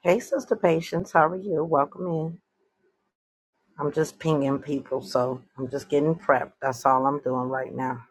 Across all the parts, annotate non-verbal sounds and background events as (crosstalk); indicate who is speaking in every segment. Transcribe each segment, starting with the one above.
Speaker 1: Hey, Sister Patience, how are you? Welcome in. I'm just pinging people, so I'm just getting prepped. That's all I'm doing right now.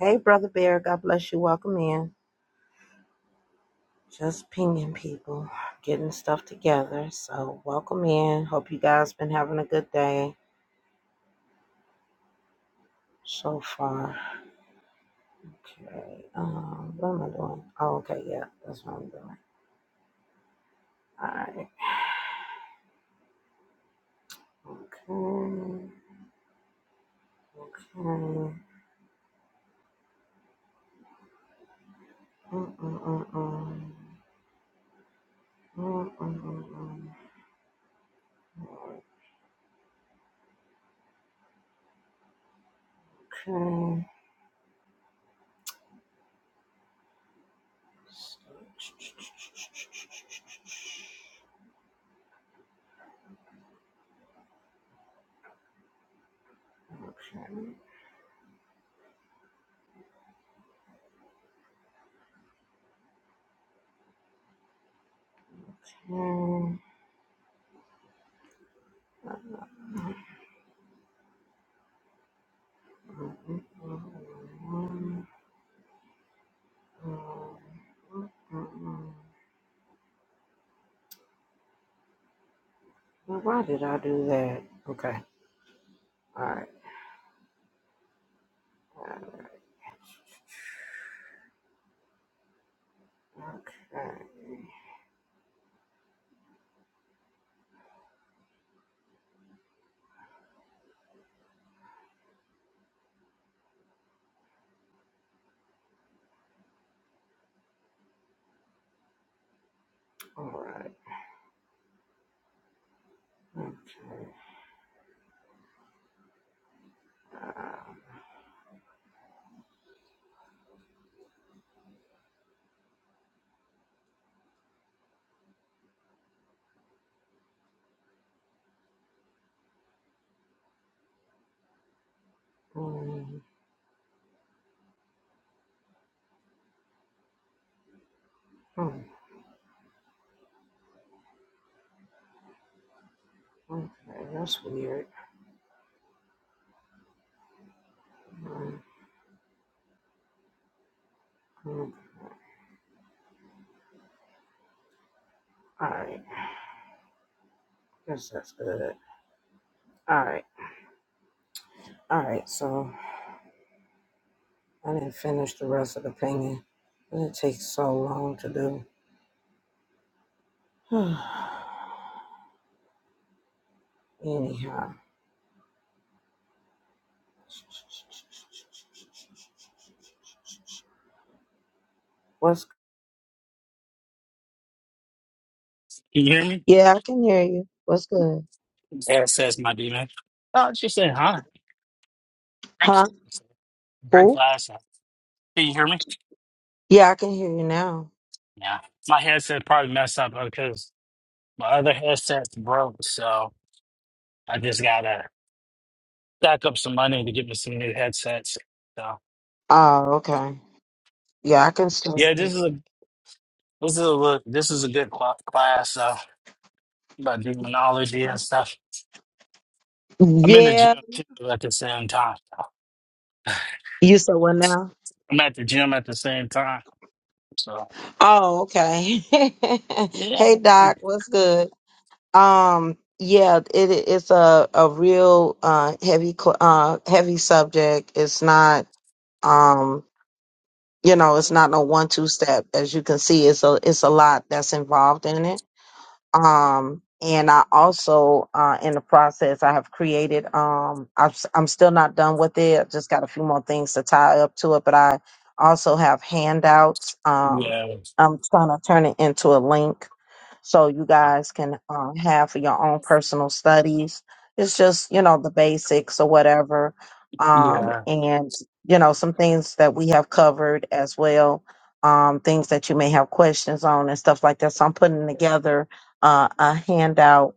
Speaker 1: Hey, Brother Bear, God bless you. Welcome in. Just pinging people, getting stuff together. So, welcome in. Hope you guys been having a good day so far. Okay. Um, what am I doing? Oh, okay. Yeah, that's what I'm doing. All right. Okay. Okay. Mm-mm-mm-mm. Mm-mm-mm-mm. Okay. Well, Why did I do that? Okay. All right. Okay. All right. Okay. Uh, mm, mm, okay. That's weird. Mm, mm. All right. Guess that's good. All right. All right. So I didn't finish the rest of the painting. It takes so long to do. (sighs) Anyhow, what's
Speaker 2: Can you hear me?
Speaker 1: Yeah, I can hear you. What's good?
Speaker 2: Yeah, says my demon. Oh, it's just saying hi.
Speaker 1: Huh?
Speaker 2: Thanks. Great
Speaker 1: Who?
Speaker 2: class. Can you hear me?
Speaker 1: Yeah, I can hear you now.
Speaker 2: Yeah. My headset probably messed up because my other headset's broke, so I just gotta stack up some money to get me some new headsets. So
Speaker 1: Oh, okay. Yeah, I can still
Speaker 2: yeah,
Speaker 1: hear
Speaker 2: this
Speaker 1: you.
Speaker 2: is a this is a look this is a good cl- class uh, about demonology and stuff. I'm in the
Speaker 1: Yeah.
Speaker 2: gym too at the same time.
Speaker 1: You said what now?
Speaker 2: I'm at the gym at the same time. So
Speaker 1: Oh, okay. (laughs)
Speaker 2: yeah,
Speaker 1: hey Doc, what's good? Um, yeah, it it's a, a real uh heavy cl- uh heavy subject. It's not um you know, it's not no one two step as you can see. It's a it's a lot that's involved in it. um and i also uh in the process i have created um I've, s- i'm still not done with it I've just got a few more things to tie up to it but i also have handouts um
Speaker 2: yeah.
Speaker 1: i'm trying to turn it into a link so you guys can um, have for your own personal studies it's just you know the basics or whatever um
Speaker 2: Yeah.
Speaker 1: and you know some things that we have covered as well um things that you may have questions on and stuff like that so i'm putting together uh, a handout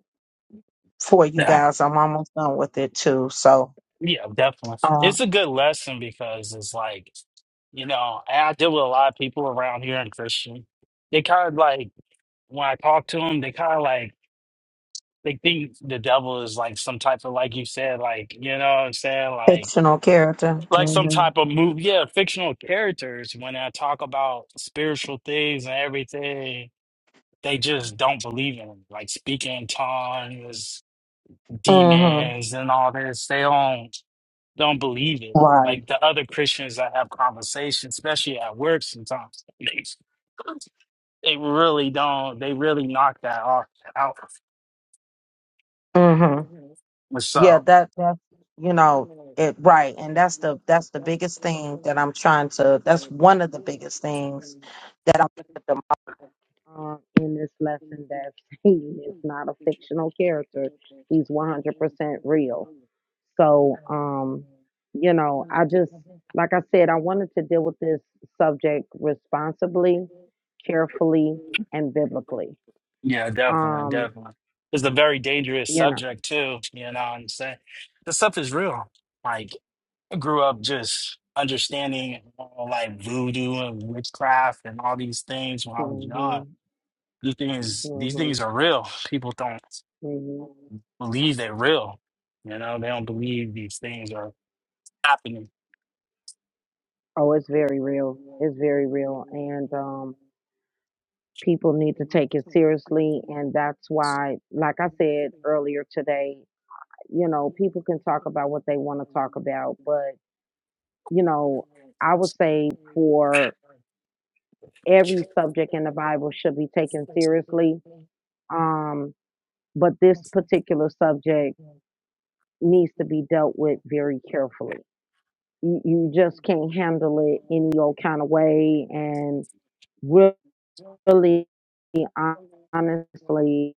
Speaker 1: for you
Speaker 2: Yeah,
Speaker 1: guys. I'm almost done with it too. So,
Speaker 2: yeah, definitely.
Speaker 1: uh,
Speaker 2: It's a good lesson because it's like, you know, and I deal with a lot of people around here in Christian. They kind of like, when I talk to them, they kind of like, they think the devil is like some type of, like you said, like, you know what I'm saying? Like,
Speaker 1: fictional character.
Speaker 2: like some
Speaker 1: hmm
Speaker 2: type of move. Yeah, fictional characters. When I talk about spiritual things and everything, they just don't believe in it. Like speaking in tongues
Speaker 1: hmm
Speaker 2: demons and all this. They don't they don't believe it.
Speaker 1: Right.
Speaker 2: Like the other Christians that have conversations, especially at work sometimes, they, they really don't. They really knock that off out.
Speaker 1: hmm
Speaker 2: And So
Speaker 1: Yeah. That. That's you know it. Right. And that's the that's the biggest thing that I'm trying to. That's one of the biggest things that I'm at the uh, in this lesson. That (laughs) he is not a fictional character. He's 100% real So, um, you know, I just, like I said, I wanted to deal with this subject responsibly, carefully, and biblically.
Speaker 2: yeah, definitely,
Speaker 1: Um,
Speaker 2: definitely. It's a very dangerous
Speaker 1: you know,
Speaker 2: subject too. You know what I'm saying? This stuff is real. Like. I grew up just understanding all like voodoo and witchcraft and all these things when I was young.
Speaker 1: hmm
Speaker 2: These things, these
Speaker 1: hmm
Speaker 2: things are real. People don't
Speaker 1: hmm
Speaker 2: believe they're real. You know, they don't believe these things are happening.
Speaker 1: oh, it's very real. It's very real. And um, people need to take it seriously. And that's why, like I said earlier today, you know, people can talk about what they want to talk about, but, you know, I would say for every subject in the Bible should be taken seriously. Um, but this particular subject needs to be dealt with very carefully. You, you just can't handle it any old kind of way. And really, hon- honestly,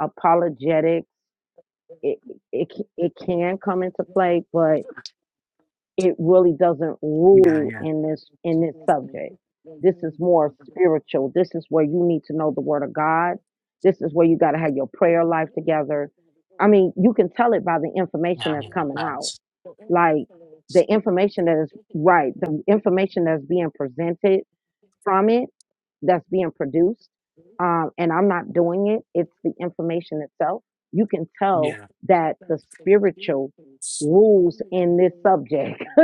Speaker 1: apologetics, it, it, c- it can come into play, but it really doesn't
Speaker 2: Yeah,
Speaker 1: rule
Speaker 2: yeah,
Speaker 1: in this in this subject this is more spiritual this is where you need to know the word of god this is where you got to have your prayer life together i mean you can tell it by the information
Speaker 2: yeah,
Speaker 1: that's
Speaker 2: yeah.
Speaker 1: coming out
Speaker 2: That's,
Speaker 1: like the information that is right the information that's being presented from it that's being produced, um, and I'm not doing it. It's the information itself. You can tell
Speaker 2: yeah,
Speaker 1: that the spiritual rules in this subject. (laughs)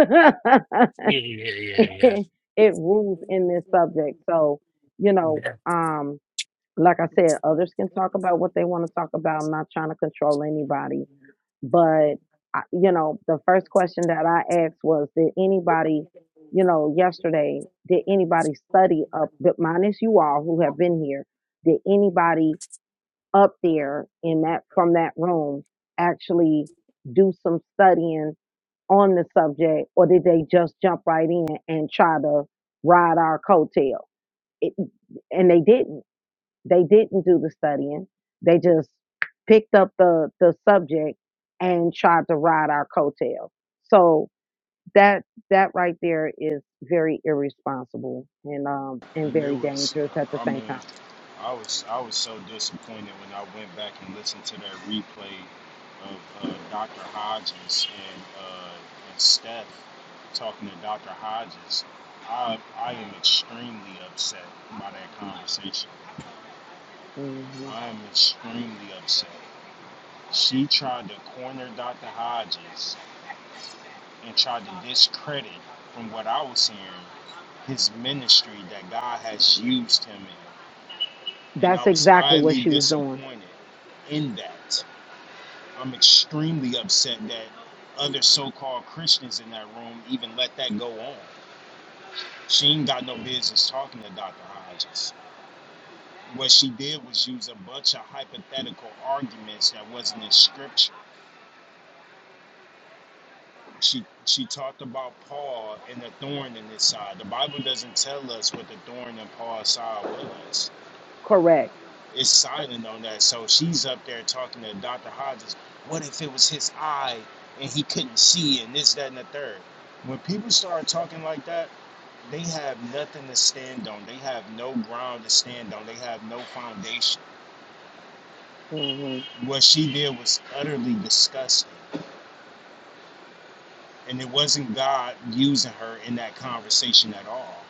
Speaker 2: yeah, yeah, yeah,
Speaker 1: it, it rules in this subject. So, you know,
Speaker 2: yeah.
Speaker 1: um, like I said, others can talk about what they want to talk about. I'm not trying to control anybody but I, you know the first question that i asked was did anybody you know yesterday did anybody study up but minus you all who have been here did anybody up there in that from that room actually do some studying on the subject or did they just jump right in and try to ride our coattail it, and they didn't they didn't do the studying. They just picked up the the subject and tried to ride our coattail. So that that right there is very irresponsible and um and
Speaker 3: And it
Speaker 1: very
Speaker 3: was,
Speaker 1: dangerous at the
Speaker 3: I
Speaker 1: same
Speaker 3: mean,
Speaker 1: time.
Speaker 3: I was I was so disappointed when I went back and listened to that replay of uh, Dr. Hodges and uh, and Steph talking to Dr. Hodges. I I am extremely upset by that conversation.
Speaker 1: hmm
Speaker 3: I am extremely upset. She tried to corner Dr. Hodges and tried to discredit, from what I was hearing, his ministry that God has used him in. and I
Speaker 1: That's
Speaker 3: was
Speaker 1: exactly what
Speaker 3: highly
Speaker 1: she was doing.
Speaker 3: disappointed in that. I'm extremely upset that other so-called Christians in that room even let that go on. She ain't got no business talking to Dr. Hodges. What she did was use a bunch of hypothetical arguments that wasn't in scripture. She she talked about Paul and the thorn in his side. The Bible doesn't tell us what the thorn in Paul's side was.
Speaker 1: Correct.
Speaker 3: Is silent on that. So she's up there talking to Dr. Hodges. What if it was his eye and he couldn't see and this, that, and the third? When people start talking like that, they have nothing to stand on. They have no ground to stand on. They have no foundation.
Speaker 1: hmm
Speaker 3: What she did was utterly disgusting. And it wasn't God using her in that conversation at all.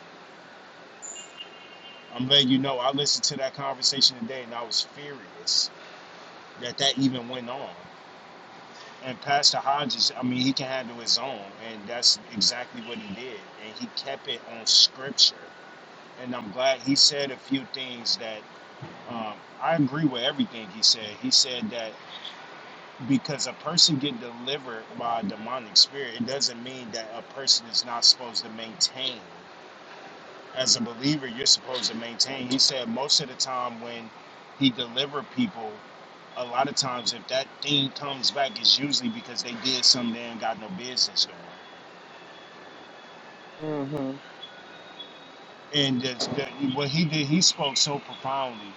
Speaker 3: I'm letting you know, I listened to that conversation today and I was furious that that even went on. And Pastor Hodges, I mean, he can handle his own, and that's exactly what he did. And he kept it on scripture. And I'm glad he said a few things that um, I agree with everything he said. He said that because a person get delivered by a demonic spirit, it doesn't mean that a person is not supposed to maintain. As a believer, you're supposed to maintain. He said most of the time when he delivered people, a lot of times if that thing comes back, it's usually because they did something they ain't got no business doing.
Speaker 1: hmm
Speaker 3: And that's, that, what he did, he spoke so profoundly.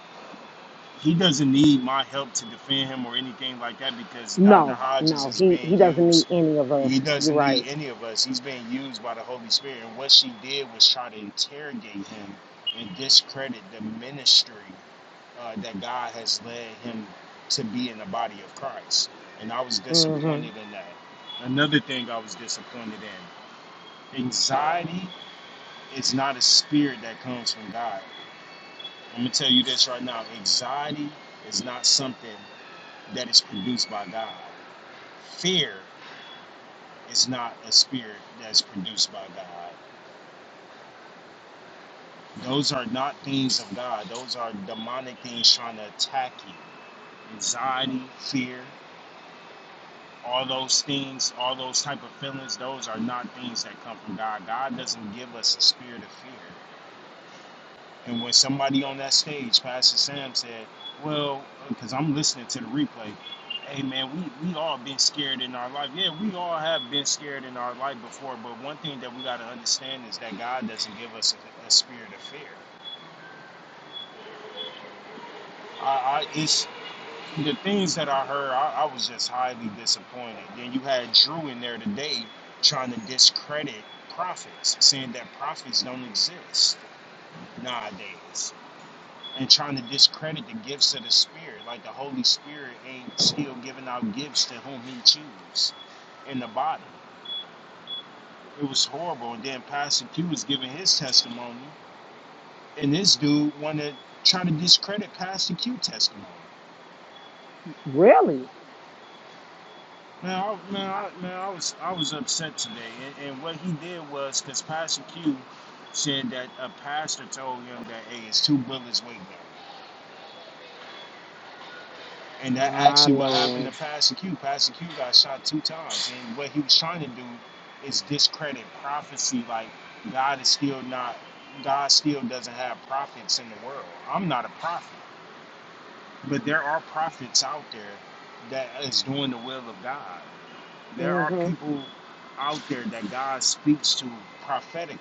Speaker 3: He doesn't need my help to defend him or anything like that because Dr.
Speaker 1: No,
Speaker 3: Hodges
Speaker 1: no,
Speaker 3: is
Speaker 1: he
Speaker 3: being
Speaker 1: he doesn't need
Speaker 3: used.
Speaker 1: any of us.
Speaker 3: He
Speaker 1: You're
Speaker 3: doesn't need
Speaker 1: right.
Speaker 3: any of us. He's being used by the Holy Spirit. And what she did was try to interrogate him and discredit the ministry uh, that God has led him to be in the body of Christ. And I was
Speaker 1: hmm
Speaker 3: disappointed in that. Another thing I was disappointed in anxiety is not a spirit that comes from God. I'm going to tell you this right now anxiety is not something that is produced by God, fear is not a spirit that's produced by God. Those are not things of God, those are demonic things trying to attack you. Anxiety, fear, all those things, all those type of feelings, those are not things that come from God. God doesn't give us a spirit of fear. And when somebody on that stage, Pastor Sam said, "Well, because I'm listening to the replay, hey man, we we all been scared in our life. Yeah, we all have been scared in our life before. But one thing that we got to understand is that God doesn't give us a, a spirit of fear. I, I it's The things that I heard, I, I was just highly disappointed. Then you had Drew in there today trying to discredit prophets, saying that prophets don't exist nowadays, and trying to discredit the gifts of the Spirit, like the Holy Spirit ain't still giving out gifts to whom He chooses in the body. It was horrible. And then Pastor Q was giving his testimony, and this dude wanted to try to discredit Pastor Q testimony.
Speaker 1: Really?
Speaker 3: Man, I, man, I, man, I was I was upset today, and, and what he did was because Pastor Q said that a pastor told him that hey, it's two bullets waiting on you, and that
Speaker 1: My
Speaker 3: actually what happened to
Speaker 1: Lord.
Speaker 3: Pastor Q. Pastor Q got shot two times, and what he was trying to do is discredit prophecy, like God is still not, God still doesn't have prophets in the world. I'm not a prophet, but there are prophets out there that is doing the will of God. There are
Speaker 1: hmm
Speaker 3: people out there that God speaks to prophetically.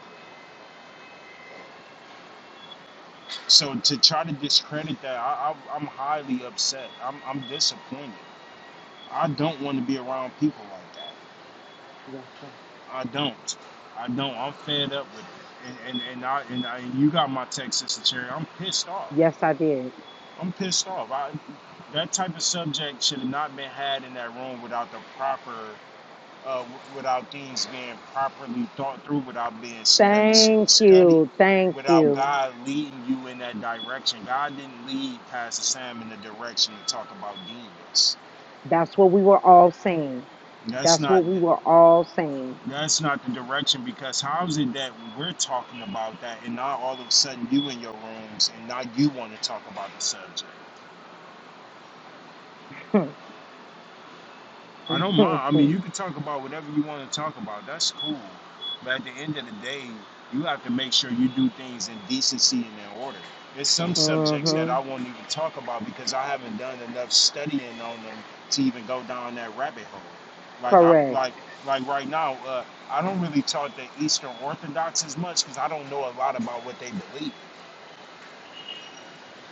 Speaker 3: So to try to discredit that, I, I, I'm highly upset. I'm, I'm disappointed. I don't want to be around people like that.
Speaker 1: Yes, sir.
Speaker 3: I don't. I don't. I'm fed up with it. And and and I and, I, and you got my text, Sister Cherry. I'm pissed off.
Speaker 1: Yes, I did.
Speaker 3: I'm pissed off. I that type of subject should have not been had in that room without the proper uh, without things being properly thought through, without being stu-
Speaker 1: Thank
Speaker 3: studied,
Speaker 1: you. Thank
Speaker 3: without
Speaker 1: you.
Speaker 3: God leading you in that direction. God didn't lead Pastor Sam in the direction to talk about demons.
Speaker 1: That's what we were all saying.
Speaker 3: That's
Speaker 1: That's
Speaker 3: not
Speaker 1: what we were all saying.
Speaker 3: that's not the direction because how is it that we're talking about that and not all of a sudden you in your rooms and not you want to talk about the subject? I don't mind. I mean, you can talk about whatever you want to talk about. That's cool. But at the end of the day, you have to make sure you do things in decency and in order. There's
Speaker 1: (laughs)
Speaker 3: some subjects that
Speaker 1: hmm
Speaker 3: I won't even talk about because I haven't done enough studying on them to even go down that rabbit hole. Like I'm
Speaker 1: Correct.
Speaker 3: like like right now, uh, I don't really talk to Eastern Orthodox as much because I don't know a lot about what they believe.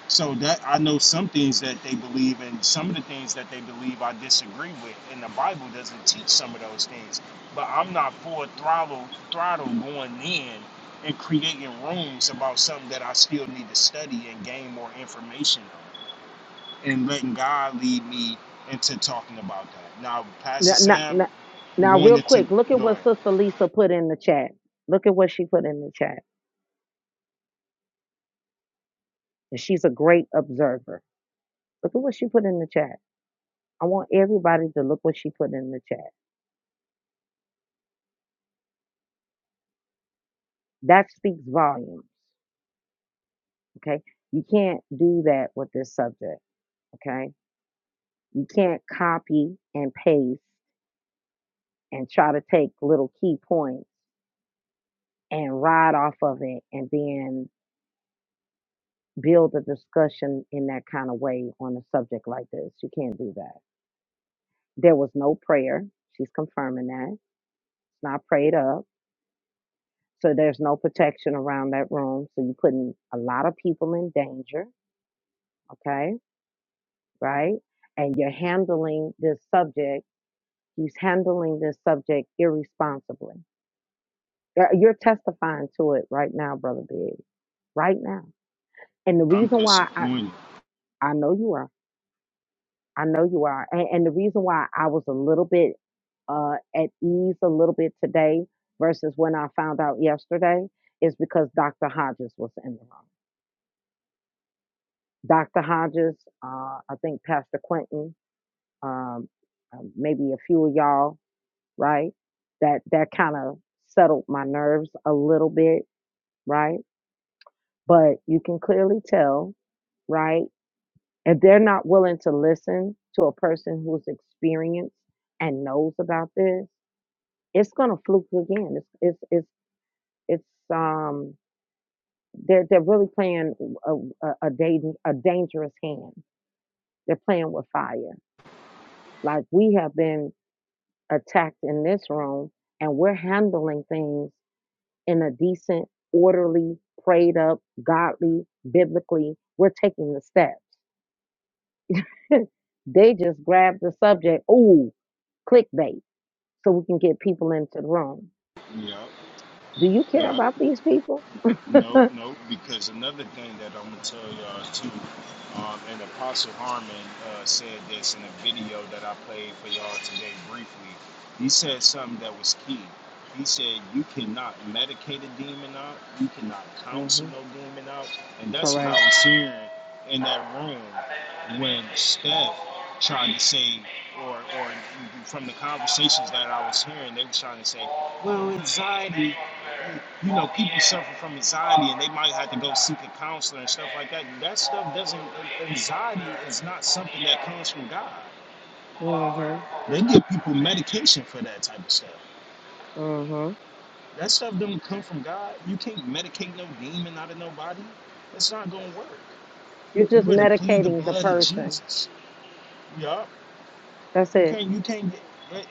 Speaker 3: So that I know some things that they believe and some of the things that they believe I disagree with, and the Bible doesn't teach some of those things. But I'm not full throttle throttle going in and creating rooms about something that I still need to study and gain more information on, and letting God lead me into talking about that. Now, Pastor
Speaker 1: Now, now,
Speaker 3: Sam
Speaker 1: now, now,
Speaker 3: going
Speaker 1: real
Speaker 3: into
Speaker 1: quick, look at
Speaker 3: no,
Speaker 1: what Sister Lisa put in the chat. Look at what she put in the chat. And she's a great observer. Look at what she put in the chat. I want everybody to look what she put in the chat. That speaks volumes. Okay. You can't do that with this subject. Okay. You can't copy and paste and try to take little key points and ride off of it and then build a discussion in that kind of way on a subject like this. You can't do that. There was no prayer. She's confirming that. It's not prayed up. So there's no protection around that room. So you're putting a lot of people in danger. Okay right? And you're handling this subject, he's handling this subject irresponsibly. You're you're testifying to it right now, Brother Big, right now. And the
Speaker 3: I'm
Speaker 1: reason why I,
Speaker 3: disappointed.
Speaker 1: I know you are, I know you are. And, and the reason why I was a little bit uh, at ease a little bit today versus when I found out yesterday is because Dr. Hodges was in the room. Dr. Hodges, uh, I think Pastor Quentin, um, um, maybe a few of y'all right? That that kind of settled my nerves a little bit, right? But you can clearly tell, right? If they're not willing to listen to a person who's experienced and knows about this, it's gonna fluke again. It's it's it's it's um they're they're really playing a a, a, dan- a dangerous hand. They're playing with fire. Like we have been attacked in this room, and we're handling things in a decent, orderly, prayed up, godly, biblically, we're taking the steps. (laughs) they just grab the subject, ooh, clickbait, so we can get people into the room.
Speaker 3: Yep,
Speaker 1: Do you care
Speaker 3: yep.
Speaker 1: about these people? (laughs)
Speaker 3: Nope, nope. Because another thing that I'm gonna tell y'all too, um, and Apostle Harmon uh, said this in a video that I played for y'all today briefly. He said something that was key. He said you cannot medicate a demon out, you cannot counsel
Speaker 1: hmm
Speaker 3: no demon out, and that's what I
Speaker 1: Correct.
Speaker 3: was hearing in that room when Steph tried to say, or or from the conversations that I was hearing, they were trying to say, well, anxiety you know, people suffer from anxiety and they might have to go seek a counselor and stuff like that. That stuff doesn't, anxiety is not something that comes from God.
Speaker 1: hmm
Speaker 3: They give people medication for that type of stuff.
Speaker 1: Mhm.
Speaker 3: That stuff doesn't come from God. You can't medicate no demon out of nobody. That's not going to work.
Speaker 1: You're
Speaker 3: You
Speaker 1: just
Speaker 3: better plead the
Speaker 1: medicating the
Speaker 3: blood of
Speaker 1: person.
Speaker 3: Jesus. Yeah.
Speaker 1: That's
Speaker 3: You
Speaker 1: it.
Speaker 3: can't. You can't.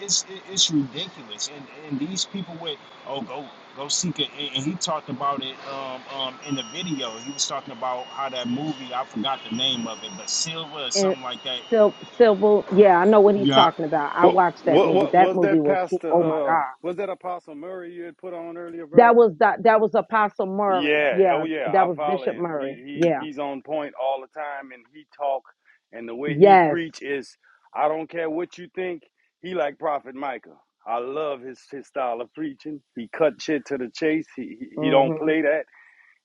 Speaker 3: It's it's ridiculous. And and these people with oh go go seek it. And and he talked about it um um in the video. He was talking about how that movie. I forgot the name of it, but Silva or
Speaker 1: And
Speaker 3: something like that.
Speaker 1: Sil- Civil, yeah, I know what he's
Speaker 3: Yup.
Speaker 1: talking about. I
Speaker 4: What
Speaker 1: watched that
Speaker 4: what
Speaker 1: movie.
Speaker 4: what
Speaker 1: That
Speaker 4: was
Speaker 1: movie
Speaker 4: that
Speaker 1: was who-
Speaker 4: pastor
Speaker 1: oh my
Speaker 4: uh
Speaker 1: god.
Speaker 4: was that Apostle Murray you had put on earlier, brother?
Speaker 1: That was that that was Apostle Murray.
Speaker 4: Yeah, oh
Speaker 1: Yeah,
Speaker 4: yeah,
Speaker 1: that
Speaker 4: I
Speaker 1: was
Speaker 4: follow
Speaker 1: Bishop
Speaker 4: him. He
Speaker 1: Murray.
Speaker 4: he
Speaker 1: Yeah.
Speaker 4: he's on point all the time and he talk and the way he
Speaker 1: Yes.
Speaker 4: preach is I don't care what you think, he like Prophet Micah. I love his his style of preaching. He cut shit to the chase. He he, he don't
Speaker 1: Mhm.
Speaker 4: play that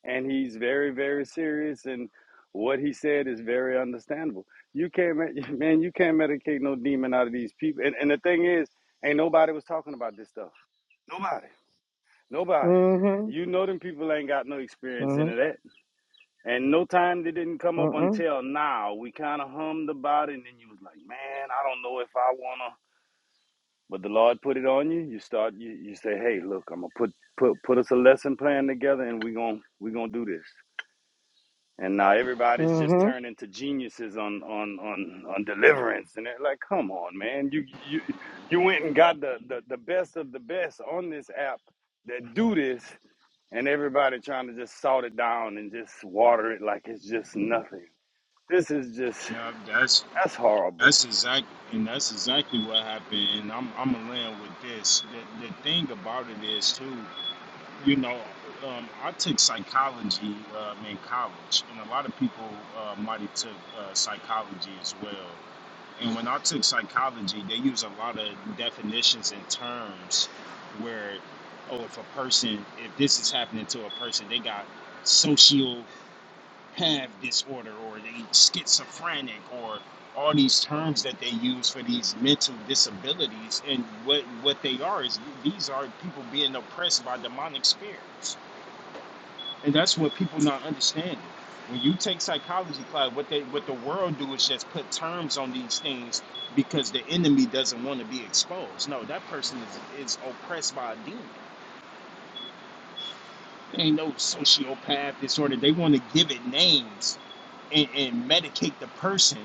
Speaker 4: and he's very very serious and what he said is very understandable you can't (laughs) man you can't medicate no demon out of these people and, and the thing is ain't nobody was talking about this stuff nobody nobody
Speaker 1: Mhm.
Speaker 4: you know them people ain't got no experience into
Speaker 1: Mhm.
Speaker 4: that and no time they didn't come up
Speaker 1: Mhm.
Speaker 4: until now we kind of hummed about it and then you was like man i don't know if i wanna but the lord put it on you you start you, you say hey look i'm gonna put put put us a lesson plan together and we gonna we gonna do this And now everybody's just
Speaker 1: Mhm.
Speaker 4: turned into geniuses on on on on deliverance, and they're like, "Come on, man! You you you went and got the the, the best of the best on this app that do this, and everybody trying to just salt it down and just water it like it's just nothing. This is just
Speaker 3: Yup. That's
Speaker 4: that's horrible.
Speaker 3: that's exactly and that's exactly what happened. And I'm I'm gonna land with this. The the thing about it is too. You know. Um, I took psychology um, in college, and a lot of people uh, might have took uh, psychology as well And when I took psychology, they use a lot of definitions and terms where, oh, if a person, if this is happening to a person, they got social have disorder or they schizophrenic or all these terms that they use for these mental disabilities. And what, what they are is these are people being oppressed by demonic spirits. And that's what people not understanding. When you take psychology class, what they what the world do is just put terms on these things because the enemy doesn't want to be exposed. No, that person is, is oppressed by a demon. They ain't no sociopath disorder. They want to give it names and, and medicate the person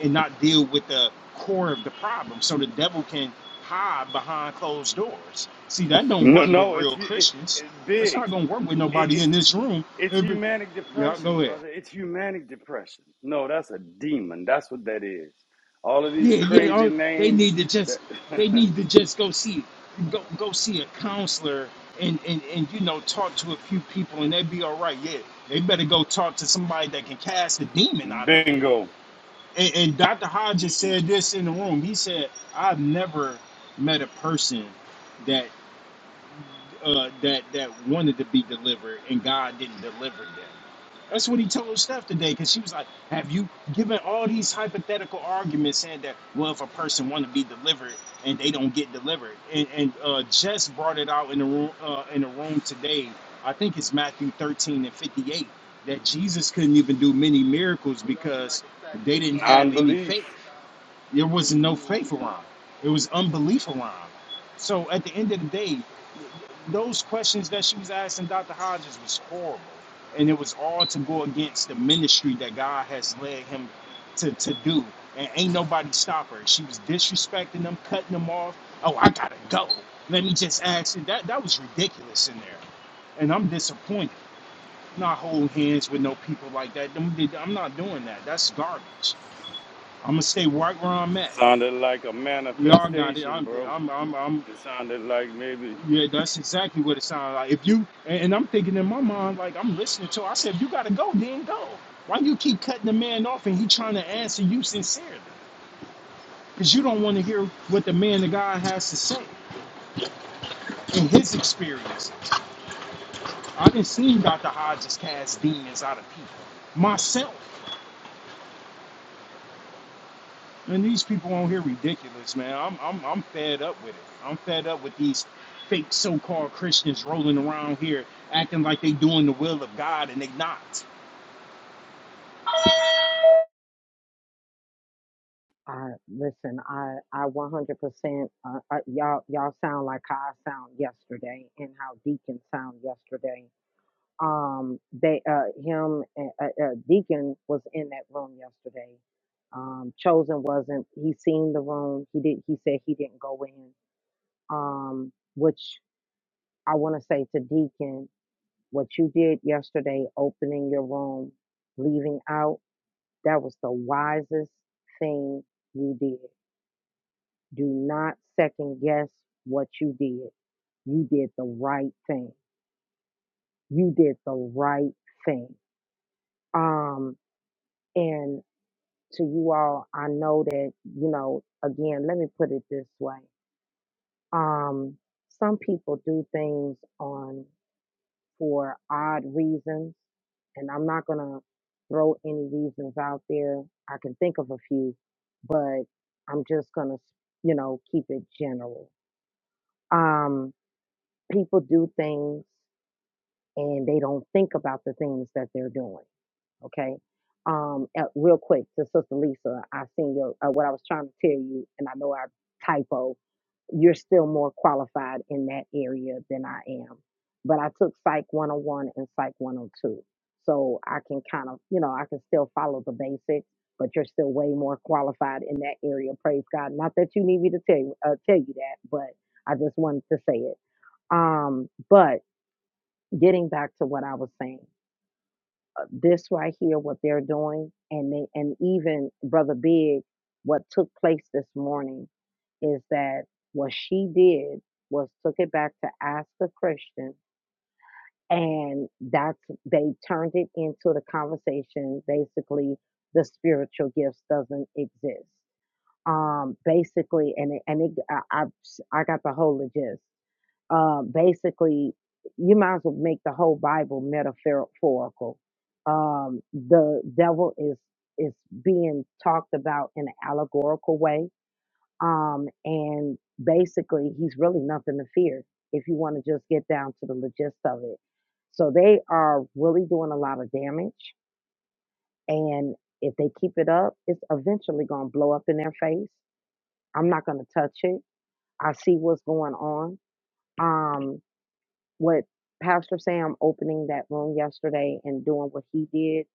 Speaker 3: and not deal with the core of the problem. So the devil can hide behind closed doors. See, that don't
Speaker 4: No,
Speaker 3: work with
Speaker 4: no, it's
Speaker 3: real
Speaker 4: hu- it,
Speaker 3: Christians.
Speaker 4: it,
Speaker 3: That's
Speaker 4: big.
Speaker 3: not gonna work with
Speaker 4: It,
Speaker 3: nobody in
Speaker 4: it's
Speaker 3: this room.
Speaker 4: It's
Speaker 3: Every-
Speaker 4: humanic
Speaker 3: yeah, go
Speaker 4: depression,
Speaker 3: ahead.
Speaker 4: brother. It's humanic depression. No, that's a demon. That's what that is. All of these
Speaker 3: Yeah, yeah.
Speaker 4: crazy
Speaker 3: Oh, they
Speaker 4: names
Speaker 3: need to just
Speaker 4: that
Speaker 3: they need to just go see go go see a counselor and and and you know talk to a few people and they'd be all right. Yeah, they better go talk to somebody that can cast a demon
Speaker 4: (laughs)
Speaker 3: out of them.
Speaker 4: bingo,
Speaker 3: And, and Dr. Hodges said this in the room. He said, "I've never met a person that uh, that that wanted to be delivered, and God didn't deliver them. That's what he told Steph today, because she was like, "Have you given all these hypothetical arguments saying that well, if a person want to be delivered and they don't get delivered?" And and uh, Jess brought it out in the room uh, in the room today. I think it's Matthew thirteen and fifty eight that Jesus couldn't even do many miracles because they didn't have any faith.
Speaker 4: non-belief
Speaker 3: There was no faith around. It was unbelief around. So at the end of the day, those questions that she was asking Dr. Hodges was horrible. And it was all to go against the ministry that God has led him to, to do. And ain't nobody stop her. She was disrespecting them, cutting them off. Oh, I gotta go. Let me just ask you. That that was ridiculous in there. And I'm disappointed. Not holding hands with no people like that. Them- I'm not doing that. That's garbage. I'm gonna stay right where I'm at.
Speaker 4: sounded like a
Speaker 3: We all got it.
Speaker 4: manifestation,
Speaker 3: I'm,
Speaker 4: bro.
Speaker 3: I'm, I'm, I'm.
Speaker 4: It sounded like maybe
Speaker 3: Yeah, that's exactly what it sounds like. If you and, and I'm thinking in my mind, like I'm listening to. Her, I said, if you gotta go, then go. Why you keep cutting the man off and he trying to answer you sincerely? Because you don't want to hear what the man of God has to say in his experience. I didn't see Dr. Hodges cast demons out of people myself. And these people on here ridiculous, man. I'm I'm I'm fed up with it. I'm fed up with these fake so-called Christians rolling around here acting like they doing the will of God and they not.
Speaker 1: I listen. I I 100%. Uh, uh, y'all y'all sound like how I sound yesterday and how Deacon sound yesterday Um, they, uh, him, and, uh, uh, Deacon was in that room yesterday. Um, Chosen wasn't. He seen the room. He did. He said he didn't go in. Um, which I want to say to Deacon, what you did yesterday, opening your room, leaving out, that was the wisest thing you did. Do not second guess what you did. You did the right thing. You did the right thing. Um, to you all, I know that, you know, again, let me put it this way. Um, some people do things on for odd reasons, and I'm not gonna throw any reasons out there. I can think of a few, but I'm just gonna, you know, keep it general. Um, people do things and they don't think about the things that they're doing okay? Um, uh, real quick to Sister Lisa, I seen your uh, what I was trying to tell you, and I know I typo. You're still more qualified in that area than I am, but I took Psych 101 and Psych 102, so I can kind of, you know, I can still follow the basics, but you're still way more qualified in that area. Praise God! Not that you need me to tell you uh, tell you that, but I just wanted to say it. Um, but getting back to what I was saying this right here, what they're doing, and they, and even Brother Big, what took place this morning is that what she did was took it back to ask a Christian, and that's they turned it into the conversation. Basically, the spiritual gifts doesn't exist. Um, basically, and it, and it, I, I I got the whole gist uh, basically you might as well make the whole bible metaphorical um, the devil is is being talked about in an allegorical way um, and basically he's really nothing to fear if you want to just get down to the gist of it so they are really doing a lot of damage and if they keep it up it's eventually going to blow up in their face i'm not going to touch it i see what's going on Um, what Pastor Sam opening that room yesterday and doing what he did,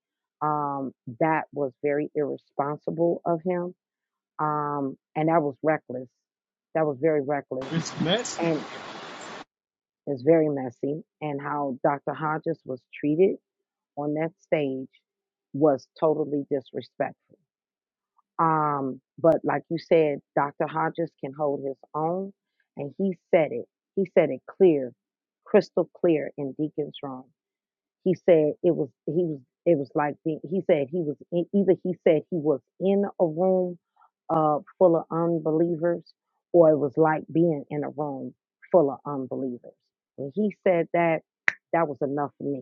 Speaker 1: um, that was very irresponsible of him. Um, and that was reckless. That was very reckless.
Speaker 3: It's messy.
Speaker 1: And it's very messy. And how Dr. Hodges was treated on that stage was totally disrespectful. Um, but like you said, Dr. Hodges can hold his own. And he said it. He said it clear, crystal clear in Deacon's room He said it was he was it was like being, he said he was in, either he said he was in a room uh full of unbelievers or it was like being in a room full of unbelievers. When he said that, that was enough for me.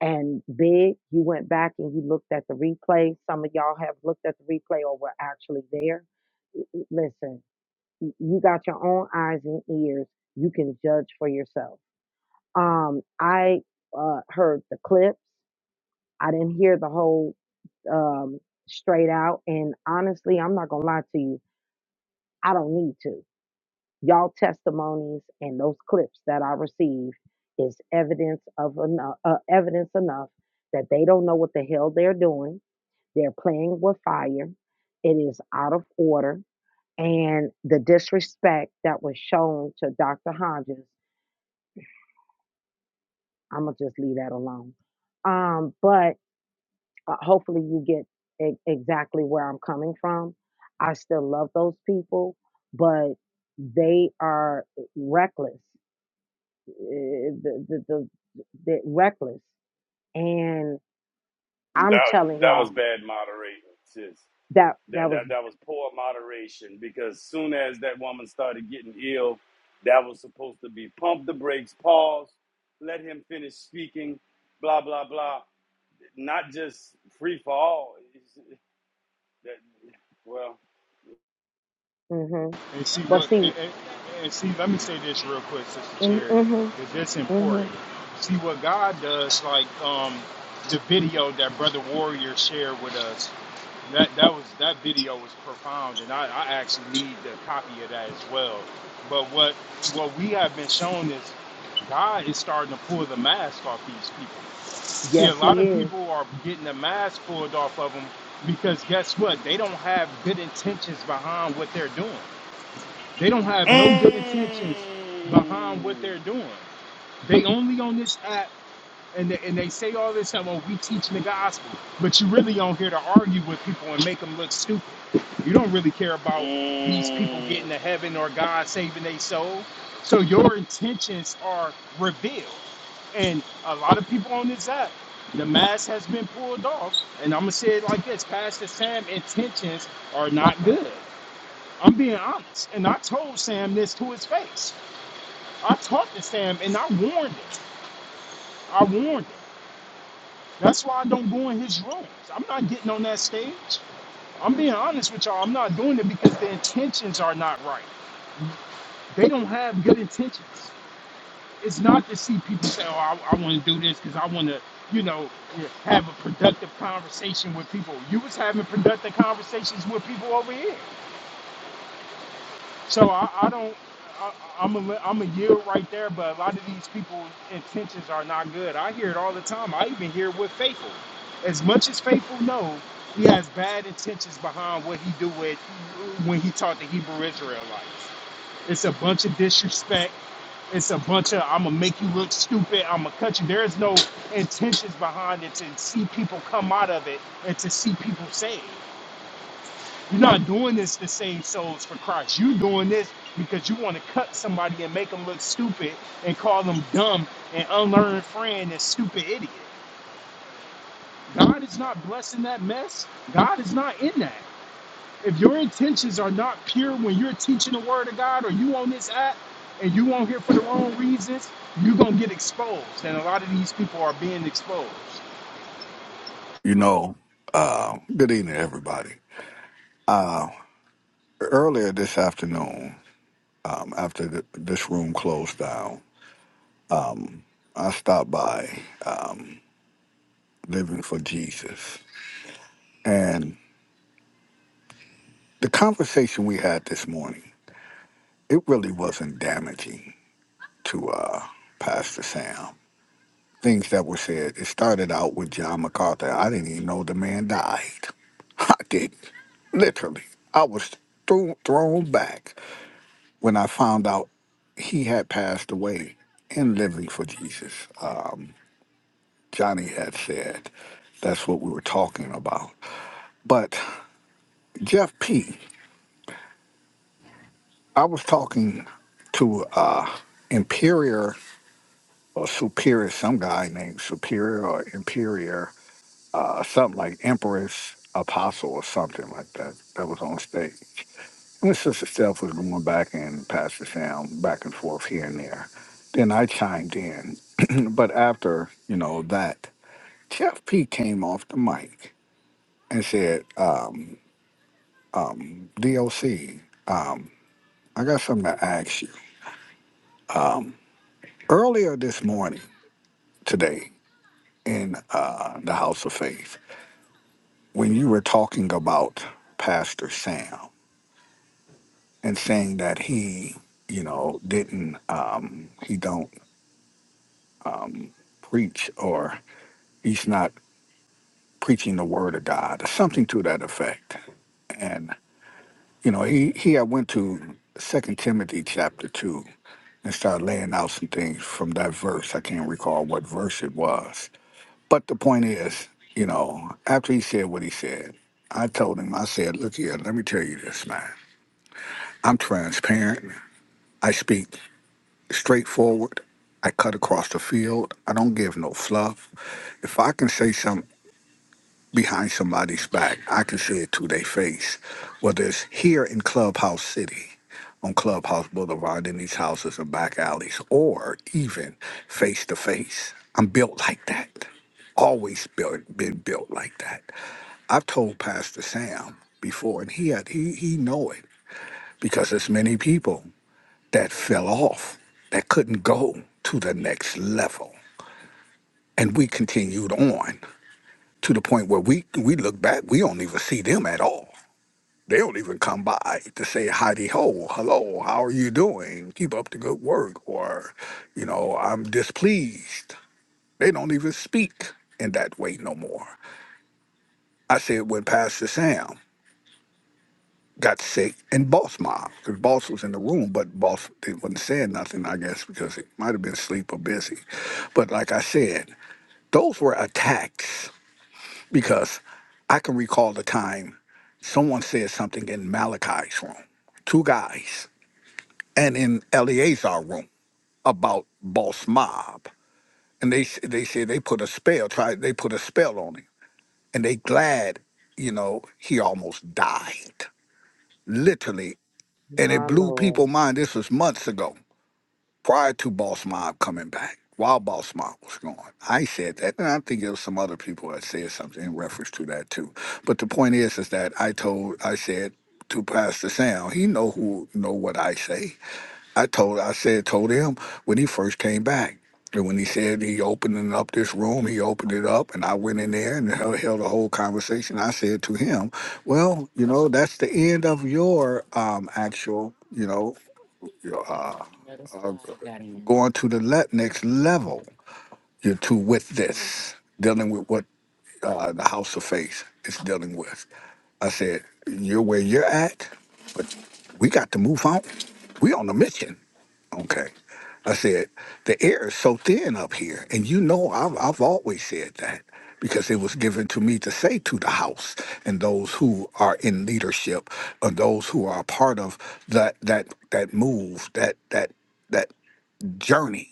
Speaker 1: And big, you went back and you looked at the replay. Some of y'all have looked at the replay or were actually there Y- y- listen, y- you got your own eyes and ears. You can judge for yourself. Um, I uh, heard the clips. I didn't hear the whole um, straight out. And honestly, I'm not going to lie to you. I don't need to. Y'all testimonies and those clips that I received is evidence of enough, uh, evidence enough that they don't know what the hell they're doing. They're playing with fire. It is out of order. And the disrespect that was shown to Dr. Hodges, I'm going to just leave that alone. Um, but uh, hopefully you get e- exactly where I'm coming from. I still love those people, but they are reckless, eh, the, the, the, the reckless. And
Speaker 4: that
Speaker 1: I'm telling
Speaker 4: that was
Speaker 1: y'all
Speaker 4: bad moderating, sis.
Speaker 1: that
Speaker 4: That
Speaker 1: that was,
Speaker 4: that that was poor moderation because soon as that woman started getting ill, that was supposed to be pump the brakes, pause, let him finish speaking, blah blah blah. not just free fall. It's, that, well,
Speaker 1: hmm
Speaker 3: And see
Speaker 1: but
Speaker 3: what,
Speaker 1: see,
Speaker 3: and, and, and see, let me say this real quick, Sister
Speaker 1: mm
Speaker 3: Cherry,
Speaker 1: hmm,
Speaker 3: because it's
Speaker 1: hmm
Speaker 3: important. See what God does, like um, the video that Brother Warrior shared with us. That that was that video was profound, and I, I actually need the copy of that as well. But what what we have been shown is God is starting to pull the mask off these people. See, a
Speaker 1: yes,
Speaker 3: lot
Speaker 1: he
Speaker 3: of
Speaker 1: is.
Speaker 3: people are getting the mask pulled off of them because guess what? They don't have good intentions behind what they're doing. They don't have no good intentions behind what
Speaker 4: mm,
Speaker 3: they're doing. They only on this app and they, and they say all this time, oh, we teaching the gospel. But you really on here to argue with people and make them look stupid. You don't really care about these people
Speaker 4: mm,
Speaker 3: getting to heaven or God saving their soul. So your intentions are revealed. And a lot of people on this app, the mask has been pulled off. And I'm going to say it like this Pastor Sam intentions are not good. I'm being honest. And I told Sam this to his face. I talked to Sam and I warned him. I warned him. That's why I don't go in his rooms. I'm not getting on that stage. I'm being honest with y'all. I'm not doing it because the intentions are not right. They don't have good intentions. It's not to see people say, oh, I, I want to do this because I want to, you know, have a productive conversation with people. You was having productive conversations with people over here. So I, I don't. I, I'm a, I'm a yield right there, but a lot of these people's intentions are not good. I hear it all the time. I even hear it with Faithful. As much as Faithful knows, he has bad intentions behind what he do with when he taught the Hebrew Israelites. It's a bunch of disrespect. It's a bunch of I'm gonna make you look stupid. I'm gonna cut you. There is no intentions behind it to see people come out of it and to see people saved. You're not doing this to save souls for Christ. You're doing this because you want to cut somebody and make them look stupid and call them dumb and unlearned friend and stupid idiot. God is not blessing that mess. God is not in that. If your intentions are not pure when you're teaching the word of God or you on this app and you on here for the wrong reasons, you're gonna get exposed. And a lot of these people are being exposed.
Speaker 5: You know, uh, good evening, everybody. Uh, earlier this afternoon, um, after th this room closed down, I stopped by Living for Jesus. And the conversation we had this morning, it really wasn't damaging to uh, Pastor Sam. Things that were said, it started out with John MacArthur. I didn't even know the man died. (laughs) I didn't. Literally. I was thro- thrown back. when I found out he had passed away in Living for Jesus. Uh, Johnny had said that's what we were talking about. But Jeff P., I was talking to uh, Imperior or Superior, some guy named Superior or Imperior, uh, something like Empress Apostle or something like that, that was on stage. And the Sister Steph was going back and Pastor Sam back and forth here and there. Then I chimed in. (clears throat) but after, you know, that, Chef P came off the mic and said, uh, DOC, I got something to ask you. Earlier this morning, today, in uh, the House of Faith, when you were talking about Pastor Sam and saying that he, you know, didn't, um, he don't preach or he's not preaching the word of God, or something to that effect. And you know, he he I went to Second Timothy chapter two and started laying out some things from that verse. I can't recall what verse it was, but the point is, you know, after he said what he said, I told him, I said, look here, let me tell you this, man. I'm transparent. I speak straightforward. I cut across the field. I don't give no fluff. If I can say something behind somebody's back. I can say it to their face. Whether it's here in Clubhouse City, on Clubhouse Boulevard, in these houses and back alleys, or even face to face. I'm built like that. Always built, been built like that. I've told Pastor Sam before, and he had, he he know it because there's many people that fell off that couldn't go to the next level, and we continued on to the point where we we look back, we don't even see them at all. They don't even come by to say howdy ho, hello, how are you doing? Keep up the good work, or you know, I'm displeased. They don't even speak in that way no more. I said when Pastor Sam got sick and Boss Mom, because Boss was in the room, but Boss didn't- wasn't saying nothing, I guess, because it might have been sleep or busy. But like I said, those were attacks because I can recall the time someone said something in Malachi's room, two guys, and in Eleazar's room about Boss Mob, and they s- they said they put a spell, tried they put a spell on him, and they glad, you know, he almost died, literally, and it
Speaker 1: My
Speaker 5: blew
Speaker 1: Lord.
Speaker 5: people mind. This was months ago, prior to Boss Mob coming back, while Boss Mob was gone. I said that, and I think there was some other people that said something in reference to that too. But the point is, is that I told, I said to Pastor Sam, he know who know what I say. I told, I said, told him when he first came back. And when he said he opening up this room, he opened it up, and I went in there and (laughs) held, held a whole conversation. I said to him, "Well, you know, that's the end of your um, actual, you know." uh, going to the le- next level. You're too with this, dealing with what uh, the house of faith is dealing with. I said, You're where you're at, but we got to move on. We on a mission. Okay. I said, the air is so thin up here. And you know, I've, I've always said that because it was given to me to say to the house and those who are in leadership or those who are a part of that, that, that move, that, that, that journey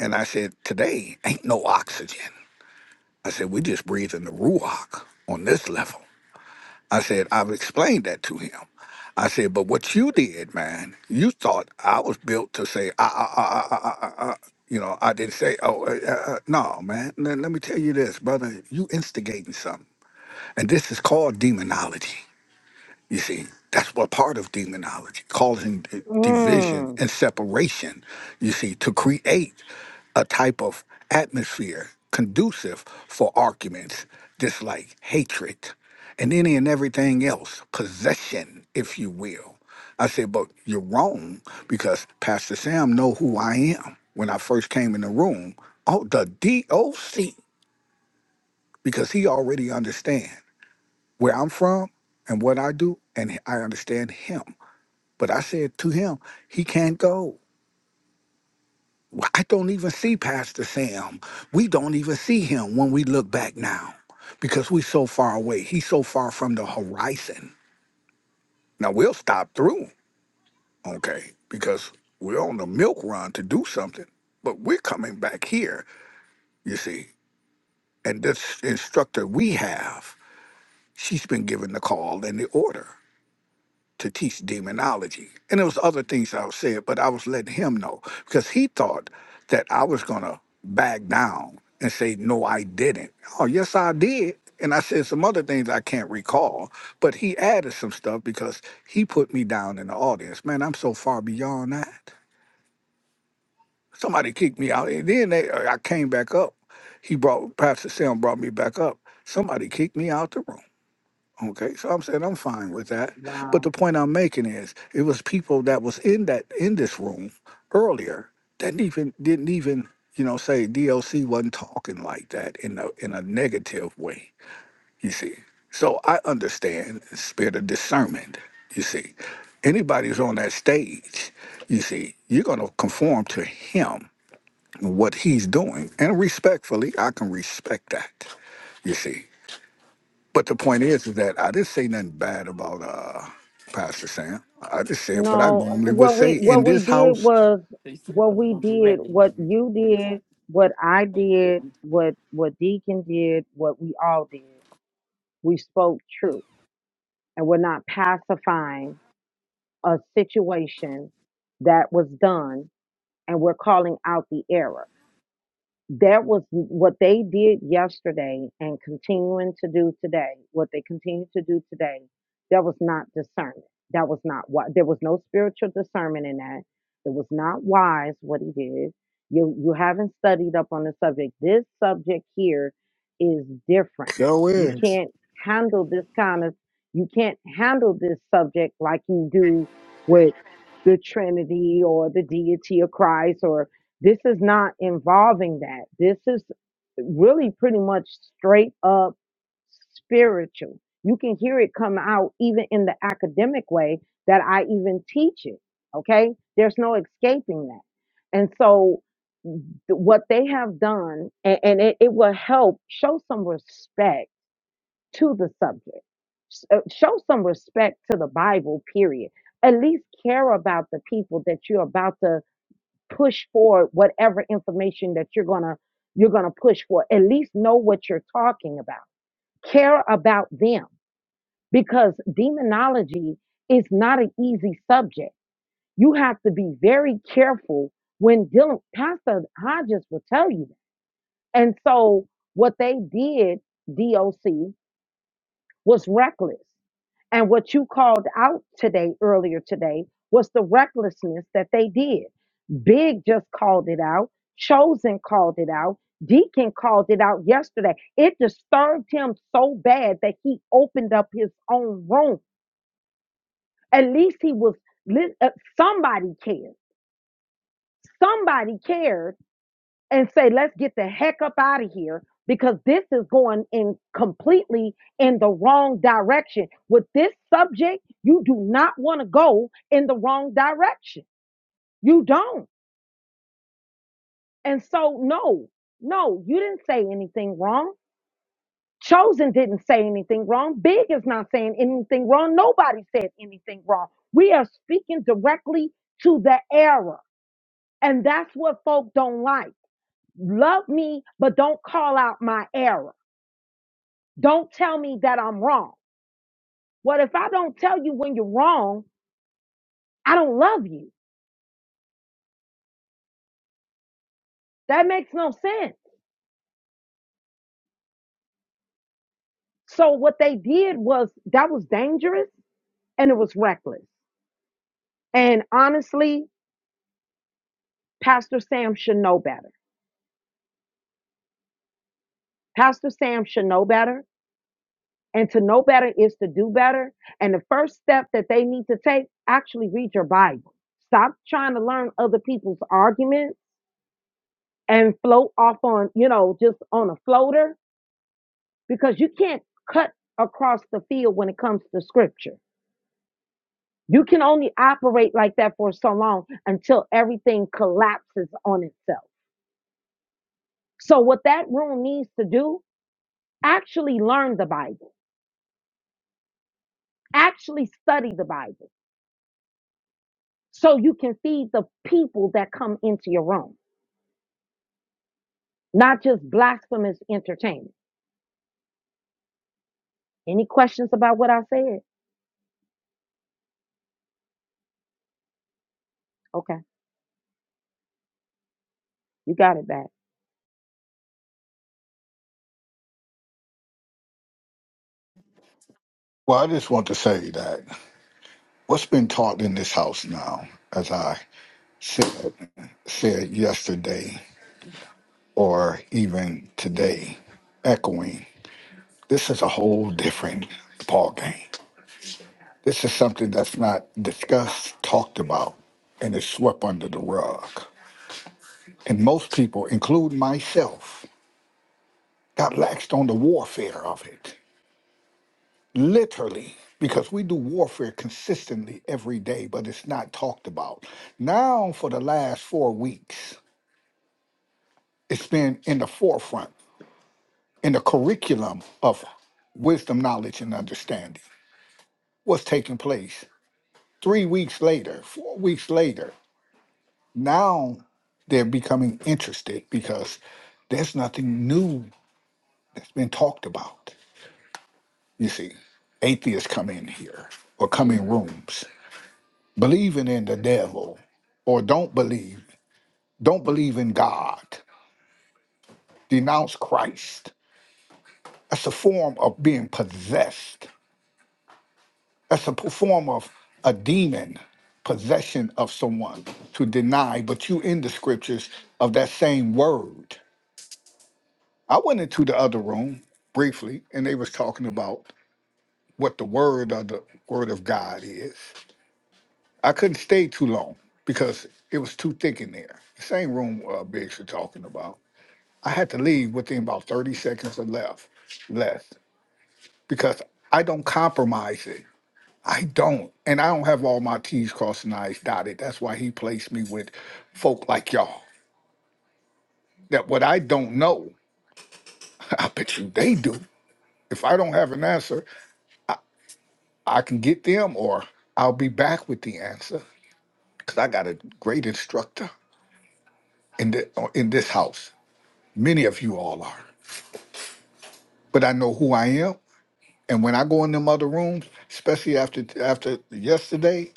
Speaker 5: and I said, today ain't no oxygen. I said, we just breathing the ruach on this level. I said, I've explained that to him. I said, but what you did, man, you thought I was built to say, ah, ah, ah, ah, ah, ah, ah. ah." you know, I didn't say, oh, uh, uh, uh, no, man. Let, let me tell you this, brother, you instigating something. And this is called demonology. You see, that's what part of demonology, causing d- division
Speaker 1: Mm,
Speaker 5: and separation, you see, to create a type of atmosphere conducive for arguments, dislike, hatred, and any and everything else, possession, if you will. I said, but you're wrong because Pastor Sam know who I am. When I first came in the room, oh, the DOC, because he already understand where I'm from and what I do, and I understand him. But I said to him, he can't go. Well, I don't even see Pastor Sam. We don't even see him when we look back now because we're so far away. He's so far from the horizon. Now we'll stop through, okay, because we're on the milk run to do something, but we're coming back here, you see. And this instructor we have, she's been given the call and the order. to teach demonology. And there was other things I was said, but I was letting him know because he thought that I was gonna back down and say, no, I didn't. Oh, yes, I did. And I said some other things I can't recall, but he added some stuff because he put me down in the audience. Man, I'm so far beyond that. Somebody kicked me out. And then they, uh, I came back up. He brought, Pastor Sam brought me back up. Somebody kicked me out the room. Okay, so I'm saying I'm fine with that. But
Speaker 1: wow.
Speaker 5: the point I'm making is it was people that was in that in this room earlier that didn't even didn't even, you know, say DLC wasn't talking like that in a in a negative way, you see. So I understand the spirit of discernment, you see. Anybody who's on that stage, you see, you're gonna conform to him and what he's doing. And respectfully, I can respect that. You see. But the point is, is that I didn't say nothing bad about uh, Pastor Sam. I just said what I
Speaker 1: No,
Speaker 5: normally would
Speaker 1: what we
Speaker 5: say in
Speaker 1: what we
Speaker 5: this
Speaker 1: did
Speaker 5: house.
Speaker 1: was what we did, what you did, what I did, what what Deacon did, what we all did. We spoke truth, and we're not pacifying a situation that was done, and we're calling out the error that was what they did yesterday and continuing to do today what they continue to do today that was not discernment that was not why there was no spiritual discernment in that it was not wise what he did you you haven't studied up on the subject this subject here is different
Speaker 5: Go
Speaker 1: you
Speaker 5: is.
Speaker 1: can't handle this kind of you can't handle this subject like you do with the trinity or the deity of christ or this is not involving that. This is really pretty much straight up spiritual. You can hear it come out even in the academic way that I even teach it. Okay. There's no escaping that. And so th- what they have done, and, and it, it will help show some respect to the subject, S- uh, show some respect to the Bible, period. At least care about the people that you're about to push forward whatever information that you're gonna you're gonna push for. At least know what you're talking about. Care about them because demonology is not an easy subject. You have to be very careful when dealing. Pastor Hodges will tell you that. And so what they did, DOC was reckless. And what you called out today, earlier today, was the recklessness that they did. Big just called it out. Chosen called it out. Deacon called it out yesterday. It disturbed him so bad that he opened up his own room. At least he was, li- uh, somebody cared. Somebody cared and say, let's get the heck up out of here because this is going in completely in the wrong direction. With this subject, you do not want to go in the wrong direction. You don't. And so, no, no, you didn't say anything wrong. Chosen didn't say anything wrong. Big is not saying anything wrong. Nobody said anything wrong. We are speaking directly to the error. And that's what folk don't like. Love me, but don't call out my error Don't tell me that I'm wrong. Well, if I don't tell you when you're wrong, I don't love you. That makes no sense. So what they did was that was dangerous and it was reckless. And honestly, Pastor Sam should know better. Pastor Sam should know better. And to know better is to do better. And the first step that they need to take, actually read your Bible. Stop trying to learn other people's arguments and float off on, you know, just on a floater because you can't cut across the field when it comes to scripture. You can only operate like that for so long until everything collapses on itself. So, what that room needs to do, actually learn the Bible, actually study the Bible, so you can feed the people that come into your room, not just blasphemous entertainment. Any questions about what I said? Okay, you got it back.
Speaker 5: Well, I just want to say that what's been taught in this house now, as I said, said yesterday or even today, echoing, this is a whole different ball game. This is something that's not discussed, talked about, and is swept under the rug. And most people, including myself, got laxed on the warfare of it, literally, because we do warfare consistently every day, but it's not talked about. Now, for the last four weeks, it's been in the forefront, in the curriculum of wisdom, knowledge, and understanding. What's taking place? Three weeks later, four weeks later, now they're becoming interested because there's nothing new that's been talked about. You see, atheists come in here or come in rooms. believing in the devil or don't believe, don't believe in God, denounce Christ. That's a form of being possessed. That's a p- form of a demon possession of someone to deny, but you in the scriptures of that same word. I went into the other room briefly and they was talking about what the word of the word of God is. I couldn't stay too long because it was too thick in there. The same room uh, Biggs was talking about. I had to leave within about 30 seconds or left, less, because I don't compromise it. I don't. And I don't have all my T's crossed and I's dotted. That's why he placed me with folk like y'all. That what I don't know, (laughs) I bet you they do. If I don't have an answer, I can get them or I'll be back with the answer because I got a great instructor in, the, uh, in this house. Many of you all are. But I know who I am. And when I go in them other rooms, especially after after yesterday,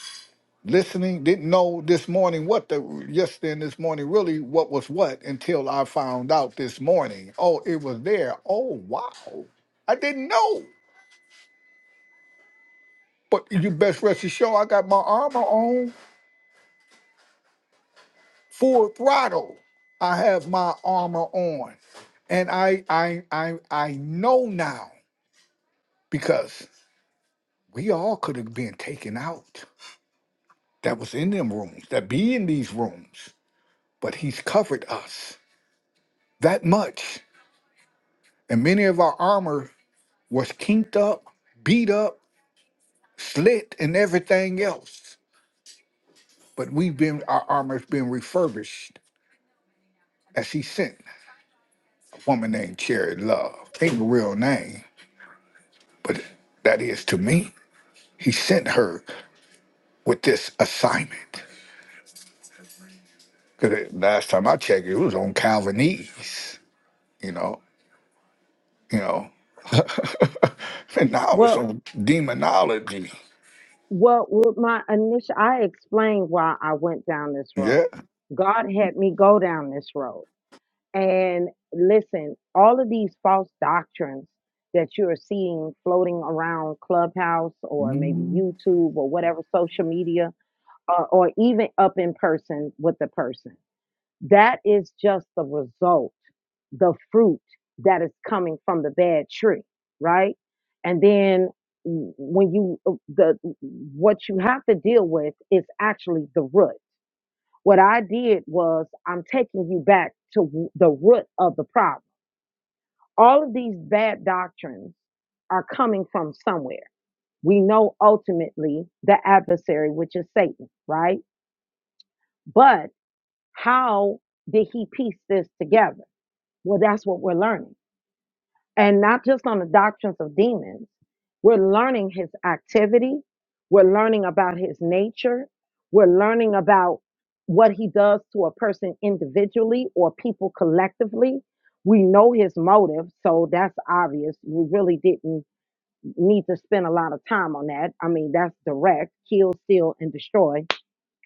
Speaker 5: listening didn't know this morning what the yesterday and this morning really what was what until i found out this morning oh it was there oh wow i didn't know but you best rest assured i got my armor on full throttle i have my armor on and i i i, I know now because we all could have been taken out that was in them rooms that be in these rooms but he's covered us that much and many of our armor was kinked up, beat up, slit, and everything else. But we've been our armor's been refurbished as he sent a woman named Cherry Love. Ain't a real name, but that is to me. He sent her with this assignment. Cause it- last time I checked, it was on Calvinese. You know, you know. (laughs) and now it's
Speaker 1: Well,
Speaker 5: on demonology.
Speaker 1: Well, with my initial, I explained why I went down this
Speaker 5: Yeah.
Speaker 1: road. God had me go down this road. And listen, all of these false doctrines that you're seeing floating around Clubhouse or maybe
Speaker 5: been
Speaker 1: YouTube or whatever social media, or, or even up in person with the person, that is just the result the fruit that is coming from the bad tree, right? And then when you uh, the what you have to deal with is actually the root. What I did was I'm taking you back to w- the root of the problem. All of these bad doctrines are coming from somewhere. We know ultimately the adversary, which is Satan, right? But how did he piece this together? Well, that's what we're learning and not just on the doctrines of demons. We're learning his activity. We're learning about his nature. We're learning about what he does to a person individually or people collectively. We know his motive, so that's obvious. We really didn't need to spend a lot of time on that. I mean, that's direct kill, steal, and destroy.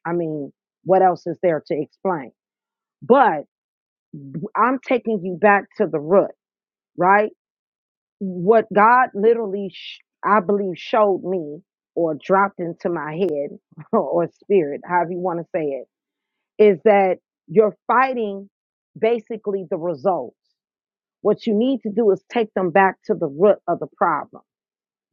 Speaker 1: I mean, what else is there to explain? But I'm taking you back to the root, right? what God literally, sh- I believe, showed me or dropped into my head (laughs) or spirit, however you want to say it, is that you're fighting basically the results. What you need to do is take them back to the root of the problem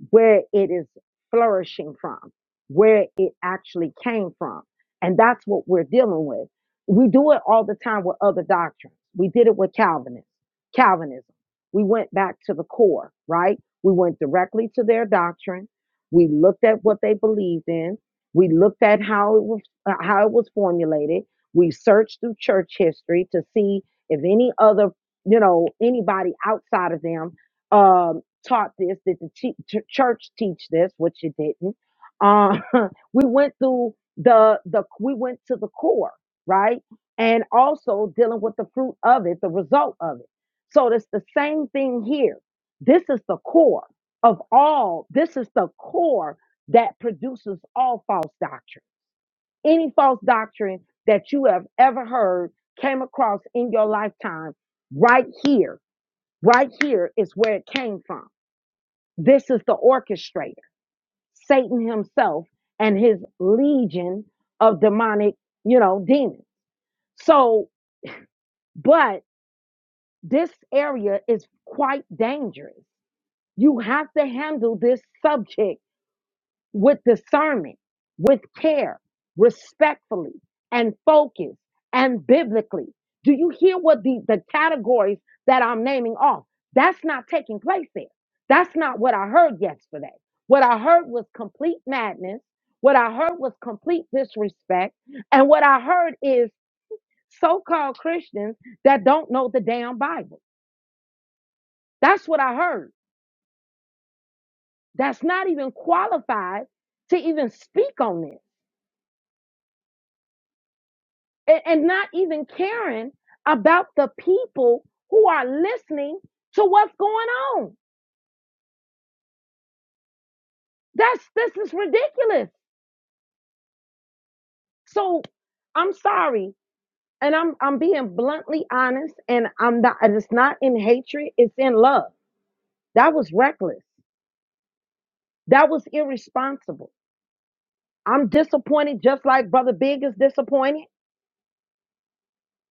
Speaker 1: where it is flourishing from, where it actually came from. And that's what we're dealing with. We do it all the time with other doctrines. We did it with Calvinists, Calvinism. We went back to the core, right? We went directly to their doctrine. We looked at what they believed in. We looked at how it was uh, how it was formulated. We searched through church history to see if any other, you know, anybody outside of them um taught this? Did the che- ch- church teach this? Which it didn't. Uh, (laughs) we went through the the we went to the core, right? And also dealing with the fruit of it, the result of it. So it's the same thing here. This is the core of all. This is the core that produces all false doctrine. Any false doctrine that you have ever heard came across in your lifetime, right here, right here is where it came from this is the orchestrator, Satan himself and his legion of demonic, you know, demons. So, but this area is quite dangerous. You have to handle this subject with discernment, with care, respectfully, and focus and biblically. Do you hear what the, the categories that I'm naming off? That's not taking place there. That's not what I heard yesterday. What I heard was complete madness. What I heard was complete disrespect. And what I heard is so called Christians that don't know the damn Bible. That's what I heard. That's not even qualified to even speak on this. and, and not even caring about the people who are listening to what's going on. That's this is ridiculous. So I'm sorry, and I'm I'm being bluntly honest, and I'm not. and It's not in hatred. It's in love. That was reckless. That was irresponsible. I'm disappointed, just like Brother Big is disappointed.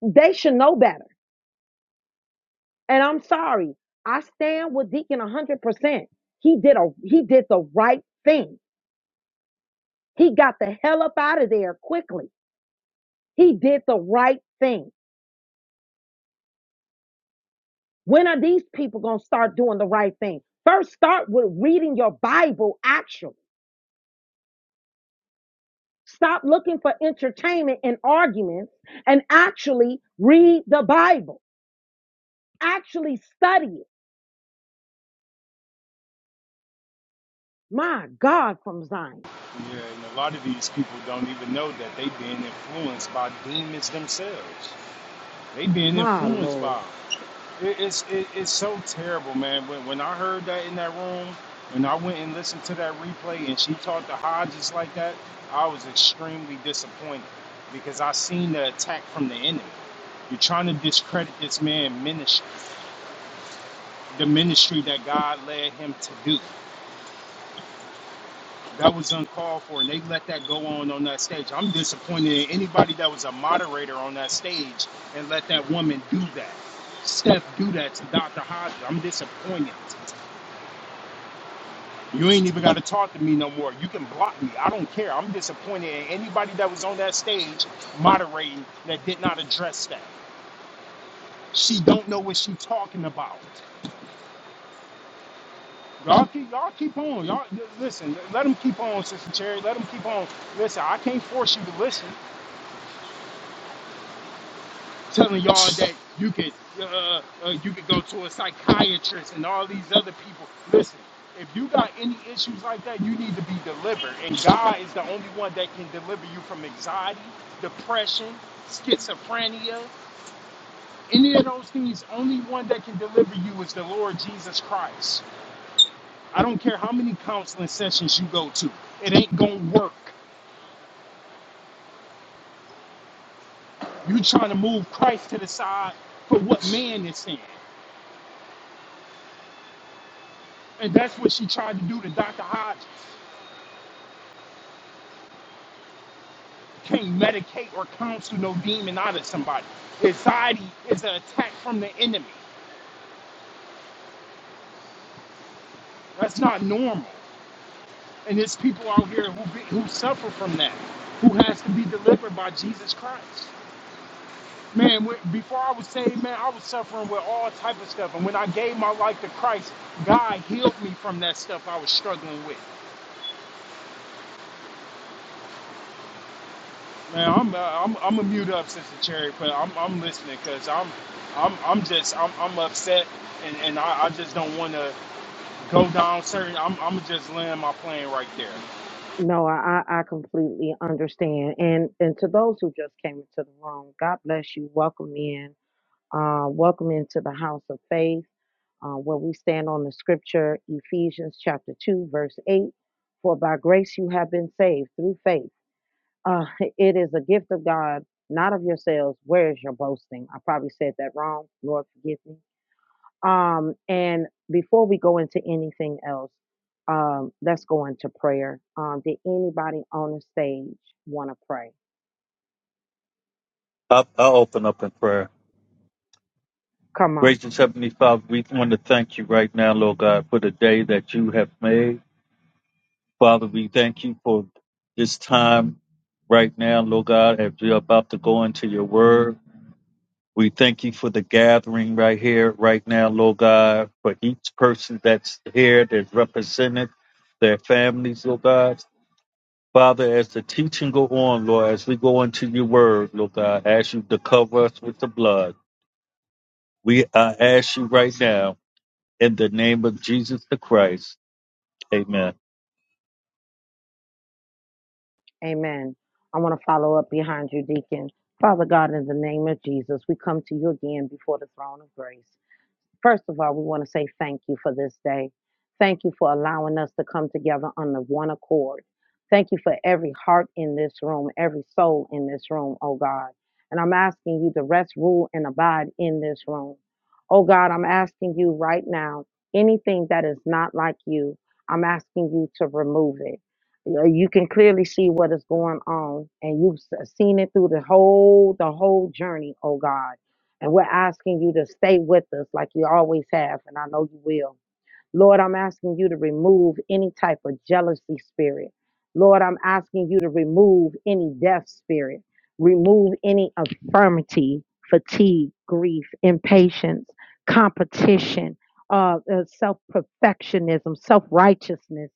Speaker 1: They should know better. And I'm sorry. I stand with Deacon 100%. He did a he did the right thing He got the hell up out of there quickly. He did the right thing. When are these people going to start doing the right thing? First, start with reading your Bible actually. Stop looking for entertainment and arguments and actually read the Bible. Actually study it. My God, from Zion.
Speaker 3: Yeah, and a lot of these people don't even know that they've been influenced by demons themselves. They being
Speaker 1: My
Speaker 3: influenced by
Speaker 1: Lord.
Speaker 3: it. It- It's it, it's so terrible, man. When when I heard that in that room, when I went and listened to that replay, and she talked to Hodges like that, I was extremely disappointed because I seen the attack from the enemy. You're trying to discredit this man ministry, the ministry that God led him to do. That was uncalled for, and they let that go on on that stage. I'm disappointed in anybody that was a moderator on that stage and let that woman do that. Steph do that to Dr. Hodges. I'm disappointed. You ain't even got to talk to me no more. You can block me. I don't care. I'm disappointed in anybody that was on that stage moderating that did not address that. She don't know what she talking about. Y'all keep, y'all keep on. Y'all listen. Let them keep on, Sister Cherry. Let them keep on. Listen, I can't force you to listen. telling y'all that you could uh, uh, uh, you could go to a psychiatrist and all these other people. Listen, if you got any issues like that, you need to be delivered, and God is the only one that can deliver you from anxiety, depression, schizophrenia, any of those things. Only one that can deliver you is the Lord Jesus Christ. I don't care how many counseling sessions you go to, it ain't gonna work. You trying to move Christ to the side for what man is saying. And that's what she tried to do to Dr. Hodges. can't medicate or counsel no demon out of somebody. Anxiety is an attack from the enemy. That's not normal. And there's people out here who be, who suffer from that, who has to be delivered by Jesus Christ. Man, when, before I was saved, man, I was suffering with all type of stuff. And when I gave my life to Christ, God healed me from that stuff I was struggling with. Man, I'm uh, I'm I'm a mute up, Sister Cherry, but I'm I'm listening because I'm I'm I'm just I'm I'm upset, and and I, I just don't want to. go down certain. I'm I'm gonna just land my plane right there.
Speaker 1: No, I, I I completely understand. And and to those who just came into the room, God bless you. Welcome in. Uh, welcome into the house of faith uh, where we stand on the scripture, Ephesians chapter 2, verse 8. For by grace you have been saved through faith. Uh, (laughs) it is a gift of God, not of yourselves. Where is your boasting? I probably said that wrong. Lord, forgive me. Um, and before we go into anything else, um, let's go into prayer. Um, did anybody on the stage want to pray?
Speaker 6: I'll, I'll open up in prayer.
Speaker 1: Come on.
Speaker 6: Gracious Heavenly Father, we want to thank you right now, Lord God, for the day that you have made. Father, we thank you for this time right now, Lord God, as we are about to go into your word. We thank you for the gathering right here, right now, Lord God, for each person that's here, that's represented, their families, Lord God. Father, as the teaching go on, Lord, as we go into your word, Lord God, I ask you to cover us with the blood. We I ask you right now In the name of Jesus the Christ. Amen.
Speaker 1: Amen. I want to follow up behind you, Deacon. Father God, in the name of Jesus, we come to you again before the throne of grace. First of all, we want to say thank you for this day. Thank you for allowing us to come together on the one accord. Thank you for every heart in this room, every soul in this room, oh God. And I'm asking you to rest, rule, and abide in this room. Oh God, I'm asking you right now, anything that is not like you, I'm asking you to remove it. You know, you can clearly see what is going on, and you've s- seen it through the whole the whole journey, oh God. And we're asking you to stay with us like you always have, and I know you will. Lord, I'm asking you to remove any type of jealousy spirit. Lord, I'm asking you to remove any death spirit, remove any affirmity, fatigue, grief, impatience, competition, uh, uh, self perfectionism, self righteousness,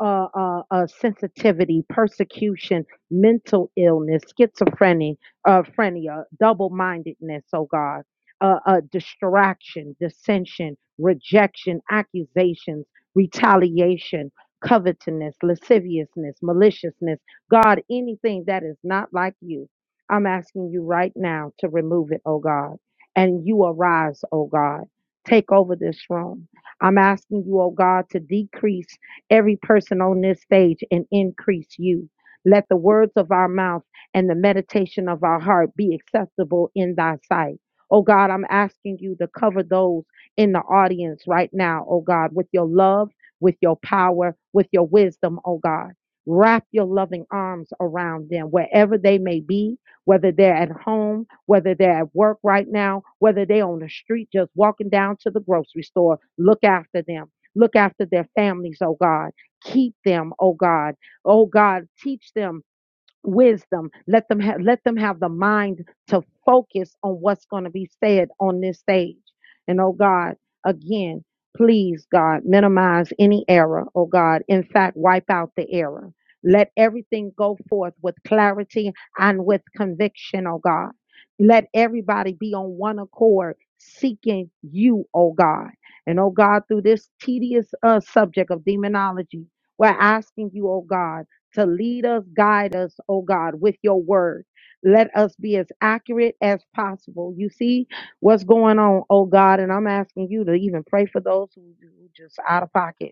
Speaker 1: uh, uh, uh, sensitivity, persecution, mental illness, schizophrenia, uh, double mindedness, oh God uh, uh, distraction, dissension, rejection, accusations, retaliation, covetousness, lasciviousness, maliciousness. God, anything that is not like you, I'm asking you right now to remove it, oh God. And you arise, oh God. Take over this room. I'm asking you, oh God, to decrease every person on this stage and increase you. Let the words of our mouth and the meditation of our heart be acceptable in thy sight. Oh God, I'm asking you to cover those in the audience right now, oh God, with your love, with your power, with your wisdom, oh God. Wrap your loving arms around them wherever they may be, whether they're at home, whether they're at work right now, whether they're on the street just walking down to the grocery store. Look after them. Look after their families, oh God. Keep them, oh God. Oh God, teach them wisdom. Let them have let them have the mind to focus on what's going to be said on this stage. And oh God, again, please, God, minimize any error. Oh God, in fact, wipe out the error. Let everything go forth with clarity and with conviction, oh God. Let everybody be on one accord seeking you, oh God. And oh God, through this tedious uh, subject of demonology, we're asking you, oh God to lead us, guide us, oh God, with your word. Let us be as accurate as possible. You see what's going on, oh God, and I'm asking you to even pray for those who who just out of pocket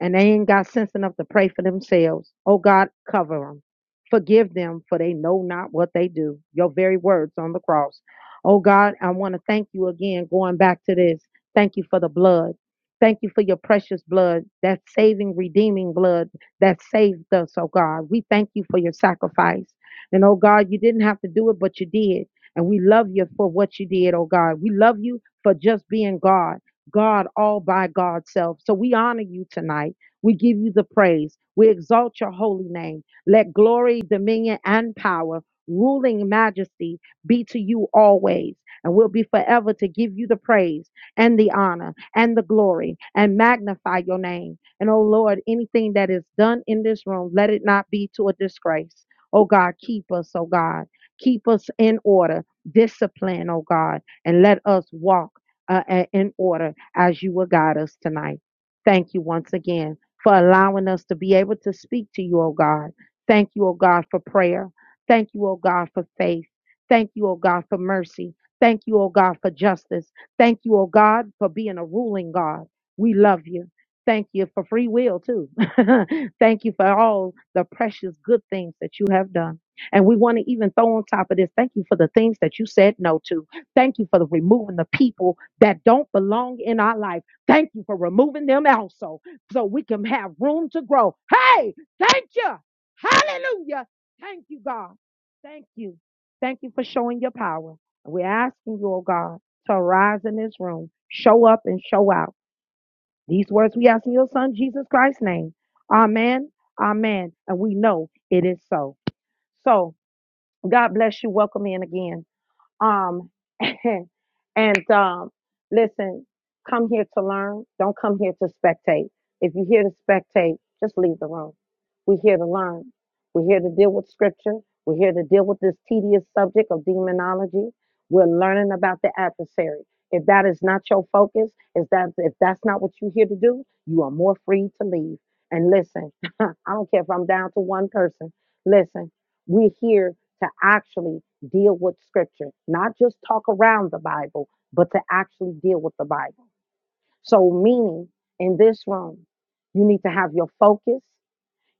Speaker 1: and they ain't got sense enough to pray for themselves. Oh God, cover them. Forgive them, for they know not what they do. Your very words on the cross. Oh God, I want to thank you again, going back to this. Thank you for the blood. Thank you for your precious blood, that saving, redeeming blood that saved us, oh God. We thank you for your sacrifice. And oh God, you didn't have to do it, but you did. And we love you for what you did, oh God. We love you for just being God. God all by God's self. So we honor you tonight. We give you the praise. We exalt your holy name. Let glory, dominion, and power, ruling majesty be to you always. And we'll be forever to give you the praise and the honor and the glory and magnify your name. And oh Lord, anything that is done in this room, let it not be to a disgrace. Oh God, keep us, oh God. Keep us in order, discipline, oh God, and let us walk uh, in order as you will guide us tonight. Thank you once again for allowing us to be able to speak to you, oh God. Thank you, oh God, for prayer. Thank you, oh God, for faith. Thank you, oh God, for mercy. Thank you, oh God, for justice. Thank you, oh God, for being a ruling God. We love you. Thank you for free will, too. (laughs) Thank you for all the precious good things that you have done. And we want to even throw on top of this, thank you for the things that you said no to. Thank you for the removing the people that don't belong in our life. Thank you for removing them also so we can have room to grow. Hey, thank you. Hallelujah. Thank you, God. Thank you. Thank you for showing your power. We're asking you, oh God, to arise in this room, show up and show out. These words we ask in your son, Jesus Christ's name. Amen. Amen. And we know it is so. So God bless you. Welcome in again. Um, (laughs) and, and um, listen, come here to learn. Don't come here to spectate. If you're here to spectate, just leave the room. We're here to learn. We're here to deal with scripture. We're here to deal with this tedious subject of demonology. We're learning about the adversary. If that is not your focus, is that if that's not what you're here to do, you are more free to leave. And listen, (laughs) I don't care if I'm down to one person. Listen, we're here to actually deal with scripture, not just talk around the Bible, but to actually deal with the Bible. So, meaning in this room, you need to have your focus,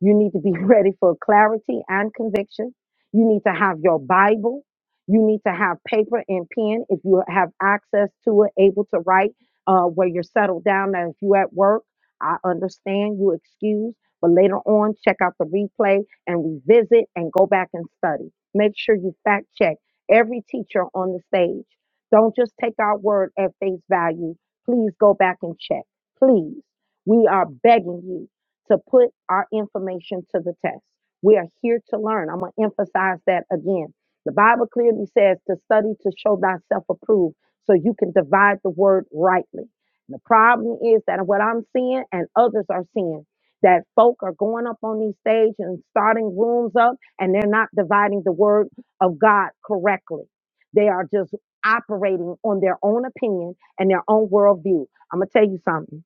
Speaker 1: you need to be (laughs) ready for clarity and conviction. You need to have your Bible. You need to have paper and pen if you have access to it, able to write uh, where you're settled down. Now, if you are at work, I understand you excuse, but later on, check out the replay and revisit and go back and study. Make sure you fact check every teacher on the stage. Don't just take our word at face value. Please go back and check. Please. We are begging you to put our information to the test. We are here to learn. I'm going to emphasize that again. The Bible clearly says to study to show thyself approved so you can divide the word rightly. The problem is that what I'm seeing and others are seeing that folk are going up on these stage and starting rooms up and they're not dividing the word of God correctly. They are just operating on their own opinion and their own worldview. I'm going to tell you something.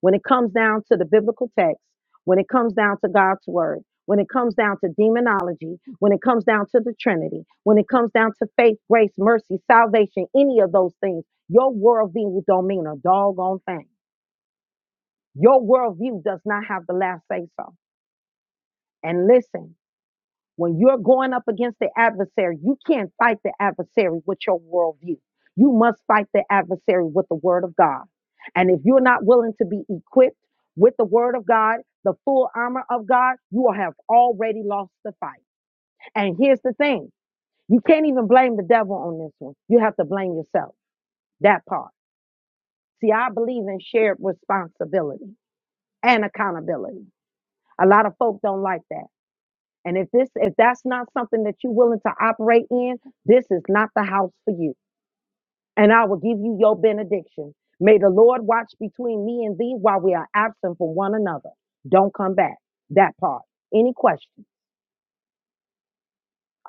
Speaker 1: When it comes down to the biblical text, when it comes down to God's word, when it comes down to demonology, when it comes down to the Trinity, when it comes down to faith, grace, mercy, salvation, any of those things, your worldview don't mean a doggone thing. Your worldview does not have the last say so. And listen, when you're going up against the adversary, you can't fight the adversary with your worldview. You must fight the adversary with the word of God. And if you're not willing to be equipped with the word of God, the full armor of God, you will have already lost the fight. And here's the thing you can't even blame the devil on this one. You have to blame yourself, that part. See, I believe in shared responsibility and accountability. A lot of folk don't like that. And if this if that's not something that you're willing to operate in, this is not the house for you. And I will give you your benediction. May the Lord watch between me and thee while we are absent from one another. Don't come back. That part. Any questions?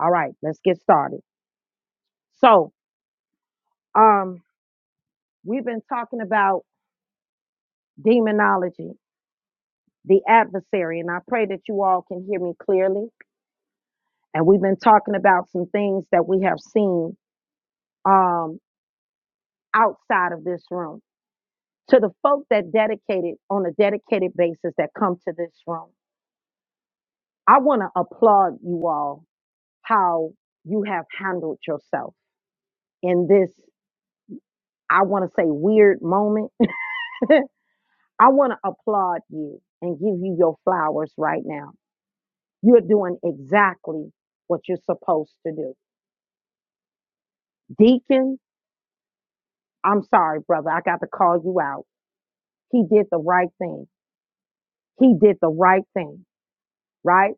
Speaker 1: All right, let's get started. So, um, we've been talking about demonology, the adversary, and I pray that you all can hear me clearly. And we've been talking about some things that we have seen um outside of this room to the folk that dedicated on a dedicated basis that come to this room. I want to applaud you all how you have handled yourself in this, I want to say, weird moment. (laughs) I want to applaud you and give you your flowers right now. You're doing exactly what you're supposed to do. Deacon, I'm sorry, brother. I got to call you out. He did the right thing. He did the right thing, right?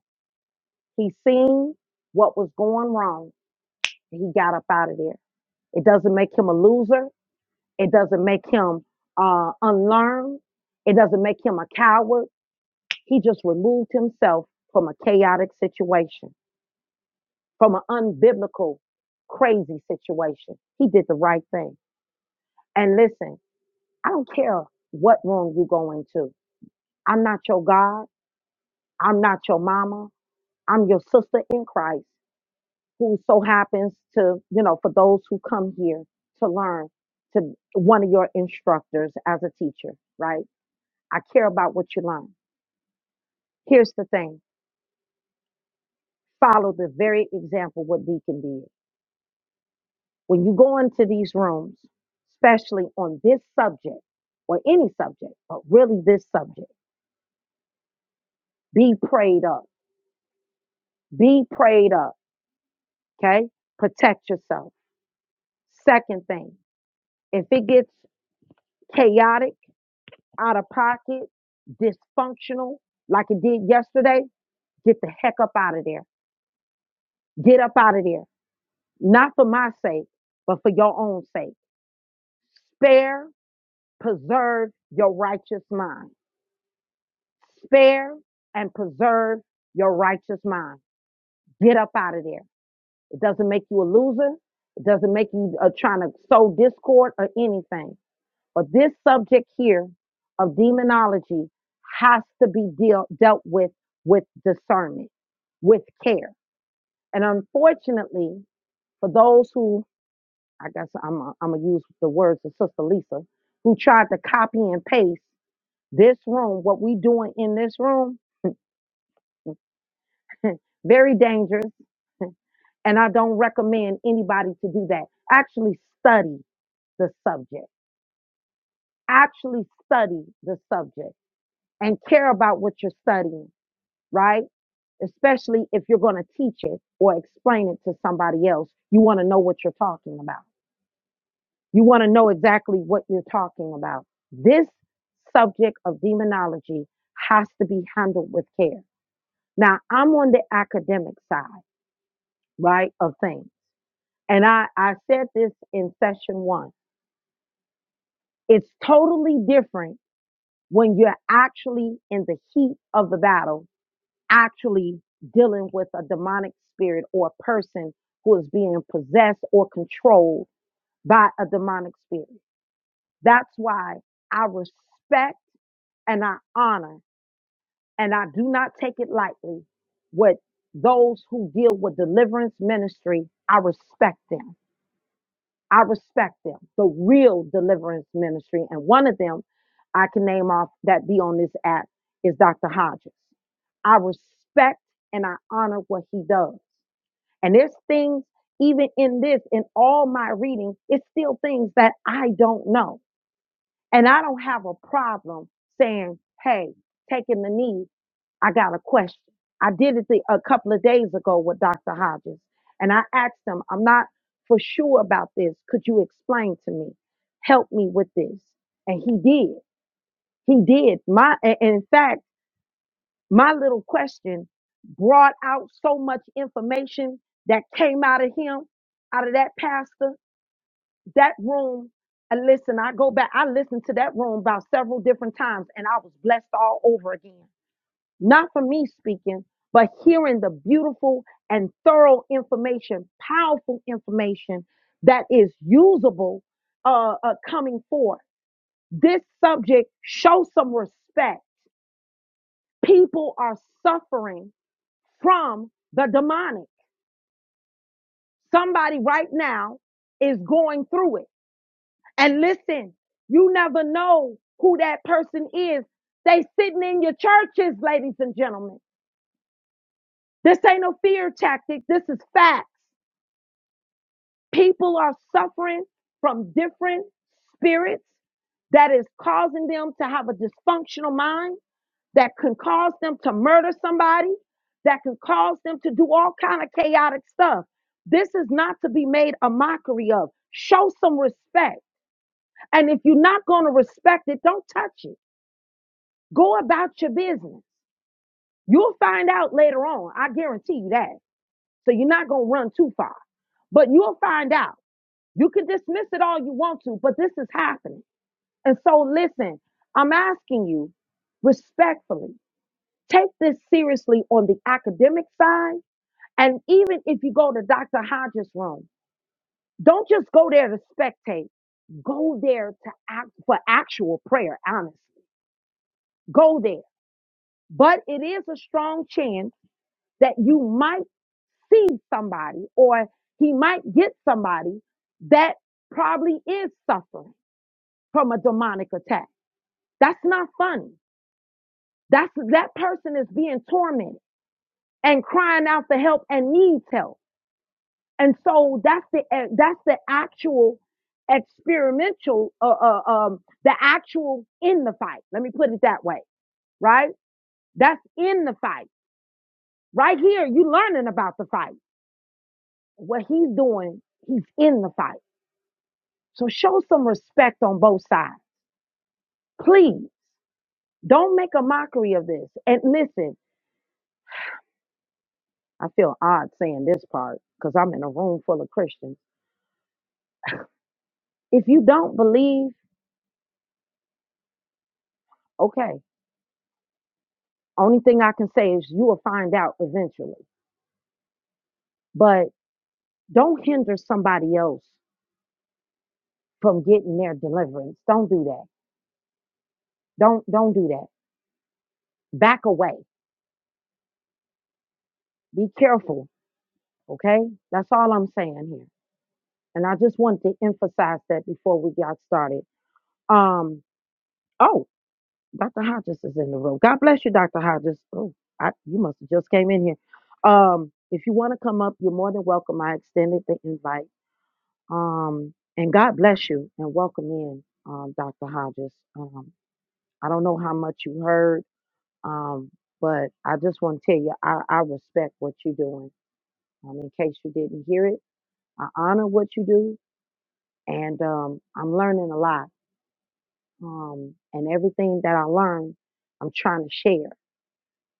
Speaker 1: He seen what was going wrong he got up out of there. It doesn't make him a loser. It doesn't make him uh, unlearned. It doesn't make him a coward. He just removed himself from a chaotic situation, from an unbiblical, crazy situation. He did the right thing. And listen, I don't care what room you go into. I'm not your God. I'm not your mama. I'm your sister in Christ. who so happens to, you know, for those who come here to learn to one of your instructors as a teacher, right? I care about what you learn. Here's the thing follow the very example what Deacon did. When you go into these rooms, especially on this subject or any subject, but really this subject, be prayed up. Be prayed up. Okay? Protect yourself. Second thing, if it gets chaotic, out of pocket, dysfunctional, like it did yesterday, get the heck up out of there. Get up out of there. Not for my sake, but for your own sake. Spare, preserve your righteous mind. Spare and preserve your righteous mind. Get up out of there. It doesn't make you a loser. It doesn't make you uh, trying to sow discord or anything. But this subject here of demonology has to be deal, dealt with with discernment, with care. And unfortunately, for those who, I guess I'm going I'm going to use the words of Sister Lisa, who tried to copy and paste this room, what we doing in this room, very dangerous. And I don't recommend anybody to do that. Actually study the subject. Actually study the subject and care about what you're studying right? Especially if you're going to teach it or explain it to somebody else. You want to know what you're talking about. You want to know exactly what you're talking about. This subject of demonology has to be handled with care. Now, I'm on the academic side, right, of things. And I, I said this in session one. It's totally different when you're actually in the heat of the battle actually dealing with a demonic spirit or a person who is being possessed or controlled by a demonic spirit. That's why I respect and I honor and I do not take it lightly with those who deal with deliverance ministry. I respect them. I respect them, the real deliverance ministry. And one of them I can name off that be on this app is Dr. Hodges. I respect and I honor what he does. And there's things, even in this, in all my reading, it's still things that I don't know. And I don't have a problem saying, hey, taking the knee, I got a question. I did it the, a couple of days ago with Dr. Hodges. And I asked him, I'm not for sure about this. Could you explain to me? Help me with this. And he did. He did. My, and in fact, my little question brought out so much information that came out of him, out of that pastor, that room. And listen, I go back, I listened to that room about several different times, and I was blessed all over again. Not for me speaking, but hearing the beautiful and thorough information, powerful information that is usable uh, uh, coming forth. This subject, show some respect. People are suffering from the demonic. Somebody right now is going through it. And listen, you never know who that person is. They sitting in your churches, ladies and gentlemen. This ain't no fear tactic. This is facts. People are suffering from different spirits that is causing them to have a dysfunctional mind that can cause them to murder somebody, that can cause them to do all kind of chaotic stuff. This is not to be made a mockery of. Show some respect. And if you're not going to respect it, don't touch it. Go about your business. You'll find out later on. I guarantee you that. So you're not going to run too far, but you'll find out. You can dismiss it all you want to, but this is happening. And so listen, I'm asking you respectfully Take this seriously on the academic side. And even if you go to Dr. Hodges' room, don't just go there to spectate go there to act for actual prayer, honestly. Go there. But it is a strong chance that you might see somebody or he might get somebody that probably is suffering from a demonic attack. That's not funny. That's that person is being tormented and crying out for help and needs help. And so that's the eh, that's the actual experimental uh, uh, um the actual in the fight. Let me put it that way, right? That's in the fight. Right here you learning about the fight. What he's doing, he's in the fight. So show some respect on both sides. Please don't make a mockery of this. And listen, I feel odd saying this part cuz I'm in a room full of Christians. If you don't believe, okay. Only thing I can say is you will find out eventually but don't hinder somebody else from getting their deliverance don't do that don't don't do that back away be careful okay that's all i'm saying here and i just wanted to emphasize that before we got started um oh dr hodges is in the room god bless you dr hodges oh I, you must have just came in here um if you want to come up you're more than welcome i extended the invite um and god bless you and welcome in um dr hodges Um. I don't know how much you heard, um, but I just want to tell you, I, I respect what you're doing. Um, in case you didn't hear it, I honor what you do, and um, I'm learning a lot. Um, and everything that I learn, I'm trying to share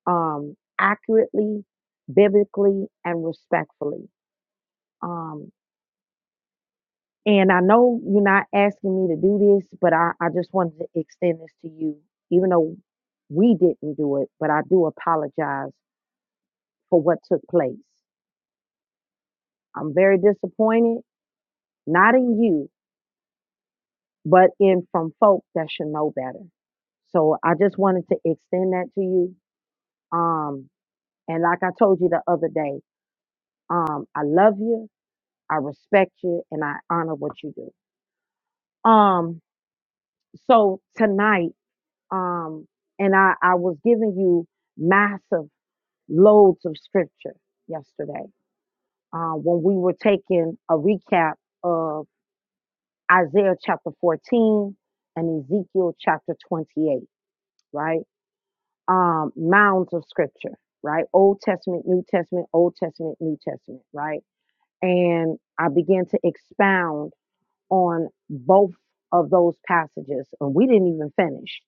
Speaker 1: um, accurately, biblically, and respectfully. Um, and I know you're not asking me to do this, but I, I just wanted to extend this to you, even though we didn't do it, but I do apologize for what took place. I'm very disappointed, not in you, but in from folk that should know better. So I just wanted to extend that to you. Um, and like I told you the other day, um, I love you, I respect you, and I honor what you do. Um, so tonight, um, and I, I was giving you massive loads of scripture yesterday uh, when we were taking a recap of. Isaiah chapter 14 and Ezekiel chapter 28, right? Um, mounds of scripture, right? Old Testament, New Testament, Old Testament, New Testament, right? And I began to expound on both of those passages, and we didn't even finish.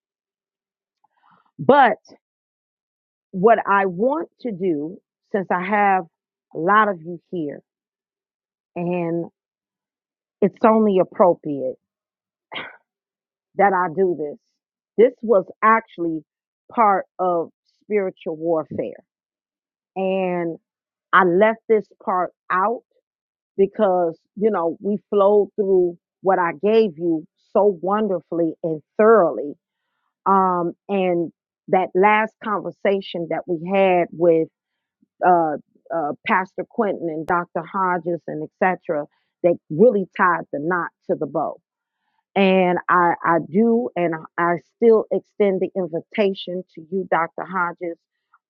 Speaker 1: But what I want to do, since I have a lot of you here, and it's only appropriate. that I do this. This was actually part of spiritual warfare. And I left this part out because, you know, we flowed through what I gave you so wonderfully and thoroughly. Um, and that last conversation that we had with uh, uh, Pastor Quentin and Dr. Hodges and et cetera, that really tied the knot to the bow and I, I do, and I still extend the invitation to you, Dr. Hodges,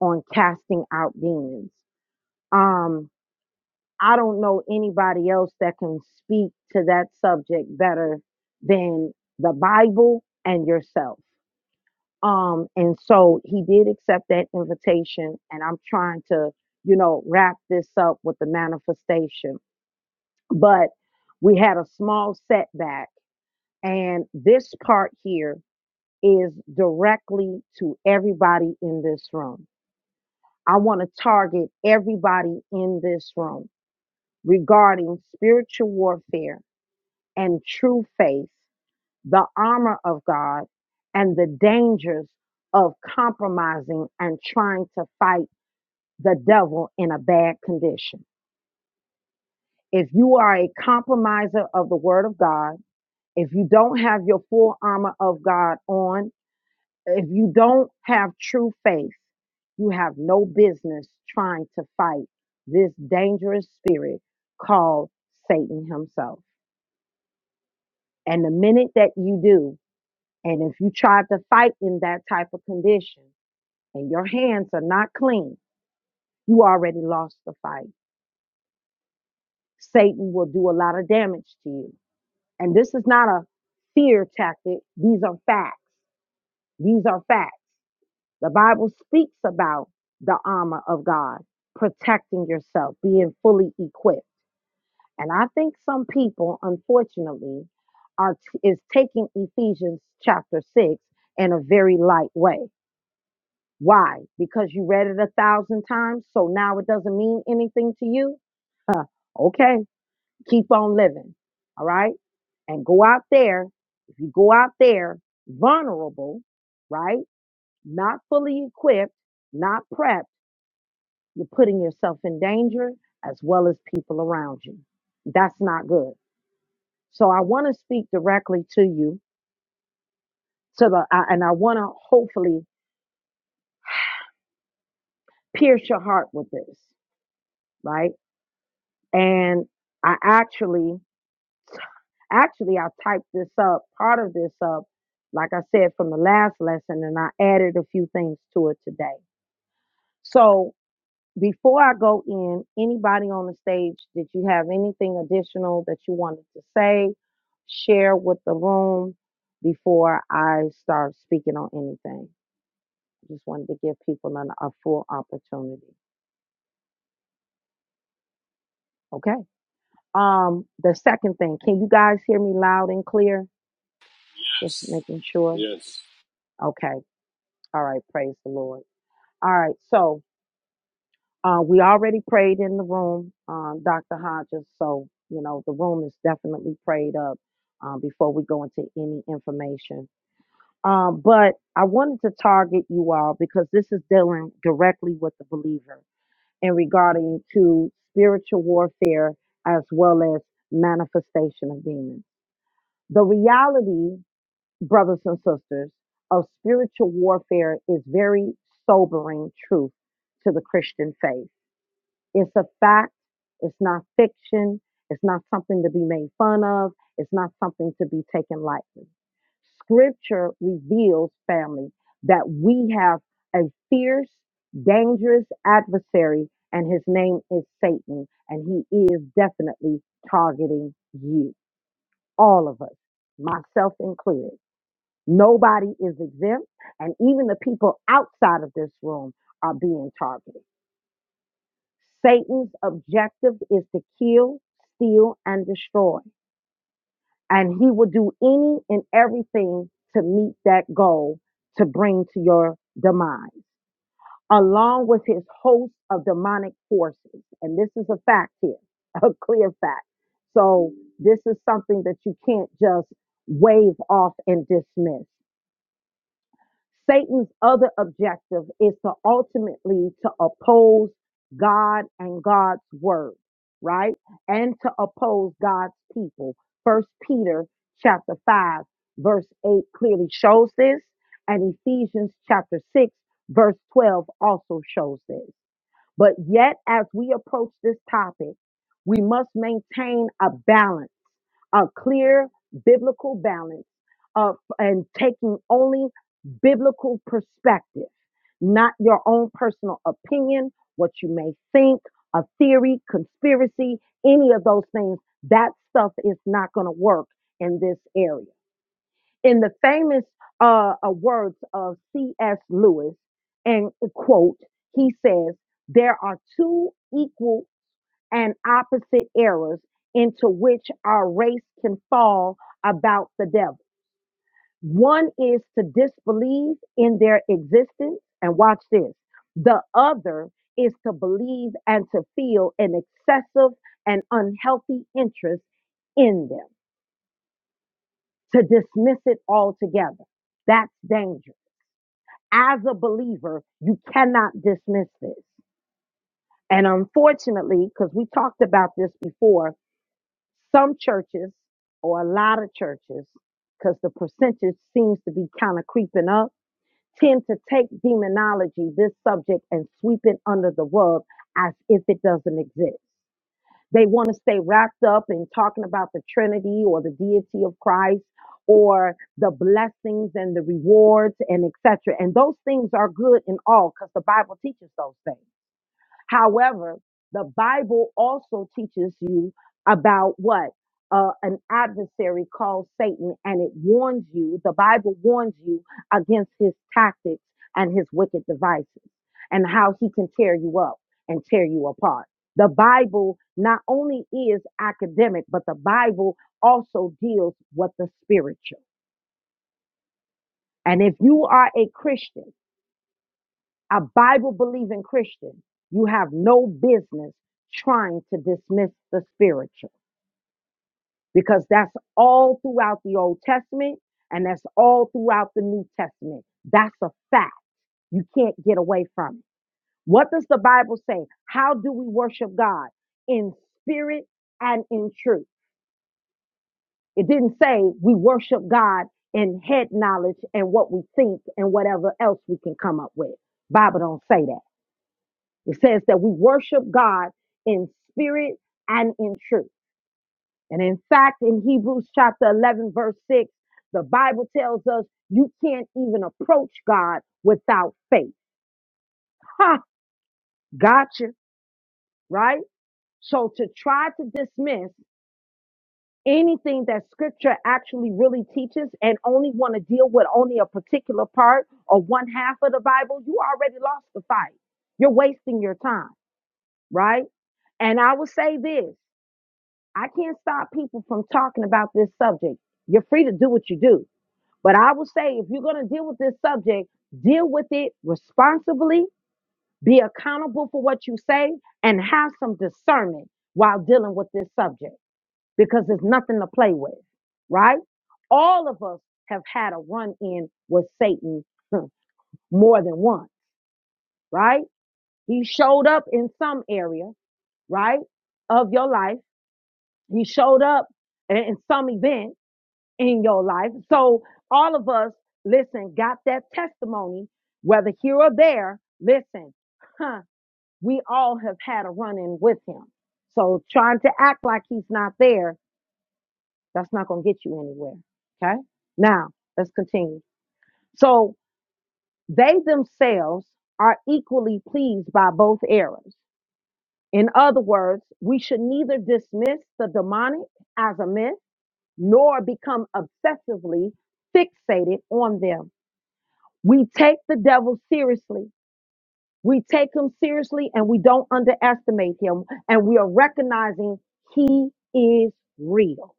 Speaker 1: on casting out demons. Um, I don't know anybody else that can speak to that subject better than the Bible and yourself. Um, and so he did accept that invitation, and I'm trying to, you know, wrap this up with the manifestation. But we had a small setback, and this part here is directly to everybody in this room. I want to target everybody in this room regarding spiritual warfare and true faith, the armor of God, and the dangers of compromising and trying to fight the devil in a bad condition. If you are a compromiser of the word of God, if you don't have your full armor of God on, if you don't have true faith, you have no business trying to fight this dangerous spirit called Satan himself. And the minute that you do, and if you try to fight in that type of condition and your hands are not clean, you already lost the fight. Satan will do a lot of damage to you. And this is not a fear tactic, these are facts. These are facts. The Bible speaks about the armor of God, protecting yourself, being fully equipped. And I think some people, unfortunately, are is taking Ephesians chapter six in a very light way. Why? Because you read it a thousand times, so now it doesn't mean anything to you. Okay, keep on living. All right, and go out there. If you go out there vulnerable, right, not fully equipped, not prepped You're putting yourself in danger as well as people around you. That's not good. So I want to speak directly to you, to the, I- and I want to hopefully pierce your heart with this, right? And I actually, actually, I typed this up, part of this up, like I said from the last lesson, and I added a few things to it today. So before I go in, anybody on the stage, did you have anything additional that you wanted to say, share with the room before I start speaking on anything? I Just wanted to give people an, a full opportunity. Okay. Um, the second thing, can you guys hear me loud and clear? Just
Speaker 4: yes,
Speaker 1: making sure.
Speaker 4: yes.
Speaker 1: Okay. All right. Praise the Lord. All right. So Uh, we already prayed in the room, um, Dr. Hodges, so, you know, the room is definitely prayed up um, before we go into any information. Um, but I wanted to target you all because this is dealing directly with the believer and regarding to spiritual warfare as well as manifestation of demons. The reality, brothers and sisters, of spiritual warfare is very sobering truth to the Christian faith it's a fact. It's not fiction. It's not something to be made fun of. It's not something to be taken lightly. Scripture reveals, family, that we have a fierce, dangerous adversary, and his name is Satan, and he is definitely targeting you, all of us, myself included. Nobody is exempt, and even the people outside of this room are being targeted. Satan's objective is to kill, steal, and destroy. And he will do any and everything to meet that goal to bring to your demise, along with his host of demonic forces. And this is a fact here, (laughs) a clear fact. So this is something that you can't just wave off and dismiss. Satan's other objective is to ultimately to oppose God and God's word, right? And to oppose God's people. First Peter chapter 5 verse 8 clearly shows this and Ephesians chapter 6 verse 12 also shows this. But yet, as we approach this topic, we must maintain a balance, a clear biblical balance of and taking only biblical perspective, not your own personal opinion, what you may think, a theory, conspiracy, any of those things. That stuff is not going to work in this area in the famous uh, uh, words of C.S. Lewis, and quote, he says, There are two equal and opposite errors into which our race can fall about the devil. One is to disbelieve in their existence, and watch this. The other is to believe and to feel an excessive and unhealthy interest in them, to dismiss it altogether. That's dangerous as a believer, you cannot dismiss this. And unfortunately, because we talked about this before, some churches or a lot of churches, because the percentage seems to be kind of creeping up, tend to take demonology, this subject, and sweep it under the rug as if it doesn't exist. They want to stay wrapped up in talking about the Trinity or the deity of Christ or the blessings and the rewards and etc. And those things are good and all because the Bible teaches those things. However, the Bible also teaches you about what? Uh, an adversary called Satan, and it warns you, the Bible warns you against his tactics and his wicked devices and how he can tear you up and tear you apart. The Bible not only is academic, but the Bible also deals with the spiritual. And if you are a Christian, a Bible believing Christian, you have no business trying to dismiss the spiritual because that's all throughout the Old Testament and that's all throughout the New Testament. That's a fact. You can't get away from it. What does the Bible say? How do we worship God? In spirit and in truth. It didn't say we worship God in head knowledge and what we think and whatever else we can come up with. Bible don't say that. It says that we worship God in spirit and in truth. And in fact, in Hebrews chapter 11, verse 6, the Bible tells us you can't even approach God without faith. Ha, gotcha, right? So to try to dismiss anything that scripture actually really teaches and only want to deal with only a particular part or one half of the Bible, you already lost the fight. You're wasting your time, right? And I will say this. I can't stop people from talking about this subject. You're free to do what you do. But I will say if you're going to deal with this subject, deal with it responsibly, be accountable for what you say, and have some discernment while dealing with this subject because there's nothing to play with, right? All of us have had a run in with Satan (laughs) more than once, right? He showed up in some area, right, of your life. He showed up in some event in your life. So all of us, listen, got that testimony, whether here or there. Listen, huh, we all have had a run in with him. So trying to act like he's not there, that's not going to get you anywhere. Okay. Now let's continue. So they themselves are equally pleased by both errors. In other words, we should neither dismiss the demonic as a myth nor become obsessively fixated on them We take the devil seriously. We take him seriously and we don't underestimate him. And we are recognizing he is real.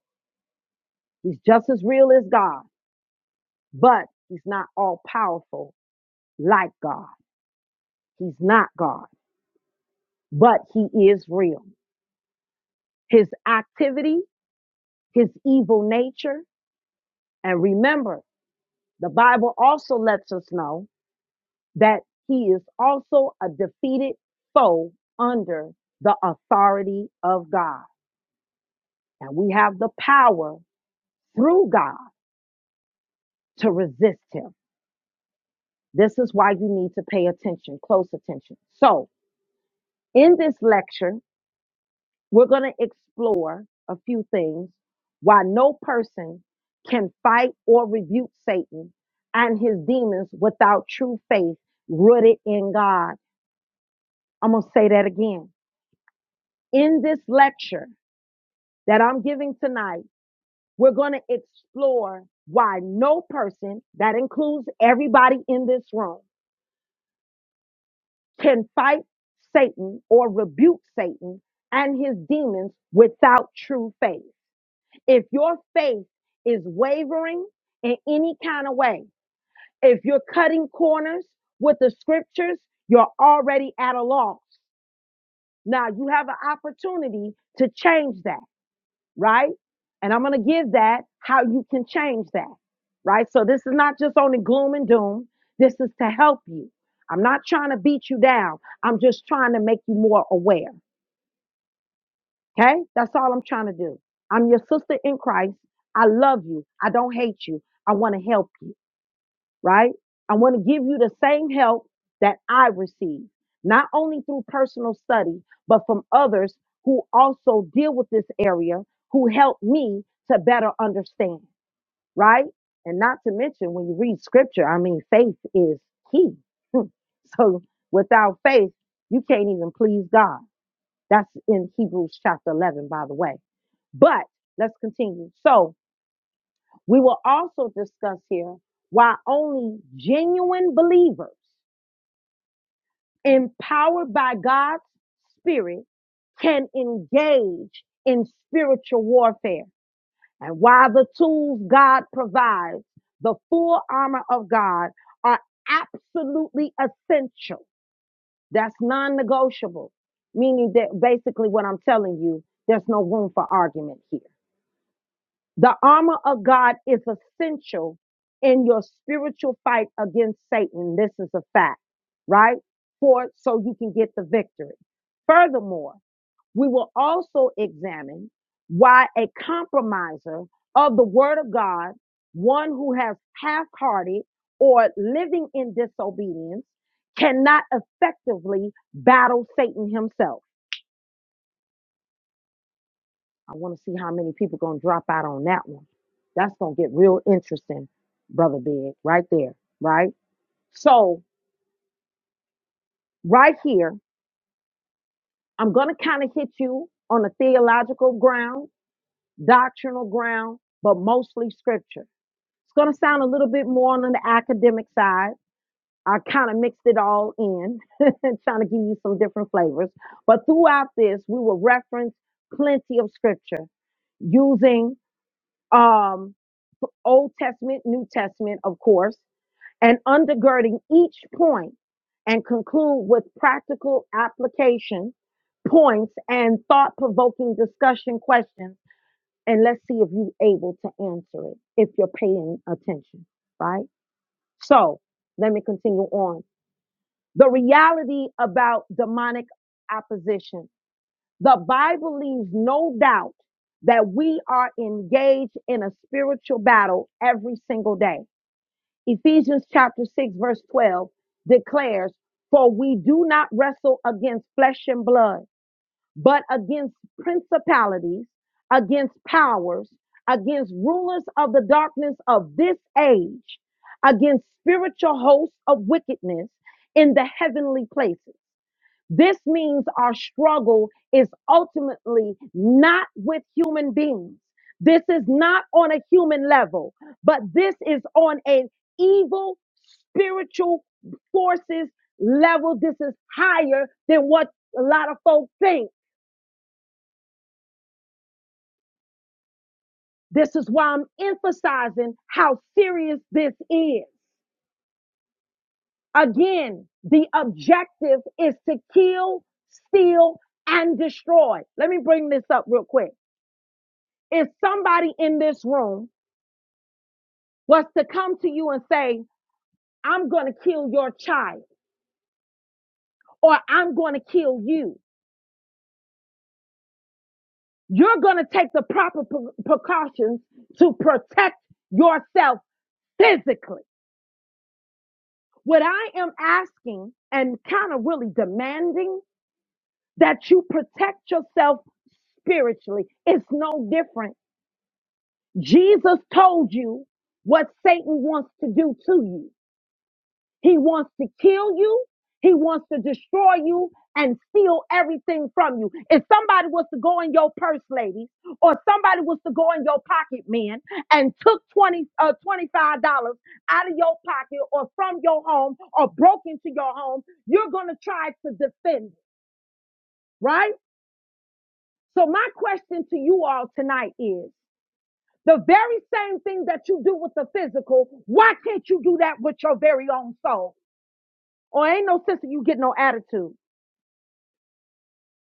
Speaker 1: He's just as real as God, but he's not all powerful like God. He's not God, but he is real. His activity, his evil nature. And remember, the Bible also lets us know that he is also a defeated foe under the authority of God. And we have the power through God to resist him. This is why you need to pay attention, close attention. So, in this lecture, we're going to explore a few things why no person can fight or rebuke Satan and his demons without true faith rooted in God. I'm going to say that again. In this lecture that I'm giving tonight, we're going to explore why no person, that includes everybody in this room, can fight Satan or rebuke Satan and his demons without true faith. If your faith is wavering in any kind of way, if you're cutting corners with the scriptures, you're already at a loss. Now you have an opportunity to change that right? And I'm going to give that how you can change that, right? So this is not just only gloom and doom. This is to help you. I'm not trying to beat you down. I'm just trying to make you more aware. Okay? That's all I'm trying to do. I'm your sister in Christ. I love you. I don't hate you. I want to help you right? I want to give you the same help that I receive, not only through personal study, but from others who also deal with this area who help me to better understand, right? And not to mention, when you read scripture, I mean, faith is key. (laughs) Hmm. so without faith, you can't even please God. That's in Hebrews chapter 11, by the way. But let's continue. So, we will also discuss here why only genuine believers empowered by God's Spirit can engage in spiritual warfare and why the tools God provides, the full armor of God, are absolutely essential. That's non negotiable, meaning that basically what I'm telling you, there's no room for argument here. The armor of God is essential in your spiritual fight against Satan. This is a fact, right? For so you can get the victory. Furthermore, we will also examine why a compromiser of the word of God, one who has half-hearted or living in disobedience, cannot effectively battle Satan himself I want to see how many people gonna drop out on that one. That's gonna get real interesting, brother Big, right there, right? So right here, I'm gonna kind of hit you on a theological ground, doctrinal ground, but mostly scripture. It's gonna sound a little bit more on the academic side. I kind of mixed it all in, (laughs) trying to give you some different flavors. But throughout this, we will reference plenty of scripture using um, Old Testament, New Testament, of course, and undergirding each point and conclude with practical application points and thought provoking discussion questions. And let's see if you're able to answer it if you're paying attention, right? So let me continue on. The reality about demonic opposition the Bible leaves no doubt that we are engaged in a spiritual battle every single day. Ephesians chapter 6 verse 12 declares, for we do not wrestle against flesh and blood, but against principalities, against powers, against rulers of the darkness of this age, against spiritual hosts of wickedness in the heavenly places. This means our struggle is ultimately not with human beings. This is not on a human level, but this is on an evil spiritual forces level. This is higher than what a lot of folk think. This is why I'm emphasizing how serious this is. Again, the objective is to kill, steal, and destroy. Let me bring this up real quick. if somebody in this room was to come to you and say, I'm going to kill your child or I'm going to kill you, you're going to take the proper pre- precautions to protect yourself physically. What I am asking and kind of really demanding that you protect yourself spiritually. It's no different. Jesus told you what Satan wants to do to you. He wants to kill you. He wants to destroy you and steal everything from you. If somebody was to go in your purse, lady, or somebody was to go in your pocket, man, and took 20 uh, $25 out of your pocket or from your home or broke into your home, you're going to try to defend it, right? So my question to you all tonight is the very same thing that you do with the physical, why can't you do that with your very own soul? Or ain't no sense of you get no attitude.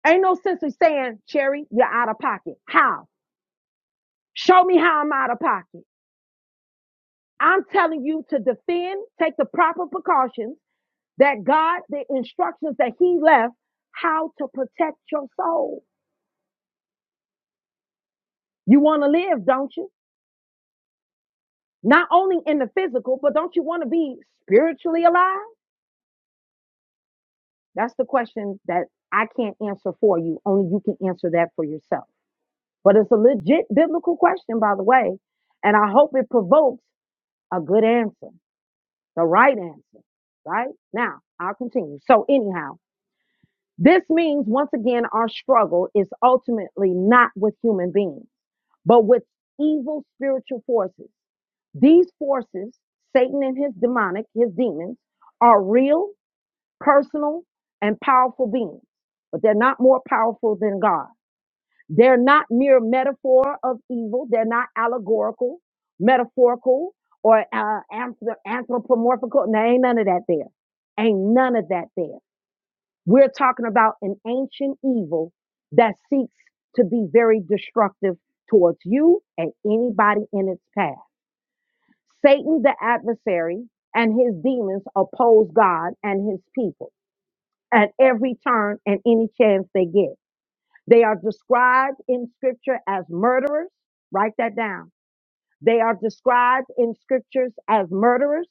Speaker 1: Ain't no sense in saying, Cherry, you're out of pocket. How? Show me how I'm out of pocket. I'm telling you to defend, take the proper precautions that God, the instructions that He left, how to protect your soul. You want to live, don't you? Not only in the physical, but don't you want to be spiritually alive? That's the question that I can't answer for you. Only you can answer that for yourself. But it's a legit biblical question, by the way. And I hope it provokes a good answer. The right answer, right? Now, I'll continue. So, anyhow, this means once again, our struggle is ultimately not with human beings, but with evil spiritual forces. These forces, Satan and his demonic, his demons, are real, personal, and powerful beings, but they're not more powerful than God. They're not mere metaphor of evil. They're not allegorical, metaphorical, or uh, anthrop- anthropomorphical. No, ain't none of that there. Ain't none of that there. We're talking about an ancient evil that seeks to be very destructive towards you and anybody in its path. Satan, the adversary, and his demons oppose God and his people at every turn and any chance they get. They are described in scripture as murderers. Write that down. They are described in scriptures as murderers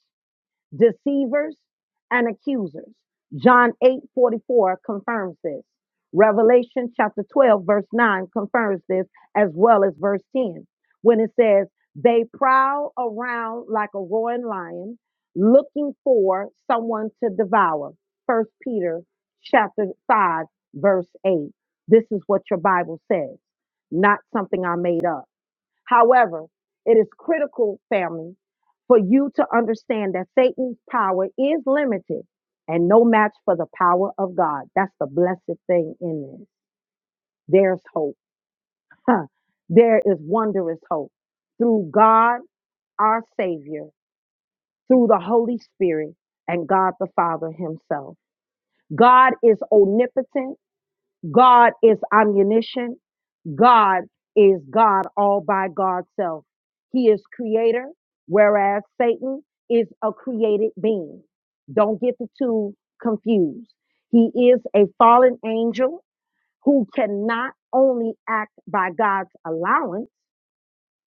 Speaker 1: deceivers, and accusers. John 8:44 confirms this. Revelation chapter 12, verse 9 confirms this, as well as verse 10, when it says, They prowl around like a roaring lion, looking for someone to devour. First Peter chapter 5, verse 8. This is what your Bible says, not something I made up. However, it is critical, family, for you to understand that Satan's power is limited and no match for the power of God. That's the blessed thing in this. There's hope. Huh. There is wondrous hope through God, our Savior, through the Holy Spirit, and God the Father Himself. God is omnipotent. God is omniscient. God is God all by God's self. He is creator, whereas Satan is a created being. Don't get the two confused. He is a fallen angel who cannot only act by God's allowance,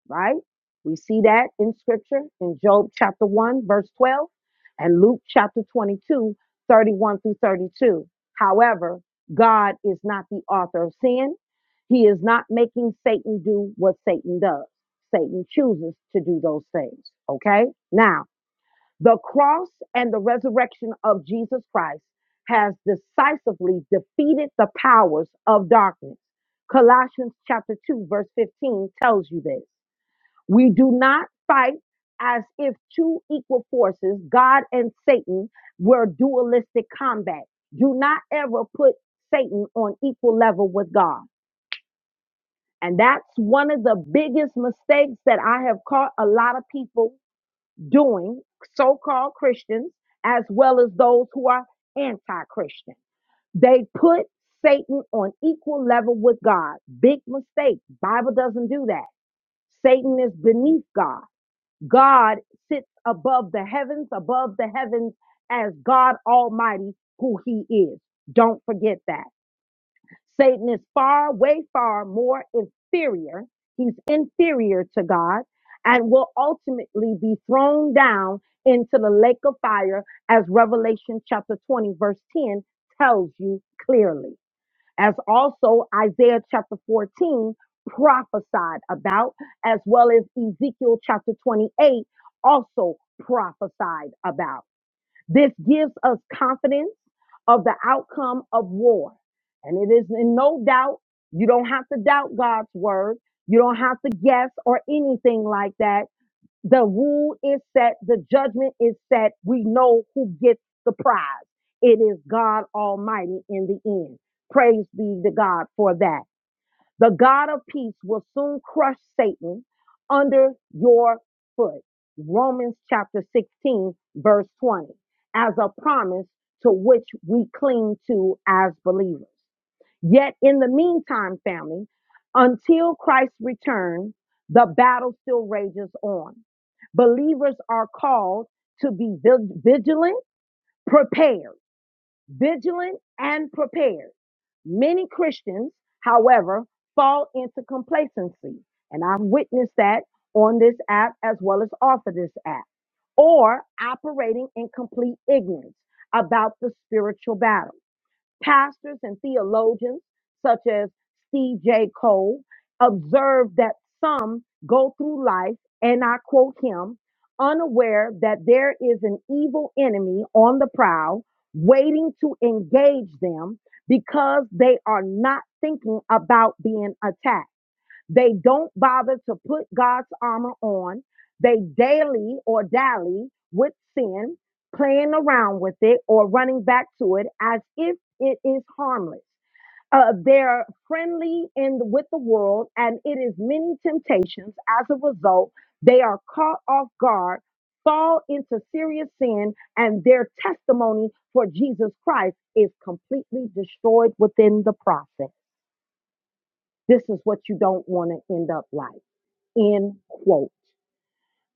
Speaker 1: right? We see that in scripture in Job chapter 1, verse 12, and Luke chapter 22, 31 through 32. However, God is not the author of sin. He is not making Satan do what Satan does. Satan chooses to do those things, okay? Now, the cross and the resurrection of Jesus Christ has decisively defeated the powers of darkness. Colossians chapter 2, verse 15 tells you this. We do not fight as if two equal forces, God and Satan, were dualistic combat. Do not ever put Satan on equal level with God. And that's one of the biggest mistakes that I have caught a lot of people doing, so called Christians, as well as those who are anti Christian. They put Satan on equal level with God. Big mistake. Bible doesn't do that. Satan is beneath God. God sits above the heavens, above the heavens as God Almighty, who He is. Don't forget that. Satan is far, way far more inferior. He's inferior to God and will ultimately be thrown down into the lake of fire, as Revelation chapter 20, verse 10 tells you clearly as also Isaiah chapter 14 prophesied about, as well as Ezekiel chapter 28 also prophesied about. This gives us confidence of the outcome of war. And it is in no doubt, you don't have to doubt God's word. You don't have to guess or anything like that. The rule is set, the judgment is set. We know who gets the prize. It is God Almighty in the end. Praise be to God for that. The God of peace will soon crush Satan under your foot. Romans chapter 16, verse 20, as a promise to which we cling to as believers. Yet in the meantime, family, until Christ returns, the battle still rages on. Believers are called to be vigilant, prepared, vigilant and prepared. Many Christians, however, fall into complacency, and I've witnessed that on this app as well as off of this app, or operating in complete ignorance about the spiritual battle. Pastors and theologians such as C.J. Cole observed that some go through life, and I quote him, unaware that there is an evil enemy on the prowl waiting to engage them because they are not thinking about being attacked. They don't bother to put God's armor on. They daily or dally with sin, playing around with it or running back to it as if it is harmless. Uh, they're friendly in with the world, and it is many temptations. As a result, they are caught off guard, fall into serious sin, and their testimony for Jesus Christ is completely destroyed within the process. This is what you don't want to end up like. End quote.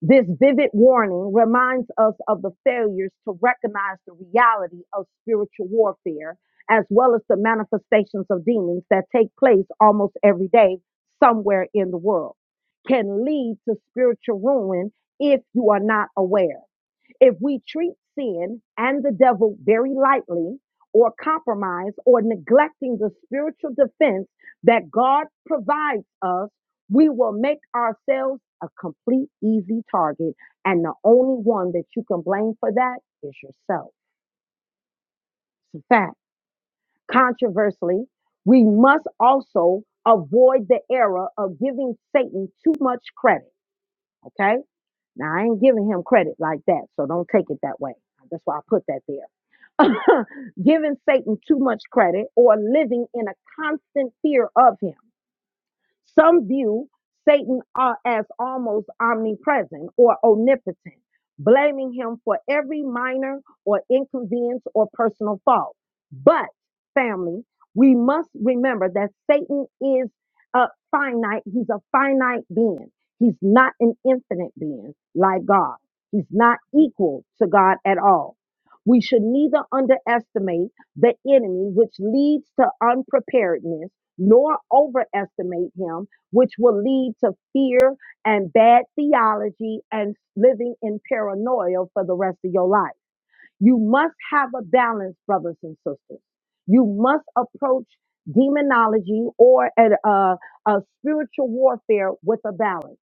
Speaker 1: This vivid warning reminds us of the failures to recognize the reality of spiritual warfare, as well as the manifestations of demons that take place almost every day somewhere in the world, can lead to spiritual ruin if you are not aware. If we treat sin and the devil very lightly, or compromise, or neglecting the spiritual defense that God provides us, we will make ourselves a complete easy target. And the only one that you can blame for that is yourself. It's a fact. Controversially, we must also avoid the error of giving Satan too much credit. Okay? Now, I ain't giving him credit like that, so don't take it that way. That's why I put that there (laughs) giving Satan too much credit or living in a constant fear of him. Some view Satan uh, as almost omnipresent or omnipotent, blaming him for every minor or inconvenience or personal fault. But, family, we must remember that Satan is a finite, he's a finite being. He's not an infinite being like God. He's not equal to God at all. We should neither underestimate the enemy, which leads to unpreparedness, nor overestimate him, which will lead to fear and bad theology and living in paranoia for the rest of your life. You must have a balance, brothers and sisters. You must approach demonology or a, a a spiritual warfare with a balance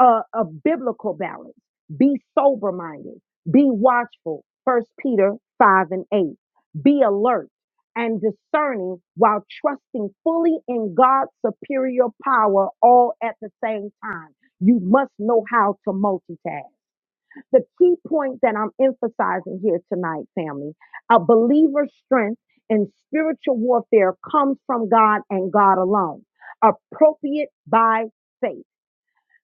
Speaker 1: a, a biblical balance. Be sober minded. Be watchful. First Peter 5 and 8. Be alert and discerning while trusting fully in God's superior power all at the same time. You must know how to multitask. The key point that I'm emphasizing here tonight, family, a believer's strength in spiritual warfare comes from God and God alone. Appropriate by faith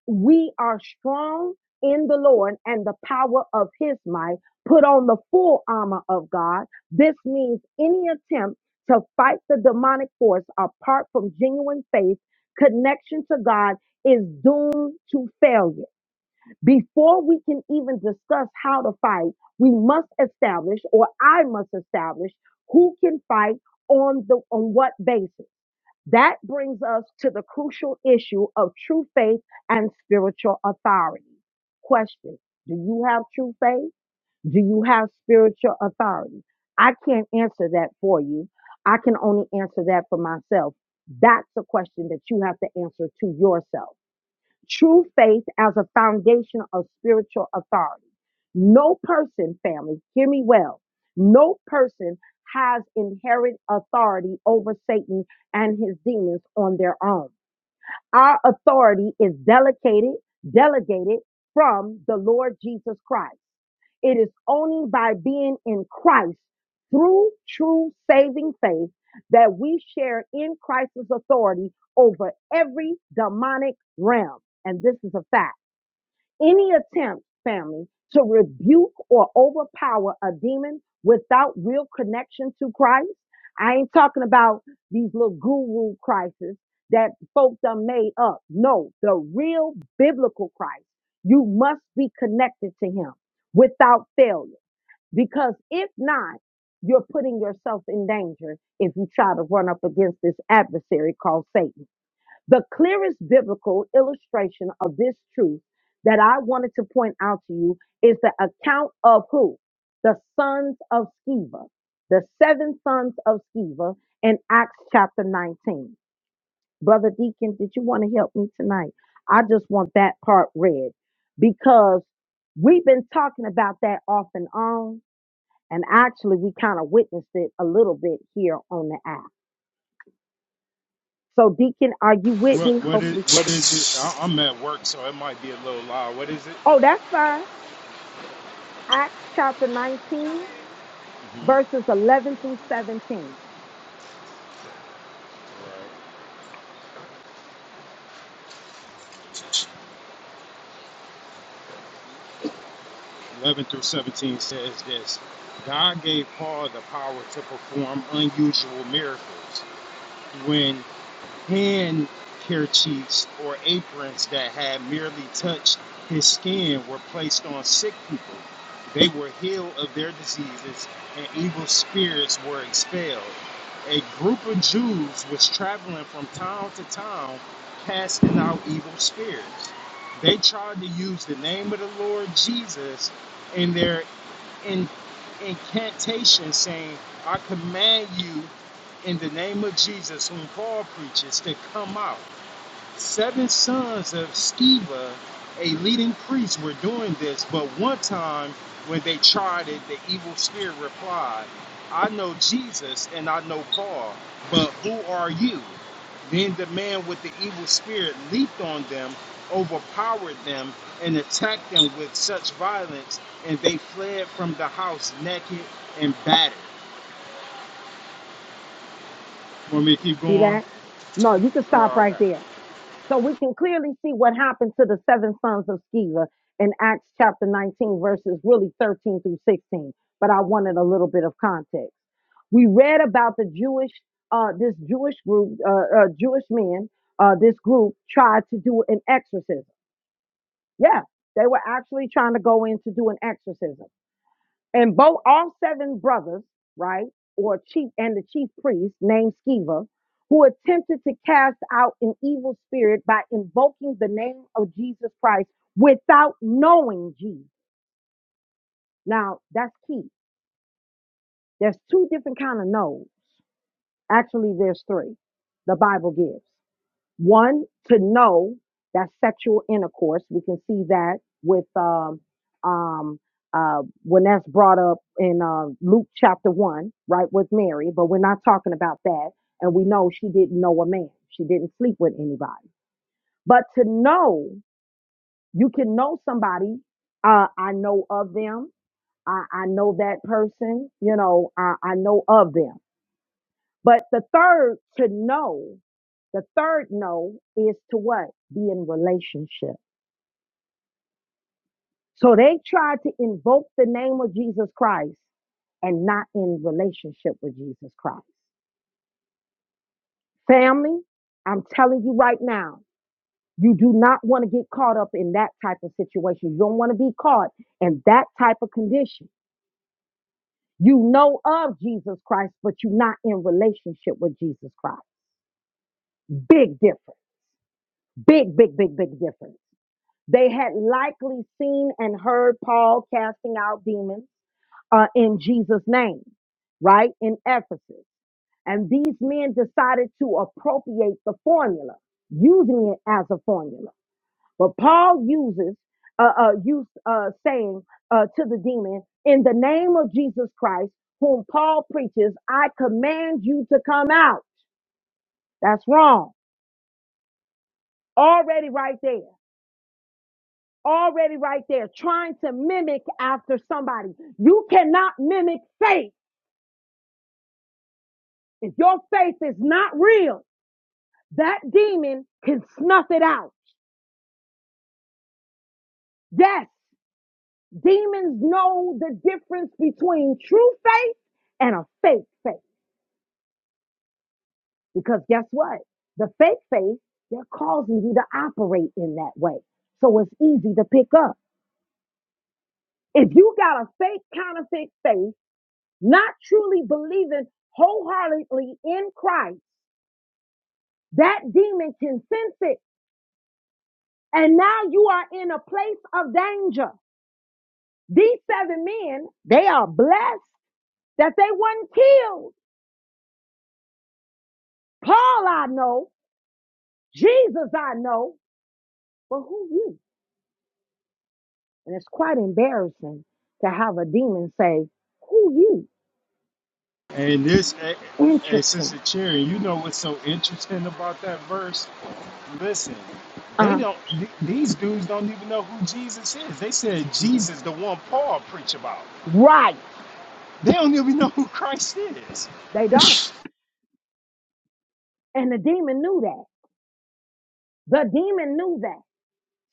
Speaker 1: we are strong in the Lord and the power of his might. Put on the full armor of God. This means any attempt to fight the demonic force apart from genuine faith, connection to God is doomed to failure. Before we can even discuss how to fight, we must establish, or I must establish, who can fight on the on what basis. That brings us to the crucial issue of true faith and spiritual authority. Question Do you have true faith? Do you have spiritual authority? I can't answer that for you. I can only answer that for myself. That's a question that you have to answer to yourself. True faith as a foundation of spiritual authority. No person, family, hear me well. No person has inherent authority over Satan and his demons on their own. Our authority is delegated, delegated from the Lord Jesus Christ. It is only by being in Christ through true saving faith that we share in Christ's authority over every demonic realm. And this is a fact. Any attempt, family, to rebuke or overpower a demon without real connection to Christ. I ain't talking about these little guru crises that folks are made up. No, the real biblical Christ. You must be connected to him without failure. Because if not, you're putting yourself in danger if you try to run up against this adversary called Satan. The clearest biblical illustration of this truth that I wanted to point out to you is the account of who? The sons of Sceva, the seven sons of Sceva in Acts chapter 19. Brother Deacon, did you want to help me tonight? I just want that part read because we've been talking about that off and on, and actually we kind of witnessed it a little bit here on the app. So, Deacon, are you with
Speaker 3: What
Speaker 1: me?
Speaker 3: what is
Speaker 1: Hopefully.
Speaker 3: what is it? I, I'm at work, so it might be a little loud. What is it?
Speaker 1: Oh, that's fine. Acts chapter 19, verses 11 through 17.
Speaker 3: Eleven through seventeen says this: God gave Paul the power to perform unusual miracles. when. hand kerchiefs or aprons that had merely touched his skin were placed on sick people. They were healed of their diseases and evil spirits were expelled. A group of Jews was traveling from town to town casting out evil spirits. They tried to use the name of the Lord Jesus in their in, incantation saying, I command you in the name of Jesus, whom Paul preaches, to come out. Seven sons of Sceva, a leading priest, were doing this, but one time when they tried it, the evil spirit replied, I know Jesus and I know Paul, but who are you? Then the man with the evil spirit leaped on them, overpowered them, and attacked them with such violence, and they fled from the house naked and battered. Want me to keep
Speaker 1: See
Speaker 3: going?
Speaker 1: that? No, you can stop
Speaker 3: Oh,
Speaker 1: right
Speaker 3: okay.
Speaker 1: there. So we can clearly see what happened to the seven sons of Sceva in Acts chapter 19, verses really 13 through 16. But I wanted a little bit of context. We read about the Jewish, uh, this Jewish group, uh, uh, Jewish men, uh, this group tried to do an exorcism. Yeah, they were actually trying to go in to do an exorcism. And both all seven brothers, right, or chief and the chief priest named Sceva, who attempted to cast out an evil spirit by invoking the name of Jesus Christ without knowing Jesus. Now that's key. There's two different kind of knows. Actually, there's three. The Bible gives. One, to know that sexual intercourse, we can see that with um, um, uh, when that's brought up in uh, Luke chapter 1, right, with Mary, but we're not talking about that. And we know she didn't know a man, she didn't sleep with anybody. But to know, you can know somebody, uh, I know of them. I, I know that person, you know, I, I know of them but the third to know, the third know is to what? Be in relationship. So they tried to invoke the name of Jesus Christ and not in relationship with Jesus Christ. Family, I'm telling you right now, you do not want to get caught up in that type of situation. You don't want to be caught in that type of condition. You know of Jesus Christ, but you're not in relationship with Jesus Christ. Big difference. Big, big, big, big difference. They had likely seen and heard Paul casting out demons uh, in Jesus' name, right? In Ephesus. And these men decided to appropriate the formula, using it as a formula. But Paul uses, uh, uh, used, uh, saying uh, to the demon, in the name of Jesus Christ, whom Paul preaches, I command you to come out. That's wrong. Already right there. already right there trying to mimic after somebody. You cannot mimic faith. If your faith is not real, that demon can snuff it out. Yes, demons know the difference between true faith and a fake faith. Because guess what? The fake faith, they're causing you to operate in that way. So it's easy to pick up. If you got a fake counterfeit faith, not truly believing wholeheartedly in Christ, That demon can sense it. And now you are in a place of danger. These seven men, they are blessed that they weren't killed. Paul, I know. Jesus, I know. But who you? And it's quite embarrassing to have a demon say, who you?
Speaker 3: And this, hey, hey
Speaker 1: Interesting.
Speaker 3: Sister Cherry, you know what's so interesting about that verse? Listen,
Speaker 1: Uh,
Speaker 3: they
Speaker 1: huh.
Speaker 3: don't. th- These dudes don't even know who Jesus is. They said Jesus, the one Paul preached about.
Speaker 1: right.
Speaker 3: They don't even know who Christ is.
Speaker 1: They don't.
Speaker 3: (laughs)
Speaker 1: And the demon knew that. The demon knew that.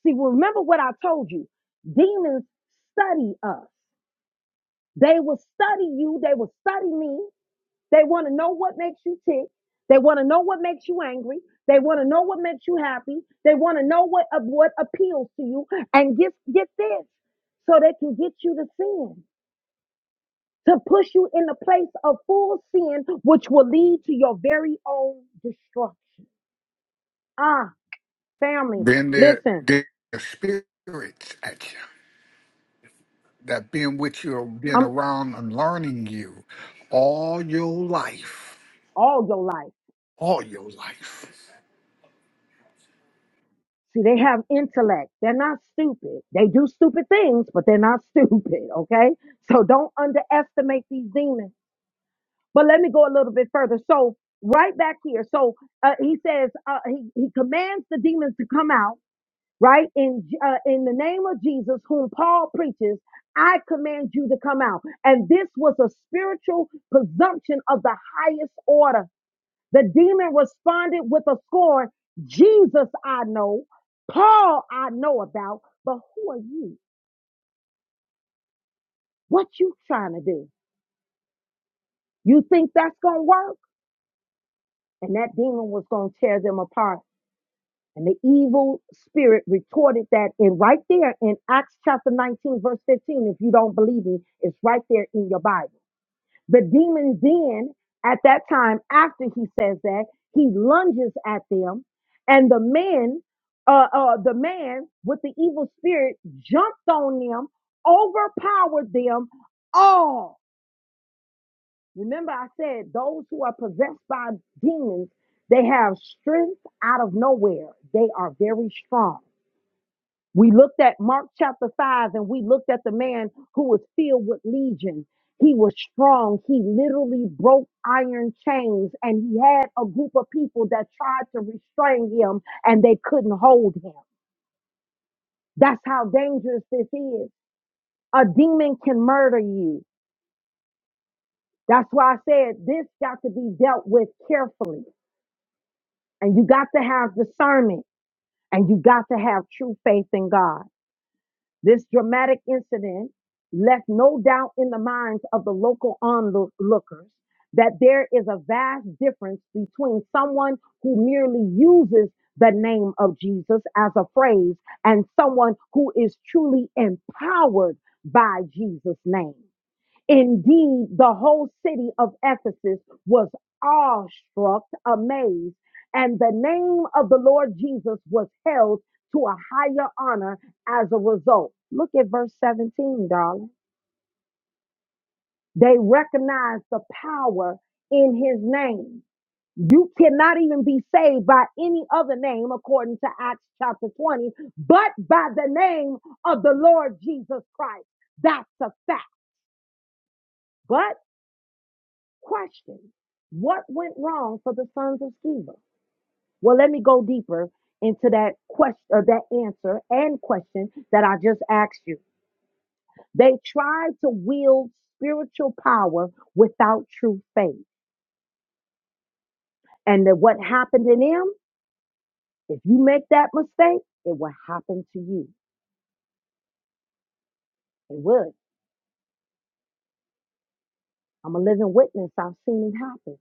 Speaker 1: See, remember what I told you. Demons study us. They will study you. They will study me. They want to know what makes you tick. They want to know what makes you angry. They want to know what makes you happy. They want to know what uh, what appeals to you. And get get this, so they can get you to sin, to push you in the place of full sin, which will lead to your very own destruction. Ah, family,
Speaker 5: there,
Speaker 1: listen.
Speaker 5: are the spirits at you. that been with you or been
Speaker 1: I'm
Speaker 5: around and learning you all your life.
Speaker 1: all your life.
Speaker 5: All your life.
Speaker 1: See, they have intellect. They're not stupid. They do stupid things, but they're not (laughs) stupid. Okay. So don't underestimate these demons. But let me go a little bit further. So right back here. So uh, he says uh, he, he commands the demons to come out. Right in uh, in the name of Jesus, whom Paul preaches, I command you to come out. And this was a spiritual presumption of the highest order. The demon responded with a scorn. Jesus, I know. Paul, I know about. But who are you? What you trying to do? You think that's going to work? And that demon was going to tear them apart. And the evil spirit retorted that in right there in Acts chapter 19, verse 15. If you don't believe me, it's right there in your Bible. The demon then, at that time, after he says that, he lunges at them, and the man, uh, uh, the man with the evil spirit jumped on them, overpowered them all. Remember, I said those who are possessed by demons, they have strength out of nowhere. They are very strong. We looked at Mark chapter 5 and we looked at the man who was filled with legion. He was strong. He literally broke iron chains and he had a group of people that tried to restrain him and they couldn't hold him. That's how dangerous this is. A demon can murder you. That's why I said this got to be dealt with carefully. And you got to have discernment and you got to have true faith in God. This dramatic incident left no doubt in the minds of the local onlookers that there is a vast difference between someone who merely uses the name of Jesus as a phrase and someone who is truly empowered by Jesus' name. Indeed, the whole city of Ephesus was awestruck, amazed, and the name of the Lord Jesus was held to a higher honor as a result. Look at verse 17, darling. They recognized the power in his name. You cannot even be saved by any other name, according to Acts chapter 20, but by the name of the Lord Jesus Christ. That's a fact. But. Question What went wrong for the sons of Sceva? Well, let me go deeper into that question, or that answer and question that I just asked you. They tried to wield spiritual power without true faith. And that what happened to them, if you make that mistake, it will happen to you. It would. I'm a living witness. I've seen it happen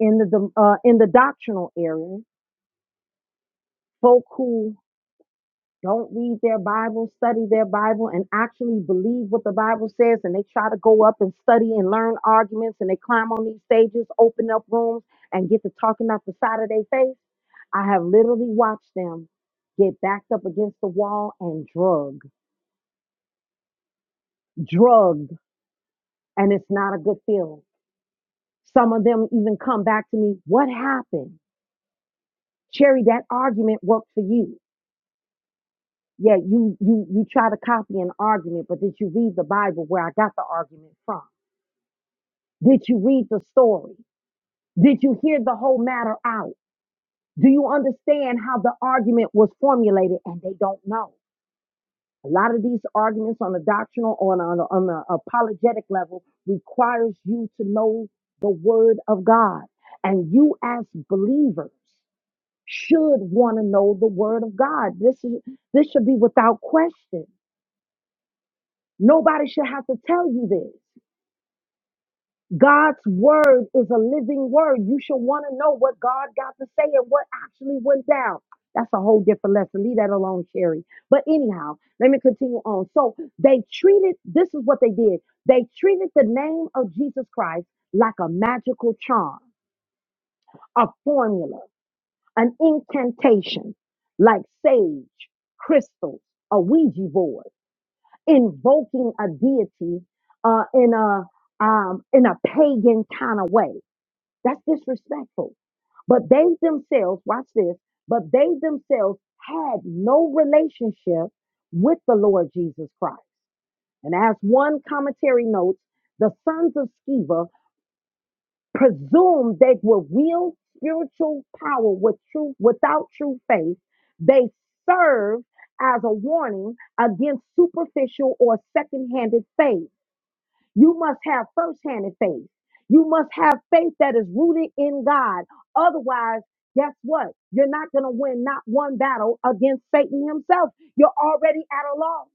Speaker 1: in the uh, in the doctrinal area. Folk who don't read their Bible, study their Bible, and actually believe what the Bible says. And they try to go up and study and learn arguments, and they climb on these stages, open up rooms, and get to talking out the side of their face. I have literally watched them get backed up against the wall and drug, drugged, and it's not a good feeling. Some of them even come back to me, "What happened, Cherry? That argument worked for you." Yeah, you you you try to copy an argument, but did you read the Bible where I got the argument from? Did you read the story? Did you hear the whole matter out? Do you understand how the argument was formulated? And they don't know. A lot of these arguments on a doctrinal or on an on a apologetic level requires you to know the word of God. And you as believers should want to know the word of God. This is this should be without question. Nobody should have to tell you this. God's word is a living word. You should want to know what God got to say and what actually went down. That's a whole different lesson. Leave that alone, Sherry. But anyhow, let me continue on. So they treated, this is what they did. They treated the name of Jesus Christ like a magical charm, a formula, an incantation, like sage, crystals, a Ouija board, invoking a deity uh, in a um, in a pagan kind of way. That's disrespectful. But they themselves, watch this, but they themselves had no relationship with the Lord Jesus Christ. And as one commentary notes, the sons of Sceva presumed they were real spiritual power with true, without true faith. They served as a warning against superficial or second-handed faith. You must have first-hand faith. You must have faith that is rooted in God. Otherwise, guess what? You're not going to win not one battle against Satan himself. You're already at a loss.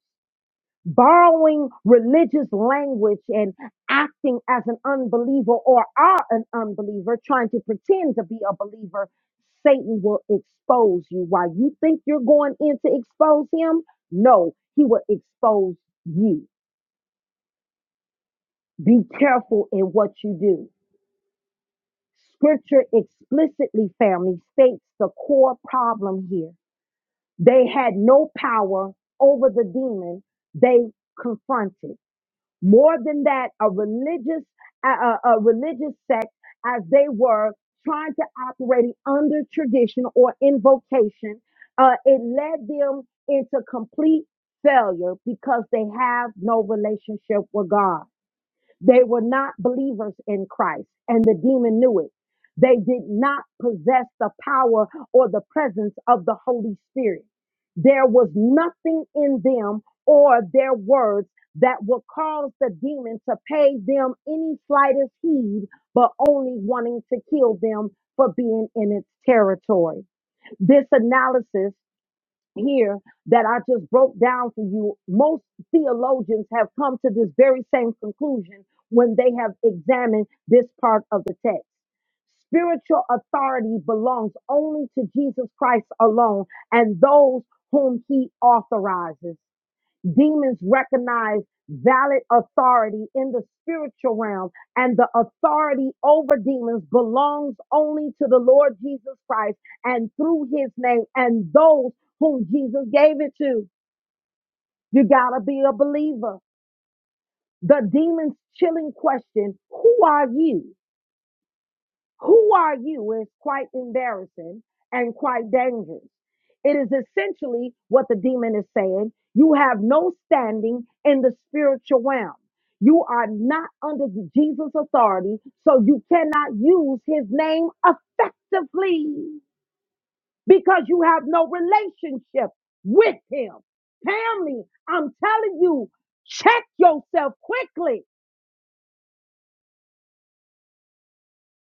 Speaker 1: Borrowing religious language and acting as an unbeliever or are an unbeliever, trying to pretend to be a believer, Satan will expose you. While you think you're going in to expose him, no, he will expose you. Be careful in what you do. Scripture explicitly, family, states the core problem here. They had no power over the demon they confronted. More than that, a religious, a, a a religious sect, as they were trying to operate under tradition or invocation, uh, it led them into complete failure because they have no relationship with God. They were not believers in Christ, and the demon knew it. They did not possess the power or the presence of the Holy Spirit. There was nothing in them or their words that would cause the demon to pay them any slightest heed, but only wanting to kill them for being in its territory. This analysis here that I just broke down for you, most theologians have come to this very same conclusion when they have examined this part of the text. Spiritual authority belongs only to Jesus Christ alone and those whom he authorizes. Demons recognize valid authority in the spiritual realm, and the authority over demons belongs only to the Lord Jesus Christ and through his name and those whom Jesus gave it to. You gotta be a believer. The demon's chilling question Who are you? Who are you is quite embarrassing and quite dangerous. It is essentially what the demon is saying. You have no standing in the spiritual realm. You are not under Jesus' authority, so you cannot use his name effectively because you have no relationship with him. Family, I'm telling you, check yourself quickly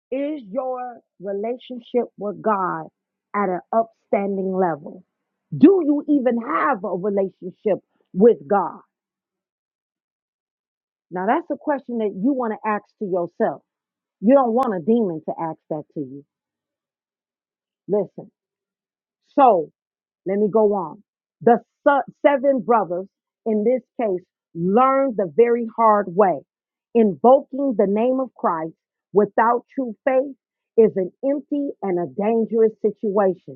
Speaker 1: Is your relationship with God at an upstanding level? Do you even have a relationship with God? Now, that's a question that you want to ask to yourself. You don't want a demon to ask that to you. Listen. So, let me go on. The su- seven brothers in this case learned the very hard way. Invoking the name of Christ without true faith is an empty and a dangerous situation.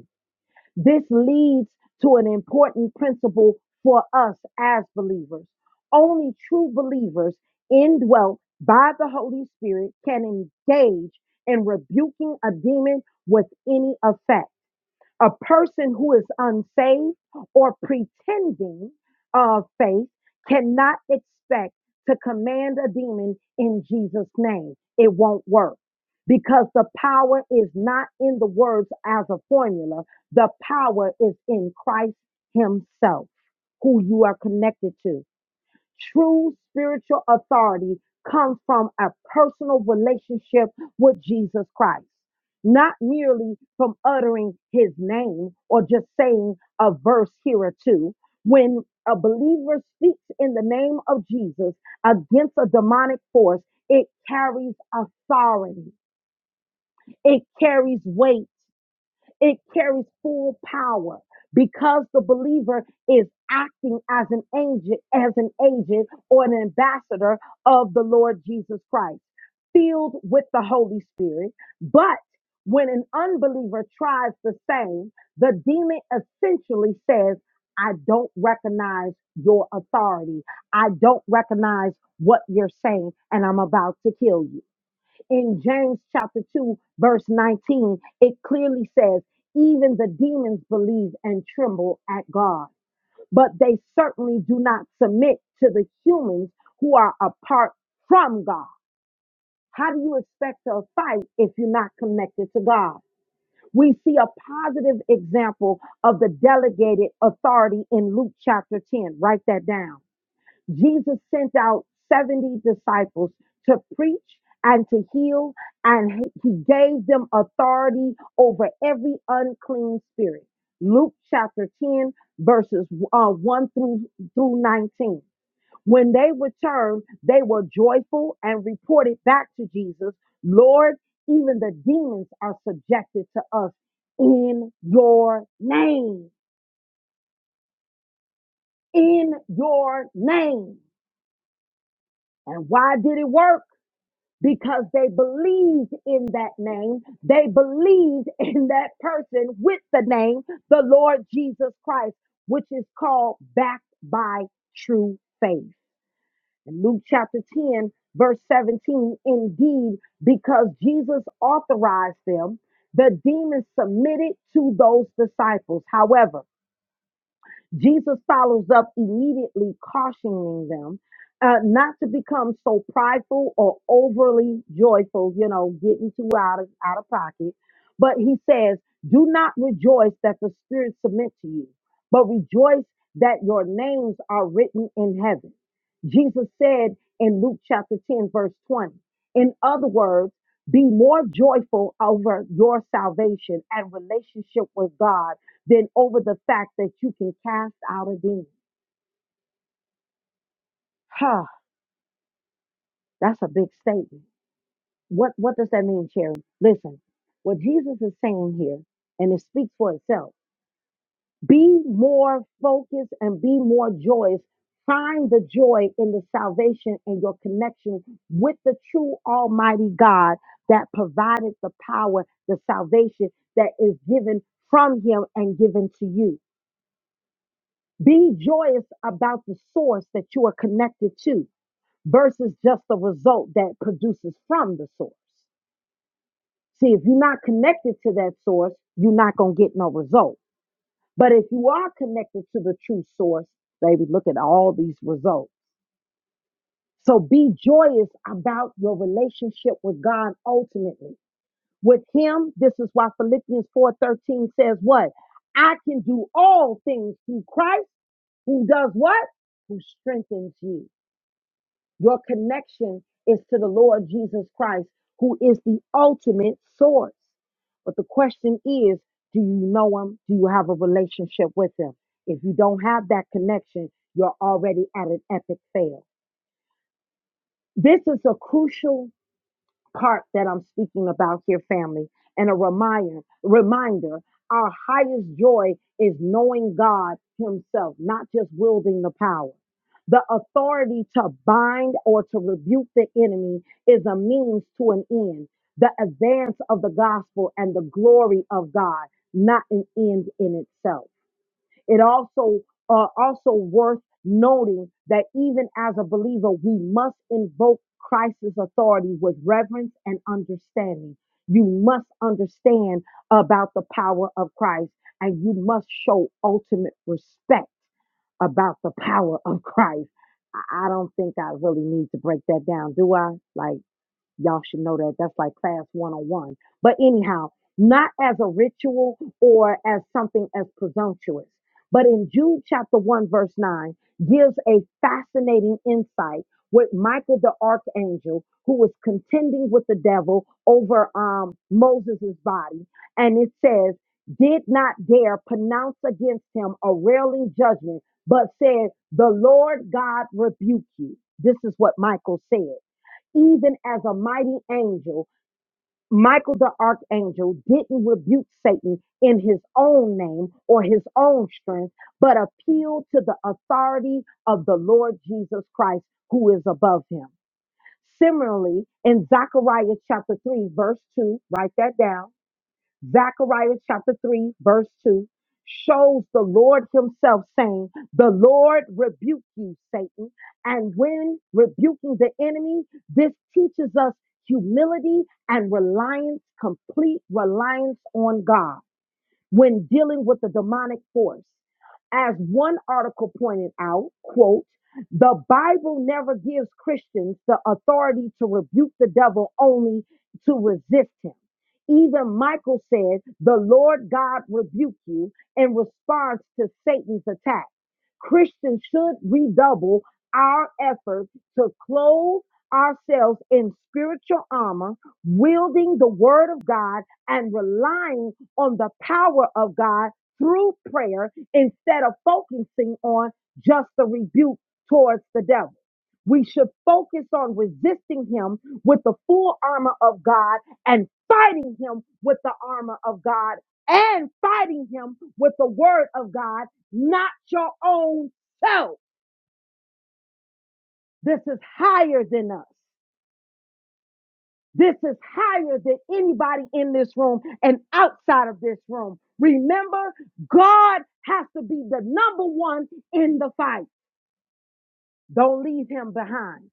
Speaker 1: This leads to an important principle for us as believers. Only true believers indwelt by the Holy Spirit can engage in rebuking a demon with any effect. A person who is unsaved or pretending of faith cannot expect to command a demon in Jesus' name. It won't work because the power is not in the words as a formula. The power is in Christ Himself, who you are connected to. True spiritual authority comes from a personal relationship with Jesus Christ, not merely from uttering his name or just saying a verse here or two. When a believer speaks in the name of Jesus against a demonic force, it carries authority, it carries weight, it carries full power because the believer is acting as an agent, as an agent or an ambassador of the Lord Jesus Christ, filled with the Holy Spirit. But when an unbeliever tries the same, the demon essentially says, I don't recognize your authority. I don't recognize what you're saying, and I'm about to kill you in James chapter 2, verse 19, it clearly says, Even the demons believe and tremble at God, but they certainly do not submit to the humans who are apart from God. How do you expect to fight if you're not connected to God? We see a positive example of the delegated authority in Luke chapter 10. Write that down. Jesus sent out 70 disciples to preach and to heal, and he he gave them authority over every unclean spirit. Luke chapter 10, verses uh, 1 through, through 19. When they returned, they were joyful and reported back to Jesus, Lord, even the demons are subjected to us in your name. In your name. And why did it work? because they believed in that name. They believed (laughs) in that person with the name, the Lord Jesus Christ, which is called backed by true faith. In Luke chapter 10, verse 17, indeed, because Jesus authorized them, the demons submitted to those disciples. However, Jesus follows up immediately cautioning them uh, not to become so prideful or overly joyful, you know, getting too out of, out of pocket. But he says, Do not rejoice that the Spirit submit to you, but rejoice that your names are written in heaven. Jesus said in Luke chapter 10, verse 20, in other words, be more joyful over your salvation and relationship with God than over the fact that you can cast out a demon. Huh, that's a big statement. What what does that mean, Sherry? Listen, what Jesus is saying here, and it speaks for itself. Be more focused and be more joyous. Find the joy in the salvation and your connection with the true Almighty God that provided the power, the salvation that is given from Him and given to you. Be joyous about the source that you are connected to versus just the result that produces from the source. See, if you're not connected to that source, you're not going to get no result. But if you are connected to the true source, baby, look at all these results. So be joyous about your relationship with God ultimately. With him, this is why Philippians 4:13 says what? I can do all things through Christ who does what? Who strengthens you. Your connection is to the Lord Jesus Christ, who is the ultimate source. But the question is, do you know him? Do you have a relationship with him? If you don't have that connection, you're already at an epic fail. This is a crucial part that I'm speaking about here, family, and a reminder, reminder, our highest joy is knowing God Himself, not just wielding the power. The authority to bind or to rebuke the enemy is a means to an end, the advance of the gospel and the glory of God, not an end in itself. It also uh, also worth noting that even as a believer, we must invoke Christ's authority with reverence and understanding. You must understand about the power of Christ, and you must show ultimate respect about the power of Christ. I I don't think I really need to break that down, do I? Like Y'all should know that. That's like class 101. But anyhow, not as a ritual or as something as presumptuous. But in Jude chapter 1, verse 9, gives a fascinating insight with Michael the archangel, who was contending with the devil over um, Moses' body. And it says, did not dare pronounce against him a railing judgment, but said, The Lord God rebuke you. This is what Michael said even as a mighty angel, Michael the archangel didn't rebuke Satan in his own name or his own strength, but appealed to the authority of the Lord Jesus Christ who is above him. Similarly, in Zechariah chapter 3, verse 2, write that down Zechariah chapter 3, verse 2 shows the Lord Himself saying, The Lord rebuke you, Satan. And when rebuking the enemy, this teaches us humility and reliance, complete reliance on God when dealing with the demonic force. As one article pointed out, quote, the Bible never gives Christians the authority to rebuke the devil, only to resist him. Even Michael said, The Lord God rebuke you in response to Satan's attack. Christians should redouble our effort to clothe ourselves in spiritual armor, wielding the word of God and relying on the power of God through prayer instead of focusing on just the rebuke towards the devil. We should focus on resisting him with the full armor of God and fighting him with the armor of God and fighting him with the word of God, not your own self. This is higher than us. This is higher than anybody in this room and outside of this room. Remember, God has to be the number one in the fight. Don't leave him behind.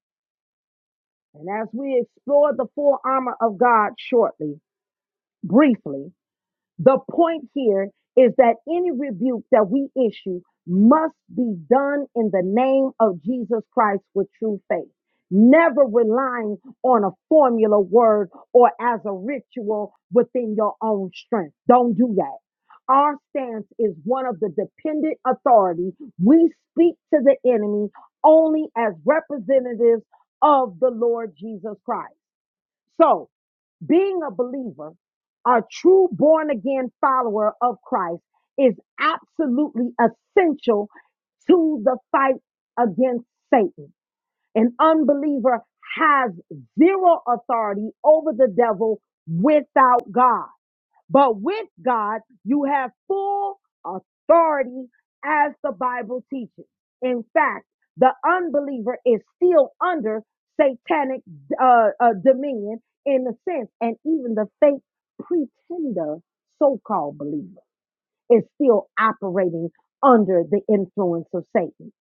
Speaker 1: And as we explore the full armor of God shortly, briefly, The point here is that any rebuke that we issue must be done in the name of Jesus Christ with true faith, never relying on a formula word or as a ritual within your own strength. Don't do that. Our stance is one of the dependent authority. We speak to the enemy only as representatives of the Lord Jesus Christ. So, being a believer, a true born again follower of Christ is absolutely essential to the fight against Satan. An unbeliever has zero authority over the devil without God. But with God, you have full authority as the Bible teaches. In fact, the unbeliever is still under satanic uh, uh, dominion in a sense, and even the fake pretender, so called believer, is still operating under the influence of Satan.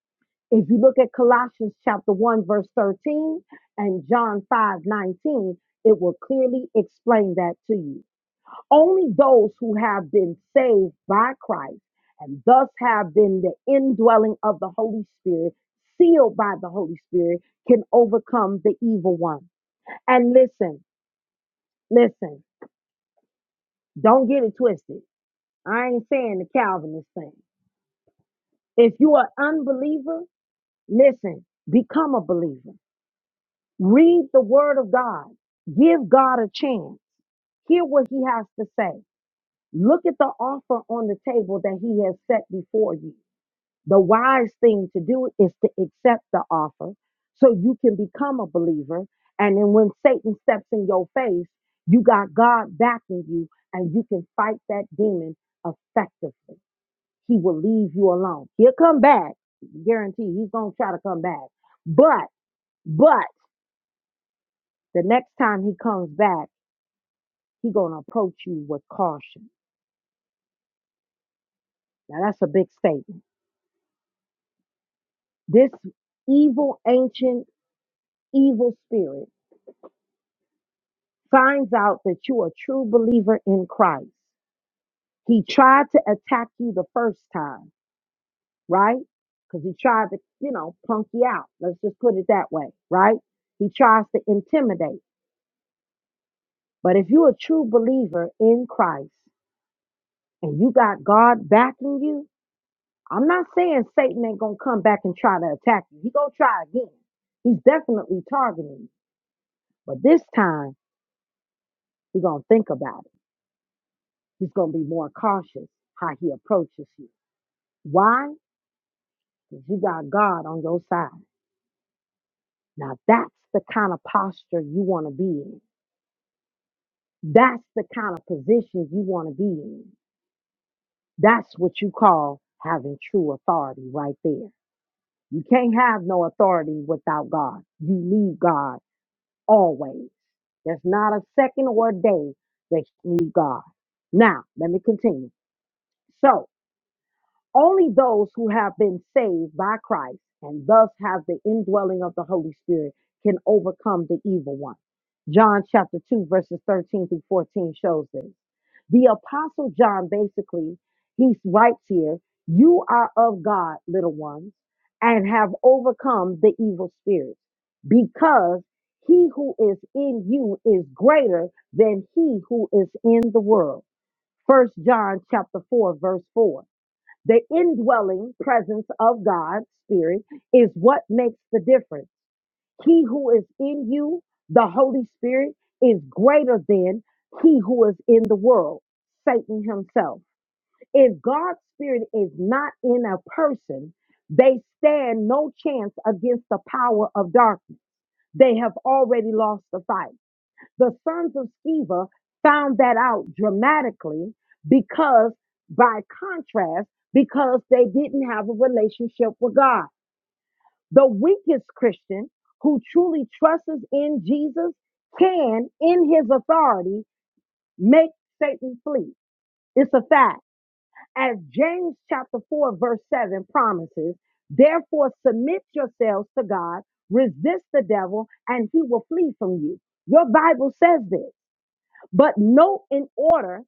Speaker 1: If you look at Colossians chapter 1, verse 13, and John 5 19, it will clearly explain that to you. Only those who have been saved by Christ and thus have been the indwelling of the Holy Spirit, sealed by the Holy Spirit, can overcome the evil one. And listen, listen, don't get it twisted. I ain't saying the Calvinist thing. If you are an unbeliever, listen, become a believer. Read the word of God. Give God a chance. Hear what he has to say. Look at the offer on the table that he has set before you The wise thing to do is to accept the offer so you can become a believer. And then when Satan steps in your face, you got God backing you and you can fight that demon effectively. He will leave you alone. He'll come back. Guarantee he's going to try to come back. But, but the next time he comes back, he's going to approach you with caution. Now that's a big statement. This evil, ancient, evil spirit finds out that you're a true believer in Christ. He tried to attack you the first time, right? Because he tried to, you know, punk you out. Let's just put it that way, right? He tries to intimidate. But if you're a true believer in Christ and you got God backing you, I'm not saying Satan ain't gonna come back and try to attack you. He gonna try again. He's definitely targeting you. But this time, he gonna think about it. He's gonna be more cautious how he approaches you. Why? 'Cause you got God on your side. Now that's the kind of posture you want to be in. That's the kind of position you want to be in. That's what you call having true authority right there. You can't have no authority without God. You need God always. There's not a second or a day that you need God. Now, let me continue. So, Only those who have been saved by Christ and thus have the indwelling of the Holy Spirit can overcome the evil one. John chapter 2 verses 13 through 14 shows this. The apostle John basically he writes here, you are of God, little ones, and have overcome the evil spirit because he who is in you is greater than he who is in the world. First John chapter 4 verse 4 the indwelling presence of God's Spirit is what makes the difference. He who is in you, the Holy Spirit, is greater than he who is in the world, Satan himself. If God's Spirit is not in a person, they stand no chance against the power of darkness. They have already lost the fight. The sons of Sceva found that out dramatically because, by contrast, because they didn't have a relationship with God. The weakest Christian who truly trusts in Jesus can, in his authority, make Satan flee. It's a fact. As James chapter 4, verse 7 promises, therefore submit yourselves to God, resist the devil, and he will flee from you. Your Bible says this. But note, in order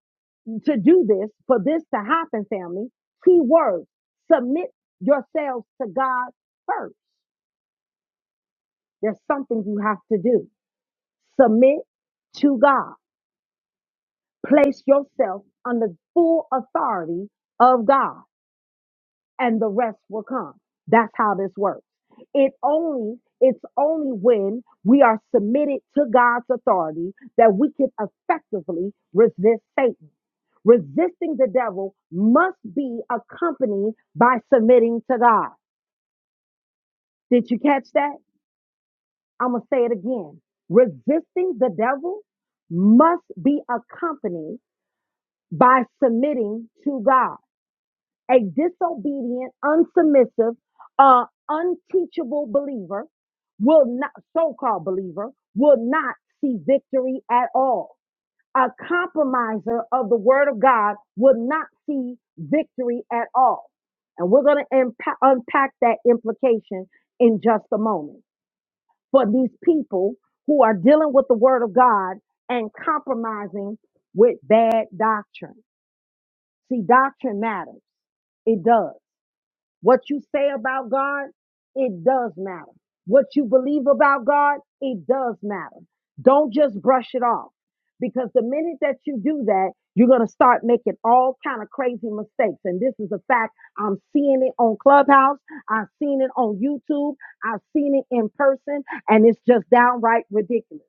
Speaker 1: to do this, for this to happen, family, key word, submit yourselves to God first. There's something you have to do. Submit to God. Place yourself under full authority of God and the rest will come. That's how this works. It only, it's only when we are submitted to God's authority that we can effectively resist Satan. Resisting the devil must be accompanied by submitting to God. Did you catch that? I'm going to say it again. Resisting the devil must be accompanied by submitting to God. A disobedient, unsubmissive, uh, unteachable believer will not, so called believer, will not see victory at all. a compromiser of the word of God will not see victory at all. And we're going to impa- unpack that implication in just a moment. For these people who are dealing with the word of God and compromising with bad doctrine. See, doctrine matters. It does. What you say about God, it does matter. What you believe about God, it does matter. Don't just brush it off because the minute that you do that, you're going to start making all kind of crazy mistakes. And this is a fact. I'm seeing it on Clubhouse. I've seen it on YouTube. I've seen it in person and it's just downright ridiculous.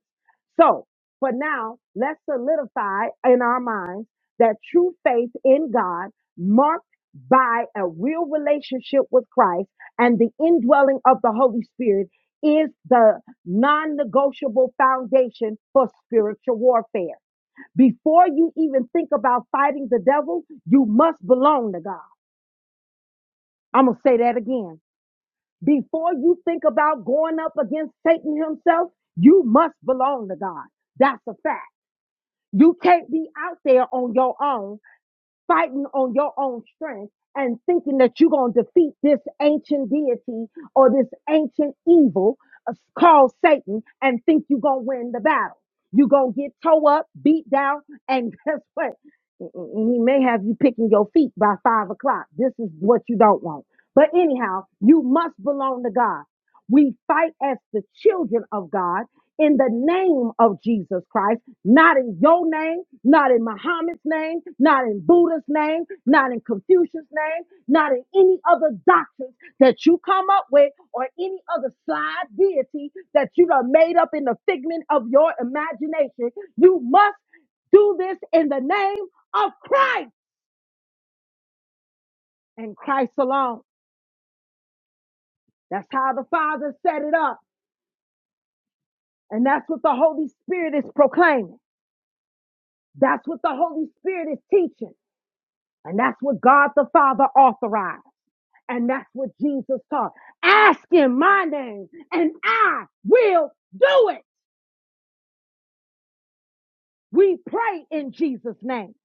Speaker 1: So for now, let's solidify in our minds that true faith in God marked by a real relationship with Christ and the indwelling of the Holy Spirit is the non negotiable foundation for spiritual warfare. Before you even think about fighting the devil, you must belong to God. I'm going to say that again. Before you think about going up against Satan himself, you must belong to God. That's a fact. You can't be out there on your own fighting on your own strength and thinking that you're going to defeat this ancient deity or this ancient evil uh, called Satan and think you're going to win the battle. You're going to get toe up, beat down, and (laughs) guess what? He may have you picking your feet by five o'clock. This is what you don't want. But anyhow, you must belong to God. We fight as the children of God in the name of Jesus Christ not in your name, not in Muhammad's name, not in Buddha's name, not in Confucius' name, not in any other doctrines that you come up with or any other side deity that you have made up in the figment of your imagination. You must do this in the name of Christ and Christ alone. That's how the Father set it up. And that's what the Holy Spirit is proclaiming. That's what the Holy Spirit is teaching. And that's what God the Father authorized. And that's what Jesus taught. Ask in my name and I will do it. We pray in Jesus' name.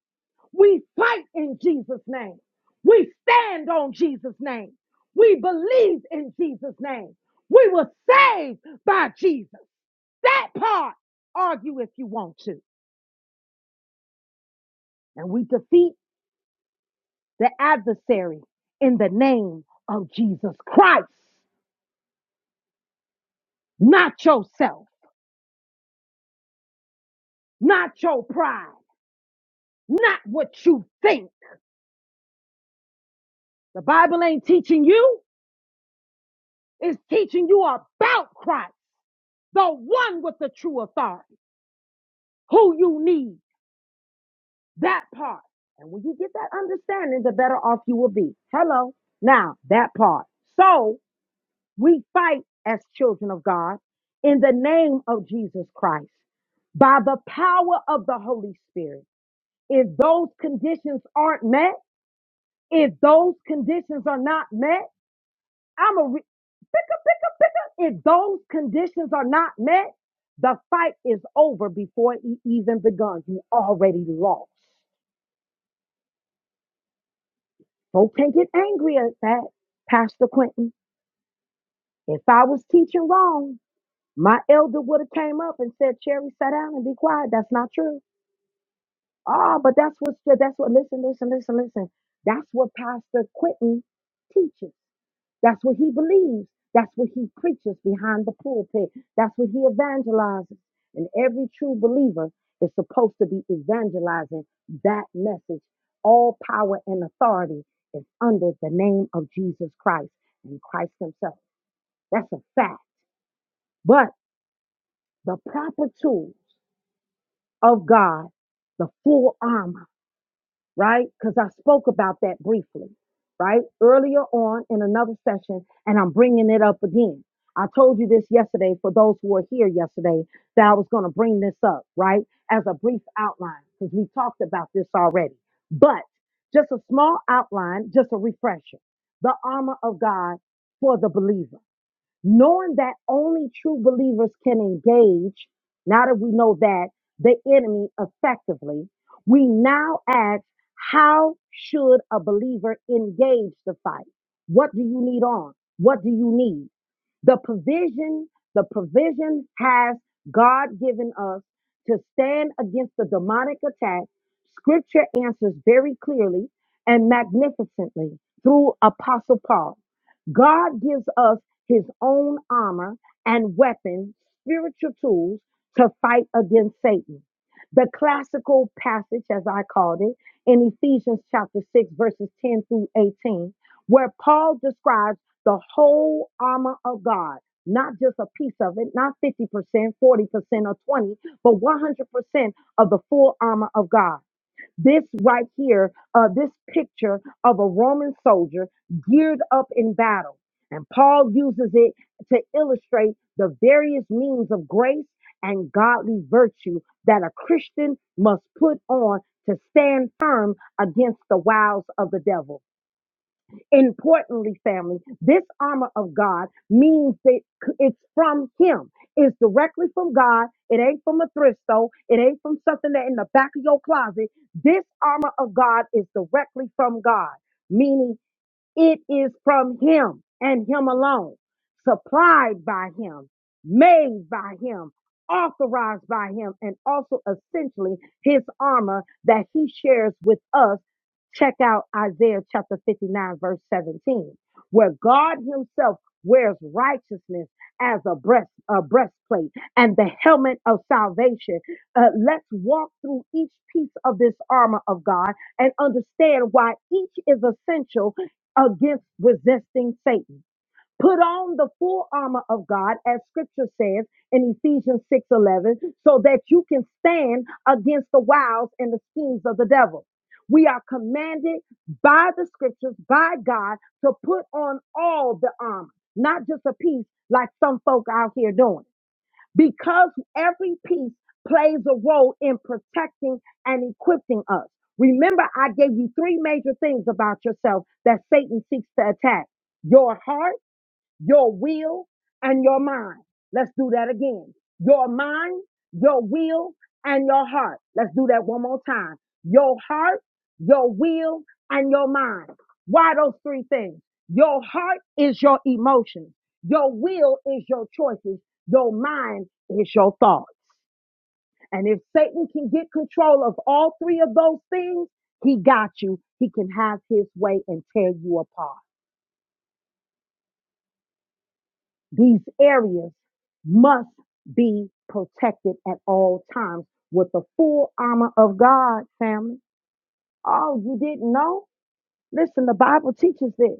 Speaker 1: We fight in Jesus' name. We stand on Jesus' name. We believe in Jesus' name. We were saved by Jesus. That part, argue if you want to. And we defeat the adversary in the name of Jesus Christ. Not yourself, not your pride, not what you think The Bible ain't teaching you, it's teaching you about Christ, the one with the true authority, who you need, that part. And when you get that understanding, the better off you will be. Hello. Now, that part. So we fight as children of God in the name of Jesus Christ by the power of the Holy Spirit. If those conditions aren't met, if those conditions are not met, I'm a re- picker, picker, picker. If those conditions are not met, the fight is over before it e- even begun. You already lost. Folk can't get angry at that, Pastor Quentin. If I was teaching wrong, my elder would have came up and said, "Cherry, sit down and be quiet." That's not true. Ah, but that's what that's what. Listen, listen, listen, listen. That's what Pastor Quentin teaches. That's what he believes. That's what he preaches behind the pulpit. That's what he evangelizes. And every true believer is supposed to be evangelizing that message. All power and authority is under the name of Jesus Christ and Christ himself. That's a fact. But the proper tools of God, the full armor, right? Because I spoke about that briefly, right? Earlier on in another session, and I'm bringing it up again. I told you this yesterday for those who were here yesterday that I was going to bring this up, right? As a brief outline, because we talked about this already. But just a small outline, just a refresher. The armor of God for the believer knowing that only true believers can engage, now that we know that the enemy effectively, we now ask, how should a believer engage the fight? What do you need on? What do you need? The provision, the provision has God given us to stand against the demonic attack. Scripture answers very clearly and magnificently through Apostle Paul. God gives us his own armor and weapons, spiritual tools to fight against Satan. The classical passage, as I called it, in Ephesians chapter 6, verses 10 through 18, where Paul describes the whole armor of God, not just a piece of it, not 50%, 40%, or 20, but 100% of the full armor of God. This right here, uh, this picture of a Roman soldier geared up in battle. And Paul uses it to illustrate the various means of grace and godly virtue that a Christian must put on to stand firm against the wiles of the devil. Importantly, family, this armor of God means that it's from Him. It's directly from God. It ain't from a thrift store. It ain't from something that in the back of your closet. This armor of God is directly from God, meaning it is from him and him alone, supplied by him, made by him, authorized by him, and also essentially his armor that he shares with us. Check out Isaiah chapter 59, verse 17, where God himself wears righteousness as a breast a breastplate and the helmet of salvation. Uh, let's walk through each piece of this armor of God and understand why each is essential against resisting Satan. Put on the full armor of God, as scripture says in Ephesians 6 11, so that you can stand against the wiles and the schemes of the devil. We are commanded by the scriptures, by God, to put on all the armor, not just a piece like some folk out here doing because every piece plays a role in protecting and equipping us. Remember, I gave you three major things about yourself that Satan seeks to attack your heart your will and your mind. Let's do that again. Your mind, your will, and your heart. Let's do that one more time. Your heart, your will, and your mind. Why those three things? Your heart is your emotions. Your will is your choices. Your mind is your thoughts. And if Satan can get control of all three of those things, he got you. He can have his way and tear you apart. These areas must be protected at all times with the full armor of God, family. Oh, you didn't know? Listen, the Bible teaches this.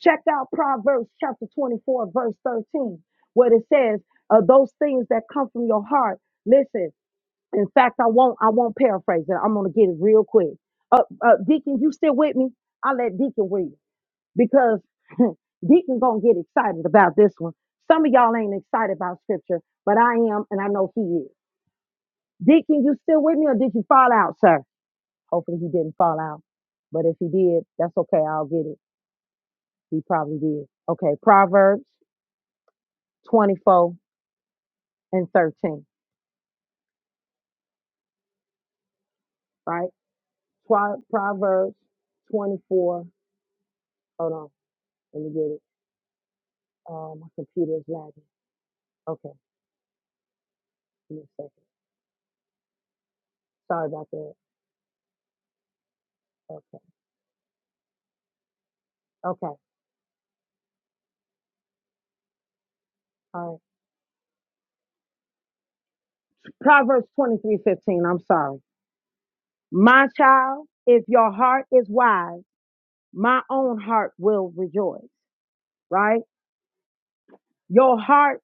Speaker 1: Check out Proverbs chapter 24, verse 13, where it says, uh, those things that come from your heart. Listen, in fact, I won't I won't paraphrase it. I'm gonna get it real quick. Uh, uh, Deacon, you still with me? I'll let Deacon read because (laughs) Deacon gonna get excited about this one. Some of y'all ain't excited about scripture, but I am, and I know he is. Deacon, you still with me, or did you fall out, sir? Hopefully he didn't fall out, but if he did, that's okay. I'll get it. He probably did. Okay, Proverbs 24 and 13, right? Proverbs 24. Hold on, let me get it. Um, my computer is lagging. Okay, give me a second. Sorry about that. Okay, okay. All right. Proverbs twenty I'm sorry. My child, if your heart is wise, my own heart will rejoice, right? Your heart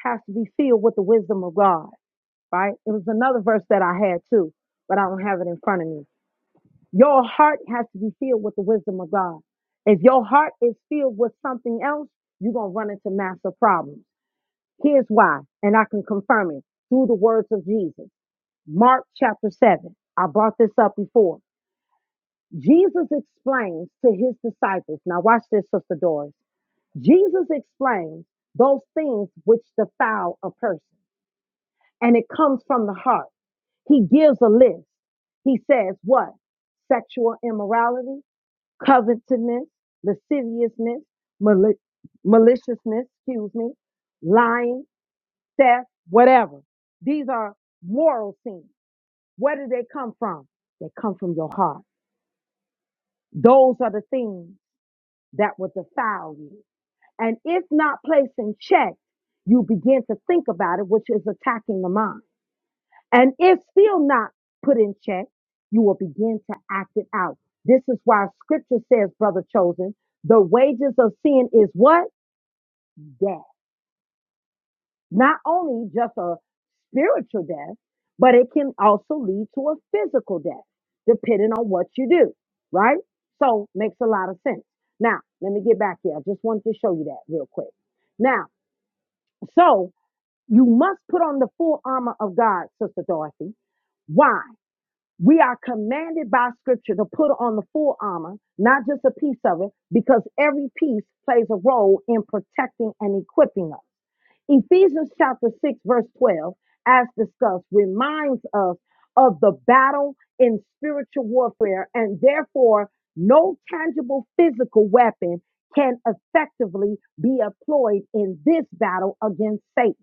Speaker 1: has to be filled with the wisdom of God, right? It was another verse that I had too, but I don't have it in front of me. Your heart has to be filled with the wisdom of God. If your heart is filled with something else, you're going to run into massive problems. Here's why, and I can confirm it through the words of Jesus. Mark chapter 7. I brought this up before. Jesus explains to his disciples. Now, watch this, Sister Doris. Jesus explains those things which defile a person, and it comes from the heart. He gives a list. He says, What? Sexual immorality, covetousness, lasciviousness, mali- maliciousness, excuse me, lying, theft, whatever. These are moral sins. Where do they come from? They come from your heart. Those are the things that will defile you. And if not placed in check, you begin to think about it, which is attacking the mind. And if still not put in check, you will begin to act it out. This is why scripture says, brother chosen, the wages of sin is what? Death. Not only just a spiritual death, but it can also lead to a physical death, depending on what you do, right? So makes a lot of sense. Now, let me get back here. I just wanted to show you that real quick. Now, so you must put on the full armor of God, Sister Dorothy. Why? We are commanded by scripture to put on the full armor, not just a piece of it, because every piece plays a role in protecting and equipping us. Ephesians chapter 6, verse 12, as discussed, reminds us of the battle in spiritual warfare, and therefore, no tangible physical weapon can effectively be employed in this battle against Satan.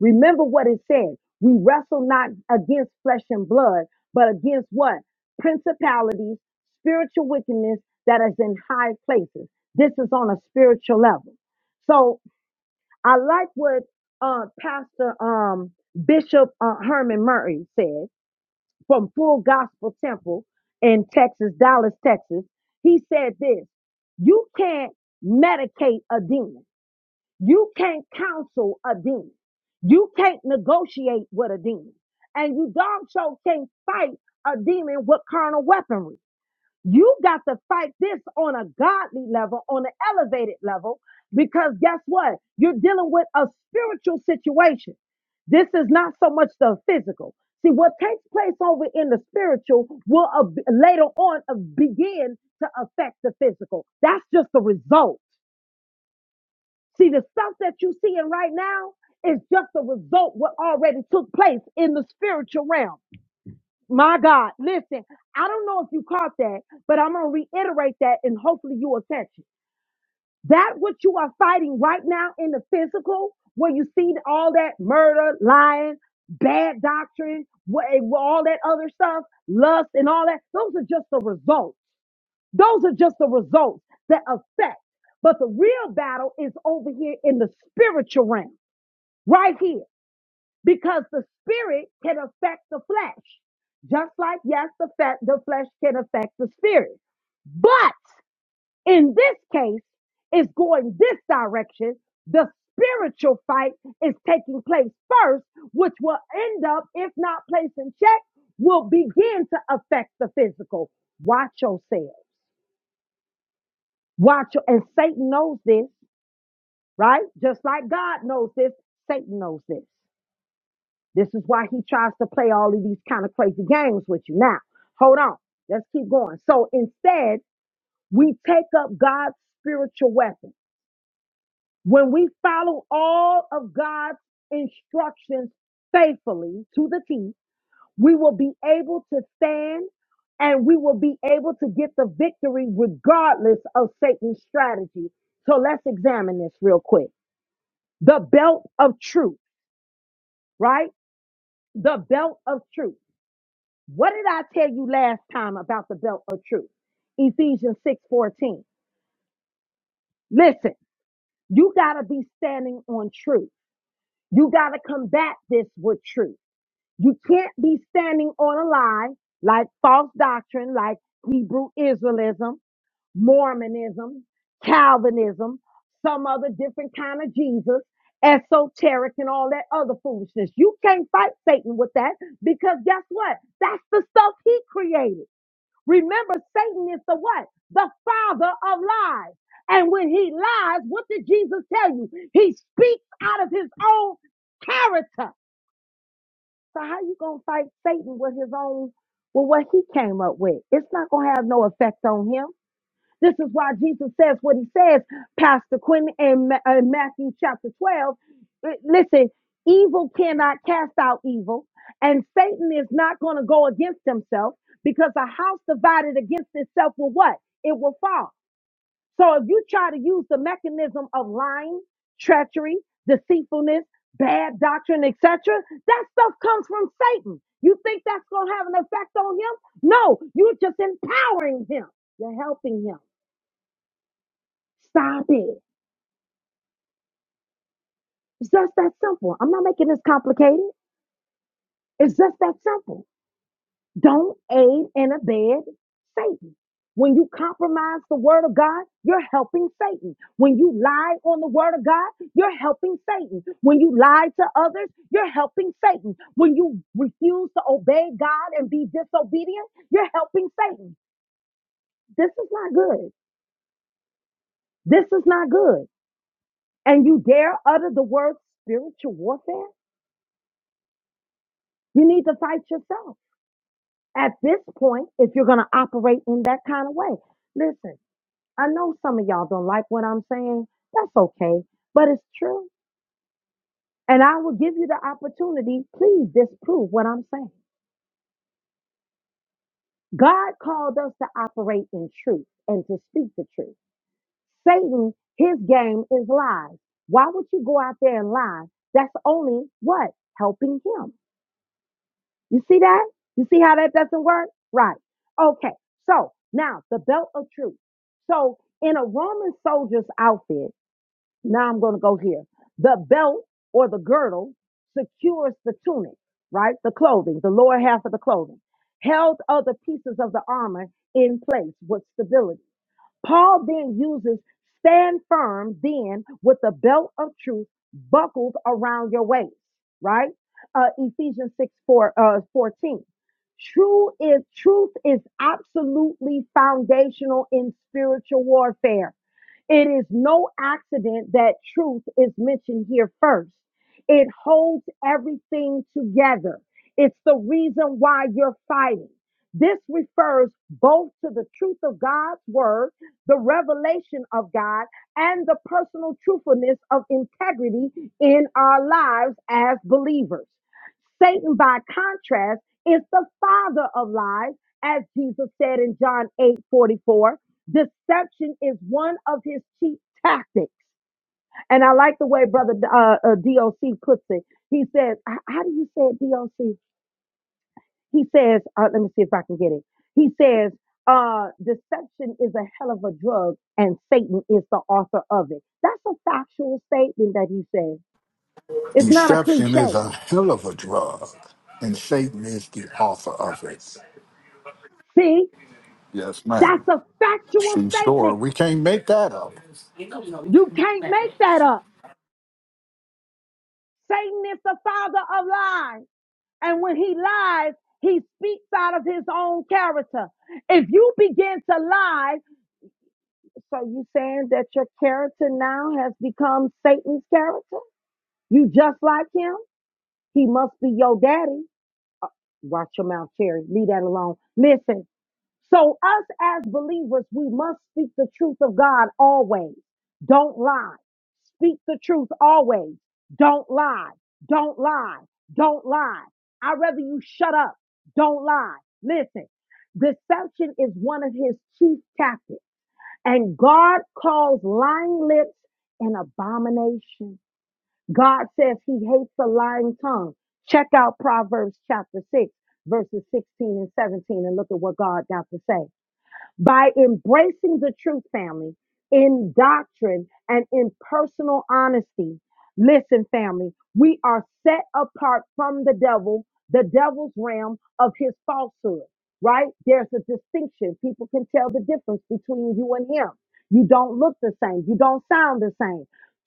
Speaker 1: Remember what it said we wrestle not against flesh and blood, but against what? Principalities, spiritual wickedness that is in high places. This is on a spiritual level. So I like what uh, Pastor um, Bishop uh, Herman Murray said from Full Gospel Temple in Texas, Dallas, Texas. He said this You can't medicate a demon, you can't counsel a demon, you can't negotiate with a demon, and you darn show can't fight a demon with carnal weaponry. You got to fight this on a godly level, on an elevated level, because guess what? You're dealing with a spiritual situation. This is not so much the physical. See, what takes place over in the spiritual will ab- later on uh, begin to affect the physical. That's just the result. See, the stuff that you're seeing right now is just the result what already took place in the spiritual realm. My God, listen, I don't know if you caught that, but I'm going to reiterate that and hopefully you'll catch it. That what you are fighting right now in the physical, where you see all that murder, lying, bad doctrine, wha- all that other stuff, lust and all that, those are just the results. Those are just the results that affect. But the real battle is over here in the spiritual realm, right here because the spirit can affect the flesh. Just like, yes, the, fe- the flesh can affect the spirit. But in this case, it's going this direction. The spiritual fight is taking place first, which will end up, if not placed in check, will begin to affect the physical. Watch yourself. Watch your, and Satan knows this, right? Just like God knows this, Satan knows this. This is why he tries to play all of these kind of crazy games with you. Now, hold on. Let's keep going. So instead, we take up God's spiritual weapon. When we follow all of God's instructions faithfully to the T, we will be able to stand and we will be able to get the victory regardless of Satan's strategy. So let's examine this real quick. The belt of truth, right? The belt of truth. What did I tell you last time about the belt of truth? Ephesians 6:14. Listen, you got to be standing on truth. You got to combat this with truth. You can't be standing on a lie like false doctrine, like Hebrew Israelism, Mormonism, Calvinism, some other different kind of Jesus, esoteric and all that other foolishness. You can't fight Satan with that because guess what? That's the stuff he created. Remember, Satan is the what? The father of lies. And when he lies, what did Jesus tell you? He speaks out of his own character. So how you gonna fight Satan with his own, with what he came up with? It's not gonna have no effect on him. This is why Jesus says what he says, Pastor Quinn, in, Matthew chapter 12. Uh, Listen, evil cannot cast out evil, and Satan is not going to go against himself because a house divided against itself will what? It will fall. So if you try to use the mechanism of lying, treachery, deceitfulness, bad doctrine, etc., that stuff comes from Satan. You think that's going to have an effect on him? No, you're just empowering him. You're helping him. Stop it. It's just that simple. I'm not making this complicated. It's just that simple. Don't aid and abet Satan. When you compromise the word of God, you're helping Satan. When you lie on the word of God, you're helping Satan. When you lie to others, you're helping Satan. When you refuse to obey God and be disobedient, you're helping Satan. This is not good. This is not good. And you dare utter the word spiritual warfare? You need to fight yourself. at this point if you're going to operate in that kind of way. Listen, I know some of y'all don't like what I'm saying. That's okay, but it's true. And I will give you the opportunity. Please disprove what I'm saying. God called us to operate in truth and to speak the truth. Satan, his game is lies. Why would you go out there and lie? That's only what? Helping him. You see that? You see how that doesn't work? Right. Okay. So now the belt of truth. So in a Roman soldier's outfit, now I'm going to go here. The belt or the girdle secures the tunic, right? The clothing, the lower half of the clothing, held other pieces of the armor in place with stability. Paul then uses stand firm then with the belt of truth buckled around your waist, right? Uh, Ephesians 6 4, uh, 14. True is truth is absolutely foundational in spiritual warfare. It is no accident that truth is mentioned here first. It holds everything together. It's the reason why you're fighting. This refers both to the truth of God's word, the revelation of God, and the personal truthfulness of integrity in our lives as believers. Satan, by contrast, is the father of lies, as Jesus said in John eight forty four. Deception is one of his chief tactics. And I like the way Brother uh, uh, DOC puts it. He says, How do you say it, DOC? He says, uh, Let me see if I can get it. He says, uh, Deception is a hell of a drug, and Satan is the author of it. That's a factual statement that he says. It's not a
Speaker 5: Deception is
Speaker 1: cliche.
Speaker 5: a hell of a drug, and Satan is the author of it.
Speaker 1: See,
Speaker 5: Yes, ma'am.
Speaker 1: that's a factual
Speaker 5: True story.
Speaker 1: statement.
Speaker 5: We can't make that up.
Speaker 1: You can't make that up. Satan is the father of lies. And when he lies, he speaks out of his own character. If you begin to lie, so you saying that your character now has become Satan's character? You just like him? He must be your daddy. Watch your mouth, Cherry. Leave that alone. Listen, so, us as believers, we must speak the truth of God always. Don't lie. Speak the truth always. Don't lie. Don't lie. Don't lie. I'd rather you shut up. Don't lie. Listen, deception is one of his chief tactics, and God calls lying lips an abomination. God says he hates a lying tongue. Check out Proverbs chapter 6, verses 16 and 17, and look at what God got to say by embracing the truth, family, in doctrine and in personal honesty. Listen, family, we are set apart from the devil, the devil's realm of his falsehood, right? There's a distinction. People can tell the difference between you and him. You don't look the same, you don't sound the same.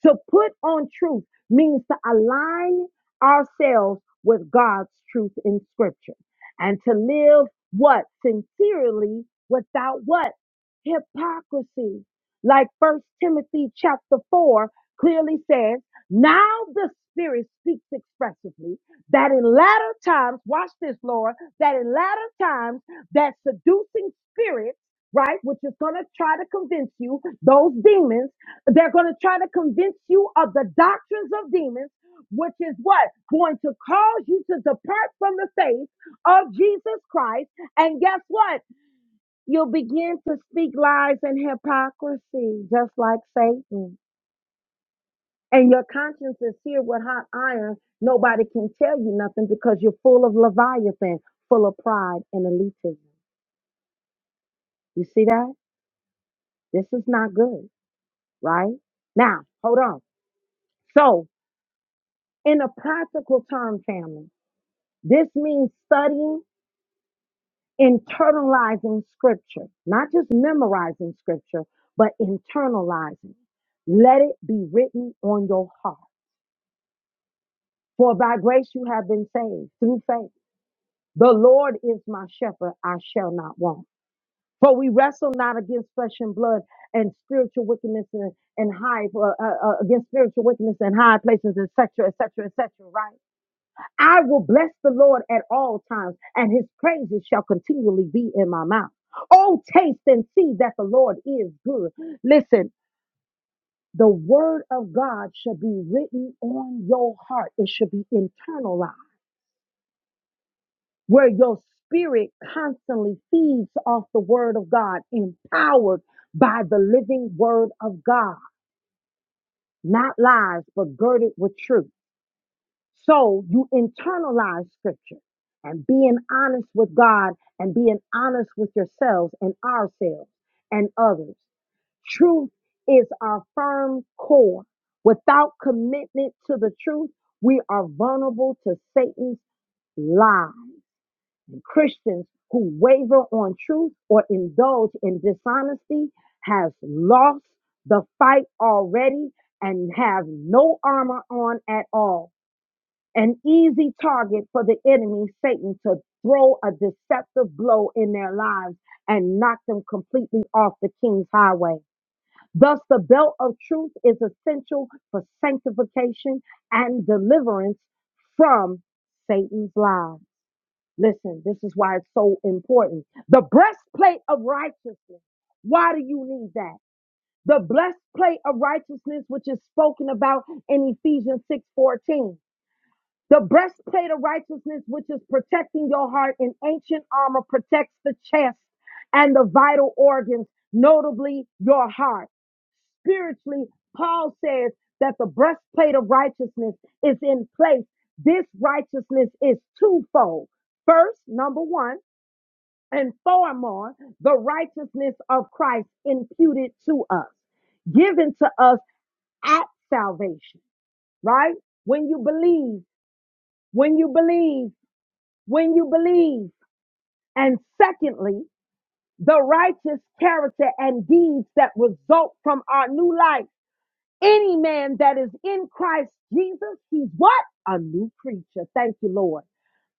Speaker 1: To put on truth means to align ourselves with God's truth in scripture and to live what? Sincerely without what? Hypocrisy. Like First Timothy chapter 4 clearly says, now the Spirit speaks expressively that in latter times, watch this, Lord, that in latter times, that seducing spirits, right, which is going to try to convince you, those demons, they're going to try to convince you of the doctrines of demons, which is what? Going to cause you to depart from the faith of Jesus Christ and guess what? You'll begin to speak lies and hypocrisy, just like Satan. And your conscience is here with hot iron. Nobody can tell you nothing because you're full of Leviathan, full of pride and elitism. You see that? This is not good, right? Now, hold on. So, in a practical term, family, this means studying internalizing scripture, not just memorizing scripture, but internalizing. Let it be written on your heart. For by grace you have been saved through faith. The Lord is my shepherd, I shall not want. For we wrestle not against flesh and blood and spiritual wickedness and, and high, uh, uh, uh, against spiritual wickedness and high places, etc., etc., etc., right? I will bless the Lord at all times, and his praises shall continually be in my mouth. Oh, taste and see that the Lord is good. Listen, the word of God should be written on your heart, it should be internalized, where your spirit constantly feeds off the word of God, empowered by the living word of God, not lies, but girded with truth. So you internalize scripture and being honest with God and being honest with yourselves and ourselves and others. Truth is our firm core. Without commitment to the truth, we are vulnerable to Satan's lies. Christians who waver on truth or indulge in dishonesty has lost the fight already and have no armor on at all an easy target for the enemy, Satan, to throw a deceptive blow in their lives and knock them completely off the king's highway. Thus, the belt of truth is essential for sanctification and deliverance from Satan's lies. Listen, this is why it's so important. The breastplate of righteousness. Why do you need that? The breastplate of righteousness, which is spoken about in Ephesians 6:14. The breastplate of righteousness, which is protecting your heart in ancient armor, protects the chest and the vital organs, notably your heart. Spiritually, Paul says that the breastplate of righteousness is in place. This righteousness is twofold. First, number one, and foremost, the righteousness of Christ imputed to us, given to us at salvation, right? When you believe, when you believe, when you believe. And secondly, the righteous character and deeds that result from our new life. Any man that is in Christ Jesus, he's what? A new creature. Thank you, Lord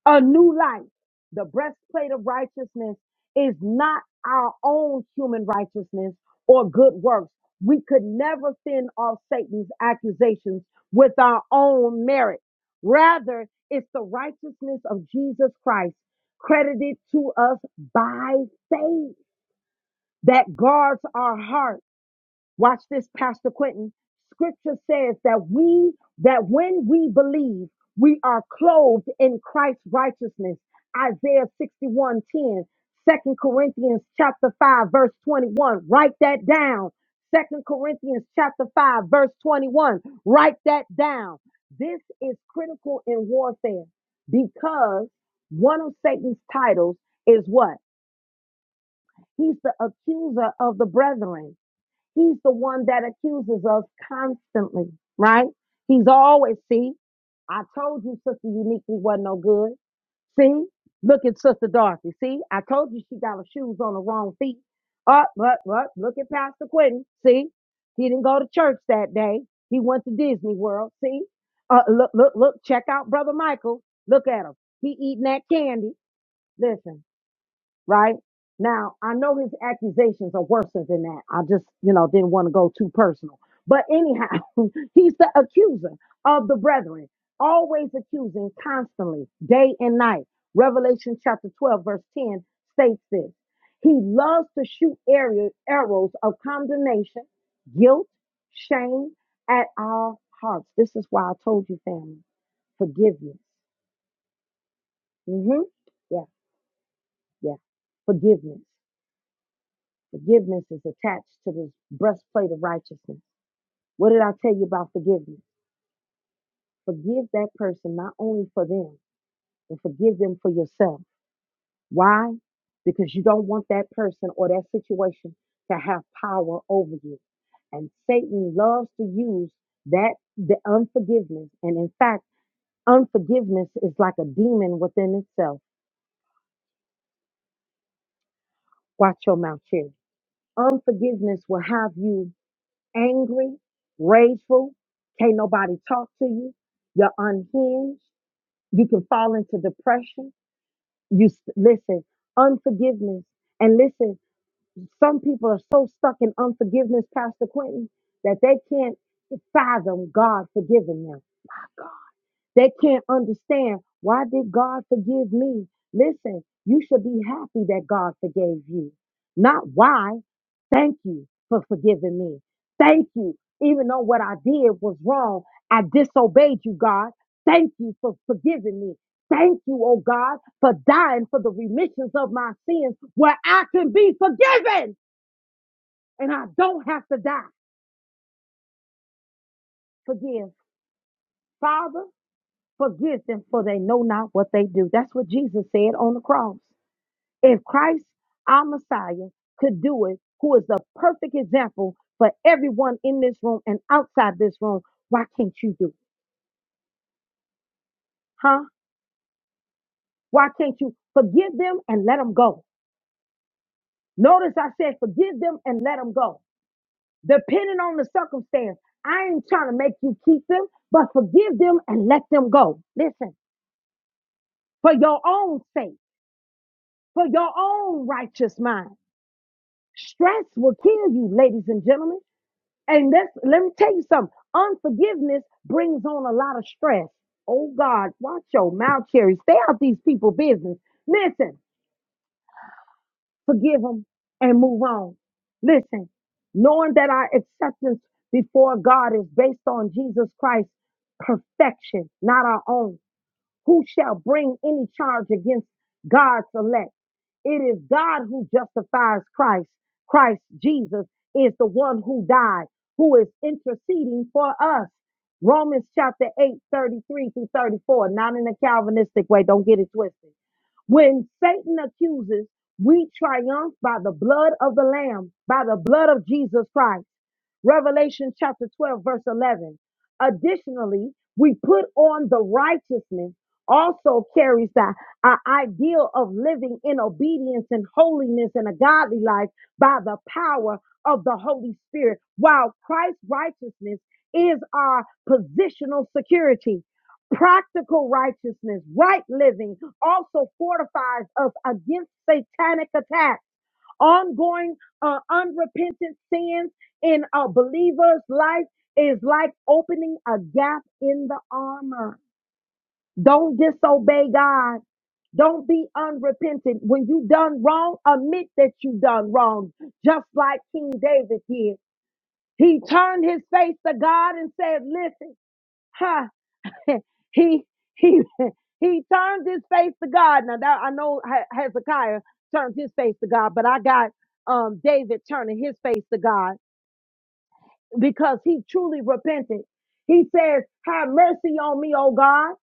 Speaker 1: a new life. The breastplate of righteousness is not our own human righteousness or good works. We could never fend off Satan's accusations with our own merit. Rather, it's the righteousness of Jesus Christ credited to us by faith that guards our heart Watch this, Pastor Quentin. Scripture says that we, that when we believe, we are clothed in Christ's righteousness. Isaiah 61 10, Second Corinthians chapter 5, verse 21. Write that down. Second Corinthians chapter 5, verse 21. Write that down. This is critical in warfare because one of Satan's titles is what? He's the accuser of the brethren. He's the one that accuses us constantly, right? He's always, see, I told you Sister Uniquely wasn't no good. See, look at Sister Dorothy. See, I told you she got her shoes on the wrong feet. Up, but, but, look at Pastor Quentin. See, he didn't go to church that day. He went to Disney World. See, uh, look, look, look, check out Brother Michael. Look at him. He eating that candy. Listen right? Now, I know his accusations are worse than that. I just, you know, didn't want to go too personal. But anyhow, (laughs) he's the accuser of the brethren, always accusing constantly, day and night. Revelation chapter 12, verse 10 states this. He loves to shoot area- arrows of condemnation, guilt, shame at our hearts. This is why I told you, family, forgiveness. hmm Yeah, yeah, forgiveness. Forgiveness is attached to this breastplate of righteousness. What did I tell you about forgiveness? Forgive that person not only for them, but forgive them for yourself. Why? Because you don't want that person or that situation to have power over you. And Satan loves to use that the unforgiveness. And in fact, unforgiveness is like a demon within itself. Watch your mouth, Cherry. Unforgiveness will have you angry, rageful, can't nobody talk to you, you're unhinged, you can fall into depression. You s- listen, unforgiveness. And listen, some people are so stuck in unforgiveness, Pastor Quentin, that they can't fathom God forgiving them. They can't understand why did God forgive me? Listen, you should be happy that God forgave you. Not why. Thank you for forgiving me. Thank you. Even though what I did was wrong, I disobeyed you, God. Thank you for forgiving me. Thank you, oh God, for dying for the remissions of my sins where I can be forgiven and I don't have to die. Forgive. Father, forgive them for they know not what they do. That's what Jesus said on the cross. If Christ, our Messiah, could do it, who is the perfect example for everyone in this room and outside this room, why can't you do it? Huh? Why can't you forgive them and let them go? Notice I said forgive them and let them go. Depending on the circumstance, I ain't trying to make you keep them, but forgive them and let them go. Listen, for your own sake, for your own righteous mind. Stress will kill you, ladies and gentlemen. And that's let me tell you something. Unforgiveness brings on a lot of stress. Oh God, watch your mouth, Cherry. Stay out these people' business. Listen, forgive them and move on. Listen, knowing that our acceptance before God is based on Jesus Christ perfection, not our own. Who shall bring any charge against God's elect? It is God who justifies Christ. Christ Jesus is the one who died, who is interceding for us. Romans chapter eight thirty three 33 through 34, not in a Calvinistic way, don't get it twisted. When Satan accuses, we triumph by the blood of the Lamb, by the blood of Jesus Christ. Revelation chapter 12, verse 11. Additionally, we put on the righteousness also carries the uh, ideal of living in obedience and holiness and a godly life by the power of the Holy Spirit, while Christ's righteousness is our positional security. Practical righteousness, right living, also fortifies us against satanic attacks ongoing uh, unrepentant sins in a believer's life is like opening a gap in the armor. Don't disobey God. Don't be unrepentant. When you done wrong, admit that you done wrong, just like King David did. He turned his face to God and said, listen, huh." (laughs) he he (laughs) he turned his face to God. Now that I know He- Hezekiah turned his face to God, but I got um David turning his face to God because he truly repented. He says, "Have mercy on me, O God."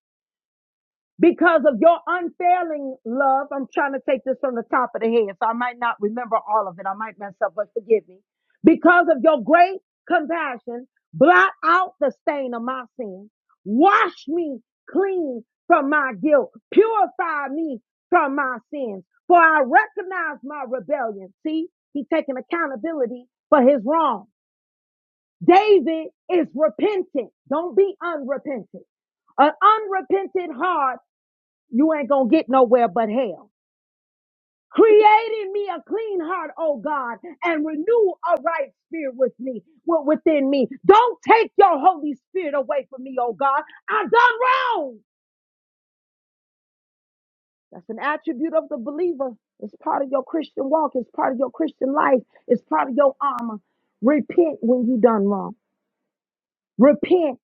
Speaker 1: because of your unfailing love. I'm trying to take this from the top of the head, so I might not remember all of it. I might mess up, but forgive me. Because of your great compassion, blot out the stain of my sin. Wash me clean from my guilt. Purify me from my sins. For I recognize my rebellion. See, he's taking accountability for his wrong. David is repentant. Don't be unrepentant. An unrepentant heart you ain't gonna get nowhere but hell. Create in me a clean heart, oh God, and renew a right spirit with me, wi- within me. Don't take your Holy Spirit away from me, oh God. I've done wrong. That's an attribute of the believer. It's part of your Christian walk. It's part of your Christian life. It's part of your armor. Repent when you done wrong. Repent.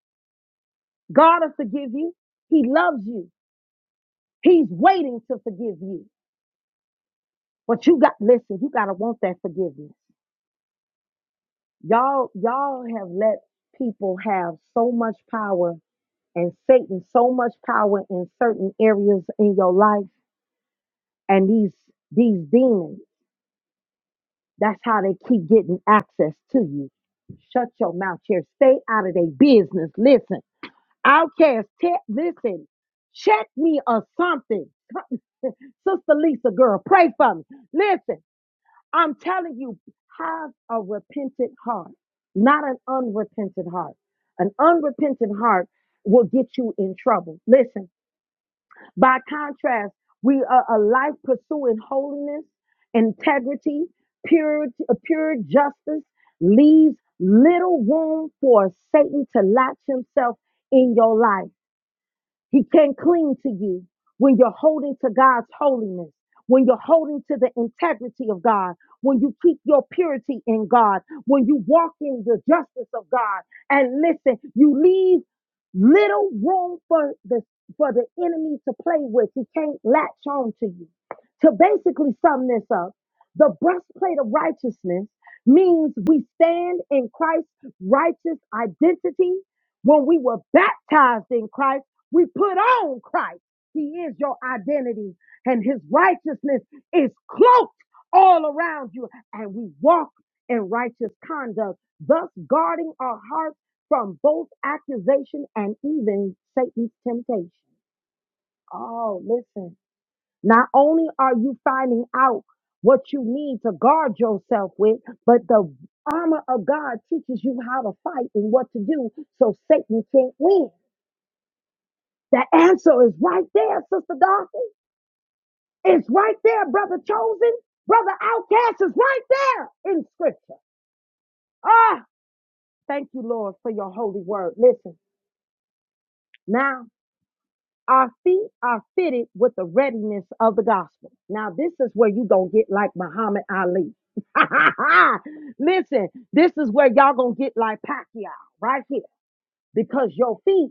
Speaker 1: God will forgive you. He loves you. He's waiting to forgive you. But you got, listen, you got to want that forgiveness. Y'all, y'all have let people have so much power and Satan so much power in certain areas in your life and these these demons. That's how they keep getting access to you. Shut your mouth here. Stay out of their business. Listen, outcast, te- listen, check me or something. Sister Lisa, girl, pray for me. Listen, I'm telling you, have a repentant heart, not an unrepentant heart. An unrepentant heart will get you in trouble. Listen, by contrast, we are a life pursuing holiness, integrity, purity, uh, pure justice leaves little room for Satan to latch himself in your life. He can not cling to you when you're holding to God's holiness, when you're holding to the integrity of God, when you keep your purity in God, when you walk in the justice of God. And listen, you leave little room for the for the enemy to play with. He can't latch on to you. To basically sum this up, the breastplate of righteousness means we stand in Christ's righteous identity when we were baptized in Christ. We put on Christ. He is your identity, and his righteousness is cloaked all around you. And we walk in righteous conduct, thus guarding our hearts from both accusation and even Satan's temptation. Oh, listen. Not only are you finding out what you need to guard yourself with, but the armor of God teaches you how to fight and what to do so Satan can't win. The answer is right there, Sister Dorothy. It's right there, Brother Chosen. Brother Outcast is right there in Scripture. Ah, thank you, Lord, for your holy word. Listen, now our feet are fitted with the readiness of the gospel. Now, this is where you going to get like Muhammad Ali. (laughs) Listen, this is where y'all going to get like Pacquiao right here because your feet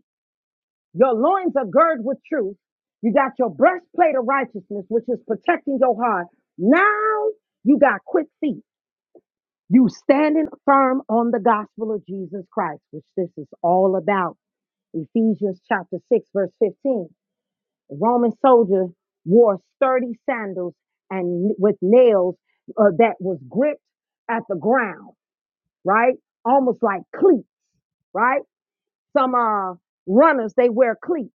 Speaker 1: Your loins are girded with truth. You got your breastplate of righteousness, which is protecting your heart. Now you got quick feet. You standing firm on the gospel of Jesus Christ, which this is all about. Ephesians chapter 6, verse 15. The Roman soldier wore sturdy sandals and with nails uh, that was gripped at the ground, right? Almost like cleats, right? Some uh, runners, they wear cleats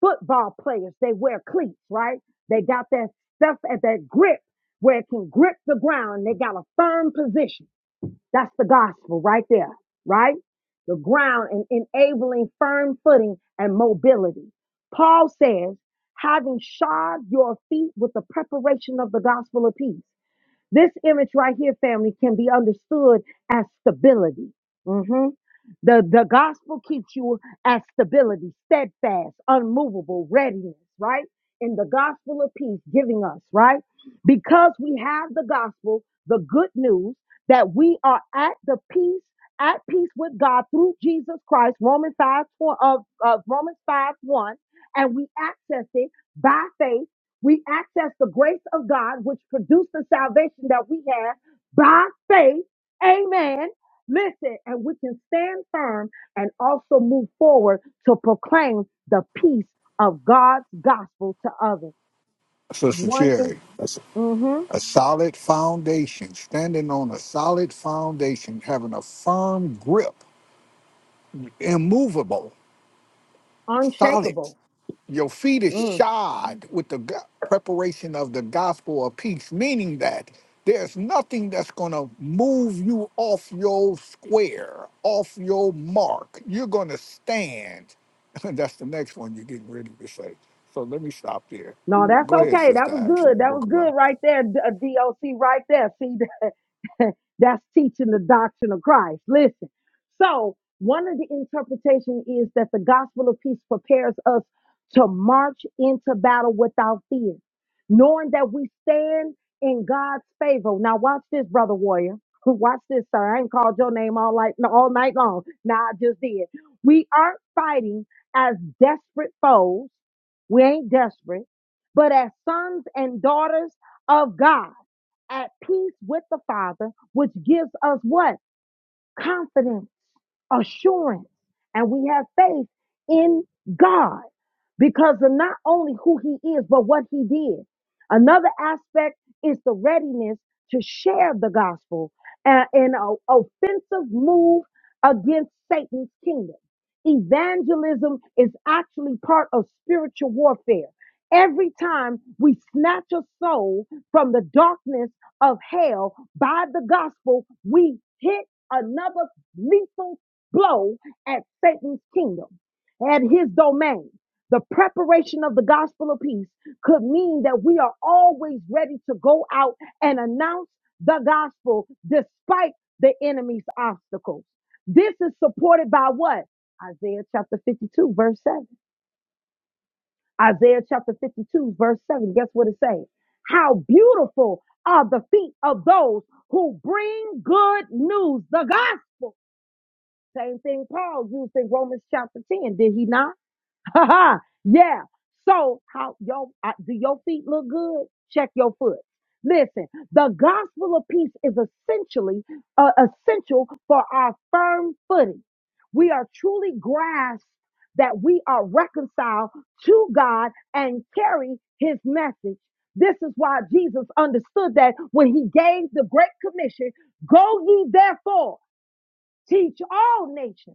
Speaker 1: football players, they wear cleats, right? They got that stuff at that grip where it can grip the ground. They got a firm position. That's the gospel right there, right? The ground and enabling firm footing and mobility. Paul says, having shod your feet with the preparation of the gospel of peace. This image right here, family, can be understood as stability. Mm-hmm. The, the gospel keeps you at stability, steadfast, unmovable, readiness, right? In the gospel of peace, giving us, right? Because we have the gospel, the good news that we are at the peace, at peace with God through Jesus Christ, Romans 5, four- of, of Romans 5, 1, and we access it by faith. We access the grace of God, which produced the salvation that we have by faith. Amen Listen, and we can stand firm and also move forward to proclaim the peace of God's gospel to others.
Speaker 5: Sister
Speaker 1: One in,
Speaker 5: Cherry, a,
Speaker 1: hmm
Speaker 5: a solid foundation, standing on a solid foundation, having a firm grip, immovable, solid.
Speaker 1: unshakable.
Speaker 5: Your feet is
Speaker 1: Mm.
Speaker 5: shod with the go- preparation of the gospel of peace, meaning that there's nothing that's going to move you off your square, off your mark. You're going to stand. (laughs) that's the next one you're getting ready to say. So let me stop there.
Speaker 1: No, that's
Speaker 5: Go ahead,
Speaker 1: okay. That
Speaker 5: Sister
Speaker 1: was
Speaker 5: Acts, on
Speaker 1: good.
Speaker 5: the
Speaker 1: That
Speaker 5: book
Speaker 1: was
Speaker 5: of
Speaker 1: good
Speaker 5: Acts.
Speaker 1: right there, D- uh, DOC, right there. See. That's teaching the doctrine of Christ. Listen. So, one of the interpretation is that the gospel of peace prepares us to march into battle without fear, knowing that we stand in God's favor. Now, watch this, brother warrior. (laughs) Watch this, sir. I ain't called your name all night, all night long. Now I just did. We aren't fighting as desperate foes. We ain't desperate, but as sons and daughters of God at peace with the Father, which gives us what? confidence, assurance, and we have faith in God because of not only who He is, but what He did. Another aspect is the readiness to share the gospel a- in an offensive move against Satan's kingdom. Evangelism is actually part of spiritual warfare. Every time we snatch a soul from the darkness of hell by the gospel, we hit another lethal blow at Satan's kingdom, at his domain. The preparation of the gospel of peace could mean that we are always ready to go out and announce the gospel despite the enemy's obstacles. This is supported by what? Isaiah chapter 52, verse 7. Isaiah chapter 52, verse 7. Guess what it says? How beautiful are the feet of those who bring good news, the gospel same thing Paul used in Romans chapter 10, did he not? (laughs) Ha ha. Yeah. So how your uh, do your feet look good? Check your foot. Listen, the gospel of peace is essentially uh, essential for our firm footing. We are truly grasped that we are reconciled to God and carry his message. This is why Jesus understood that when he gave the great commission, go ye therefore, teach all nations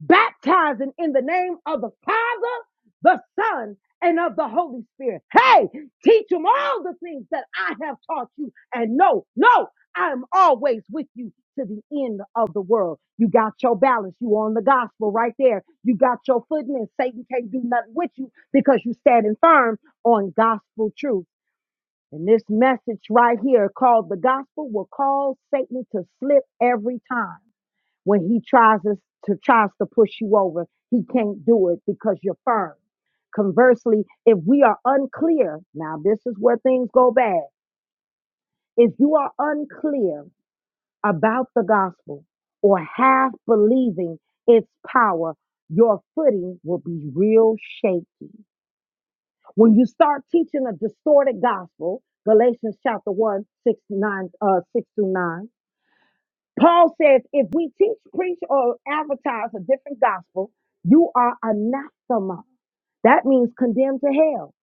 Speaker 1: baptizing in the name of the Father, the Son, and of the Holy Spirit. Hey, teach them all the things that I have taught you. And no, no, I am always with you to the end of the world. You got your balance. You on the gospel right there. You got your footing and Satan can't do nothing with you because you standing firm on gospel truth. And this message right here called the gospel will cause Satan to slip every time. When he tries us to tries to push you over, he can't do it because you're firm. Conversely, if we are unclear, now this is where things go bad. If you are unclear about the gospel or half believing its power, your footing will be real shaky. When you start teaching a distorted gospel, Galatians chapter one 6 9 uh, 6 through 9, Paul says, if we teach, preach, or advertise a different gospel, you are anathema. That means condemned to hell.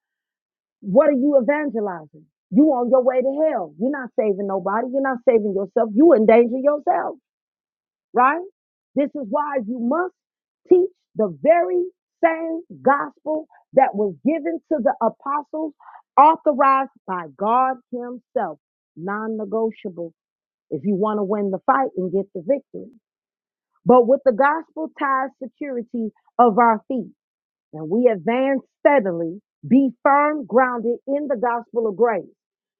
Speaker 1: What are you evangelizing? You on your way to hell. You're not saving nobody. You're not saving yourself. You endanger yourself, right? This is why you must teach the very same gospel that was given to the apostles, authorized by God Himself, non negotiable if you want to win the fight and get the victory but with the gospel ties security of our feet, and we advance steadily, be firm grounded in the gospel of grace,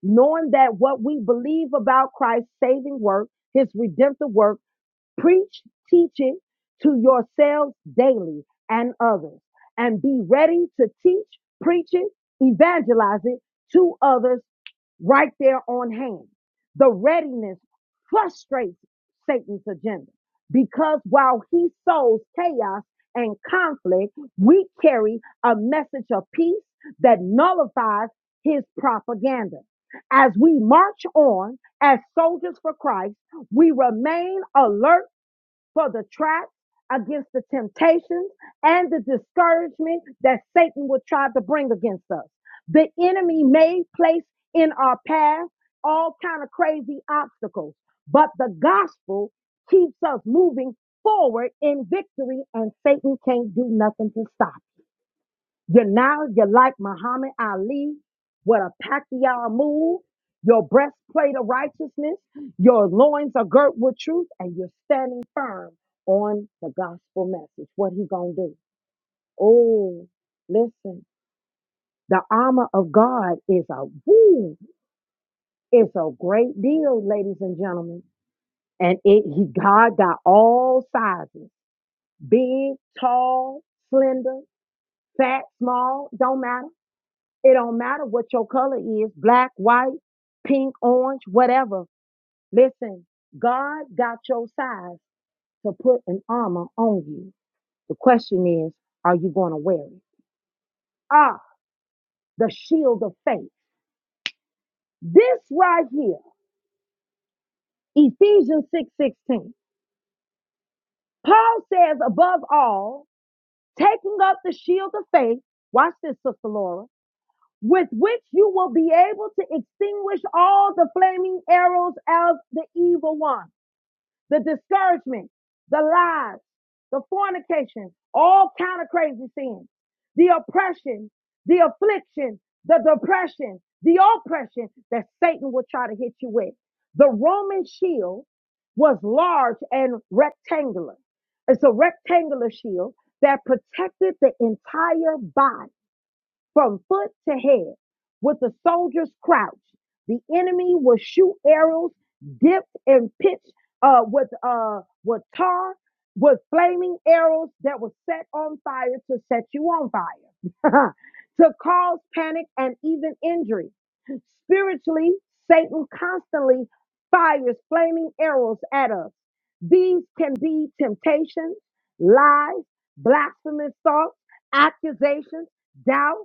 Speaker 1: knowing that what we believe about Christ's saving work, his redemptive work, Preach, teach it to yourselves daily and others, and be ready to teach, preach it, evangelize it to others right there on hand. The readiness frustrates Satan's agenda because while he sows chaos and conflict, we carry a message of peace that nullifies his propaganda. As we march on as soldiers for Christ, we remain alert for the traps, against the temptations, and the discouragement that Satan would try to bring against us. The enemy may place in our path all kind of crazy obstacles, but the gospel keeps us moving forward in victory, and Satan can't do nothing to stop. it. You're now, you're like Muhammad Ali with a Pacquiao move, your breastplate of righteousness, your loins are girt with truth, and you're standing firm on the gospel message. What he gonna do? Oh, listen, the armor of God is a woo, it's a great deal, ladies and gentlemen. And it he God got all sizes, big, tall, slender, fat, small, don't matter. It don't matter what your color is, black, white, pink, orange, whatever. Listen, God got your size to put an armor on you. The question is, are you going to wear it? Ah, the shield of faith. This right here, Ephesians 6 16. Paul says, above all, taking up the shield of faith. Watch this, Sister Laura. With which you will be able to extinguish all the flaming arrows of the evil one. the discouragement, the lies, the fornication, all kind of crazy sins, the oppression, the affliction, the depression, the oppression that Satan will try to hit you with. The Roman shield was large and rectangular. It's a rectangular shield that protected the entire body from foot to head with the soldiers crouched. The enemy will shoot arrows dipped in pitch uh, with uh, with tar, with flaming arrows that were set on fire to set you on fire, (laughs) to cause panic and even injury. Spiritually, Satan constantly fires flaming arrows at us. These can be temptations, lies, blasphemous thoughts, accusations, doubt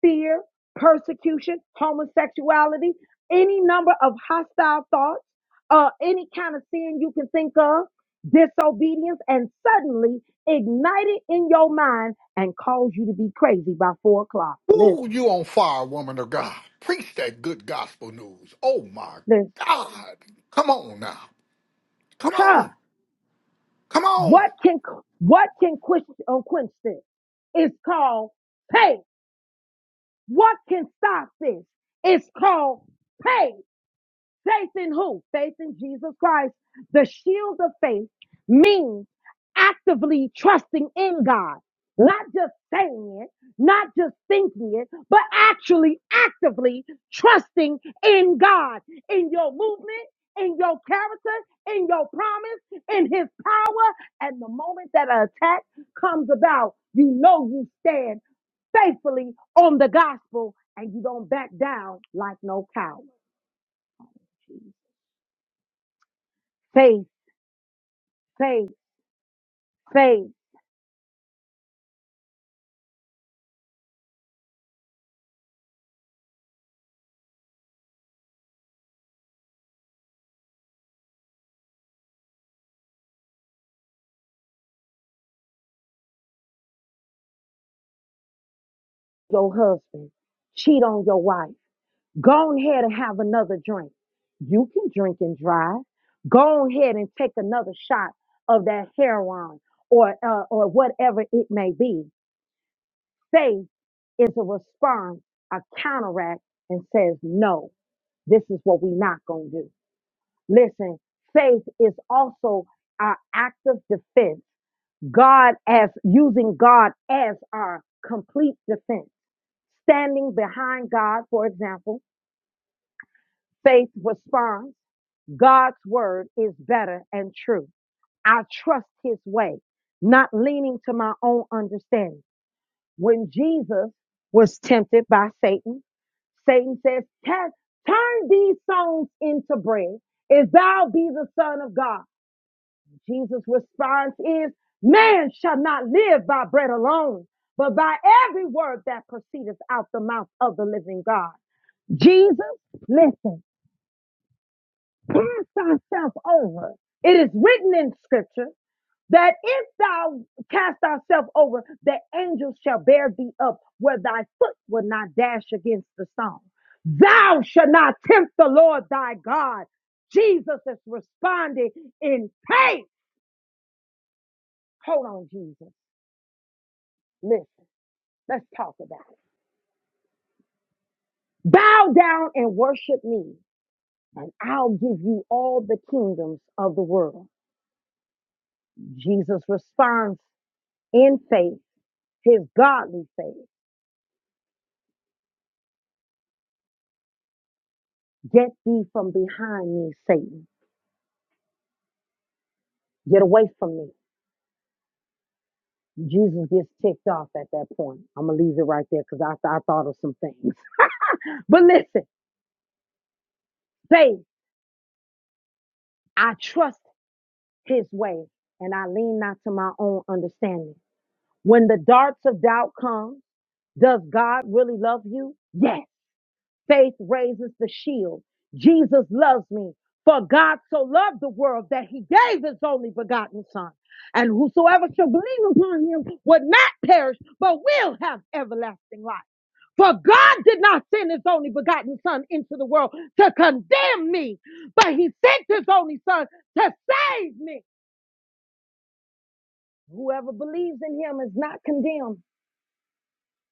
Speaker 1: fear, persecution, homosexuality, any number of hostile thoughts, uh, any kind of sin you can think of, disobedience, and suddenly ignite it in your mind and cause you to be crazy by four o'clock.
Speaker 5: Ooh,
Speaker 1: Listen,
Speaker 5: you on fire, woman of God. Preach that good gospel news. Oh my
Speaker 1: listen.
Speaker 5: God. Come on now. Come
Speaker 1: Huh.
Speaker 5: on. Come on.
Speaker 1: What can what can quench, uh, quench this? It's called pain. What can stop this? It's called pain. Faith in who? Faith in Jesus Christ. The shield of faith means actively trusting in God, not just saying it, not just thinking it, but actually actively trusting in God, in your movement, in your character, in your promise, in his power. And the moment that an attack comes about, you know you stand faithfully on the gospel and you don't back down like no coward. Faith, faith. fade your husband, cheat on your wife, go ahead and have another drink. You can drink and drive. Go ahead and take another shot of that heroin or uh, or whatever it may be. Faith is a response, a counteract, and says, no, this is what we're not going to do. Listen, faith is also our active defense. God as using God as our complete defense. Standing behind God, for example, faith responds. God's word is better and true. I trust his way, not leaning to my own understanding. When Jesus was tempted by Satan, Satan says, "Test- Turn these stones into bread, if thou be the Son of God. Jesus' response is, Man shall not live by bread alone, but by every word that proceedeth out the mouth of the living God. Jesus, listen, cast thyself over. It is written in scripture that if thou cast thyself over, the angels shall bear thee up where thy foot will not dash against the stone. Thou shalt not tempt the Lord thy God. Jesus is responding in pain. Hold on, Jesus. Listen, let's talk about it. Bow down and worship me, and I'll give you all the kingdoms of the world. Jesus responds in faith, his godly faith. Get thee from behind me, Satan. Get away from me. Jesus gets ticked off at that point. I'm going to leave it right there because I, I thought of some things. (laughs) But listen, faith, I trust his way and I lean not to my own understanding. When the darts of doubt come, does God really love you? Yes. Faith raises the shield. Jesus loves me. For God so loved the world that he gave his only begotten son. And whosoever shall believe upon him would not perish, but will have everlasting life. For God did not send his only begotten son into the world to condemn me, but he sent his only son to save me. Whoever believes in him is not condemned,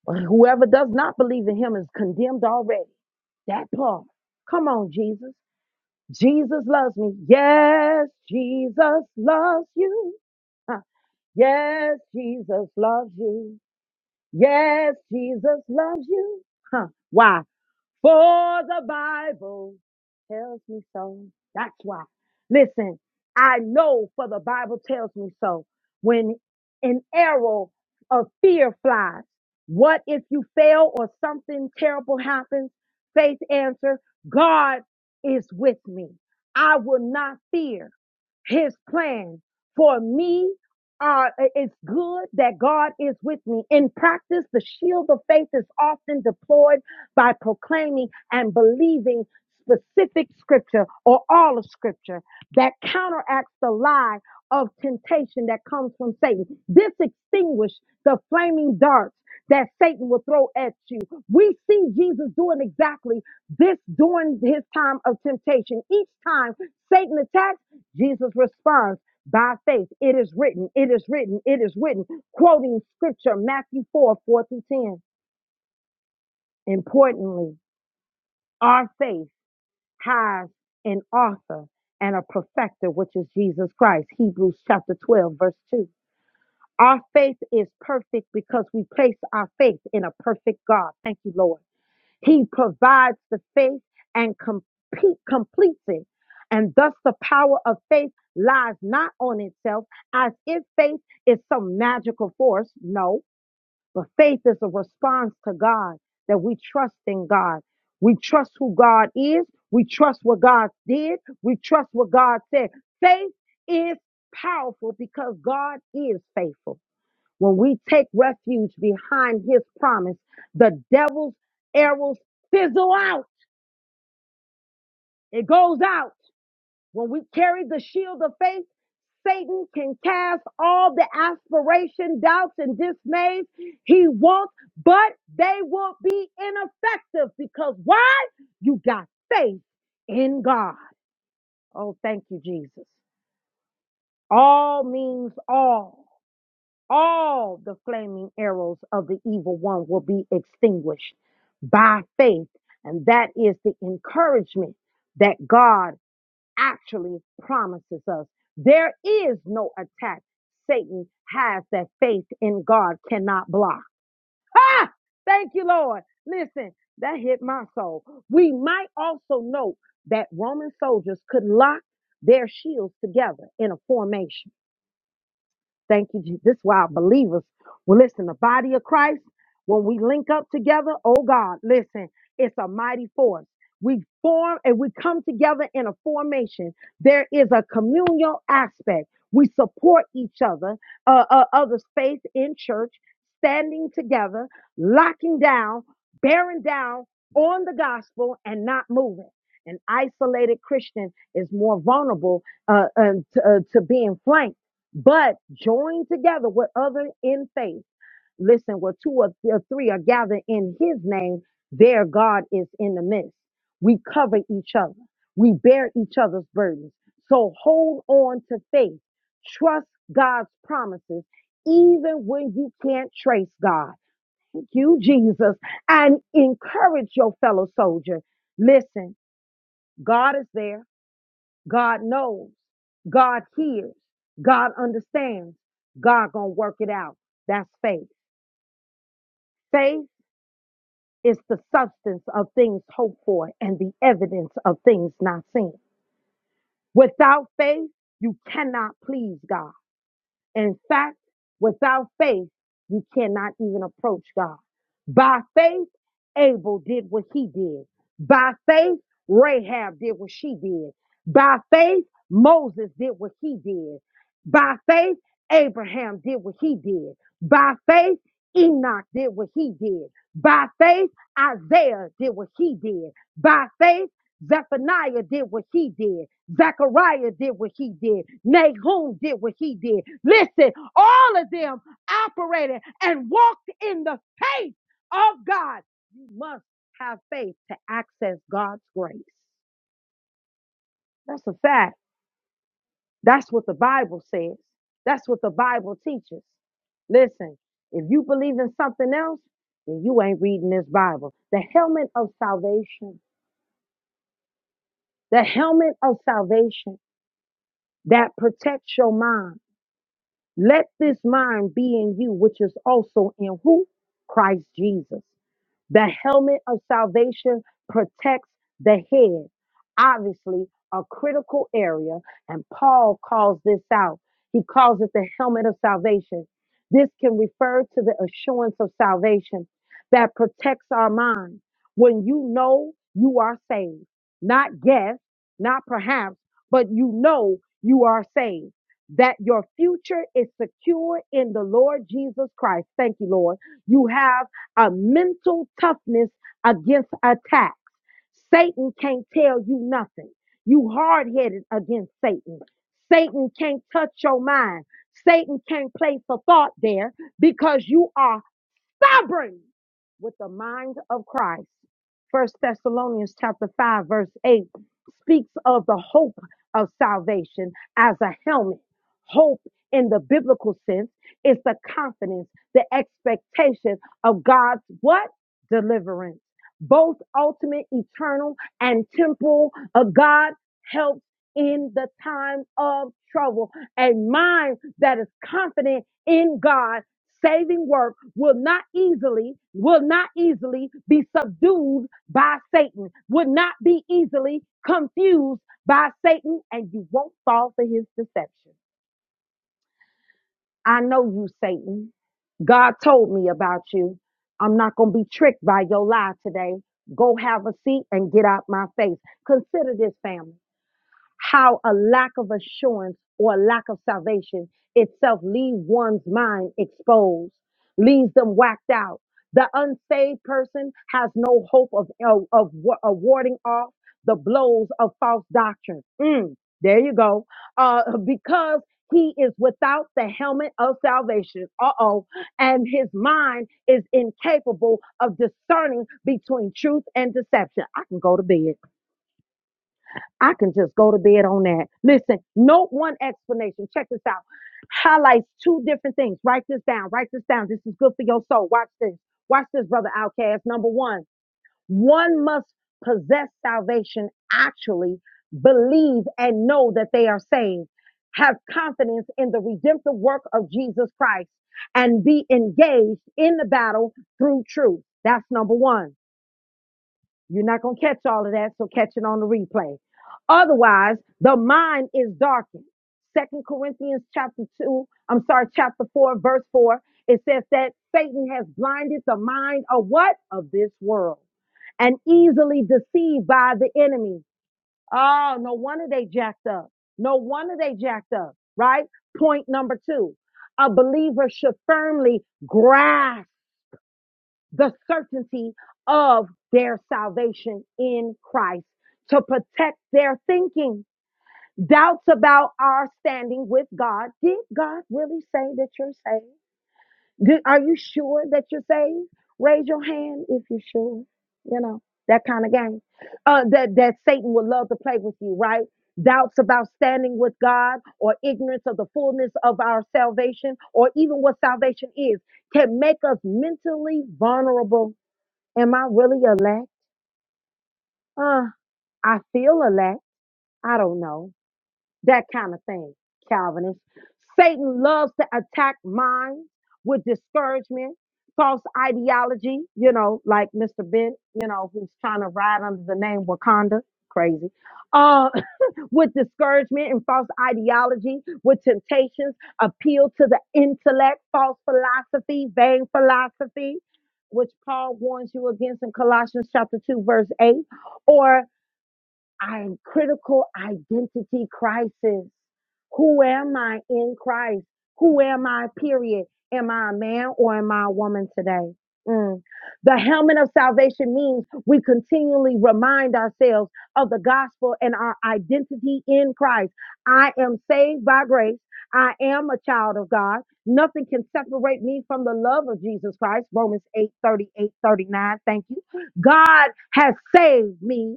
Speaker 1: but whoever does not believe in him is condemned already. That part. Come on, Jesus. Jesus loves me. Yes, Jesus loves you. Huh. Yes, Jesus loves you. Yes, Jesus loves you. Huh. Why? For the Bible tells me so. That's why. Listen, I know for the Bible tells me so. When an arrow of fear flies, what if you fail or something terrible happens? Faith answer, God is with me. I will not fear his plans for me are it's good that God is with me. In practice, the shield of faith is often deployed by proclaiming and believing specific scripture or all of scripture that counteracts the lie of temptation that comes from Satan. This extinguishes the flaming darts that Satan will throw at you. We see Jesus doing exactly this during his time of temptation. Each time Satan attacks, Jesus responds by faith. It is written, it is written, it is written, quoting scripture, Matthew 4 4 through 10. Importantly, our faith has an author and a perfecter, which is Jesus Christ. Hebrews chapter 12, verse 2. Our faith is perfect because we place our faith in a perfect God. Thank you, Lord. He provides the faith and complete, completes it. And thus the power of faith lies not on itself as if faith is some magical force. No, but faith is a response to God that we trust in God. We trust who God is. We trust what God did. We trust what God said. Faith is powerful because God is faithful. When we take refuge behind his promise, the devil's arrows fizzle out. It goes out. When we carry the shield of faith, Satan can cast all the aspiration, doubts, and dismays he wants, but they will be ineffective because why? You got faith in God. Oh, thank you, Jesus. All means all. all the flaming arrows of the evil one will be extinguished by faith. And that is the encouragement that God actually promises us. There is no attack Satan has that faith in God cannot block. Ah, thank you, Lord. Listen, that hit my soul. We might also note that Roman soldiers could lock their shields together in a formation Thank you. Jesus. This is why believers, well, listen, the body of Christ, when we link up together, oh God, listen, it's a mighty force. We form and we come together in a formation. There is a communal aspect. We support each other, uh, uh, others' faith in church, standing together, locking down, bearing down on the gospel and not moving. An isolated Christian is more vulnerable uh, uh, to, uh, to being flanked but join together with other in faith. Listen, where two or th- or three are gathered in his name, there God is in the midst. We cover each other. We bear each other's burdens. So hold on to faith. Trust God's promises, even when you can't trace God. Thank you, Jesus, and encourage your fellow soldier. Listen, God is there. God knows. God hears. God understands. God gonna work it out. That's faith. Faith is the substance of things hoped for and the evidence of things not seen. Without faith, you cannot please God. In fact, without faith, you cannot even approach God. By faith, Abel did what he did. By faith, Rahab did what she did. By faith, Moses did what he did. By faith, Abraham did what he did. By faith, Enoch did what he did. By faith, Isaiah did what he did. By faith, Zephaniah did what he did. Zechariah did what he did. Nahum did what he did. Listen, all of them operated and walked in the faith of God. You must have faith to access God's grace. That's a fact. That's what the Bible says. That's what the Bible teaches. Listen, if you believe in something else, then you ain't reading this Bible. The helmet of salvation. The helmet of salvation that protects your mind. Let this mind be in you, which is also in who? Christ Jesus. The helmet of salvation protects the head, obviously, a critical area, and Paul calls this out. He calls it the helmet of salvation. This can refer to the assurance of salvation that protects our mind. When you know you are saved, not guess, not perhaps, but you know you are saved, that your future is secure in the Lord Jesus Christ. Thank you, Lord. You have a mental toughness against attack. Satan can't tell you nothing. You hard headed against Satan. Satan can't touch your mind. Satan can't place a thought there because you are stubborn with the mind of Christ. First Thessalonians chapter 5 verse 8 speaks of the hope of salvation as a helmet. Hope in the biblical sense is the confidence, the expectation of God's what? Deliverance. Both ultimate, eternal, and temporal of God helps in the time of trouble. A mind that is confident in God saving work will not easily will not easily be subdued by satan would not be easily confused by satan and you won't fall for his deception i know you satan god told me about you i'm not going to be tricked by your lie today go have a seat and get out my face consider this family how a lack of assurance or a lack of salvation itself leaves one's mind exposed, leaves them whacked out. The unsaved person has no hope of, of, of, wa- of warding off the blows of false doctrine. Mm, there you go. Uh, (laughs) because he is without the helmet of salvation. Uh oh. And his mind is incapable of discerning between truth and deception. I can go to bed. I can just go to bed on that. Listen, no one explanation. Check this out. Highlights two different things. Write this down. Write this down. This is good for your soul. Watch this. Watch this, brother outcast. Number one, one must possess salvation, actually believe and know that they are saved, have confidence in the redemptive work of Jesus Christ, and be engaged in the battle through truth. That's number one. You're not going to catch all of that, so catch it on the replay. Otherwise, the mind is darkened. Second Corinthians chapter two, I'm sorry, chapter four, verse four. It says that Satan has blinded the mind of what? Of this world and easily deceived by the enemy. Oh, no wonder they jacked up. No wonder they jacked up, right? Point number two. A believer should firmly grasp the certainty of their salvation in Christ to protect their thinking. Doubts about our standing with God. Did God really say that you're saved? Did, are you sure that you're saved? Raise your hand if you're sure. You know, that kind of game. Uh, that, that Satan would love to play with you, right? Doubts about standing with God or ignorance of the fullness of our salvation or even what salvation is can make us mentally vulnerable Am I really elect? Uh, I feel elect. I don't know. That kind of thing, Calvinist. Satan loves to attack minds with discouragement, false ideology, you know, like Mr. Bent, you know, who's trying to ride under the name Wakanda. Crazy. Uh. (laughs) with discouragement and false ideology, with temptations, appeal to the intellect, false philosophy, vain philosophy, which Paul warns you against in Colossians chapter 2, verse 8, or I critical identity crisis. Who am I in Christ? Who am I? Period. Am I a man or am I a woman today? Mm. The helmet of salvation means we continually remind ourselves of the gospel and our identity in Christ. I am saved by grace. I am a child of God. Nothing can separate me from the love of Jesus Christ. Romans 8 38 39. Thank you. God has saved me.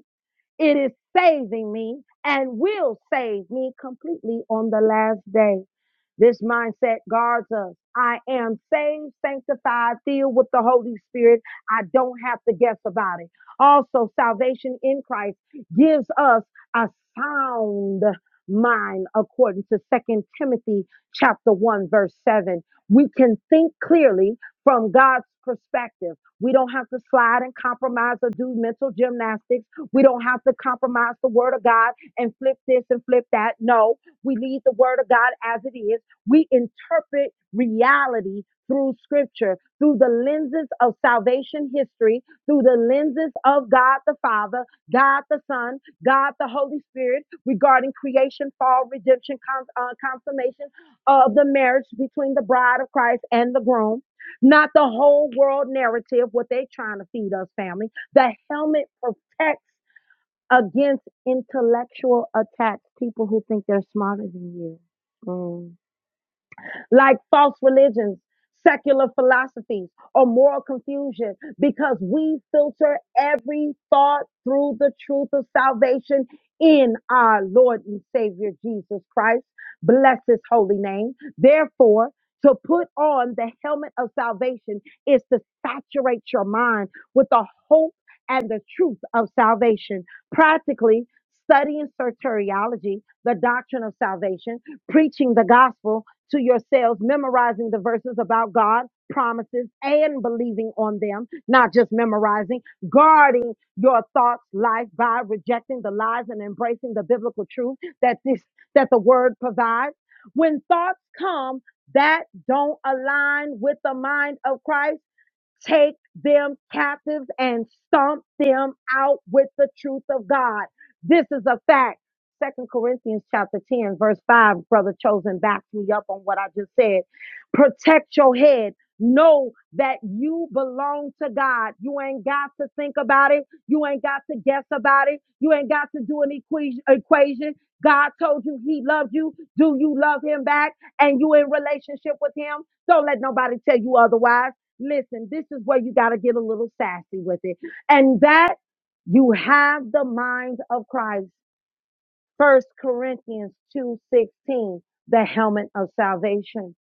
Speaker 1: It is saving me and will save me completely on the last day. This mindset guards us. I am saved, sanctified, filled with the Holy Spirit. I don't have to guess about it. Also, salvation in Christ gives us a sound mind according to Second Timothy chapter 1 verse 7. We can think clearly from God's perspective. We don't have to slide and compromise or do mental gymnastics we don't have to compromise the word of God and flip this and flip that. No, we leave the word of God as it is. We interpret reality through scripture, through the lenses of salvation history, through the lenses of God the Father, God the Son, God the Holy Spirit, regarding creation, fall, redemption, con- uh, consummation of the marriage between the bride of Christ and the groom. Not the whole world narrative, what they trying to feed us, family. The helmet protects against intellectual attacks, people who think they're smarter than you. Mm like false religions, secular philosophies, or moral confusion because we filter every thought through the truth of salvation in our Lord and Savior Jesus Christ. Bless his holy name. Therefore, to put on the helmet of salvation is to saturate your mind with the hope and the truth of salvation. Practically, studying soteriology, the doctrine of salvation, preaching the gospel, to yourselves, memorizing the verses about God, promises, and believing on them, not just memorizing, guarding your thoughts, life by rejecting the lies and embracing the biblical truth that this, that the word provides. When thoughts come that don't align with the mind of Christ, take them captives and stomp them out with the truth of God. This is a fact. Second Corinthians chapter 10, verse 5, brother chosen backs me up on what I just said. Protect your head. Know that you belong to God. You ain't got to think about it. You ain't got to guess about it. You ain't got to do an equation. equation. God told you he loved you. Do you love him back? And you in relationship with him? Don't let nobody tell you otherwise. Listen, this is where you got to get a little sassy with it. And that you have the mind of Christ. First Corinthians 2:16, the helmet of salvation,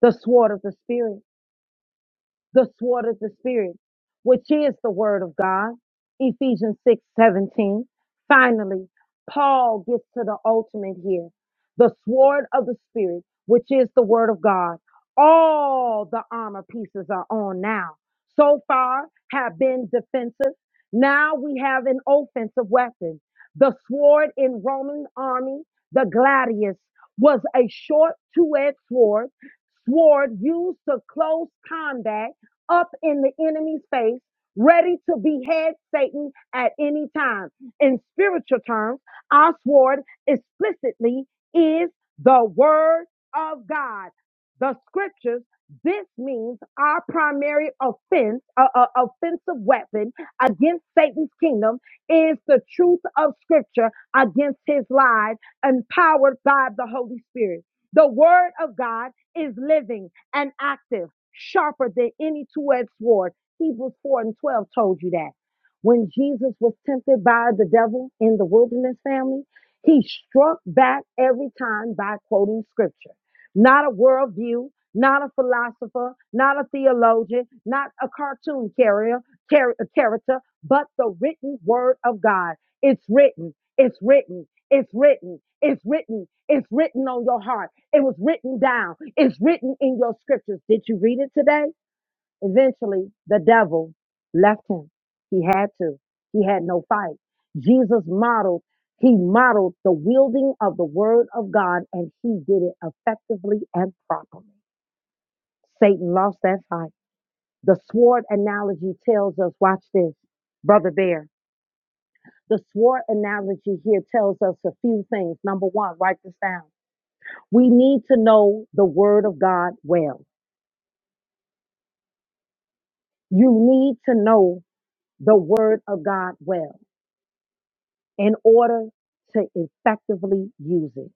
Speaker 1: the sword of the spirit. The sword of the Spirit, which is the word of God. Ephesians 6 17. Finally, Paul gets to the ultimate here the sword of the Spirit, which is the word of God. All the armor pieces are on now. So far have been defensive. Now we have an offensive weapon. The sword in Roman army, the gladius, was a short two-edged sword, sword used to close combat up in the enemy's face, ready to behead Satan at any time. In spiritual terms, our sword explicitly is the word of God, the scriptures. This means our primary offense, uh, uh, offensive weapon against Satan's kingdom is the truth of scripture against his lies, empowered by the Holy Spirit. The word of God is living and active sharper than any two-edged sword. Hebrews 4 and 12 told you that. When Jesus was tempted by the devil in the wilderness family, he struck back every time by quoting scripture. Not a worldview, not a philosopher, not a theologian, not a cartoon carrier, char- character, but the written word of God. It's written, it's written, it's written, it's written, it's written on your heart. It was written down. It's written in your scriptures. Did you read it today? Eventually, the devil left him. He had to. He had no fight. Jesus modeled, he modeled the wielding of the word of God and he did it effectively and properly. Satan lost that fight. The sword analogy tells us, watch this, Brother Bear. The sword analogy here tells us a few things. Number one, write this down. We need to know the word of God well. You need to know the word of God well in order to effectively use it.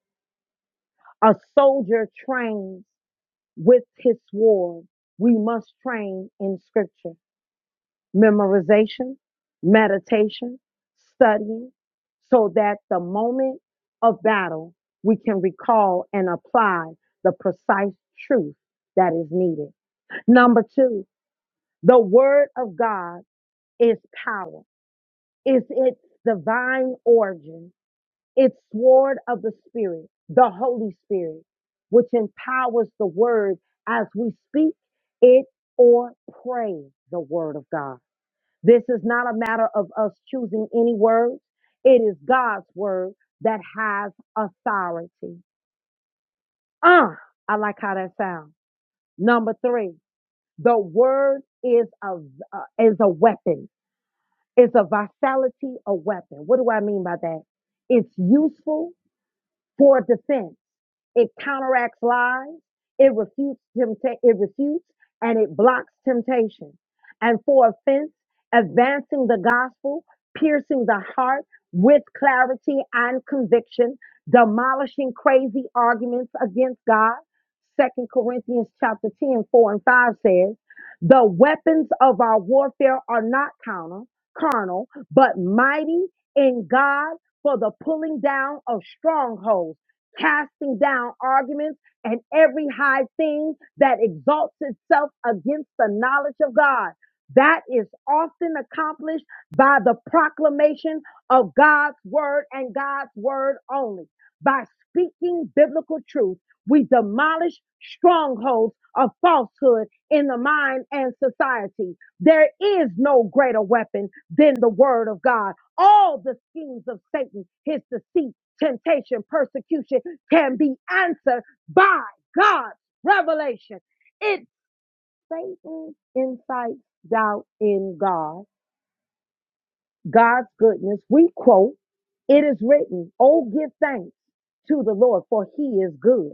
Speaker 1: A soldier trains with his sword. We must train in scripture, memorization, meditation, studying, so that the moment of battle, we can recall and apply the precise truth that is needed. Number two, the word of God is power. is its divine origin, its sword of the Spirit, the Holy Spirit, which empowers the word as we speak it or pray the word of God. This is not a matter of us choosing any words. It is God's word that has authority. Ah, I like how that sounds. Number three, the word is a uh, is a weapon Is a vitality a weapon? What do I mean by that? It's useful for defense. It counteracts lies, it refutes tempta- it refutes and it blocks temptation. And for offense, advancing the gospel, piercing the heart with clarity and conviction, demolishing crazy arguments against God. Second Corinthians chapter 10 4 and 5 says, the weapons of our warfare are not carnal, carnal, but mighty in God for the pulling down of strongholds, casting down arguments and every high thing that exalts itself against the knowledge of God. That is often accomplished by the proclamation of God's word and God's word only. By speaking biblical truth, we demolish strongholds of falsehood in the mind and society. There is no greater weapon than the word of God all the schemes of Satan, his deceit, temptation, persecution can be answered by God's revelation. It's Satan incites doubt in God, God's goodness. We quote, it is written, oh, give thanks to the Lord for he is good.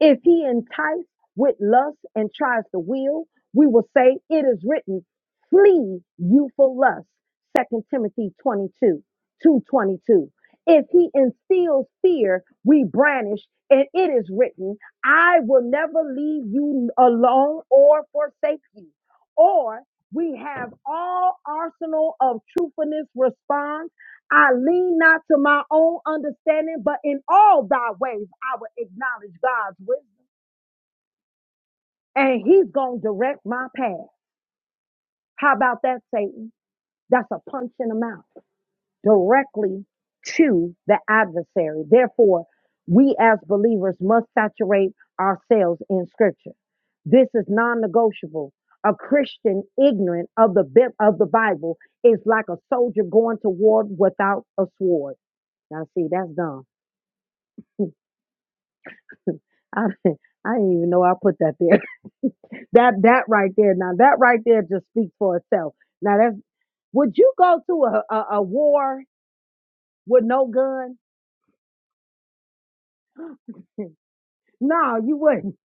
Speaker 1: If he enticed with lust and tries to will, we will say it is written, flee youthful lust. Second Timothy 22, 222. If he instills fear, we brandish, and it is written, I will never leave you alone or forsake you. Or we have all arsenal of truthfulness response. I lean not to my own understanding, but in all thy ways I will acknowledge God's will and he's going to direct my path. How about that, Satan? That's a punch in the mouth directly to the adversary. Therefore, we as believers must saturate ourselves in scripture. This is non negotiable. A Christian ignorant of the, Bi- of the Bible is like a soldier going to war without a sword. Now, see, that's dumb. I, (laughs) I didn't even know I put that there. (laughs) That that right there. Now that right there just speaks for itself. Now that's Would you go to a, a, a war with no gun? No, you wouldn't. (laughs)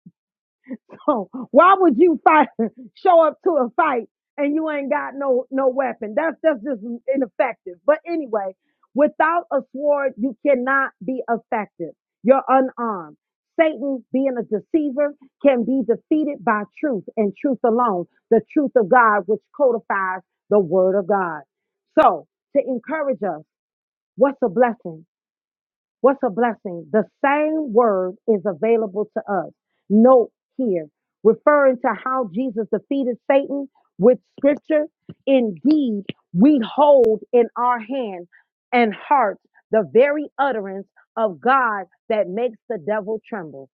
Speaker 1: So why would you fight, (laughs) show up to a fight and you ain't got no, no weapon? That's, that's just ineffective. But anyway, without a sword, you cannot be effective. You're unarmed. Satan, being a deceiver, can be defeated by truth and truth alone, the truth of God, which codifies the word of God. So to encourage us, what's a blessing? What's a blessing? The same word is available to us. Note here, referring to how Jesus defeated Satan with scripture. Indeed, we hold in our hand and heart the very utterance of God that makes the devil tremble.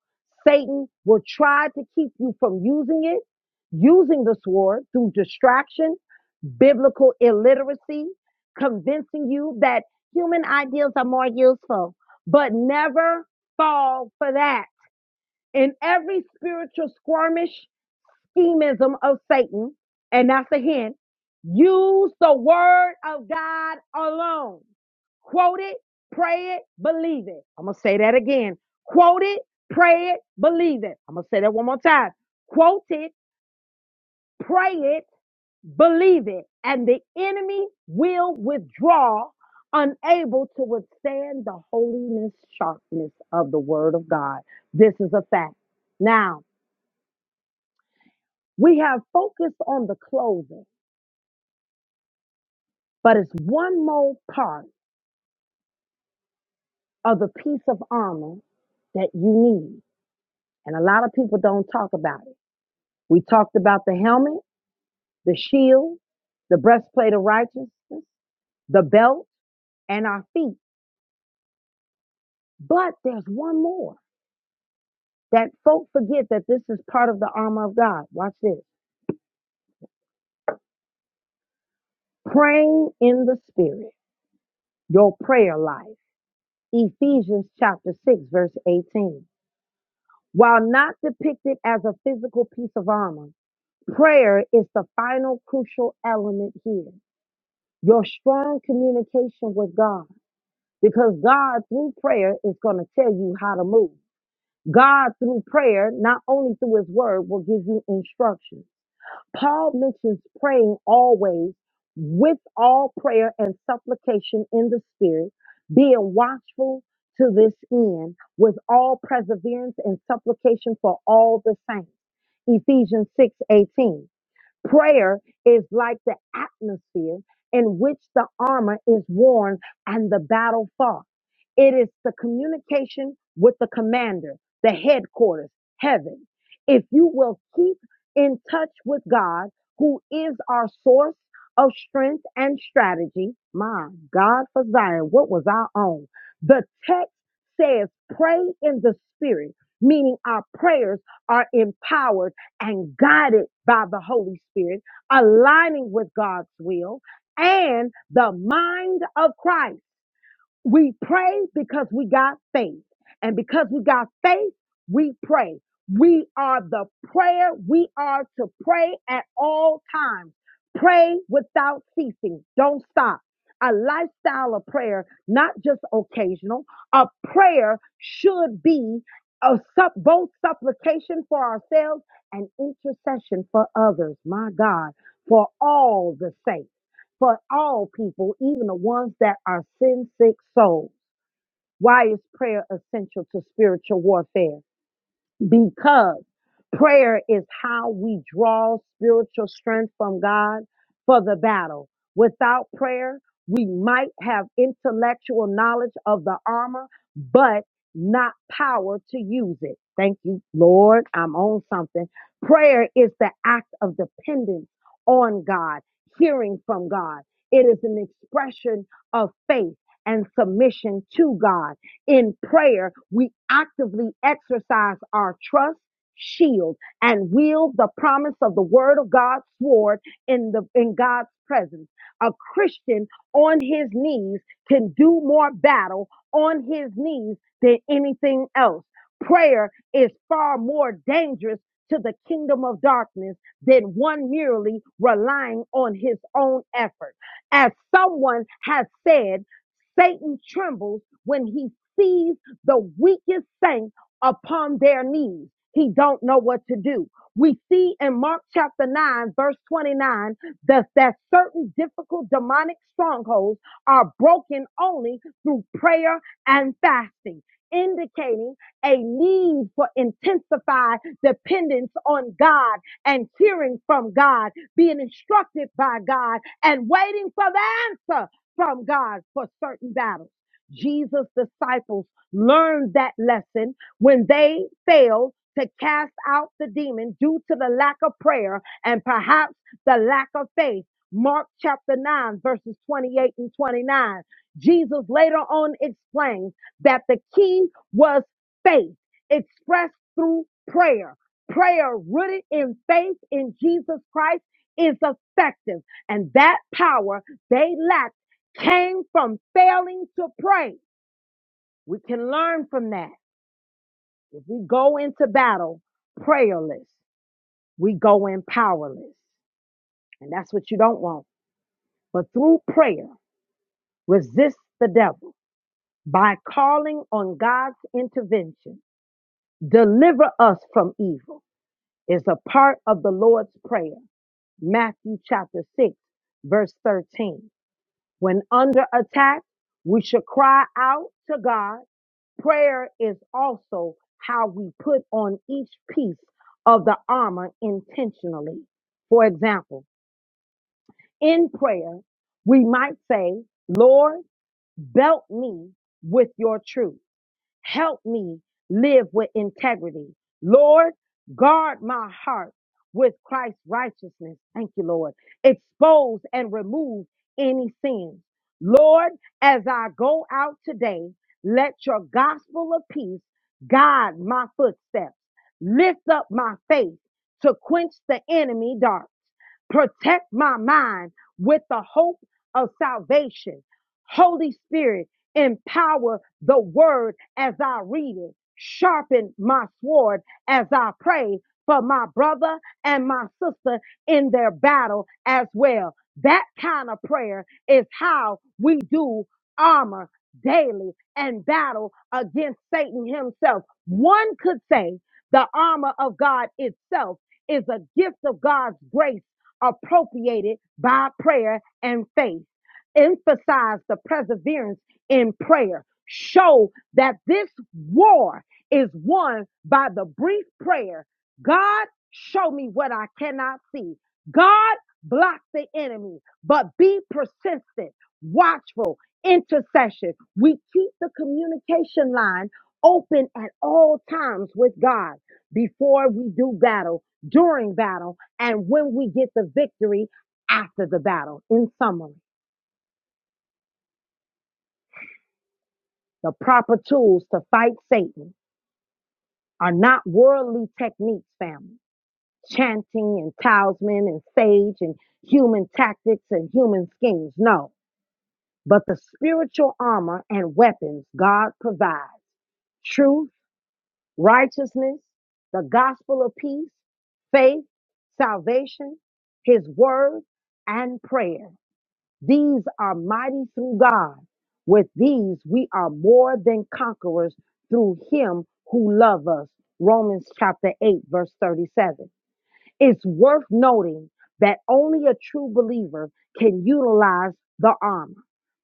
Speaker 1: Satan will try to keep you from using it, using the sword through distraction, biblical illiteracy, convincing you that human ideals are more useful but never fall for that. In every spiritual squirmish schemism of Satan, and that's a hint, use the word of God alone. Quote it, pray it, believe it. I'm going to say that again. Quote it, pray it, believe it. I'm going to say that one more time. Quote it, pray it, Believe it, and the enemy will withdraw, unable to withstand the holiness, sharpness of the word of God. This is a fact. Now, we have focused on the clothing, but it's one more part of the piece of armor that you need. And a lot of people don't talk about it. We talked about the helmet, the shield, the breastplate of righteousness, the belt, and our feet. But there's one more. that folk forget that this is part of the armor of God. Watch this. Praying in the spirit, your prayer life. Ephesians chapter 6, verse 18. While not depicted as a physical piece of armor, prayer is the final crucial element here. Your strong communication with God, because God through prayer is going to tell you how to move. God through prayer, not only through his word, will give you instruction. Paul mentions praying always with all prayer and supplication in the Spirit, being watchful to this end with all perseverance and supplication for all the saints. Ephesians 6:18. Prayer is like the atmosphere in which the armor is worn and the battle fought. It is the communication with the commander, the headquarters, heaven. If you will keep in touch with God, who is our source of strength and strategy, my God for Zion, what was our own? The text says, pray in the spirit, meaning our prayers are empowered and guided by the Holy Spirit, aligning with God's will and the mind of Christ. We pray because we got faith. And because we got faith, we pray. We are the prayer. We are to pray at all times. Pray without ceasing. Don't stop. A lifestyle of prayer, not just occasional. A prayer should be a sup- both supplication for ourselves and intercession for others. My God, for all the saints for all people, even the ones that are sin sick souls. Why is prayer essential to spiritual warfare? because prayer is how we draw spiritual strength from God for the battle. Without prayer, we might have intellectual knowledge of the armor, but not power to use it. Thank you, Lord. I'm on something. Prayer is the act of dependence on God, hearing from God. It is an expression of faith and submission to God. In prayer, we actively exercise our trust, shield, and wield the promise of the word of God's sword in the in God's presence. A Christian on his knees can do more battle on his knees than anything else. Prayer is far more dangerous to the kingdom of darkness than one merely relying on his own effort. As someone has said, Satan trembles when he sees the weakest saint upon their knees. He don't know what to do. We see in Mark chapter 9, verse 29, that, that certain difficult demonic strongholds are broken only through prayer and fasting, indicating a need for intensified dependence on God and hearing from God, being instructed by God, and waiting for the answer from God for certain battles. Jesus' disciples learned that lesson when they failed to cast out the demon due to the lack of prayer and perhaps the lack of faith. Mark chapter 9, verses 28 and 29. Jesus later on explains that the key was faith expressed through prayer. Prayer rooted in faith in Jesus Christ is effective, and that power they lacked came from failing to pray. We can learn from that. If we go into battle prayerless, we go in powerless. And that's what you don't want. But through prayer, resist the devil by calling on God's intervention. Deliver us from evil is a part of the Lord's prayer. Matthew chapter 6, verse 13. When under attack, we should cry out to God Prayer is also how we put on each piece of the armor intentionally. For example, in prayer, we might say, Lord, belt me with your truth. Help me live with integrity. Lord, guard my heart with Christ's righteousness. Thank you, Lord. Expose and remove any sins. Lord, as I go out today, let your gospel of peace guide my footsteps. Lift up my faith to quench the enemy dark. Protect my mind with the hope of salvation. Holy Spirit, empower the word as I read it. Sharpen my sword as I pray for my brother and my sister in their battle as well. That kind of prayer is how we do armor daily and battle against Satan himself. One could say the armor of God itself is a gift of God's grace appropriated by prayer and faith. Emphasize the perseverance in prayer. Show that this war is won by the brief prayer God, show me what I cannot see. God, block the enemy, but be persistent, watchful, intercession. We keep the communication line open at all times with God before we do battle, during battle and when we get the victory after the battle. In summary, the proper tools to fight Satan are not worldly techniques, family, chanting and talisman and sage and human tactics and human schemes. No, but the spiritual armor and weapons God provides truth, righteousness, the gospel of peace, faith, salvation, his word, and prayer. These are mighty through God. With these, we are more than conquerors through him who loved us. Romans chapter 8, verse 37. It's worth noting that only a true believer can utilize the armor.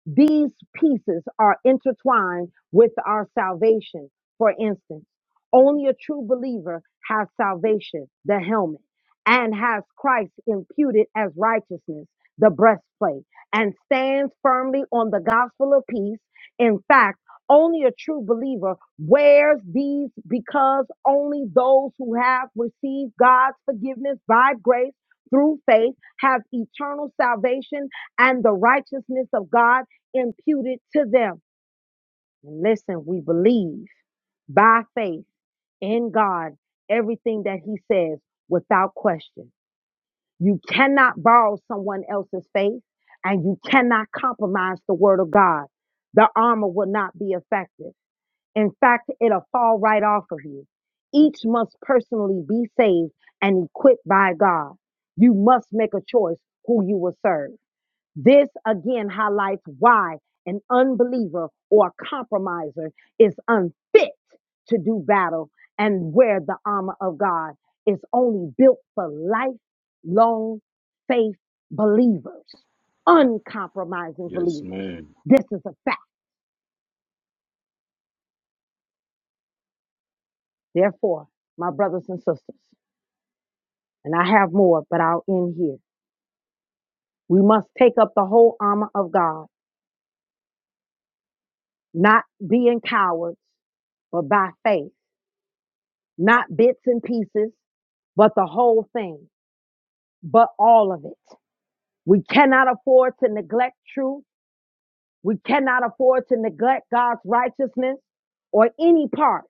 Speaker 1: These pieces are intertwined with our salvation. For instance, only a true believer has salvation, the helmet, and has Christ imputed as righteousness, the breastplate, and stands firmly on the gospel of peace. In fact, only a true believer wears these because only those who have received God's forgiveness by grace through faith have eternal salvation and the righteousness of God imputed to them. And listen, we believe by faith in God everything that He says without question. You cannot borrow someone else's faith and you cannot compromise the Word of God. The armor will not be effective. In fact, it'll fall right off of you. Each must personally be saved and equipped by God. You must make a choice who you will serve. This again highlights why an unbeliever or a compromiser is unfit to do battle and where the armor of God is only built for lifelong faith believers, uncompromising believers. This is a fact. Therefore, my brothers and sisters. and I have more, but I'll end here. We must take up the whole armor of God, not being cowards, but by faith, not bits and pieces, but the whole thing, but all of it. We cannot afford to neglect truth. We cannot afford to neglect God's righteousness or any part.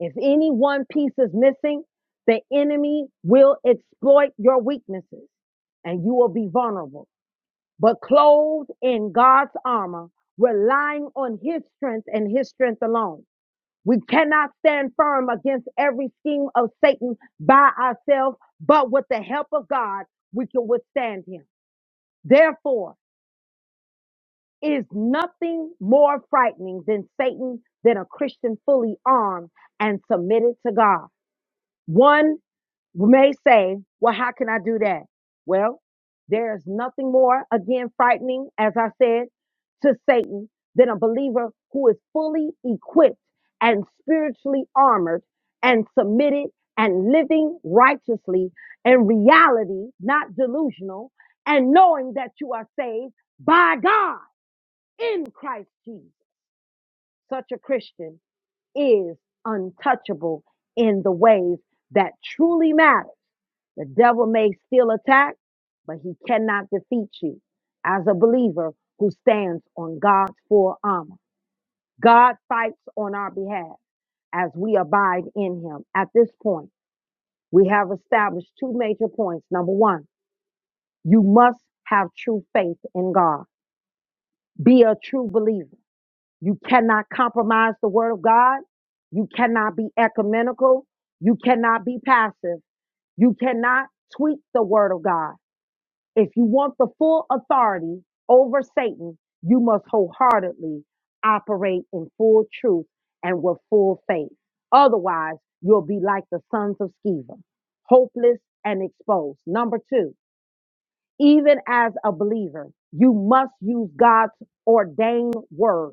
Speaker 1: If any one piece is missing, the enemy will exploit your weaknesses and you will be vulnerable. but clothed in God's armor, relying on his strength and his strength alone. We cannot stand firm against every scheme of Satan by ourselves, but with the help of God, we can withstand him. Therefore, it is nothing more frightening than Satan than a Christian fully armed and submitted to God. One may say, well, how can I do that? Well, there's nothing more, again, frightening, as I said, to Satan than a believer who is fully equipped and spiritually armored and submitted and living righteously in reality, not delusional, and knowing that you are saved by God in Christ Jesus. Such a Christian is untouchable in the ways that truly matter the devil may still attack, but he cannot defeat you as a believer who stands on God's full armor. God fights on our behalf as we abide in him. At this point, we have established two major points. Number one, you must have true faith in God. Be a true believer. You cannot compromise the word of God. You cannot be ecumenical. You cannot be passive. You cannot tweak the word of God. If you want the full authority over Satan, you must wholeheartedly operate in full truth and with full faith. Otherwise, you'll be like the sons of Sceva, hopeless and exposed. Number two, even as a believer, you must use God's ordained word,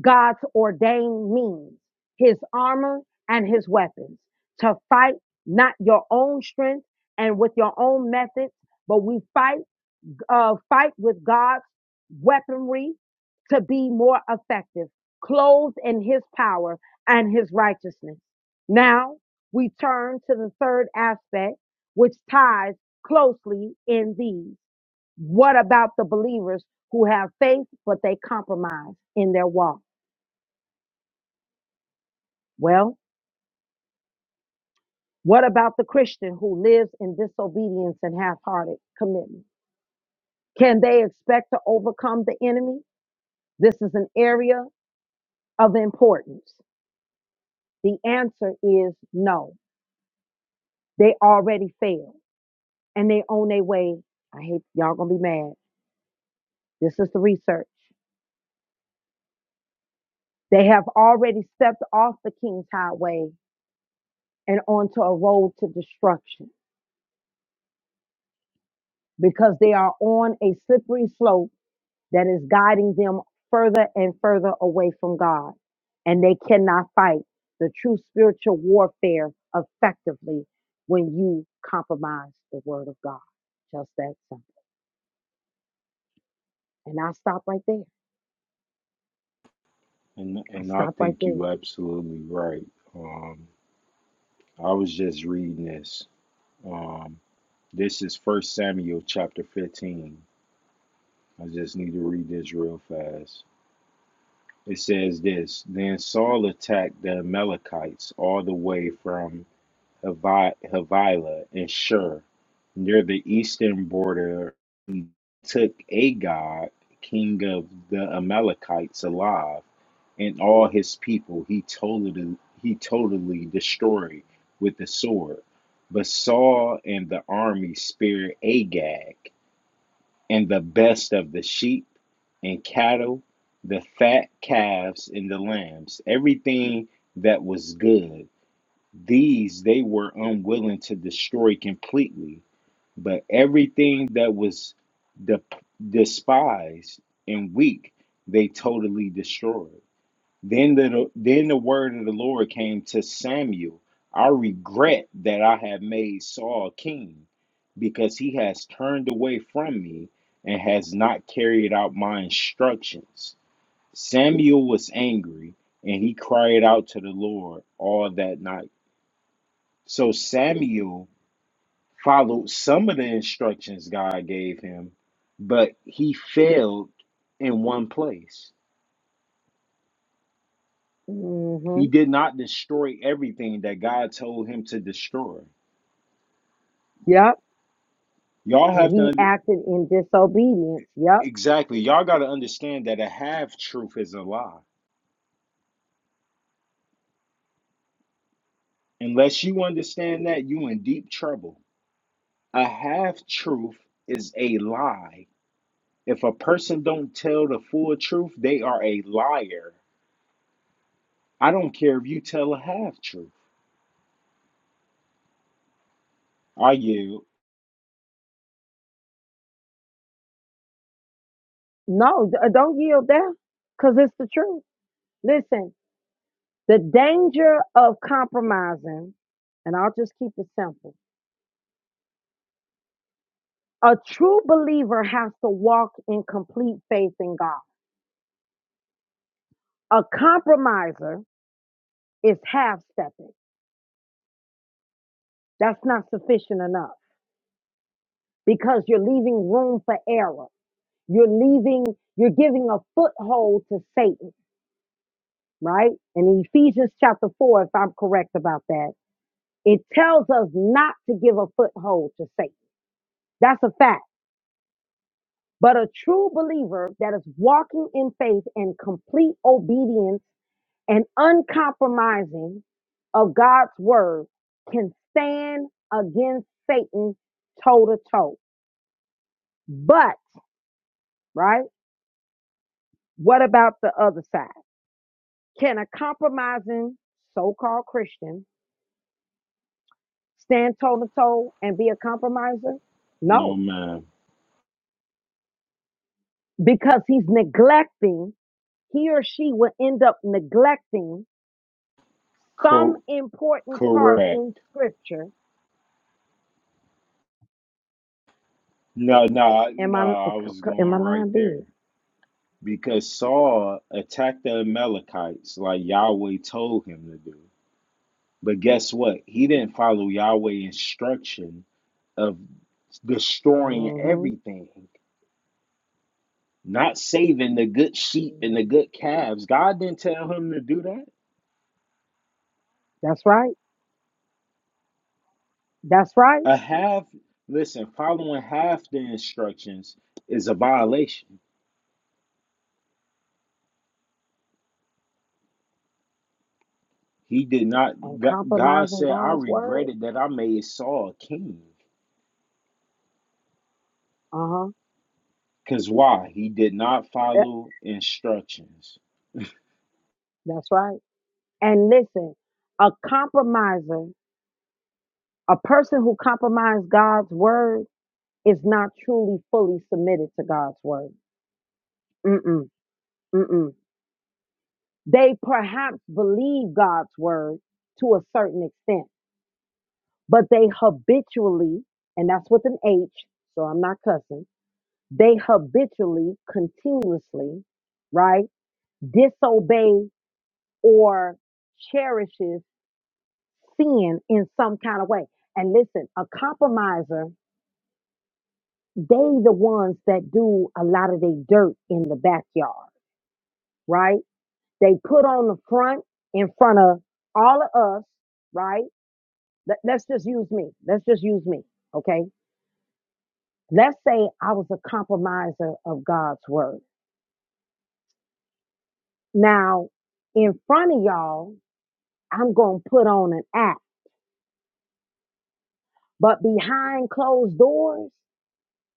Speaker 1: God's ordained means, his armor and his weapons to fight not your own strength and with your own methods, but we fight uh, fight with God's weaponry to be more effective, clothed in his power and his righteousness. Now we turn to the third aspect, which ties closely in these. What about the believers who have faith, but they compromise in their walk? Well, what about the Christian who lives in disobedience and half hearted commitment? Can they expect to overcome the enemy? This is an area of importance. The answer is no. They already failed and they on their way. I hate y'all gonna be mad. This is the research. They have already stepped off the King's Highway and onto a road to destruction because they are on a slippery slope that is guiding them further and further away from God. And they cannot fight the true spiritual warfare effectively when you compromise the word of God. Just that simple. And I stop right there.
Speaker 3: And
Speaker 1: I
Speaker 3: and I
Speaker 1: stopped right
Speaker 3: think
Speaker 1: there.
Speaker 3: you absolutely right. Um, I was just reading this. Um, this is First Samuel chapter fifteen. I just need to read this real fast. It says this Then Saul attacked the Amalekites all the way from Havilah and Shur, near the eastern border, and took Agag, king of the Amalekites, alive, and all his people he totally, he totally destroyed with the sword. But Saul and the army spared Agag and the best of the sheep and cattle, the fat calves and the lambs, everything that was good. These they were unwilling to destroy completely, but everything that was de- despised and weak they totally destroyed. Then the then the word of the Lord came to Samuel. I regret that I have made Saul king, because he has turned away from me and has not carried out my instructions. Samuel was angry, and he cried out to the Lord all that night. So Samuel followed some of the instructions God gave him, but he failed in one place. He
Speaker 1: hmm
Speaker 3: did not destroy everything that God told him to destroy.
Speaker 1: Yep.
Speaker 3: Y'all have
Speaker 1: And
Speaker 3: to
Speaker 1: he
Speaker 3: under-
Speaker 1: acted in disobedience. Yep.
Speaker 3: exactly. Y'all got to understand that a half truth is a lie. Unless you understand that, you in deep trouble. A half truth is a lie. If a person don't tell the full truth, they are a liar. I don't care if you tell a half truth. Are you?
Speaker 1: No, d- uh, don't yield there because it's the truth. Listen, the danger of compromising, and I'll just keep it simple. A true believer has to walk in complete faith in God. A compromiser is half stepping. That's not sufficient enough because you're leaving room for error. You're leaving, you're giving a foothold to Satan. right? And Ephesians chapter 4, if I'm correct about that, it tells us not to give a foothold to Satan. That's a fact. But a true believer that is walking in faith and complete obedience and uncompromising of God's word can stand against Satan toe to toe. But, right? What about the other side? Can a compromising so called Christian stand toe to toe and be a compromiser?
Speaker 3: No,
Speaker 1: No,
Speaker 3: man.
Speaker 1: because he's neglecting, he or she will end up neglecting some
Speaker 3: Cor-
Speaker 1: important part
Speaker 3: correct.
Speaker 1: in scripture.
Speaker 3: No, no,
Speaker 1: Am
Speaker 3: no.
Speaker 1: I,
Speaker 3: I was going
Speaker 1: am I
Speaker 3: right
Speaker 1: lying
Speaker 3: there.
Speaker 1: big?
Speaker 3: because Saul attacked the Amalekites like Yahweh told him to do. But guess what? He didn't follow Yahweh's instruction of destroying
Speaker 1: hmm
Speaker 3: everything, not saving the good sheep and the good calves. God didn't tell him to do that.
Speaker 1: That's right. That's right.
Speaker 3: A half, listen, following half the instructions is a violation. He did not,
Speaker 1: And
Speaker 3: God
Speaker 1: compromising
Speaker 3: said, I
Speaker 1: God's word.
Speaker 3: regretted that I made Saul king.
Speaker 1: Uh huh.
Speaker 3: Because why? He did not follow instructions.
Speaker 1: That's right. And listen, a compromiser, a person who compromises God's word is not truly fully submitted to God's word. Mm-mm, mm-mm. They perhaps believe God's word to a certain extent, but they habitually, and that's with an H, so I'm not cussing, they habitually, continuously, right, disobey or cherishes sin in some kind of way. And listen, a compromiser, they the ones that do a lot of their dirt in the backyard, right? They put on the front in front of all of us, right? Let, let's just use me. Let's just use me. Okay. Let's say I was a compromiser of God's word. Now, in front of y'all, I'm going to put on an act, but behind closed doors,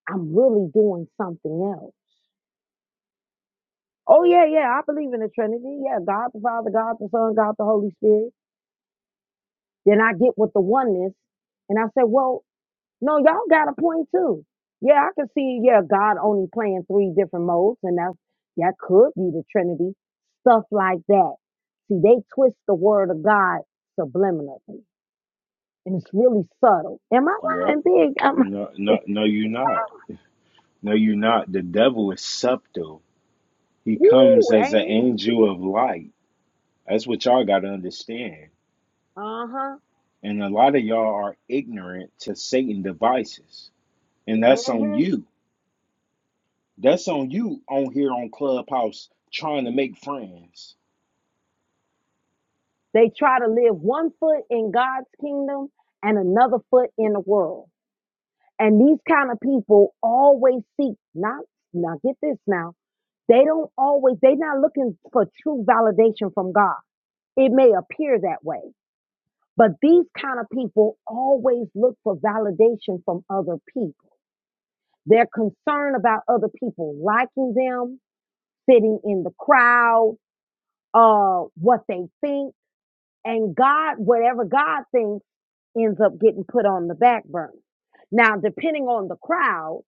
Speaker 1: I'm really doing something else. Oh, yeah, yeah. I believe in the Trinity. Yeah. God the Father, God the Son, God the Holy Spirit. Then I get with the oneness and I say, well, No, y'all got a point too. Yeah, I can see, yeah, God only playing three different modes, and that's that could be the Trinity, stuff like that. See, they twist the word of God subliminally, and it's really subtle. Am I
Speaker 3: Yep.
Speaker 1: lying big? I'm
Speaker 3: No,
Speaker 1: (laughs)
Speaker 3: no, no, you're not. No, you're not. The devil is subtle. He
Speaker 1: woo,
Speaker 3: comes as
Speaker 1: ain't
Speaker 3: an
Speaker 1: he?
Speaker 3: angel of light. That's what y'all got to understand.
Speaker 1: Uh-huh.
Speaker 3: And a lot of y'all are ignorant to Satan devices. And that's on
Speaker 1: hmm
Speaker 3: you. That's on you on here on Clubhouse trying to make friends.
Speaker 1: They try to live one foot in God's kingdom and another foot in the world. And these kind of people always seek not now get this now. They don't always, they're not looking for true validation from God. It may appear that way, but these kind of people always look for validation from other people. They're concerned about other people liking them, fitting in the crowd, uh, what they think, and God, whatever God thinks, ends up getting put on the back burner. Now, depending on the crowd,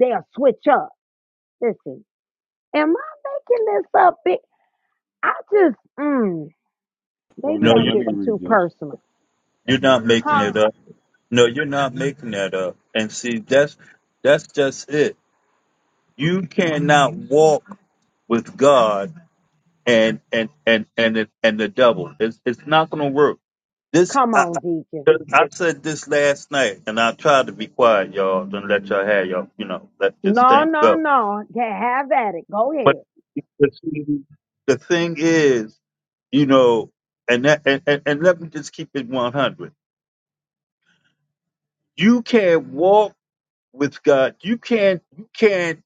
Speaker 1: they'll switch up. Listen, am I making this up? Big? I just, mm.
Speaker 3: Hold
Speaker 1: Maybe
Speaker 6: No,
Speaker 3: on,
Speaker 1: I'm
Speaker 6: you
Speaker 3: let me
Speaker 1: getting
Speaker 3: read
Speaker 1: too
Speaker 3: this.
Speaker 1: personal.
Speaker 6: you're not making
Speaker 1: Huh?
Speaker 6: it up. No, you're not making that up. And see, that's that's just it. You cannot walk with God and and and and the- and the devil. It's it's not going to work. This
Speaker 1: Come
Speaker 6: I,
Speaker 1: on, Deacon.
Speaker 6: I I said this last night, and I tried to be quiet, y'all, and let y'all have y'all you know let this
Speaker 1: No,
Speaker 6: thing
Speaker 1: no,
Speaker 6: go.
Speaker 1: no. Yeah, have at it. Go
Speaker 6: But
Speaker 1: ahead.
Speaker 6: but see, the thing is, you know, and that and, and, and let me just keep it one hundred. You can't walk with God. You can't you can't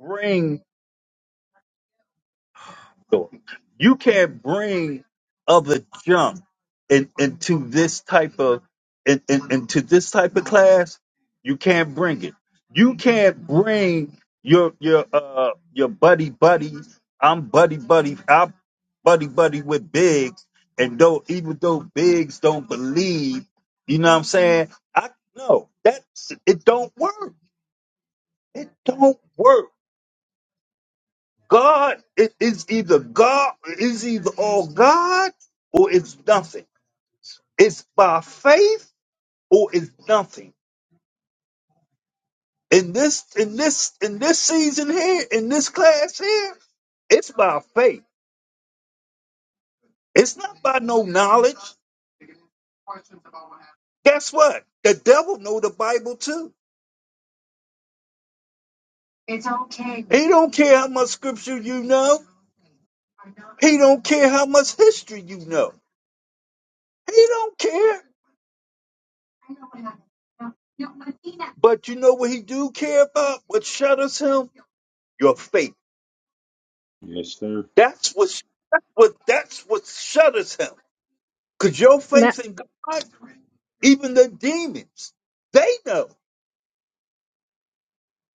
Speaker 6: bring So you can't bring other junk in, into this type of in, in, into this type of class. You can't bring it. You can't bring your your uh your buddy buddies. I'm buddy buddy. I'm buddy buddy with Biggs. And though even though Biggs don't believe, you know what I'm saying? I no, that's it don't work. It don't work. God i- is either God is either all God or it's nothing. It's by faith or it's nothing. In this in this in this season here, in this class here, it's by faith. It's not by no knowledge. Guess what? The devil know the Bible too. It's okay. He don't care how much scripture you know. He don't care how much history you know. He don't care. But you know what he do care about? What shatters him? Your faith.
Speaker 3: Yes, sir.
Speaker 6: That's what that's what that's what shudders him. Because your
Speaker 1: Now,
Speaker 6: faith in God, even the demons, they know.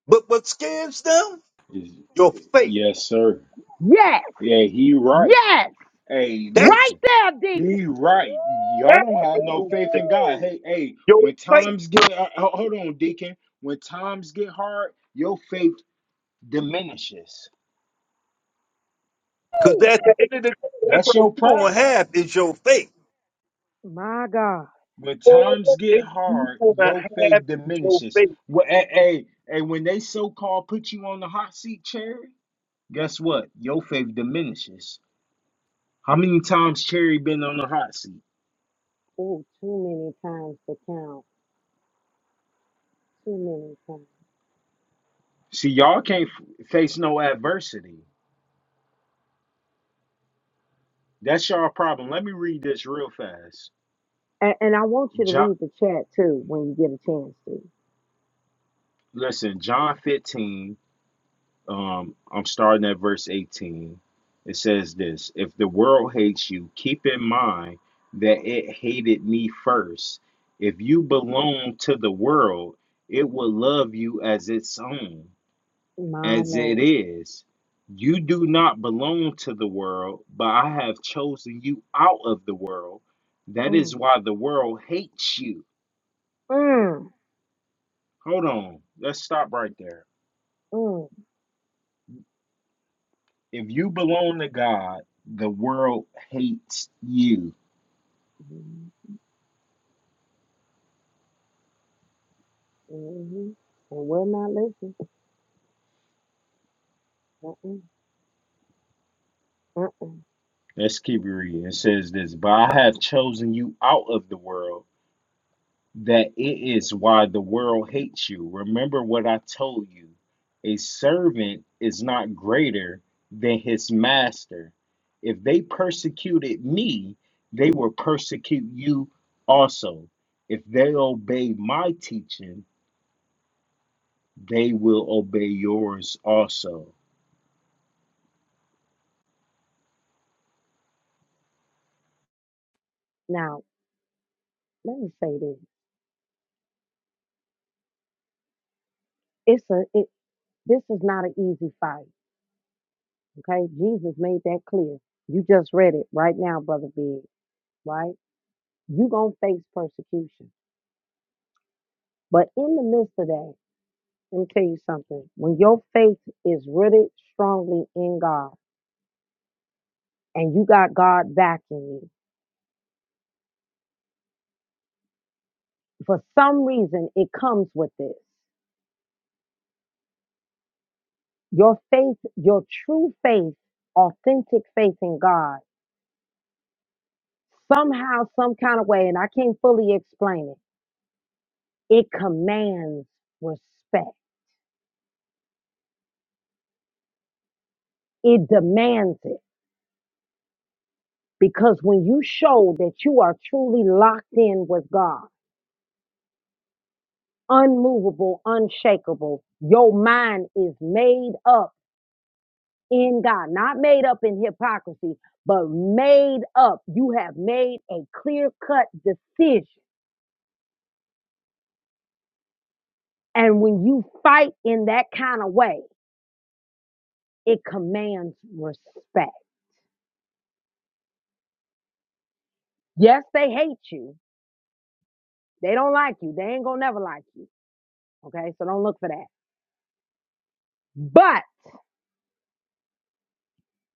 Speaker 6: But what scares them?
Speaker 3: Is
Speaker 6: Your faith.
Speaker 3: yes, sir.
Speaker 1: yes,
Speaker 3: Yeah, he right.
Speaker 1: yes.
Speaker 3: Hey,
Speaker 1: Right
Speaker 3: listen.
Speaker 6: That's
Speaker 1: there, Deacon.
Speaker 3: He right.
Speaker 1: Woo!
Speaker 3: Y'all
Speaker 6: that's
Speaker 3: don't have
Speaker 6: what
Speaker 3: no
Speaker 6: moves
Speaker 3: faith
Speaker 6: them.
Speaker 3: in God. Hey, hey,
Speaker 6: your
Speaker 3: when
Speaker 6: faith.
Speaker 3: times get uh, ho- hold on, Deacon. When times get hard, your faith diminishes.
Speaker 6: Because
Speaker 1: woo,
Speaker 6: at the end of the day, that's
Speaker 3: That's
Speaker 6: what
Speaker 3: your
Speaker 6: we're gonna
Speaker 3: problem.
Speaker 6: have is your faith.
Speaker 1: My God.
Speaker 3: When
Speaker 6: All
Speaker 3: times get
Speaker 6: if you
Speaker 3: hard,
Speaker 6: gonna
Speaker 3: your
Speaker 6: have
Speaker 3: faith
Speaker 6: is your
Speaker 3: diminishes.
Speaker 6: faith.
Speaker 3: Well, hey, hey, hey, when they so-called put you on the hot seat, Cherry, guess what? Your faith diminishes. How many times Cherry been on the hot seat?
Speaker 1: Oh, too many times to count. Too many times.
Speaker 3: See, y'all can't
Speaker 1: Um,
Speaker 3: f- face no adversity. That's y'all problem. Let me read this real fast.
Speaker 1: And, and I want you to read the chat too when you get a chance to.
Speaker 3: Listen, John 15, um, I'm starting at verse 18. It says this If the world hates you, keep in mind that it hated me first. If you belong to the world, it will love you as its own,
Speaker 1: My
Speaker 3: as it
Speaker 1: Lord.
Speaker 3: is. You do not belong to the world, but I have chosen you out of the world. That is
Speaker 1: Mm,
Speaker 3: why the world hates you.
Speaker 1: mm,
Speaker 3: Hold on. Let's stop right there.
Speaker 1: mm, mm,
Speaker 3: if you belong to God, the world hates you.
Speaker 1: mhm. And we're not listening. Mm-mm. Mm-mm.
Speaker 3: Let's keep reading. It says this, but I have chosen you out of the world, that it is why the world hates you. Remember what I told you. A servant is not greater than his master. If they persecuted me, they will persecute you also. If they obey my teaching, they will obey yours also.
Speaker 1: Now, let me say this. It's a it this is not an easy fight. Okay? Jesus made that clear. You just read it right now, brother Big, right? you gonna face persecution. But in the midst of that, let me tell you something. When your faith is rooted strongly in God and you got God backing you, for some reason it comes with this. Your faith, your true faith, authentic faith in God somehow, some kind of way, and I can't fully explain it, it commands respect. It demands it. Because when you show that you are truly locked in with God, unmovable, unshakable, your mind is made up in God, not made up in hypocrisy, but made up. You have made a clear cut decision. And when you fight in that kind of way, it commands respect. Yes, they hate you They don't like you. They ain't gonna never like you. Okay, so don't look for that. But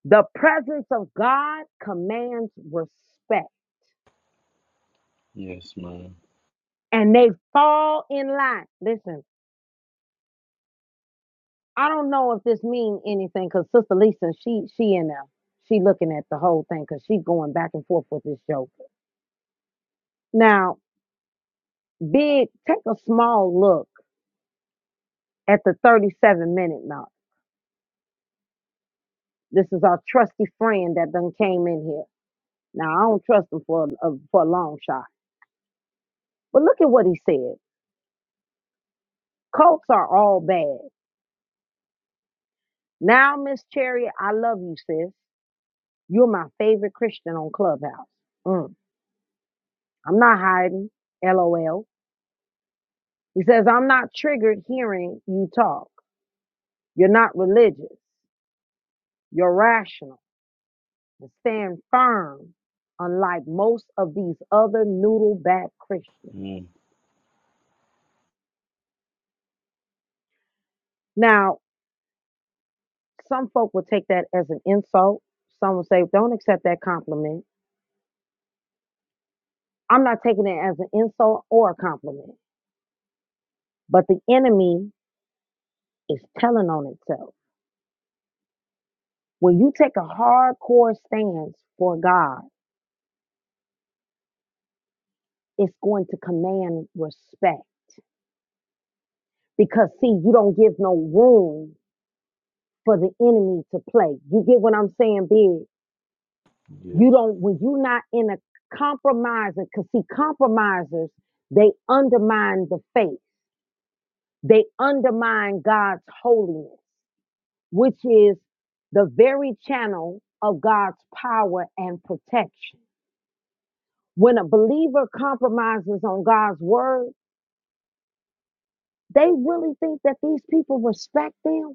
Speaker 1: the presence of God commands respect,
Speaker 3: Yes, man.
Speaker 1: and they fall in line. Listen, I don't know if this means anything because Sister Lisa, she she in there, she looking at the whole thing because she going back and forth with this joke. Now, big, take a small look at the 37 minute mark. This is our trusty friend that done came in here. Now I don't trust him for a, for a long shot, but look at what he said. Cults are all bad. Now, Miss Chariot, I love you, sis. You're my favorite Christian on Clubhouse. Mm, I'm not hiding. LOL. He says, I'm not triggered hearing you talk. You're not religious. You're rational and stand firm, unlike most of these other noodle back Christians.
Speaker 3: Mm,
Speaker 1: Now, some folk will take that as an insult. Some will say, don't accept that compliment. I'm not taking it as an insult or a compliment, but the enemy is telling on itself. When you take a hardcore stance for God, it's going to command respect because, see, you don't give no room for the enemy to play. You get what I'm saying, big?
Speaker 3: yes.
Speaker 1: You don't, when you're not in a compromising, because, see, compromisers, they undermine the faith, they undermine God's holiness, which is the very channel of God's power and protection. When a believer compromises on God's word, they really think that these people respect them.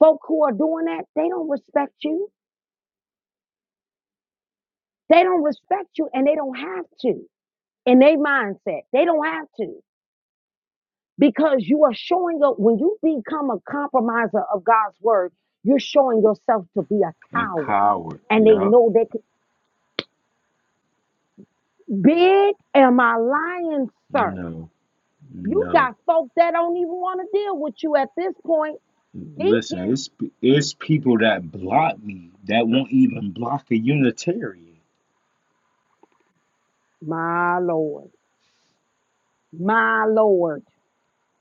Speaker 1: Folk who are doing that, they don't respect you. They don't respect you and they don't have to in their mindset. They don't have to because you are showing up when you become a compromiser of God's word, you're showing yourself to be a
Speaker 3: A
Speaker 1: coward.
Speaker 3: coward.
Speaker 1: And they
Speaker 3: Yep.
Speaker 1: know they could, big am I lying, sir?
Speaker 3: No.
Speaker 1: You
Speaker 3: No.
Speaker 1: got folk that don't even want to deal with you at this point.
Speaker 3: Listen,
Speaker 1: Deacon
Speaker 3: it's it's people that block me that won't even block a Unitarian.
Speaker 1: My Lord. My Lord.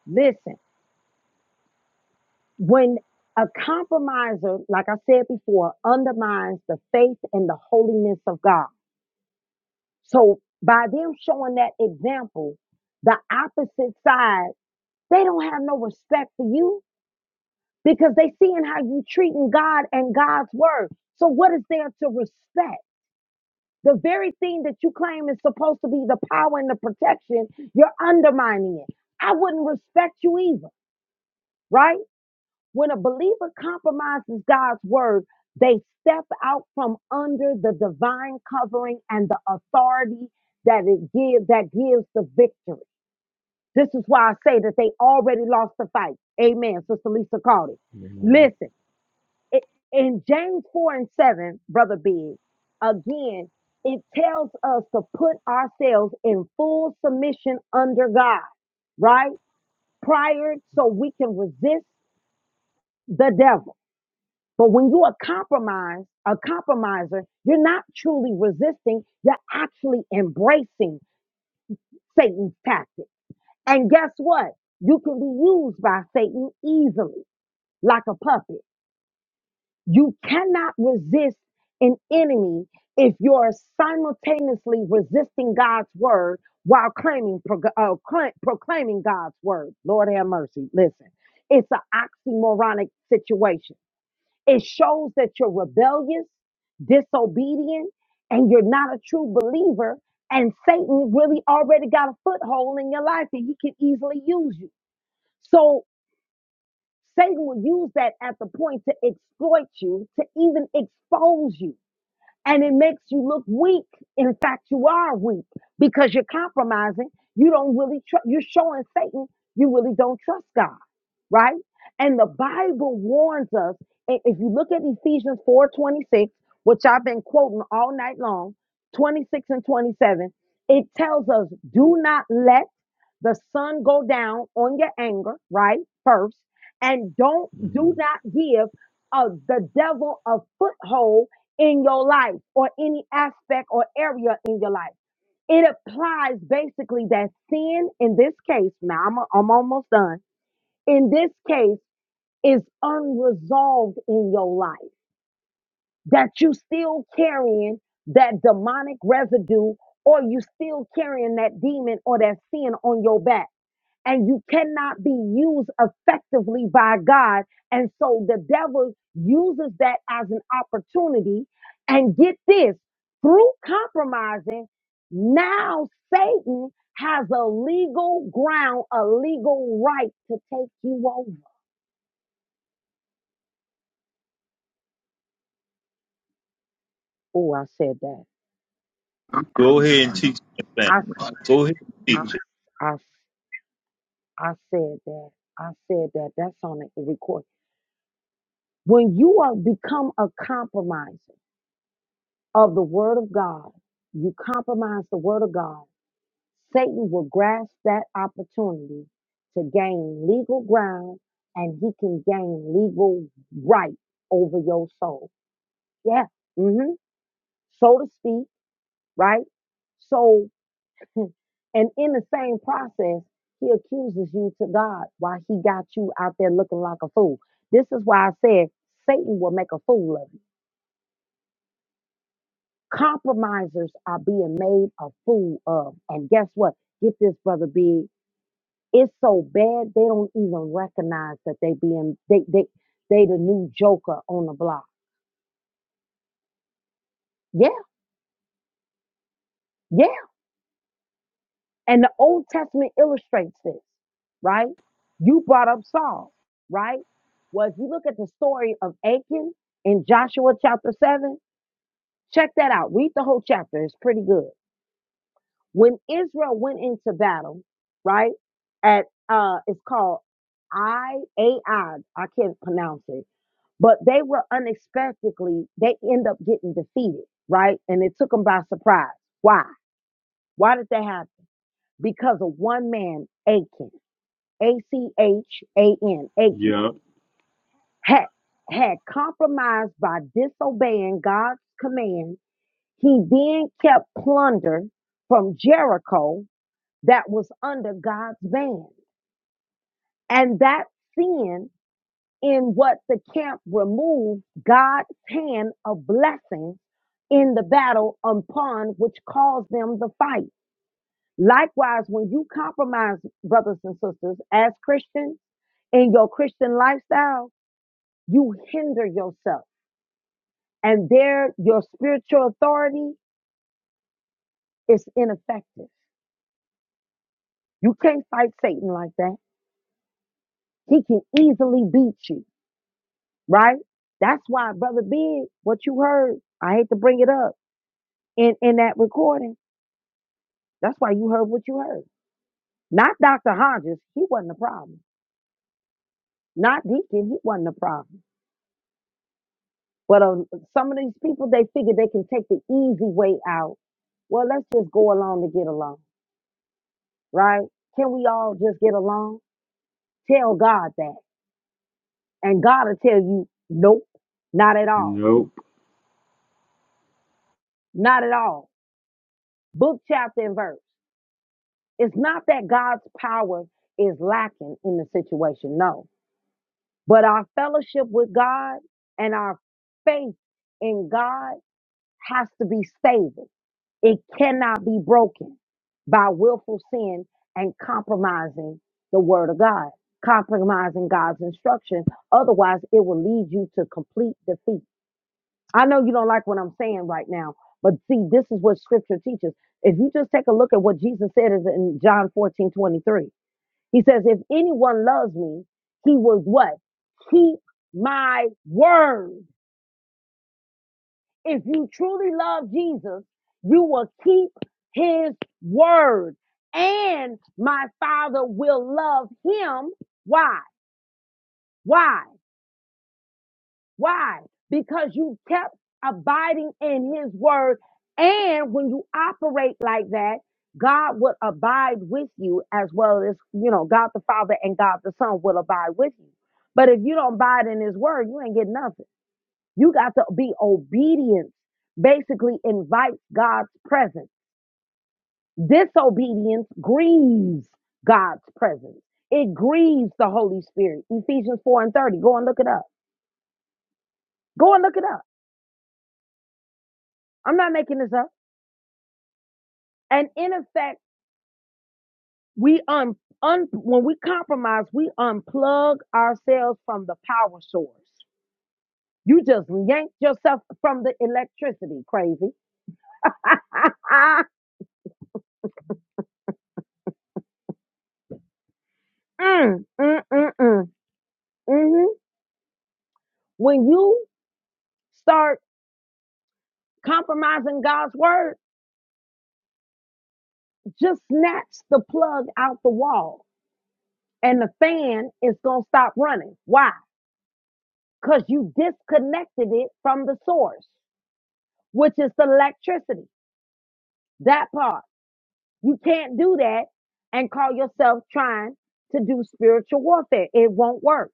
Speaker 1: Listen, when a compromiser, like I said before, undermines the faith and the holiness of God. So by them showing that example, the opposite side, they don't have no respect for you because they seeing how you treating God and God's word. So what is there to respect? The very thing that you claim is supposed to be the power and the protection, you're undermining it. I wouldn't respect you either, right? When a believer compromises God's word, they step out from under the divine covering and the authority that it gives that gives the victory. This is why I say that they already lost the fight. Amen. Sister Lisa called it.
Speaker 3: Mm-hmm.
Speaker 1: Listen, it, in James 4 and 7, Brother Big, again, it tells us to put ourselves in full submission under God, right? Prior so we can resist the devil. But when you are compromised, a compromiser, you're not truly resisting, you're actually embracing Satan's tactics. And guess what? You can be used by Satan easily, like a puppet. You cannot resist an enemy if you're simultaneously resisting God's word while claiming, uh, proclaiming God's word. Lord have mercy. Listen, it's an oxymoronic situation It shows that you're rebellious, disobedient, and you're not a true believer. And Satan really already got a foothold in your life and he can easily use you. So Satan will use that at the point to exploit you, to even expose you and it makes you look weak. In fact, you are weak because you're compromising. You don't really tr- you're showing Satan you really don't trust God, right? And the Bible warns us. i- If you look at Ephesians 4:26, which I've been quoting all night long, 26 and 27, it tells us, "Do not let the sun go down on your anger, right? First, and don't
Speaker 3: hmm
Speaker 1: do not give uh, the devil a foothold in your life or any aspect or area in your life. It applies basically that sin in this case, now I'm, I'm almost done, in this case is unresolved in your life, that you still carrying that demonic residue or you still carrying that demon or that sin on your back and you cannot be used effectively by God. And so the devil uses that as an opportunity. And get this through compromising, now Satan has a legal ground, a legal right to take you over. Oh, I said that.
Speaker 6: Go ahead and teach that
Speaker 1: I,
Speaker 6: thing. Go ahead and
Speaker 1: I,
Speaker 6: teach it.
Speaker 1: I, I said that. I said that. That's on the record. When you are become a compromiser, of the word of God, you compromise the word of God, Satan will grasp that opportunity to gain legal ground and he can gain legal right over your soul. Yeah. hmm So to speak, right? So, and in the same process, he accuses you to God why he got you out there looking like a fool. This is why I said Satan will make a fool of you. Compromisers are being made a fool of. And guess what? Get this, brother Big. It's so bad they don't even recognize that they being they they they the new joker on the block. Yeah, yeah. And the Old Testament illustrates this, right? You brought up Saul, right? Well, if you look at the story of Achan in Joshua chapter seven, check that out. Read the whole chapter. It's pretty good When Israel went into battle, right? At uh it's called I A I, I can't pronounce it, but they were unexpectedly, they end up getting defeated, right? And it took them by surprise. Why? Why did that happen? Because of one man, Achan, A C H A N, Achan,
Speaker 3: Yep.
Speaker 1: had, had compromised by disobeying God's command. He then kept plunder from Jericho that was under God's ban. And that sin in what the camp removed God's hand of blessing in the battle upon which caused them the fight. Likewise, when you compromise, brothers and sisters, as Christians in your Christian lifestyle, you hinder yourself and there your spiritual authority is ineffective. You can't fight Satan like that. He can easily beat you right? That's why, brother Big, what you heard, I hate to bring it up in in that recording. That's why you heard what you heard. Not Dr. Hodges, he wasn't the problem. Not Deacon, he wasn't the problem. But uh, some of these people, they figure they can take the easy way out. Well, let's just go along to get along, right? Can we all just get along? Tell God that, and God will tell you, nope, not at all,
Speaker 3: Nope.
Speaker 1: not at all. Book, chapter, and verse. It's not that God's power is lacking in the situation, no. But our fellowship with God and our faith in God has to be stable. It cannot be broken by willful sin and compromising the word of God, compromising God's instruction. Otherwise, it will lead you to complete defeat. I know you don't like what I'm saying right now, but see, this is what scripture teaches. If you just take a look at what Jesus said is in John 14:23. He says, if anyone loves me, he will what? Keep my word. If you truly love Jesus, you will keep his word and my father will love him. Why? Why? Why? Because you kept abiding in his word. And when you operate like that, God will abide with you as well as, you know, God the Father and God the Son will abide with you. But if you don't abide in his word, you ain't getting nothing. You got to be obedient. Basically invites God's presence. Disobedience grieves God's presence. It grieves the Holy Spirit. Ephesians 4 and 30. Go and look it up. Go and look it up. I'm not making this up. And in effect, we un, un when we compromise, we unplug ourselves from the power source. You just yanked yourself from the electricity, crazy. (laughs) mm, mm, mm, mm. hmm When you start compromising God's word, just snatch the plug out the wall and the fan is going to stop running. Why? Because you disconnected it from the source, which is the electricity. That part. You can't do that and call yourself trying to do spiritual warfare. It won't work.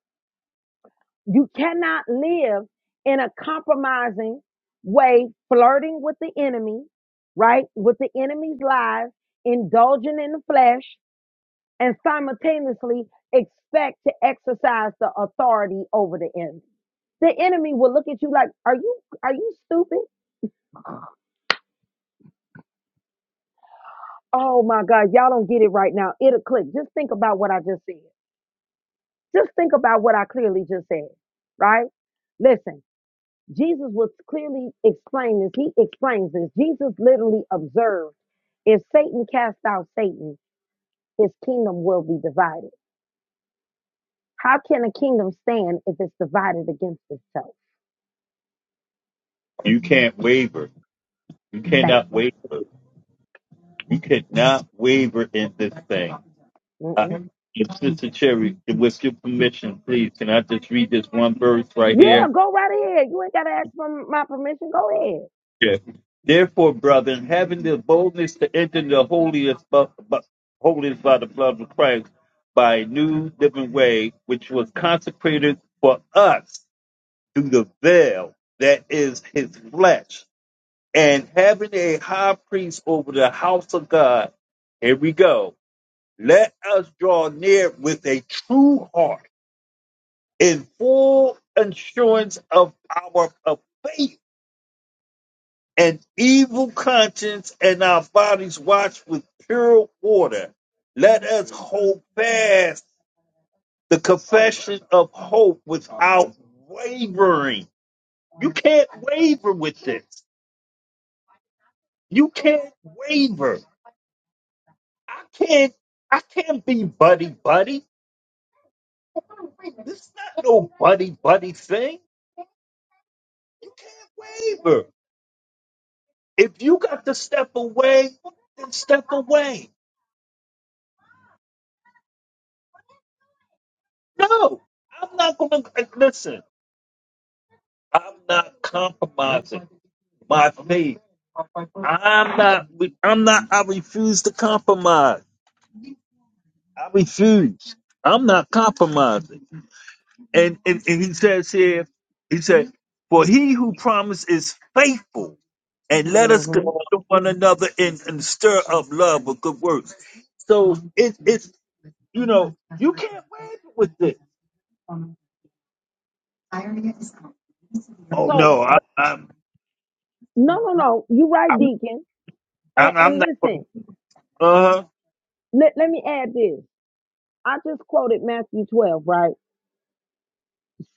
Speaker 1: You cannot live in a compromising way, flirting with the enemy, right? With the enemy's lies, indulging in the flesh, and simultaneously expect to exercise the authority over the enemy. The enemy will look at you like, "Are you are you stupid? Oh my God, y'all don't get it right now. It'll click. Just think about what I just said." Just think about what I clearly just said, right? Listen, Jesus was clearly explaining this. He explains this. Jesus literally observed if Satan cast out Satan, his kingdom will be divided. How can a kingdom stand if it's divided against itself?
Speaker 6: You can't waver. You
Speaker 1: Thank
Speaker 6: cannot
Speaker 1: you.
Speaker 6: waver. You cannot waver in this thing. Uh,
Speaker 1: Mm-mm.
Speaker 6: if Sister Cherry, with your permission, please, can I just read this one verse right
Speaker 1: Yeah,
Speaker 6: here?
Speaker 1: go right ahead. You ain't got to ask for my permission. Go ahead.
Speaker 6: Yeah. Therefore, brethren, having the boldness to enter the holiest, bu- bu- holiest by the blood of Christ, by a new living way, which was consecrated for us through the veil that is his flesh, and having a high priest over the house of God, here we go. Let us draw near with a true heart in full assurance of our of faith and evil conscience and our bodies washed with pure water. Let us hold fast the confession of hope without wavering. You can't waver with this. You can't waver. I can't I can't be buddy buddy. This is not no buddy buddy thing. You can't waver. If you got to step away, then step away. No, I'm not going to listen. I'm not compromising my faith. I'm not. I'm not. I refuse to compromise. I refuse. I'm not compromising. And and, and he says here, he said, "For he who promised is faithful, and let us
Speaker 1: hmm
Speaker 6: go to one another and, and stir up love with good works." So it, it's you know you can't wait with this. Oh
Speaker 1: So,
Speaker 6: no, I, I'm
Speaker 1: no, no, no. You right,
Speaker 6: I'm
Speaker 1: Deacon. And,
Speaker 6: I'm I'm
Speaker 1: and
Speaker 6: not. gonna-
Speaker 1: listen,
Speaker 6: Uh,
Speaker 1: let, let me add this. I just quoted Matthew 12, right?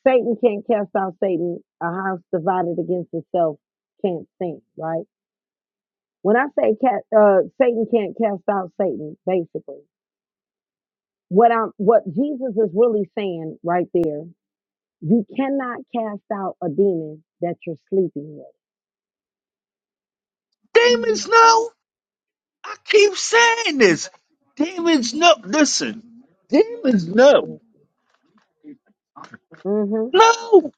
Speaker 1: Satan can't cast out Satan. A house divided against itself can't stand, right? When I say cat, uh, Satan can't cast out Satan, basically, what I'm, what Jesus is really saying right there, you cannot cast out a demon that you're sleeping
Speaker 6: demons, no. I keep saying this. Demons, no. Listen, demons, no,
Speaker 1: with. hmm
Speaker 6: no.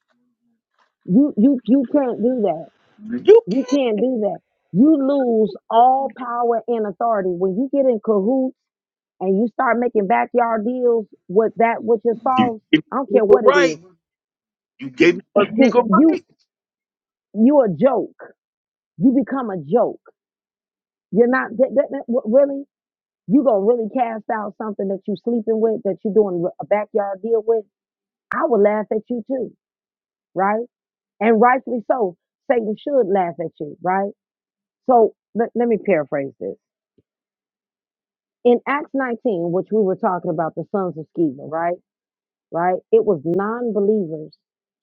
Speaker 1: You, you, you can't do that.
Speaker 6: You
Speaker 1: You can't
Speaker 6: can't.
Speaker 1: do that. You lose all power and authority when you get in cahoots and you start making backyard deals with that which is
Speaker 6: You
Speaker 1: false.
Speaker 6: gave me
Speaker 1: I don't
Speaker 6: a
Speaker 1: care
Speaker 6: legal
Speaker 1: what it is.
Speaker 6: right. You gave me a
Speaker 1: Can
Speaker 6: legal
Speaker 1: you
Speaker 6: right.
Speaker 1: you a joke. You become a joke. You're not that, that, that- what- really. You gonna really cast out something that you sleeping with, that you doing a backyard deal with. I would laugh at you too, right? And rightfully so. Satan should laugh at you, right? So let, let me paraphrase this. In Acts 19, which we were talking about the sons of Sceva, right? Right? It was non-believers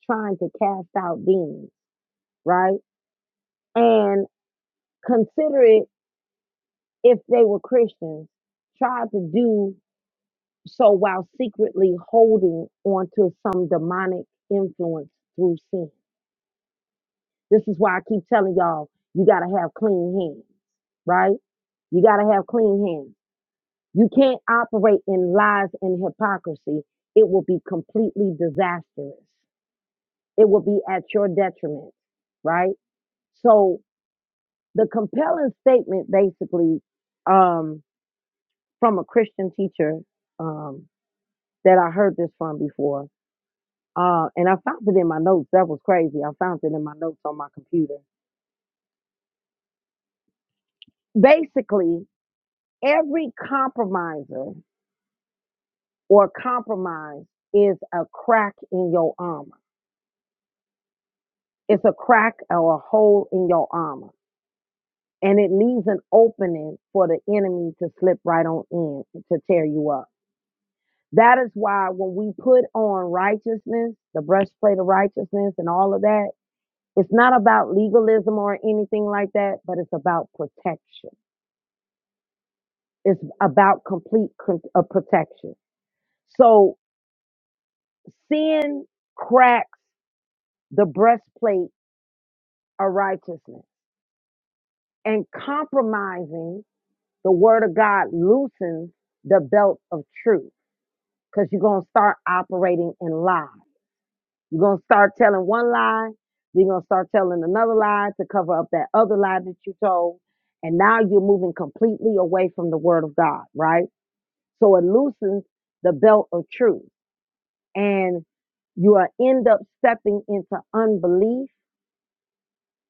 Speaker 1: trying to cast out demons, right? And consider it. if they were Christians, tried to do so while secretly holding onto some demonic influence through sin. This is why I keep telling y'all, you got to have clean hands, right? You got to have clean hands. You can't operate in lies and hypocrisy. It will be completely disastrous. It will be at your detriment, right? So the compelling statement basically um, from a Christian teacher um, that I heard this from before. Uh, and I found it in my notes. That was crazy. I found it in my notes on my computer. Basically, every compromiser or compromise is a crack in your armor. It's a crack or a hole in your armor. And it leaves an opening for the enemy to slip right on in to tear you up. That is why when we put on righteousness, the breastplate of righteousness and all of that, It's not about legalism or anything like that, but it's about protection. It's about complete con- uh, protection. So sin cracks the breastplate of righteousness and compromising the word of God loosens the belt of truth because you're going to start operating in lies. You're going to start telling one lie. Then you're going to start telling another lie to cover up that other lie that you told. And now you're moving completely away from the word of God, right? So it loosens the belt of truth. And you will end up stepping into unbelief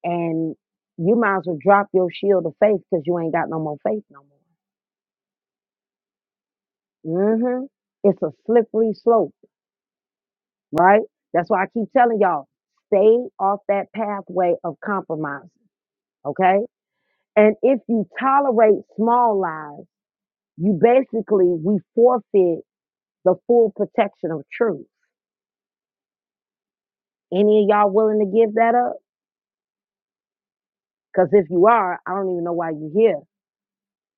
Speaker 1: and you might as well drop your shield of faith because you ain't got no more faith no more. hmm It's a slippery slope, right? That's why I keep telling y'all, stay off that pathway of compromise. Okay? And if you tolerate small lies, you basically we forfeit the full protection of truth. Any of y'all willing to give that up? Because if you are, I don't even know why you're here.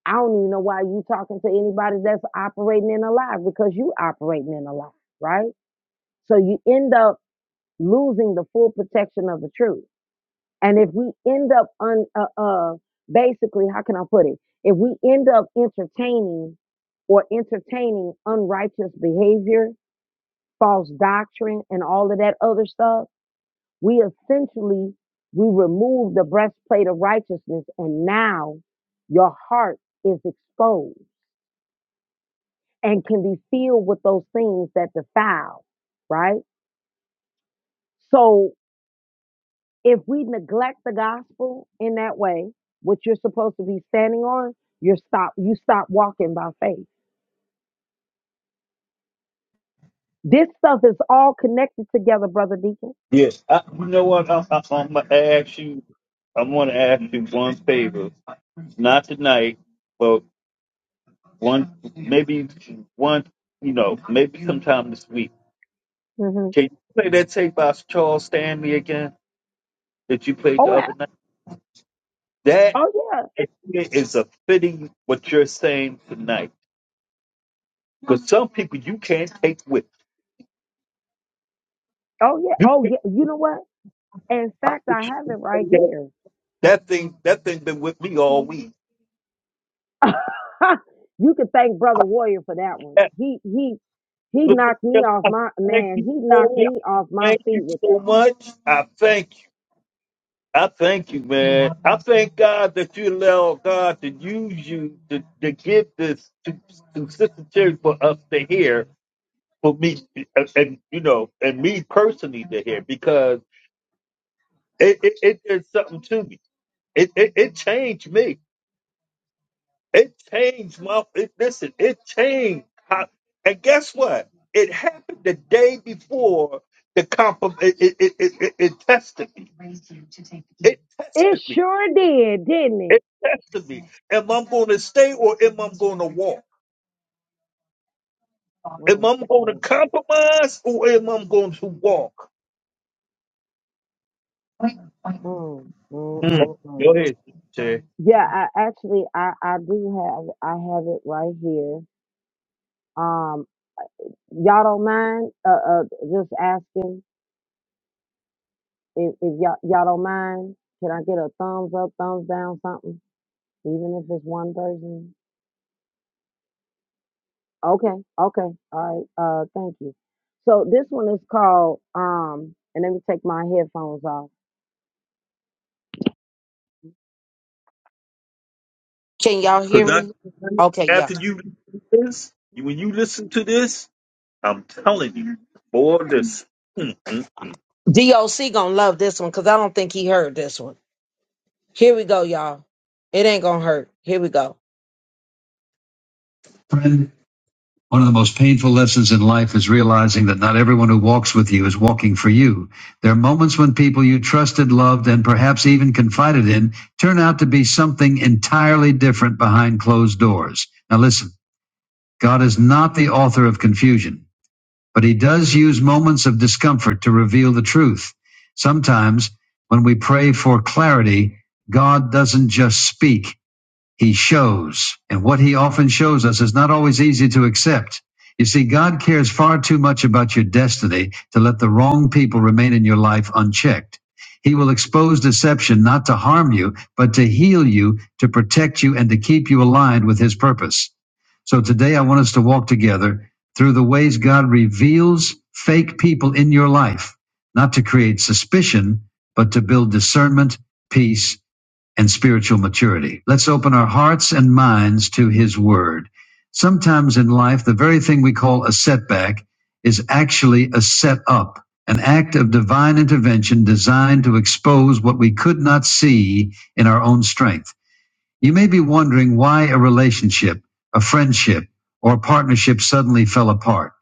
Speaker 1: I don't even know why you are talking to anybody that's operating in a lie because you operating in a lie, right? So you end up losing the full protection of the truth. And if we end up un, uh, uh basically, how can I put it? If we end up entertaining or entertaining unrighteous behavior, false doctrine and all of that other stuff, we essentially we remove the breastplate of righteousness and now your heart is exposed and can be filled with those things that defile, right? So if we neglect the gospel in that way, what you're supposed to be standing on, you stop you stop walking by faith. This stuff is all connected together, brother Deacon.
Speaker 6: Yes. I, you know what? I, I, I'm gonna ask you. I'm gonna ask you one favor. Not tonight, but one, maybe one. You know, maybe sometime this week.
Speaker 1: hmm
Speaker 6: Can you play that tape by Charles Stanley again that you played
Speaker 1: Oh,
Speaker 6: the
Speaker 1: yeah.
Speaker 6: other night? That
Speaker 1: oh yeah,
Speaker 6: is a fitting what you're saying tonight. Because some people you can't take with
Speaker 1: oh yeah,
Speaker 6: you.
Speaker 1: oh
Speaker 6: Can't,
Speaker 1: yeah. You know what? In
Speaker 6: I
Speaker 1: fact, I
Speaker 6: wish
Speaker 1: have
Speaker 6: you
Speaker 1: it right
Speaker 6: could play that,
Speaker 1: here.
Speaker 6: that thing. That thing been with me all week.
Speaker 1: (laughs) you can thank Brother Warrior for that one.
Speaker 6: That-
Speaker 1: He he he
Speaker 6: look,
Speaker 1: knocked me off
Speaker 6: I
Speaker 1: my
Speaker 6: Thank
Speaker 1: man. He
Speaker 6: you for
Speaker 1: knocked
Speaker 6: it.
Speaker 1: me off my
Speaker 6: Thank you
Speaker 1: feet with
Speaker 6: so
Speaker 1: that.
Speaker 6: much. I thank you. I thank you, man. I thank God that you allow God to use you to, to give this to, to Sister Cherry for us to hear for me and, and, you know and me personally to hear because it, it, it did something to me it, it it changed me it changed my it, listen it changed how, and guess what it happened the day before the comp it it, it, it, it it tested me it
Speaker 1: It
Speaker 6: tested me
Speaker 1: sure did, didn't it?
Speaker 6: it tested me am i going to stay or am i going to walk am
Speaker 1: Mm,
Speaker 6: i going to
Speaker 1: mm,
Speaker 6: compromise or am i going to walk
Speaker 1: mm, mm, mm,
Speaker 6: Mm.
Speaker 1: mm.
Speaker 6: go
Speaker 1: mm.
Speaker 6: ahead
Speaker 1: Yeah, I, actually, I I do have I have it right here. Um, y'all don't mind? Uh, uh just asking if if y'all y'all don't mind. Can I get a thumbs up, thumbs down, something? Even if it's one person. Okay, okay, all right. Uh, thank you. So this one is called um, and let me take my headphones off. Can y'all hear
Speaker 6: Because I
Speaker 1: me? Okay, yeah.
Speaker 6: after you listen to this, you- when you listen to this, I'm telling you, boy, this mm, mm, mm.
Speaker 1: DOC gonna love this one because I don't think he heard this one. Here we go, y'all. It ain't gonna hurt. Here we go. Friend, one of the most painful lessons in life is realizing that not everyone who walks with you is walking for you. There are moments when people you trusted, loved, and perhaps even confided in turn out to be something entirely different behind closed doors. Now listen. God is not the author of confusion, but he does use moments of discomfort to reveal the truth. Sometimes when we pray for clarity, God doesn't just speak. He shows. And what he often shows us is not always easy to accept. You see, God cares far too much about your destiny to let the wrong people remain in your life unchecked. He will expose deception not to harm you, but to heal you, to protect you, and to keep you aligned with his purpose. So today I want us to walk together through the ways God reveals fake people in your life, not to create suspicion, but to build discernment, peace, and spiritual maturity. Let's open our hearts and minds to His Word. Sometimes in life, the very thing we call a setback is actually a set up an act of divine intervention designed to expose what we could not see in our own strength. You may be wondering why a relationship, a friendship, or a partnership suddenly fell apart.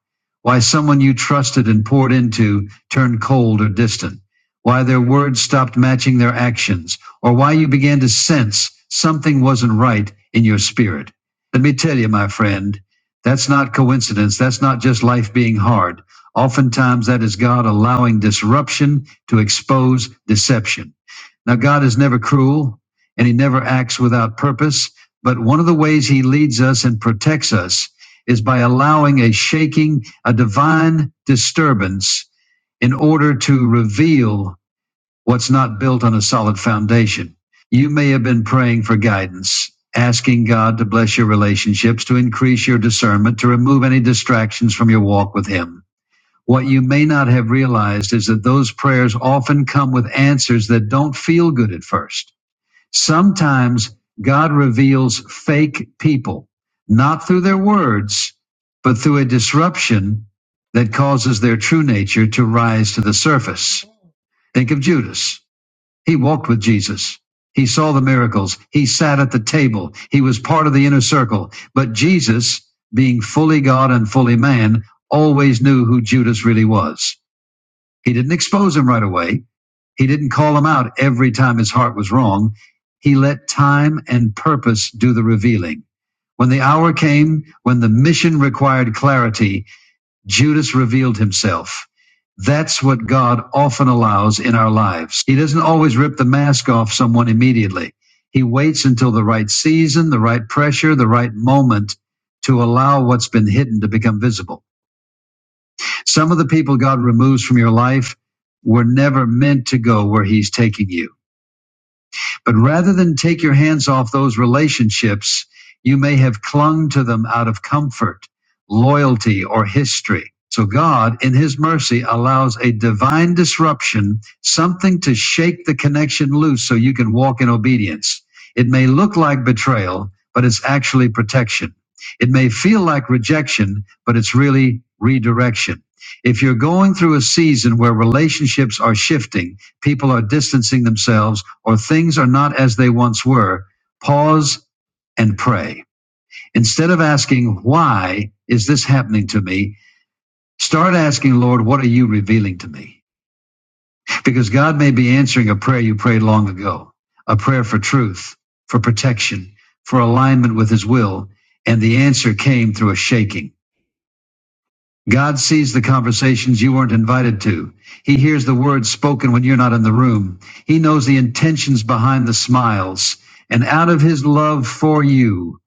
Speaker 1: Why someone you trusted and poured into turned cold or distant. Why their words stopped matching their actions, or why you began to sense something wasn't right in your spirit. Let me tell you, my friend, that's not coincidence. That's not just life being hard. Oftentimes, that is God allowing disruption to expose deception. Now, God is never cruel and he never acts without purpose. But one of the ways he leads us and protects us is by allowing a shaking, a divine disturbance in order to reveal what's not built on a solid foundation. You may have been praying for guidance, asking God to bless your relationships, to increase your discernment, to remove any distractions from your walk with him. What you may not have realized is that those prayers often come with answers that don't feel good at first Sometimes God reveals fake people, not through their words, but through a disruption that causes their true nature to rise to the surface. Think of Judas. He walked with Jesus. He saw the miracles. He sat at the table. He was part of the inner circle. But Jesus, being fully God and fully man, always knew who Judas really was. He didn't expose him right away. He didn't call him out every time his heart was wrong. He let time and purpose do the revealing. When the hour came, when the mission required clarity, Judas revealed himself. That's what God often allows in our lives. He doesn't always rip the mask off someone immediately. He waits until the right season, the right pressure, the right moment to allow what's been hidden to become visible. Some of the people God removes from your life were never meant to go where He's taking you. But rather than take your hands off those relationships, you may have clung to them out of comfort, loyalty, or history. So God, in His mercy, allows a divine disruption, something to shake the connection loose so you can walk in obedience. It may look like betrayal, but it's actually protection. It may feel like rejection, but it's really redirection. If you're going through a season where relationships are shifting, people are distancing themselves or things are not as they once were, pause and pray. Instead of asking, why is this happening to me? Start asking, Lord, what are you revealing to me? Because God may be answering a prayer you prayed long ago, a prayer for truth, for protection, for alignment with his will. And the answer came through a shaking. God sees the conversations you weren't invited to. He hears the words spoken when you're not in the room. He knows the intentions behind the smiles. And out of his love for you,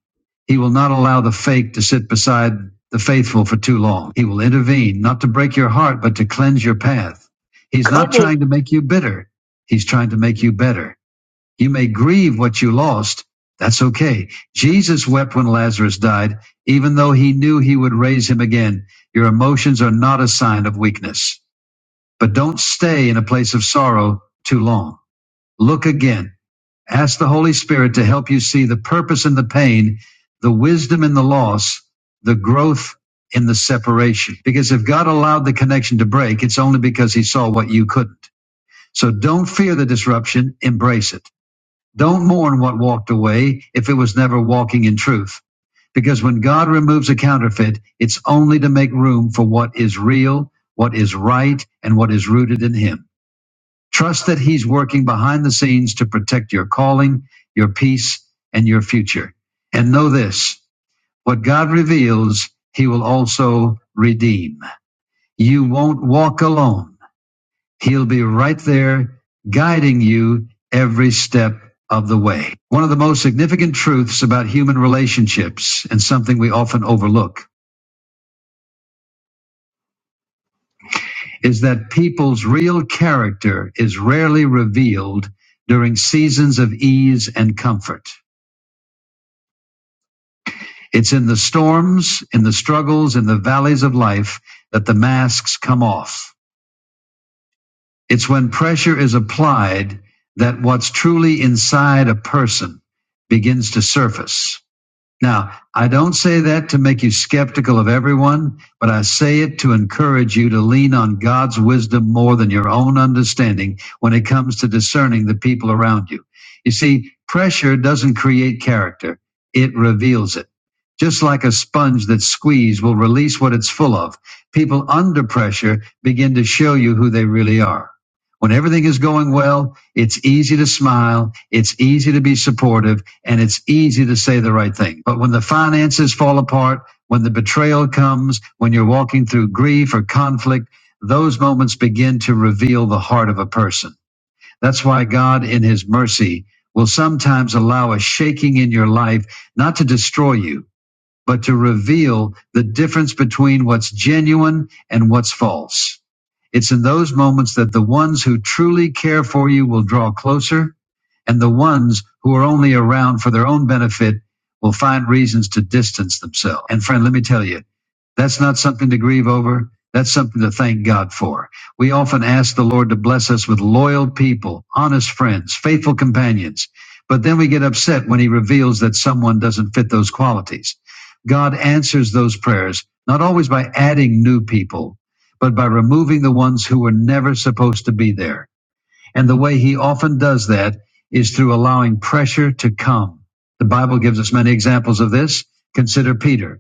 Speaker 1: he will not allow the fake to sit beside the faithful for too long. He will intervene, not to break your heart, but to cleanse your path. He's not
Speaker 6: come on,
Speaker 1: trying to make you bitter. He's trying to make you better. You may grieve what you lost. That's okay. Jesus wept when Lazarus died, even though he knew he would raise him again. Your emotions are not a sign of weakness. But don't stay in a place of sorrow too long. Look again. Ask the Holy Spirit to help you see the purpose in the pain, the wisdom in the loss, the growth in the separation. Because if God allowed the connection to break, it's only because he saw what you couldn't. So don't fear the disruption, embrace it. Don't mourn what walked away if it was never walking in truth. Because when God removes a counterfeit, it's only to make room for what is real, what is right, and what is rooted in Him. Trust that He's working behind the scenes to protect your calling, your peace, and your future. And know this what God reveals, He will also redeem. You won't walk alone. He'll be right there guiding you every step of the way. One of the most significant truths about human relationships and something we often overlook is that people's real character is rarely revealed during seasons of ease and comfort. It's in the storms, in the struggles, in the valleys of life that the masks come off. It's when pressure is applied that what's truly inside a person begins to surface. Now, I don't say that to make you skeptical of everyone, but I say it to encourage you to lean on God's wisdom more than your own understanding when it comes to discerning the people around you. You see, pressure doesn't create character, it reveals it. Just like a sponge that's squeezed will release what it's full of, people under pressure begin to show you who they really are. When everything is going well, it's easy to smile, it's easy to be supportive and it's easy to say the right thing. But when the finances fall apart, when the betrayal comes, when you're walking through grief or conflict, those moments begin to reveal the heart of a person. That's why God, in His mercy, will sometimes allow a shaking in your life not to destroy you, but to reveal the difference between what's genuine and what's false. It's in those moments that the ones who truly care for you will draw closer, and the ones who are only around for their own benefit will find reasons to distance themselves. And friend, let me tell you, that's not something to grieve over. That's something to thank God for. We often ask the Lord to bless us with loyal people, honest friends, faithful companions. But then we get upset when he reveals that someone doesn't fit those qualities. God answers those prayers, not always by adding new people, but by removing the ones who were never supposed to be there. And the way he often does that is through allowing pressure to come. The Bible gives us many examples of this. Consider Peter.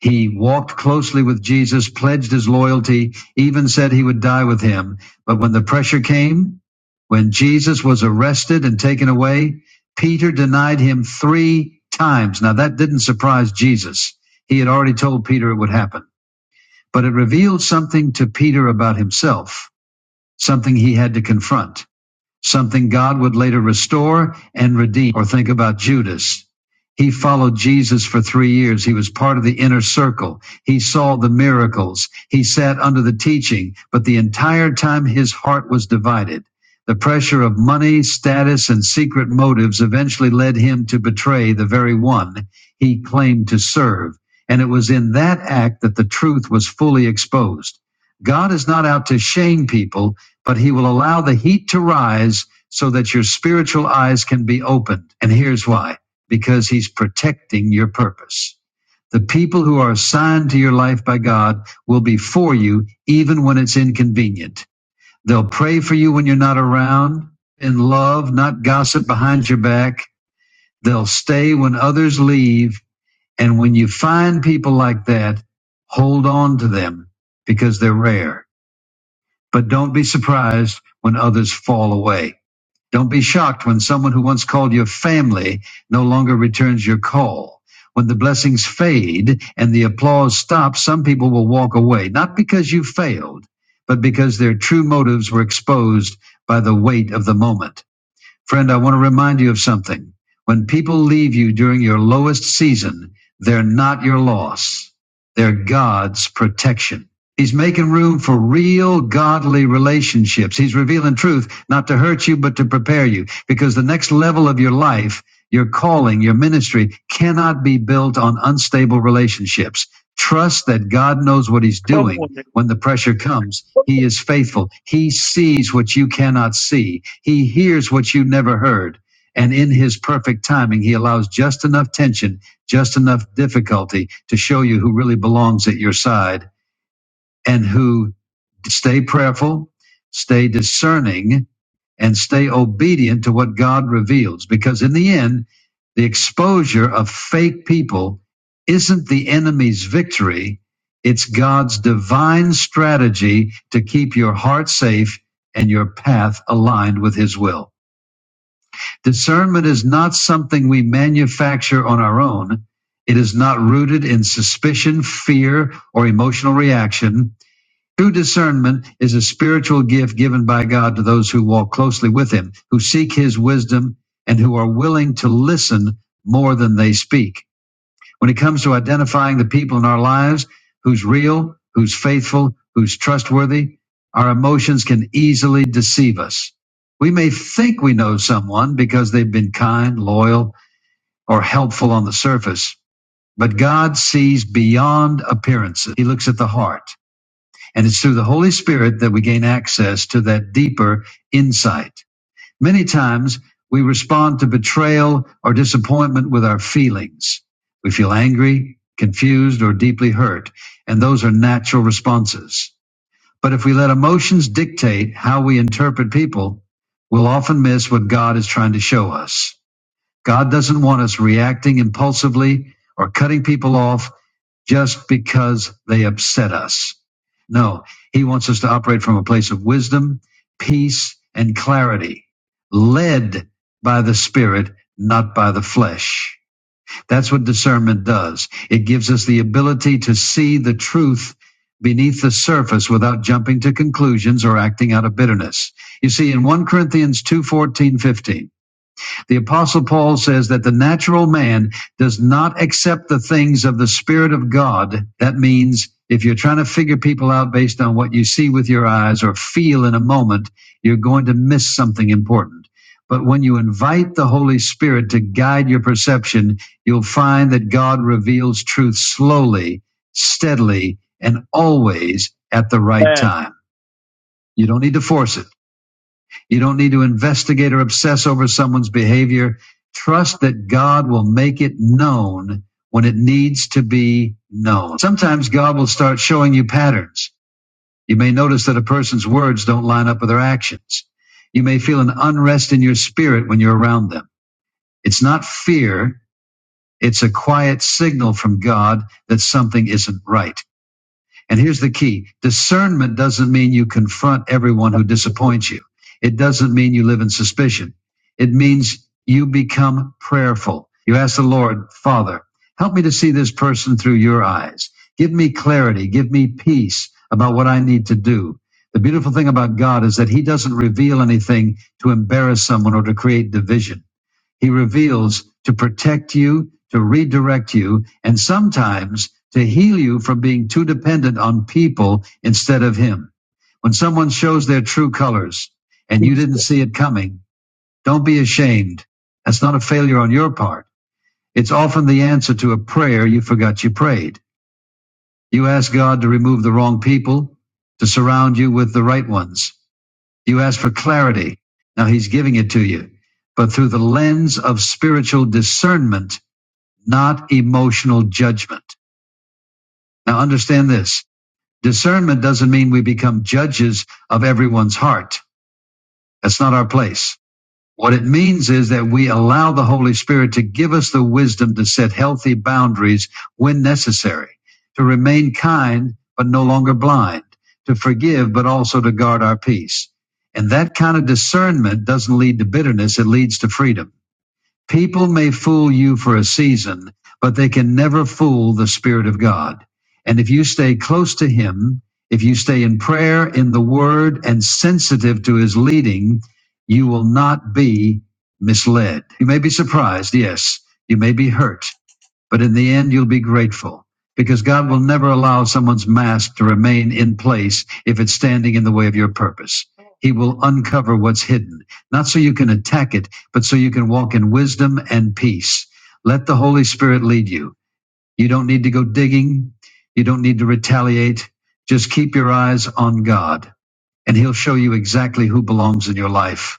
Speaker 1: He walked closely with Jesus, pledged his loyalty, even said he would die with him. But when the pressure came, when Jesus was arrested and taken away, Peter denied him three times. Now that didn't surprise Jesus. He had already told Peter it would happen, but it revealed something to Peter about himself, something he had to confront something God would later restore and redeem. Or think about Judas. He followed Jesus for three years. He was part of the inner circle. He saw the miracles. He sat under the teaching, but the entire time his heart was divided. The pressure of money, status, and secret motives eventually led him to betray the very one he claimed to serve. And it was in that act that the truth was fully exposed. God is not out to shame people but he will allow the heat to rise so that your spiritual eyes can be opened. And here's why because he's protecting your purpose. The people who are assigned to your life by God will be for you even when it's inconvenient. They'll pray for you when you're not around, in love, not gossip behind your back. They'll stay when others leave. And when you find people like that, hold on to them because they're rare. But don't be surprised when others fall away. Don't be shocked when someone who once called your family no longer returns your call. When the blessings fade and the applause stops, some people will walk away, not because you failed, but because their true motives were exposed by the weight of the moment. Friend, I want to remind you of something. When people leave you during your lowest season, they're not your loss. They're God's protection. He's making room for real godly relationships. He's revealing truth, not to hurt you, but to prepare you. Because the next level of your life, your calling, your ministry cannot be built on unstable relationships. Trust that God knows what he's
Speaker 6: come
Speaker 1: doing
Speaker 6: on, man.
Speaker 1: when the pressure comes,
Speaker 6: Come
Speaker 1: He
Speaker 6: on,
Speaker 1: is faithful. He sees what you cannot see, He hears what you never heard. And in His perfect timing, He allows just enough tension, just enough difficulty to show you who really belongs at your side and who stay prayerful, stay discerning, and stay obedient to what God reveals. Because in the end, the exposure of fake people isn't the enemy's victory. It's God's divine strategy to keep your heart safe and your path aligned with his will. Discernment is not something we manufacture on our own. It is not rooted in suspicion, fear, or emotional reaction. True discernment is a spiritual gift given by God to those who walk closely with Him, who seek His wisdom, and who are willing to listen more than they speak. When it comes to identifying the people in our lives, who's real, who's faithful, who's trustworthy, our emotions can easily deceive us. We may think we know someone because they've been kind, loyal, or helpful on the surface, but God sees beyond appearances. He looks at the heart. And it's through the Holy Spirit that we gain access to that deeper insight. Many times we respond to betrayal or disappointment with our feelings. We feel angry, confused, or deeply hurt. And those are natural responses. But if we let emotions dictate how we interpret people, we'll often miss what God is trying to show us. God doesn't want us reacting impulsively or cutting people off just because they upset us. No, he wants us to operate from a place of wisdom, peace, and clarity, led by the Spirit, not by the flesh. That's what discernment does. It gives us the ability to see the truth beneath the surface without jumping to conclusions or acting out of bitterness. You see, in 1 Corinthians 2 14 15. The apostle Paul says that the natural man does not accept the things of the spirit of God. That means if you're trying to figure people out based on what you see with your eyes or feel in a moment, you're going to miss something important. But when you invite the Holy Spirit to guide your perception, you'll find that God reveals truth slowly, steadily, and always at the right
Speaker 6: man.
Speaker 1: time. You don't need to force it. You don't need to investigate or obsess over someone's behavior. Trust that God will make it known when it needs to be known. Sometimes God will start showing you patterns. You may notice that a person's words don't line up with their actions. You may feel an unrest in your spirit when you're around them. It's not fear. It's a quiet signal from God that something isn't right. And here's the key discernment doesn't mean you confront everyone who disappoints you, it doesn't mean you live in suspicion. It means you become prayerful. You ask the Lord, Father, help me to see this person through your eyes. Give me clarity, give me peace about what I need to do. The beautiful thing about God is that He doesn't reveal anything to embarrass someone or to create division. He reveals to protect you, to redirect you, and sometimes to heal you from being too dependent on people instead of Him. When someone shows their true colors and you didn't
Speaker 6: Pizza.
Speaker 1: see it coming, don't be ashamed. That's not a failure on your part. It's often the answer to a prayer you forgot you prayed. You ask God to remove the wrong people, to surround you with the right ones. You ask for clarity. Now He's giving it to you, but through the lens of spiritual discernment not emotional judgment. Now understand this. Discernment doesn't mean we become judges of everyone's heart. That's not our place. What it means is that we allow the Holy Spirit to give us the wisdom to set healthy boundaries when necessary, to remain kind, but no longer blind, to forgive, but also to guard our peace. And that kind of discernment doesn't lead to bitterness. It leads to freedom. People may fool you for a season, but they can never fool the Spirit of God. And if you stay close to Him, if you stay in prayer, in the Word, and sensitive to His leading, you will not be misled. You may be surprised, yes. You may be hurt. But in the end, you'll be grateful because God will never allow someone's mask to remain in place if it's standing in the way of your purpose. He will uncover what's hidden, not so you can attack it, but so you can walk in wisdom and peace. Let the Holy Spirit lead you. You don't need to go digging. You don't need to retaliate. Just keep your eyes on God and he'll show you exactly who belongs in your life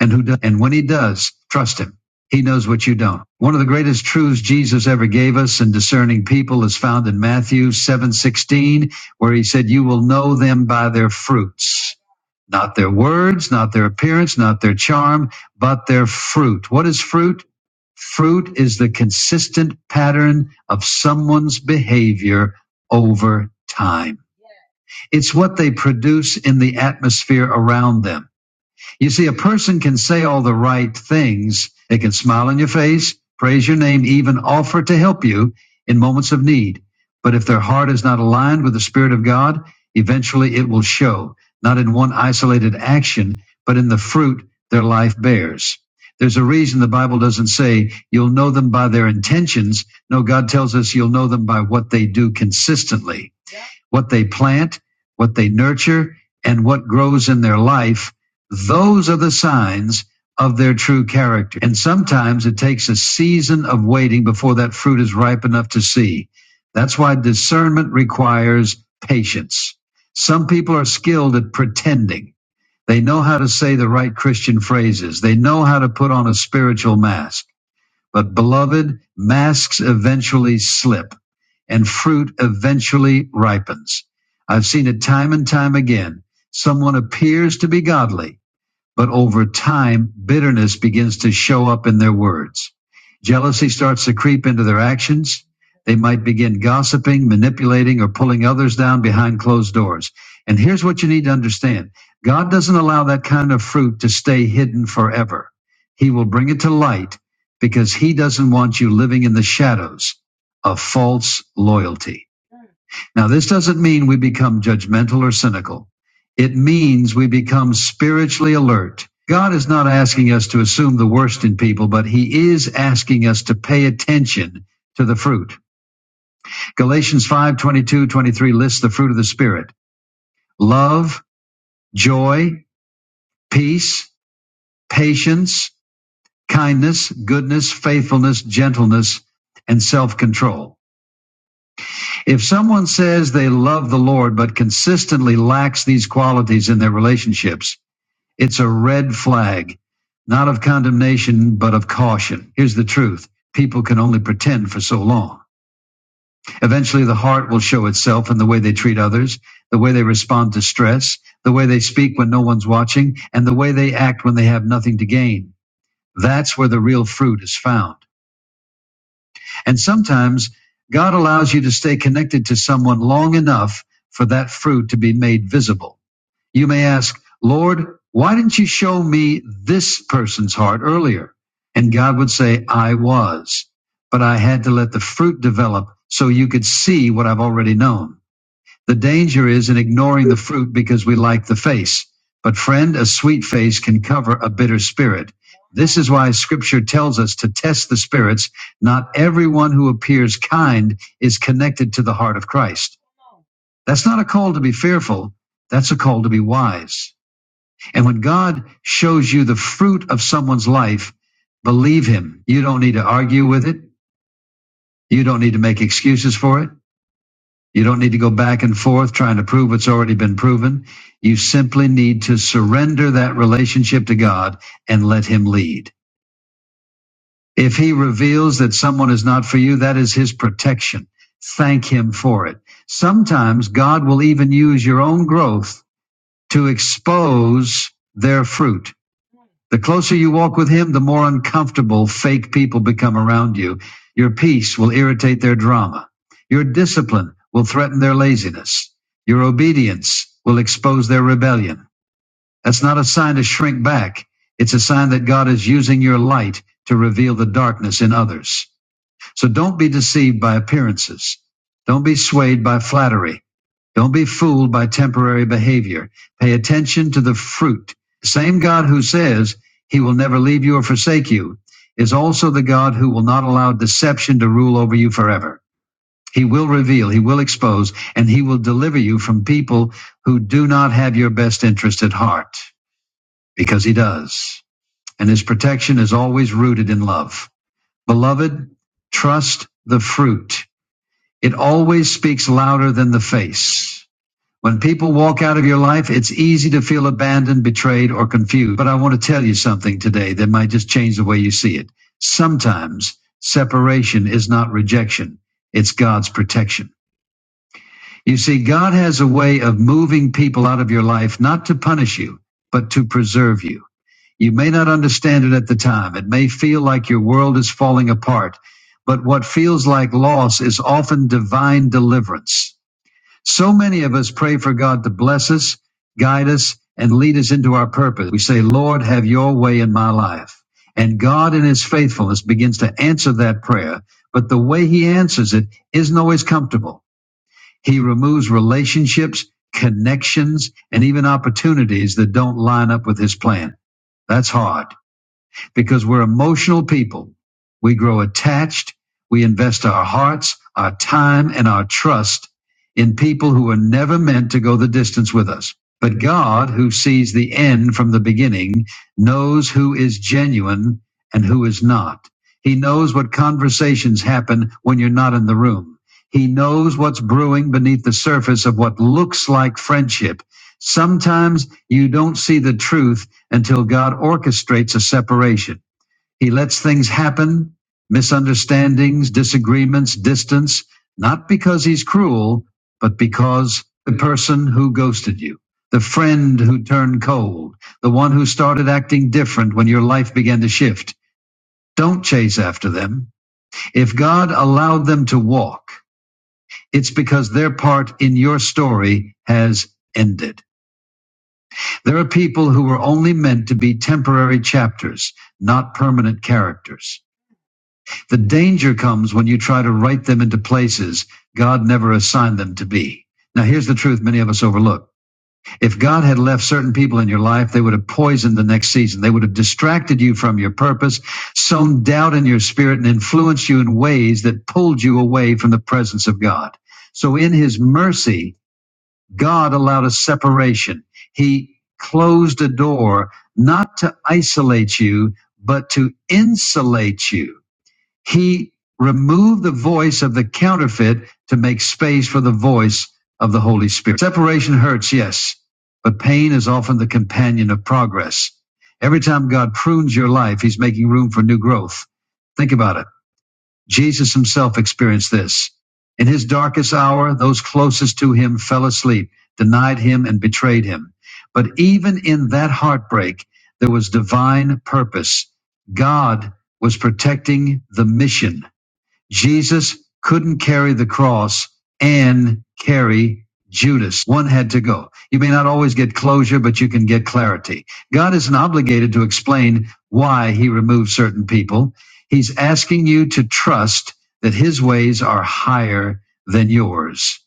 Speaker 1: and who does, and when he does, trust him. He knows what you don't. One of the greatest truths Jesus ever gave us in discerning people is found in Matthew 7:16 where he said you will know them by their fruits. Not their words, not their appearance, not their charm, but their fruit. What is fruit? Fruit is the consistent pattern of someone's behavior over time. It's what they produce in the atmosphere around them. You see, a person can say all the right things. They can smile on your face, praise your name, even offer to help you in moments of need. But if their heart is not aligned with the Spirit of God, eventually it will show, not in one isolated action, but in the fruit their life bears. There's a reason the Bible doesn't say you'll know them by their intentions. No, God tells us you'll know them by what they do consistently what they plant, what they nurture, and what grows in their life, those are the signs of their true character. And sometimes it takes a season of waiting before that fruit is ripe enough to see. That's why discernment requires patience. Some people are skilled at pretending. They know how to say the right Christian phrases. They know how to put on a spiritual mask. But beloved, masks eventually slip and fruit eventually ripens. I've seen it time and time again. Someone appears to be godly, but over time, bitterness begins to show up in their words. Jealousy starts to creep into their actions. They might begin gossiping, manipulating, or pulling others down behind closed doors. And here's what you need to understand God doesn't allow that kind of fruit to stay hidden forever. He will bring it to light because He doesn't want you living in the shadows of false loyalty. Now, this doesn't mean we become judgmental or cynical. It means we become spiritually alert. God is not asking us to assume the worst in people, but he is asking us to pay attention to the fruit. Galatians 5, twenty-two, 23 lists the fruit of the spirit. Love, joy, peace, patience, kindness, goodness, faithfulness, gentleness, and self-control. If someone says they love the Lord but consistently lacks these qualities in their relationships, it's a red flag, not of condemnation, but of caution. Here's the truth people can only pretend for so long. Eventually, the heart will show itself in the way they treat others, the way they respond to stress, the way they speak when no one's watching, and the way they act when they have nothing to gain. That's where the real fruit is found. And sometimes God allows you to stay connected to someone long enough for that fruit to be made visible. You may ask, Lord, why didn't you show me this person's heart earlier? And God would say, I was, but I had to let the fruit develop so you could see what I've already known. The danger is in ignoring the fruit because we like the face. But friend, a sweet face can cover a bitter spirit. This is why scripture tells us to test the spirits. Not everyone who appears kind is connected to the heart of Christ. That's not a call to be fearful. That's a call to be wise. And when God shows you the fruit of someone's life, believe him. You don't need to argue with it. You don't need to make excuses for it. You don't need to go back and forth trying to prove what's already been proven. You simply need to surrender that relationship to God and let Him lead. If He reveals that someone is not for you, that is His protection. Thank Him for it. Sometimes God will even use your own growth to expose their fruit. The closer you walk with him, the more uncomfortable fake people become around you. Your peace will irritate their drama. Your discipline will threaten their laziness. Your obedience will expose their rebellion. That's not a sign to shrink back. It's a sign that God is using your light to reveal the darkness in others. So don't be deceived by appearances. Don't be swayed by flattery. Don't be fooled by temporary behavior. Pay attention to the fruit. The same God who says he will never leave you or forsake you is also the God who will not allow deception to rule over you forever. He will reveal, he will expose, and he will deliver you from people who do not have your best interest at heart because he does. And his protection is always rooted in love. Beloved, trust the fruit. It always speaks louder than the face. When people walk out of your life, it's easy to feel abandoned, betrayed, or confused. But I want to tell you something today that might just change the way you see it. Sometimes separation is not rejection, it's God's protection. You see, God has a way of moving people out of your life, not to punish you, but to preserve you. You may not understand it at the time. It may feel like your world is falling apart, but what feels like loss is often divine deliverance. So many of us pray for God to bless us, guide us, and lead us into our purpose. We say, Lord, have your way in my life. And God in his faithfulness begins to answer that prayer. But the way he answers it isn't always comfortable. He removes relationships, connections, and even opportunities that don't line up with his plan. That's hard because we're emotional people. We grow attached. We invest our hearts, our time, and our trust in people who are never meant to go the distance with us. But God, who sees the end from the beginning, knows who is genuine and who is not. He knows what conversations happen when you're not in the room. He knows what's brewing beneath the surface of what looks like friendship. Sometimes you don't see the truth until God orchestrates a separation. He lets things happen, misunderstandings, disagreements, distance, not because he's cruel, but because the person who ghosted you, the friend who turned cold, the one who started acting different when your life began to shift. Don't chase after them. If God allowed them to walk, it's because their part in your story has ended. There are people who were only meant to be temporary chapters, not permanent characters. The danger comes when you try to write them into places God never assigned them to be. Now, here's the truth many of us overlook. If God had left certain people in your life, they would have poisoned the next season. They would have distracted you from your purpose, sown doubt in your spirit, and influenced you in ways that pulled you away from the presence of God. So, in His mercy, God allowed a separation. He closed a door not to isolate you, but to insulate you. He removed the voice of the counterfeit to make space for the voice of the Holy Spirit. Separation hurts, yes, but pain is often the companion of progress. Every time God prunes your life, He's making room for new growth. Think about it. Jesus himself experienced this. In his darkest hour, those closest to him fell asleep, denied him, and betrayed him. But even in that heartbreak, there was divine purpose. God was protecting the mission Jesus couldn't carry the cross and carry Judas. One had to go. You may not always get closure, but you can get clarity. God isn't obligated to explain why he removes certain people. He's asking you to trust that his ways are higher than yours.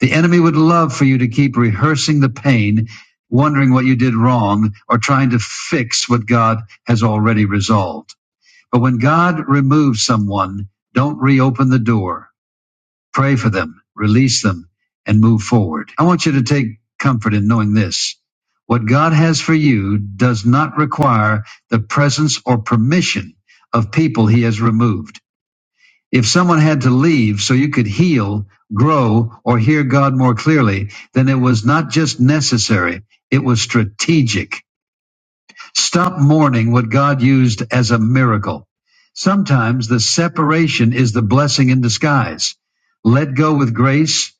Speaker 1: The enemy would love for you to keep rehearsing the pain, wondering what you did wrong, or trying to fix what God has already resolved. But when God removes someone, don't reopen the door. Pray for them, release them, and move forward. I want you to take comfort in knowing this. What God has for you does not require the presence or permission of people he has removed. If someone had to leave so you could heal, grow, or hear God more clearly, then it was not just necessary, it was strategic. Stop mourning what God used as a miracle. Sometimes the separation is the blessing in disguise. Let go with grace,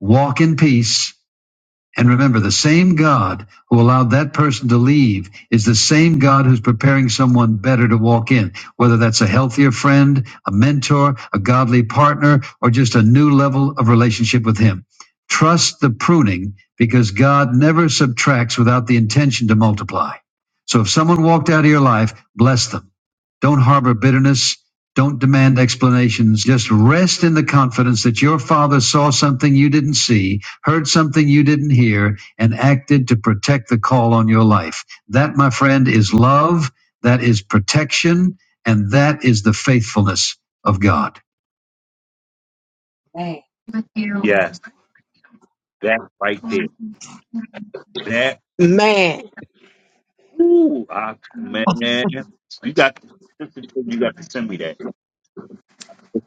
Speaker 1: walk in peace, and remember, the same God who allowed that person to leave is the same God who's preparing someone better to walk in, whether that's a healthier friend, a mentor, a godly partner, or just a new level of relationship with Him. Trust the pruning because God never subtracts without the intention to multiply. So if someone walked out of your life, bless them. Don't harbor bitterness. Don't demand explanations. Just rest in the confidence that your father saw something you didn't see heard something you didn't hear, and acted to protect the call on your life. That, my friend, is love. That is protection. And that is the faithfulness of God. Man.
Speaker 6: Yes, that right there. That
Speaker 1: Man.
Speaker 6: ooh, I, man, you got to listen to- you got to send me that.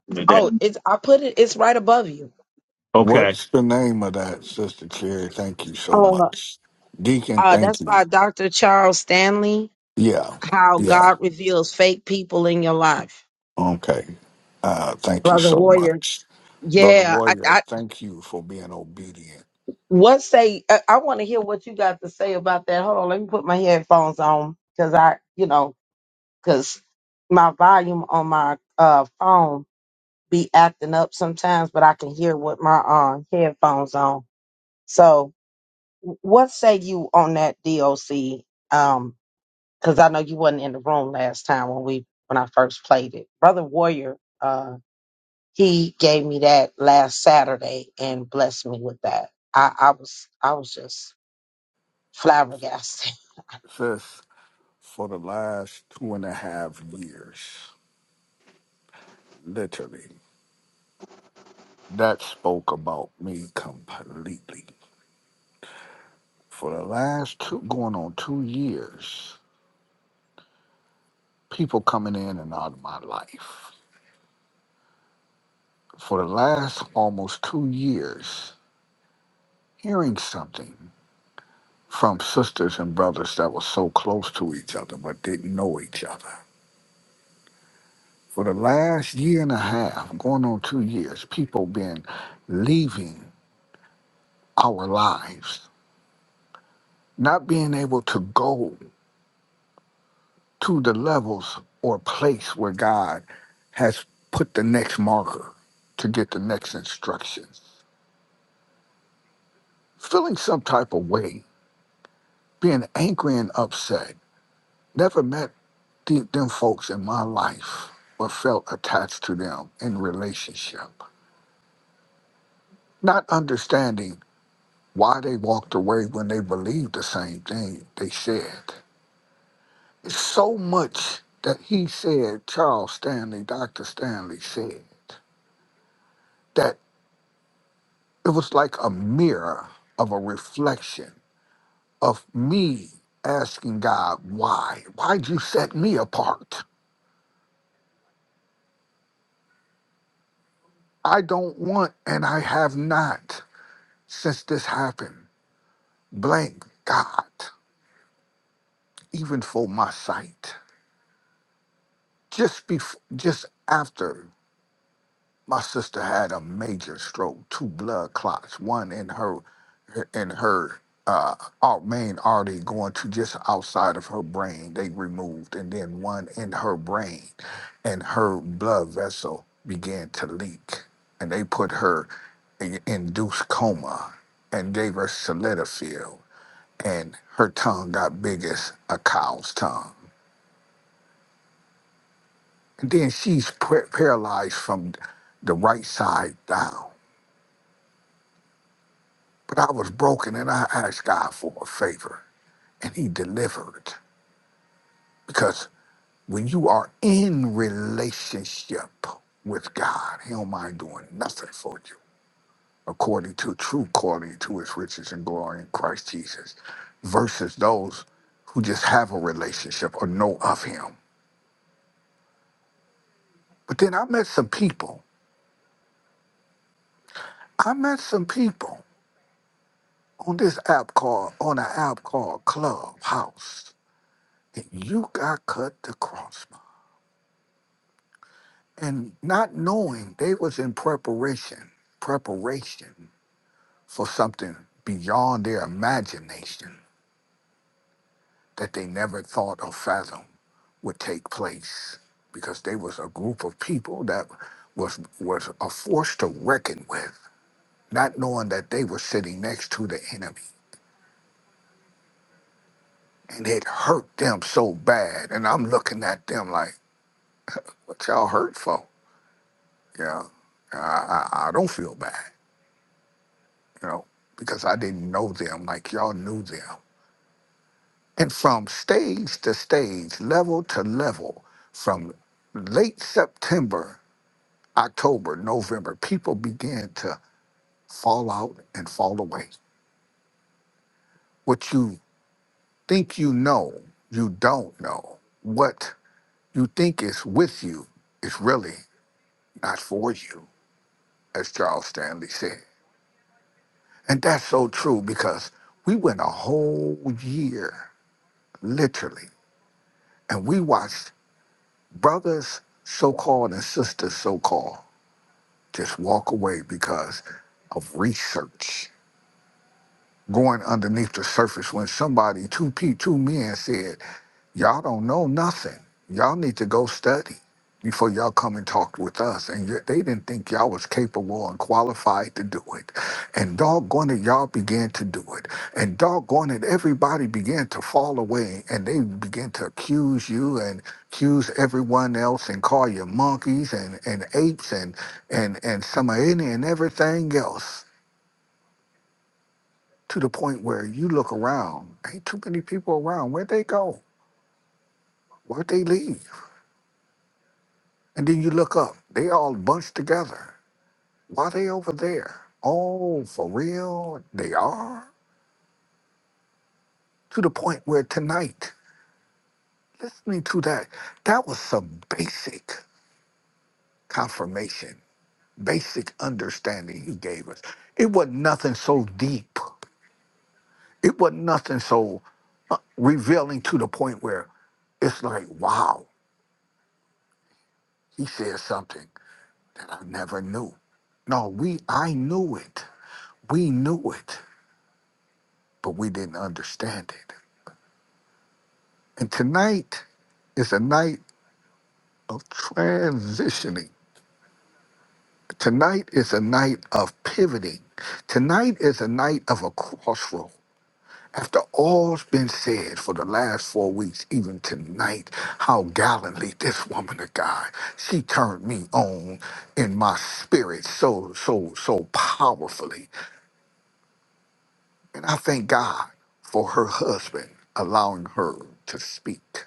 Speaker 6: Send me that.
Speaker 1: Oh, it's I put it it's right above you.
Speaker 6: Okay.
Speaker 5: What's the name of that, Sister Cherry? Thank you so
Speaker 1: Oh,
Speaker 5: much. Deacon,
Speaker 1: uh
Speaker 5: thank
Speaker 1: that's
Speaker 5: you.
Speaker 1: by Dr. Charles Stanley,
Speaker 5: Yeah,
Speaker 1: How
Speaker 5: yeah.
Speaker 1: God Reveals Fake People in Your Life.
Speaker 5: Okay. Uh, thank you
Speaker 1: Brother
Speaker 5: so
Speaker 1: Warrior.
Speaker 5: much. Brother
Speaker 1: Yeah, I,
Speaker 5: Warrior,
Speaker 1: I
Speaker 5: thank you for being obedient.
Speaker 1: what say I, I want to hear what you got to say about that. Hold on, let me put my headphones on because I, you know. because my volume on my uh, phone be acting up sometimes, but I can hear with my uh, headphones on. So, w- what say you on that DOC? Um, because I know you wasn't in the room last time when we when I first played it. Brother Warrior, uh, he gave me that last Saturday and blessed me with that. I, I was I was just flabbergasted.
Speaker 5: Sis, for the last two and a half years, literally, that spoke about me completely. For the last two, going on two years, people coming in and out of my life. For the last almost two years, hearing something from sisters and brothers that were so close to each other but didn't know each other. For the last year and a half, going on two years, people been leaving our lives, not being able to go to the levels or place where God has put the next marker to get the next instructions. Feeling some type of way, being angry and upset. Never met did them folks in my life but felt attached to them in relationship not understanding why they walked away when they believed the same thing they said it's so much that he said charles stanley dr stanley said that it was like a mirror of a reflection of me asking god why why'd you set me apart i don't want and i have not since this happened Blank God, even for my sight. Just before, just after. My sister had a major stroke, two blood clots, one in her in her uh, au- main artery going to just outside of her brain. They removed, and then one in her brain, and her blood vessel began to leak, and they put her in induced coma and gave her Solidifil and her tongue got big as a cow's tongue. And then she's par- paralyzed from the right side down. But I was broken and I asked God for a favor and he delivered. Because when you are in relationship with God, he don't mind doing nothing for you according to true calling to his riches and glory in Christ Jesus versus those who just have a relationship or know of him. But then I met some people. I met some people on this app called on an app called Clubhouse. And you got cut the cross. and not knowing they was in preparation preparation for something beyond their imagination that they never thought or fathomed would take place because they was a group of people that was was a force to reckon with not knowing that they were sitting next to the enemy and it hurt them so bad and i'm looking at them like what y'all hurt for yeah i i, I don't feel bad you know, because I didn't know them like y'all knew them. And from stage to stage, level to level, from late September, October, November, people began to fall out and fall away. What you think you know, you don't know. What you think is with you is really not for you, as Charles Stanley said. And that's so true because we went a whole year, literally, and we watched brothers, so called, and sisters, so called, just walk away because of research going underneath the surface when somebody, two pe two men said, Y'all don't know nothing. Y'all need to go study before y'all come and talk with us. And yet they didn't think y'all was capable and qualified to do it. And doggone it, y'all began to do it. And doggone it, everybody began to fall away and they began to accuse you and accuse everyone else and call you monkeys and, and apes and and and some of any and everything else to the point where you look around, ain't too many people around. Where'd they go? Where'd they leave? And then you look up, they all bunched together. Why they over there? Oh, for real? They are? To the point where tonight, listening to that, that was some basic confirmation, basic understanding he gave us. It wasn't nothing so deep. It wasn't nothing so uh, revealing to the point where it's like, wow, he said something. I never knew. No, we I knew it. We knew it, but we didn't understand it. And tonight is a night of transitioning. Tonight is a night of pivoting. Tonight is a night of a crossroad. After all's been said for the last four weeks, even tonight, how gallantly this woman of God, she turned me on in my spirit so, so, so powerfully. And I thank God for her husband allowing her to speak,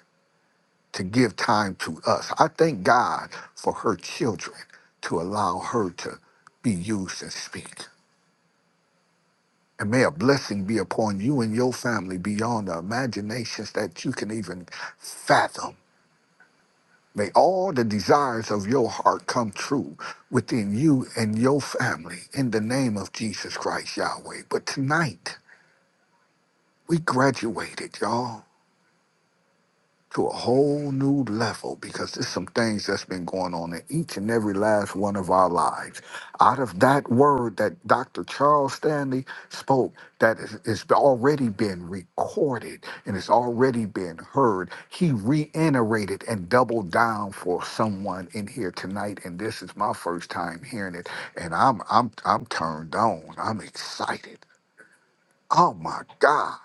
Speaker 5: to give time to us. I thank God for her children to allow her to be used and speak. And may a blessing be upon you and your family beyond the imaginations that you can even fathom. May all the desires of your heart come true within you and your family in the name of Jesus Christ, Yahweh. But tonight, we graduated, y'all. to a whole new level because there's some things that's been going on in each and every last one of our lives. Out of that word that Dr. Charles Stanley spoke, that is, is already been recorded and it's already been heard, he reiterated and doubled down for someone in here tonight. And this is my first time hearing it, and I'm I'm I'm turned on. I'm excited. Oh my God,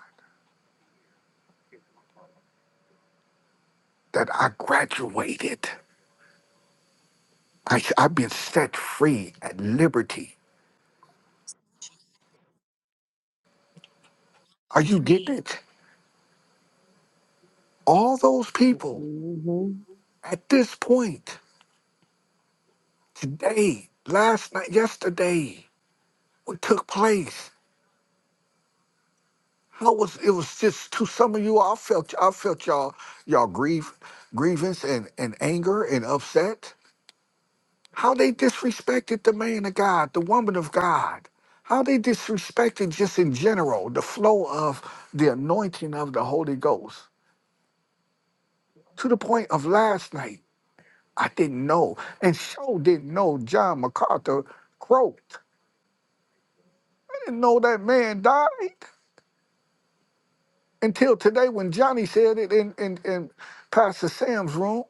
Speaker 5: that I graduated. I, have been set free at liberty. Are you getting it? All those
Speaker 1: (laughs)
Speaker 5: people
Speaker 1: hmm
Speaker 5: at this point, today, last night, yesterday, what took place? How was it was just to some of you? I felt I felt y'all y'all grief, grievance and and anger and upset. How they disrespected the man of God, the woman of God. How they disrespected just in general the flow of the anointing of the Holy Ghost to the point of last night. I didn't know. And so didn't know John MacArthur croaked. I didn't know that man died until today when Johnny said it in, in, in Pastor Sam's room.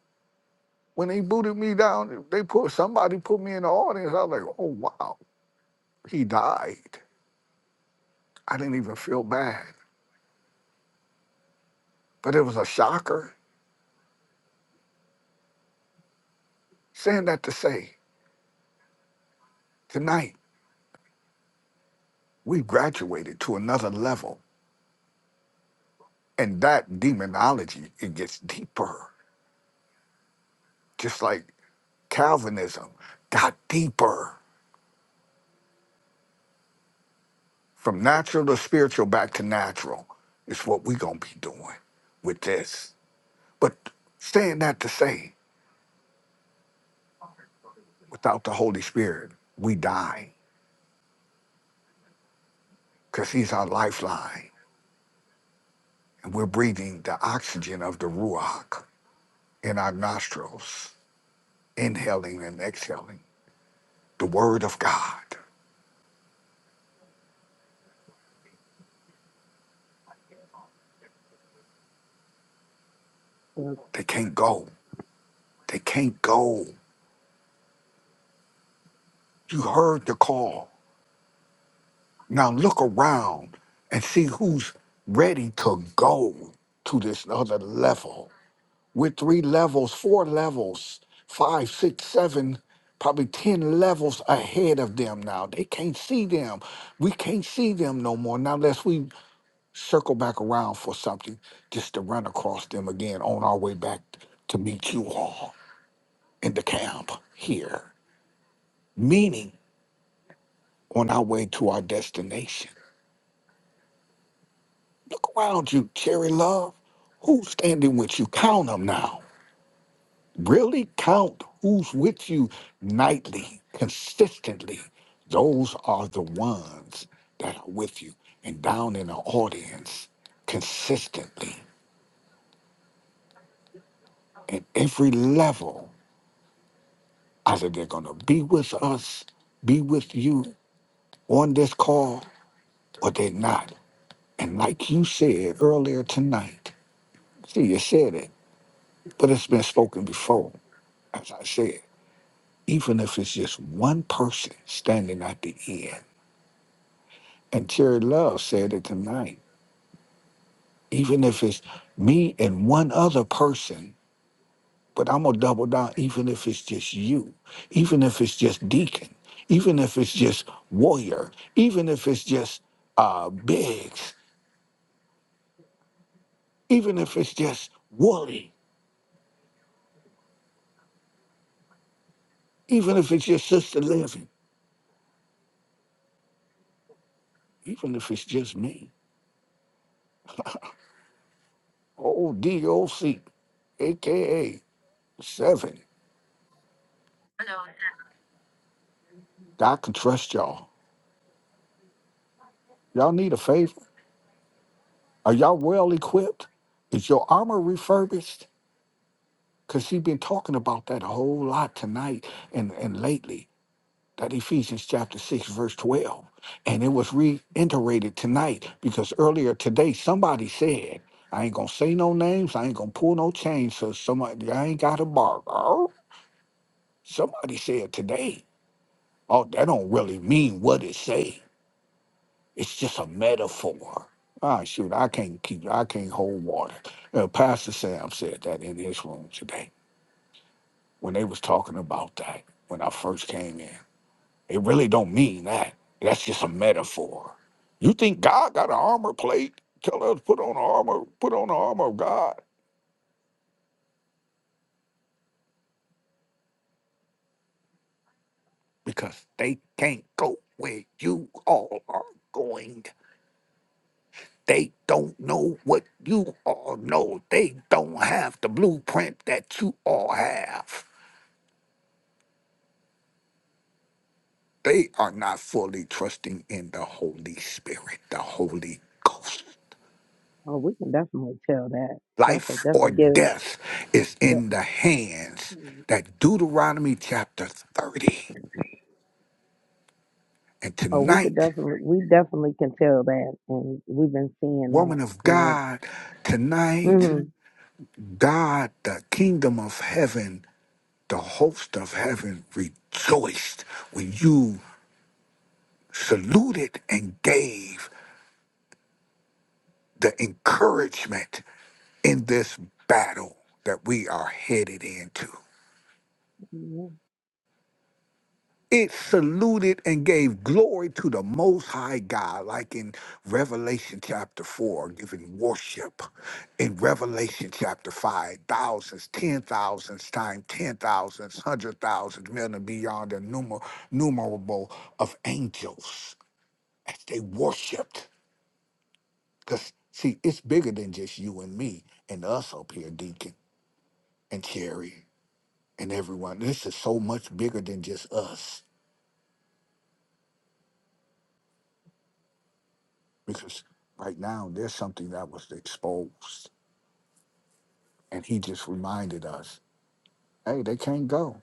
Speaker 5: When they booted me down, they put somebody put me in the audience. I was like, oh wow, he died. I didn't even feel bad. But it was a shocker. Saying that to say, tonight we graduated to another level. And that demonology, it gets deeper. just like Calvinism, got deeper from natural to spiritual back to natural. It's what we're going to be doing with this. But saying that to say, without the Holy Spirit, we die because He's our lifeline. And we're breathing the oxygen of the Ruach in our nostrils, inhaling and exhaling the Word of God. They can't go. They can't go. You heard the call. Now look around and see who's ready to go to this other level. We're three levels, four levels, five, six, seven, probably 10 levels ahead of them now. They can't see them. We can't see them no more. Now, unless we circle back around for something just to run across them again on our way back to meet you all in the camp here, meaning on our way to our destination. Look around you, Cherry Love. Who's standing with you? Count them now. Really count who's with you nightly, consistently. Those are the ones that are with you and down in the audience consistently at every level. Either they're going to be with us, be with you on this call, or they're not. And like you said earlier tonight, see, you said it, but it's been spoken before as I said, even if it's just one person standing at the end. And Terry Love said it tonight. Even if it's me and one other person, but I'm gonna double down, even if it's just you, even if it's just Deacon, even if it's just Warrior, even if it's just uh Biggs, even if it's just Wooly, even if it's just Sister Living, even if it's just me. O D O C, A K A seven. I can trust y'all. Y'all need a favor. Are y'all well equipped? Is your armor refurbished? Because she's been talking about that a whole lot tonight and, and lately. That Ephesians chapter 6, verse 12. And it was reiterated tonight because earlier today somebody said, I ain't gonna say no names, I ain't gonna pull no chains, so somebody I ain't got a barber. Somebody said today, oh, that don't really mean what it say. It's just a metaphor. Ah, shoot, I can't keep, I can't hold water. Uh, Pastor Sam said that in his room today when they was talking about that when I first came in. It really don't mean that. That's just a metaphor. You think God got an armor plate? Tell us put on the armor, put on the armor of God because they can't go where you all are going. They don't know what you all know. They don't have the blueprint that you all have. they are not fully trusting in the Holy Spirit, the Holy Ghost.
Speaker 1: Oh, we can definitely tell that. That's a
Speaker 5: Life
Speaker 1: that's a
Speaker 5: or
Speaker 1: given.
Speaker 5: death is
Speaker 1: De-
Speaker 5: in the hands. That Deuteronomy chapter 30. And
Speaker 1: oh, we could
Speaker 5: tonight,
Speaker 1: definitely we definitely can tell that, and we've been seeing that.
Speaker 5: woman of
Speaker 1: And
Speaker 5: God, tonight,
Speaker 1: mhm,
Speaker 5: God, the kingdom of heaven, the host of heaven rejoiced when you saluted and gave the encouragement in this battle that we are headed into.
Speaker 1: yeah.
Speaker 5: it saluted and gave glory to the Most High God, like in Revelation chapter 4, giving worship. In Revelation chapter 5, thousands, ten thousands, times ten thousands, hundred thousands, million and beyond innumerable of angels as they worshiped. Because, see, it's bigger than just you and me and us up here, Deacon and Cherry and everyone. This is so much bigger than just us because right now there's something that was exposed and he just reminded us hey they can't go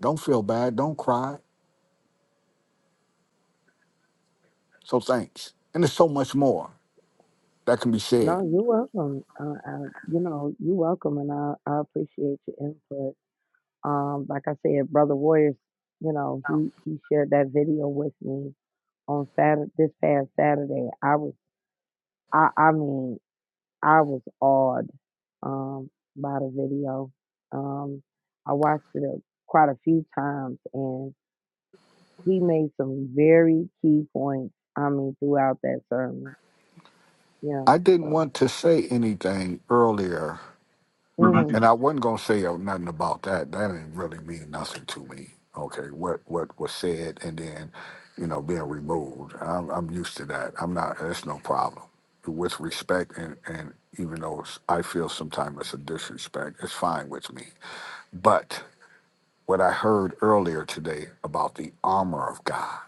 Speaker 5: don't feel bad don't cry so thanks and there's so much more that can be said
Speaker 1: no, you're welcome. Uh, I, you know, you're welcome, and I, I appreciate your input. Um, like I said, brother Warriors, you know, he he shared that video with me on Saturday this past Saturday. I was I I mean I was awed um, by the video. Um, I watched it a, quite a few times, and he made some very key points. I mean, throughout that sermon, yeah.
Speaker 5: i didn't
Speaker 1: So,
Speaker 5: want to say anything earlier
Speaker 1: hmm
Speaker 5: And I wasn't gonna say oh, nothing about that. That didn't really mean nothing to me. Okay, what what was said, and then, you know, being removed. I'm I'm used to that. I'm not. That's no problem. With respect, and and even though it's, I feel sometimes it's a disrespect, it's fine with me. But what I heard earlier today about the armor of God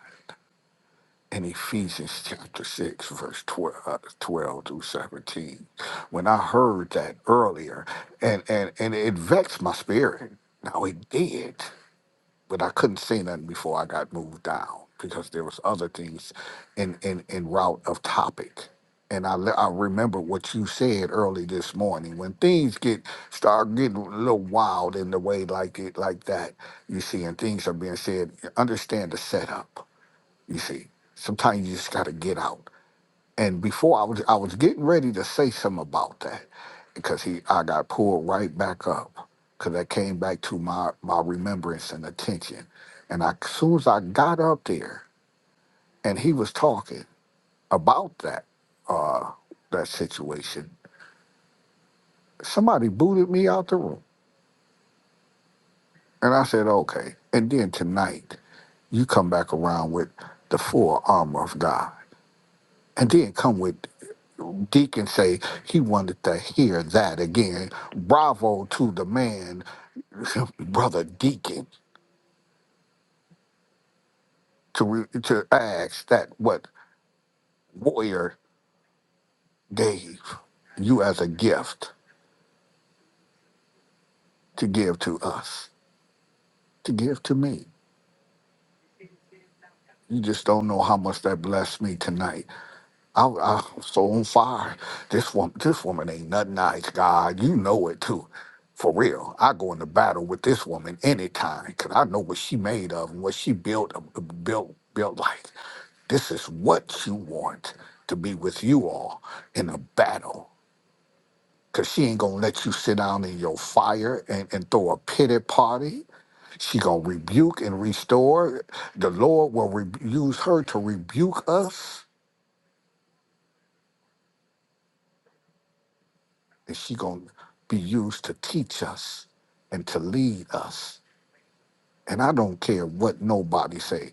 Speaker 5: in Ephesians chapter 6, verse 12, uh, 12 through 17. When I heard that earlier, and, and, and it vexed my spirit. Now it did, but I couldn't say nothing before I got moved down because there was other things in, in, in route of topic. And I, le- I remember what you said early this morning. When things get start getting a little wild in the way like it like that, you see, and things are being said, understand the setup you see, sometimes you just got to get out. And before I was, I was getting ready to say something about that because he, I got pulled right back up because that came back to my my remembrance and attention. And I, as soon as I got up there, and he was talking about that uh, that situation, somebody booted me out the room, and I said, okay. And then tonight, you come back around with the full armor of God and then come with Deacon say he wanted to hear that again. Bravo to the man, (laughs) brother Deacon, to re- to ask that what warrior gave you as a gift to give to us, to give to me. You just don't know how much that blessed me tonight. I, I am so on fire. This woman, this woman ain't nothing nice, God. You know it too. For real, I go into battle with this woman anytime because I know what she made of and what she built uh, built built like. This is what you want to be with you all in a battle. Cause she ain't gonna let you sit down in your fire and, and throw a pity party. She gonna rebuke and restore. The Lord will re- use her to rebuke us, and she gonna be used to teach us and to lead us. And I don't care what nobody say.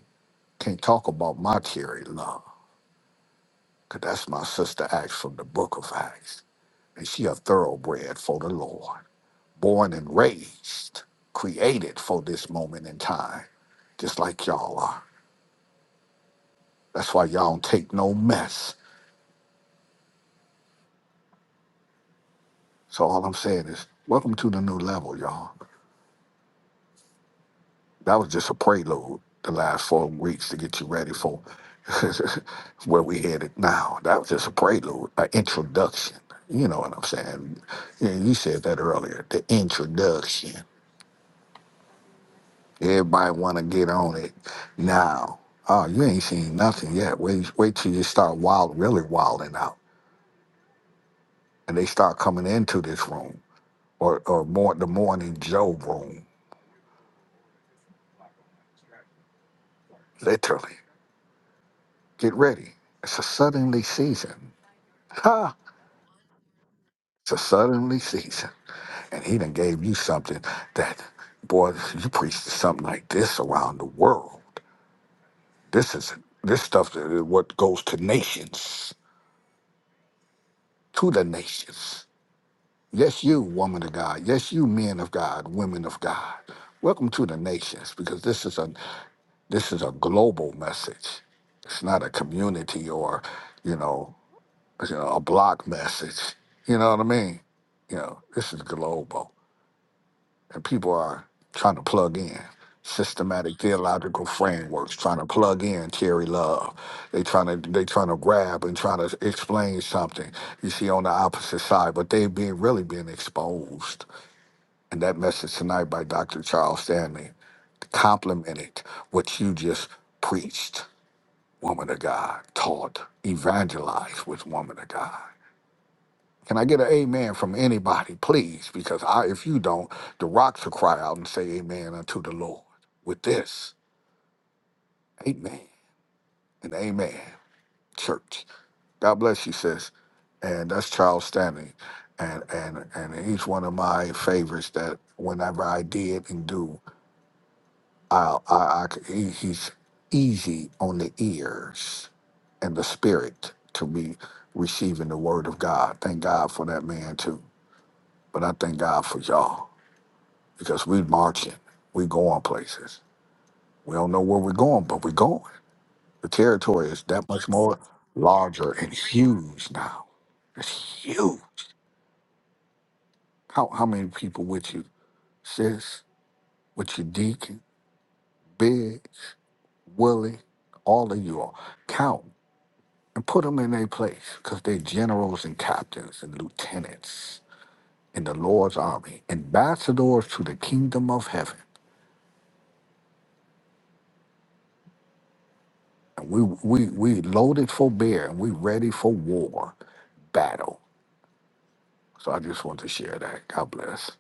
Speaker 5: Can't talk about my cherry love, cause that's my sister Acts from the Book of Acts, and she a thoroughbred for the Lord. born and raised, created for this moment in time, just like y'all are. That's why y'all don't take no mess. So all I'm saying is, welcome to the new level, y'all. That was just a prelude the last four weeks to get you ready for (laughs) where we headed now. That was just a prelude, an introduction. You know what I'm saying? Yeah, You said that earlier, the introduction. Everybody want to get on it now. Oh, you ain't seen nothing yet. Wait, wait till you start wild, really wilding out, and they start coming into this room or or more the morning Joe room. Literally, get ready. It's a suddenly season. Ha! It's a suddenly season, and he done gave you something that, boy, you preached something like this around the world. This is this stuff that is what goes to nations, to the nations. Yes, you, woman of God. Yes, you, men of God, women of God. Welcome to the nations, because this is a this is a global message. It's not a community or, you know, you know, a block message. You know what I mean? You know, this is global, and people are trying to plug in systematic theological frameworks, trying to plug in Terry Love. They trying to they trying to grab and trying to explain something. You see on the opposite side, but they being really being exposed and that message tonight by Dr. Charles Stanley complemented what you just preached, woman of God, taught, evangelized with woman of God. Can I get an amen from anybody, please? Because I, if you don't, the rocks will cry out and say amen unto the Lord with this. Amen and amen, church. God bless you, sis. And that's Charles Stanley. And, and, and he's one of my favorites that whenever I did and do I, I, I c- he, he's easy on the ears and the spirit to be receiving the word of God. Thank God for that man too. But I thank God for y'all because we marching, we going places. We don't know where we're going, but we're going. The territory is that much more larger and huge now. It's huge. How how many people with you, sis, with your deacon, Biggs, Willie, all of you all count. and put them in their place because they're generals and captains and lieutenants in the Lord's army, ambassadors to the kingdom of heaven. And we, we, we loaded for bear and we ready for war, battle. So I just want to share that. God bless.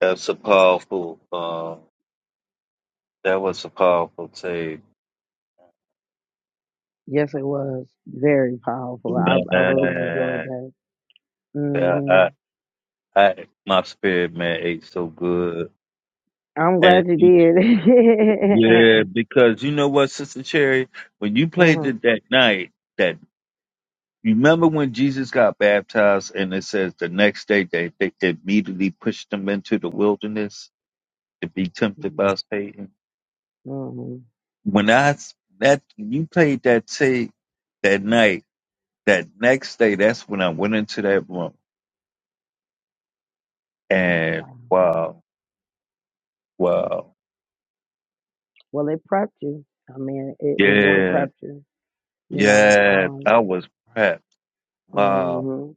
Speaker 6: That's a powerful. Um, that was a powerful tape,
Speaker 1: yes, it was very powerful. I I really enjoyed
Speaker 6: man.
Speaker 1: that.
Speaker 6: Yeah,
Speaker 1: hmm
Speaker 6: I, my spirit man ate so good,
Speaker 1: I'm
Speaker 6: and
Speaker 1: glad you did.
Speaker 6: yeah, because you know what, Sister Cherry, when you
Speaker 1: (laughs)
Speaker 6: played
Speaker 1: hmm
Speaker 6: it that night, that you remember when Jesus got baptized, and it says the next day they, they immediately pushed him into the wilderness to be tempted by Satan.
Speaker 1: hmm
Speaker 6: When I s- that you played that tape that night, that next day, that's when I went into that room, and
Speaker 1: Wow.
Speaker 6: wow, wow,
Speaker 1: Well, it prepped you. I mean, it, it really
Speaker 6: yeah,
Speaker 1: prepped you. You know.
Speaker 6: yeah,
Speaker 1: Um.
Speaker 6: I was prepped. Wow,
Speaker 1: hmm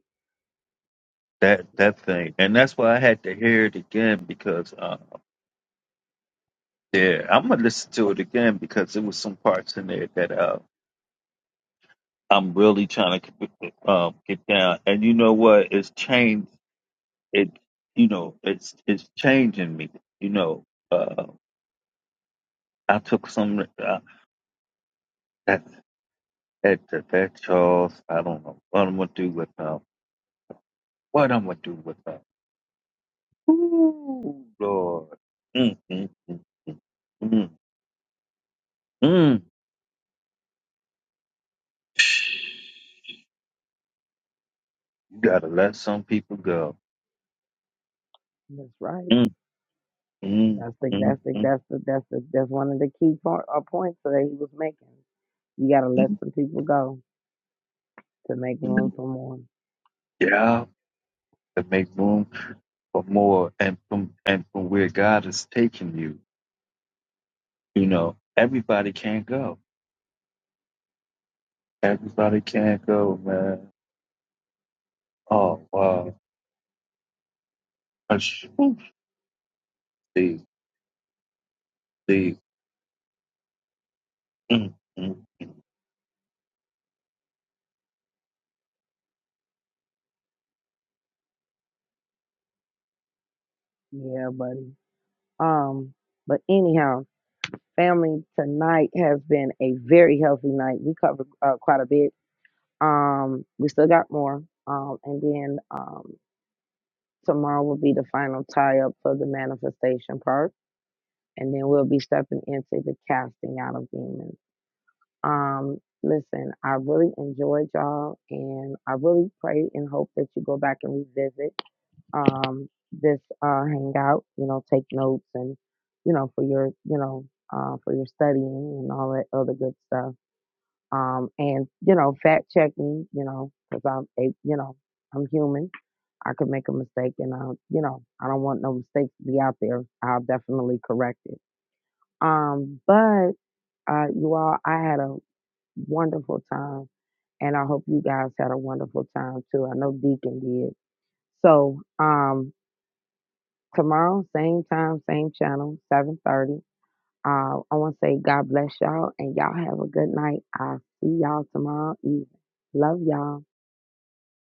Speaker 6: that that thing, and that's why I had to hear it again because, uh, yeah, I'm gonna listen to it again because there was some parts in there that uh, I'm really trying to um, get down. And you know what? It's changed. It, you know, it's it's changing me. You know, uh, I took some uh, that that that, that Charles. I don't know what I'm gonna do with him. What I'm gonna do with him? Ooh, Lord. Mm, mm, mm, mm, mm. You gotta let some people go.
Speaker 1: That's right.
Speaker 6: Mm, mm,
Speaker 1: That's the
Speaker 6: mm,
Speaker 1: that's the
Speaker 6: mm,
Speaker 1: that's the that's the that's one of the key po- uh, points that he was making. You gotta let
Speaker 6: mm,
Speaker 1: some people go to make room
Speaker 6: mm.
Speaker 1: for more.
Speaker 6: Yeah, to make room for more and from and from where God is taking you. You know, everybody can't go. Everybody can't go, man. Oh wow. These, these.
Speaker 1: Yeah, buddy. Um, but anyhow, family tonight has been a very healthy night. We covered uh, quite a bit. Um, we still got more. Um, and then um tomorrow will be the final tie up for the manifestation part, and then we'll be stepping into the casting out of demons. Um, listen, I really enjoyed y'all, and I really pray and hope that you go back and revisit um, this uh, hangout. You know, take notes and you know for your you know uh, for your studying and all that other good stuff. Um, and you know, fact check me. You know, because I'm a you know I'm human. I could make a mistake, and I you know I don't want no mistakes to be out there. I'll definitely correct it. Um, but uh, you all, I had a wonderful time. And I hope you guys had a wonderful time too. I know Deacon did. So um tomorrow, same time, same channel, 730. Uh, I want to say God bless y'all and y'all have a good night. I'll see y'all tomorrow evening. Love y'all.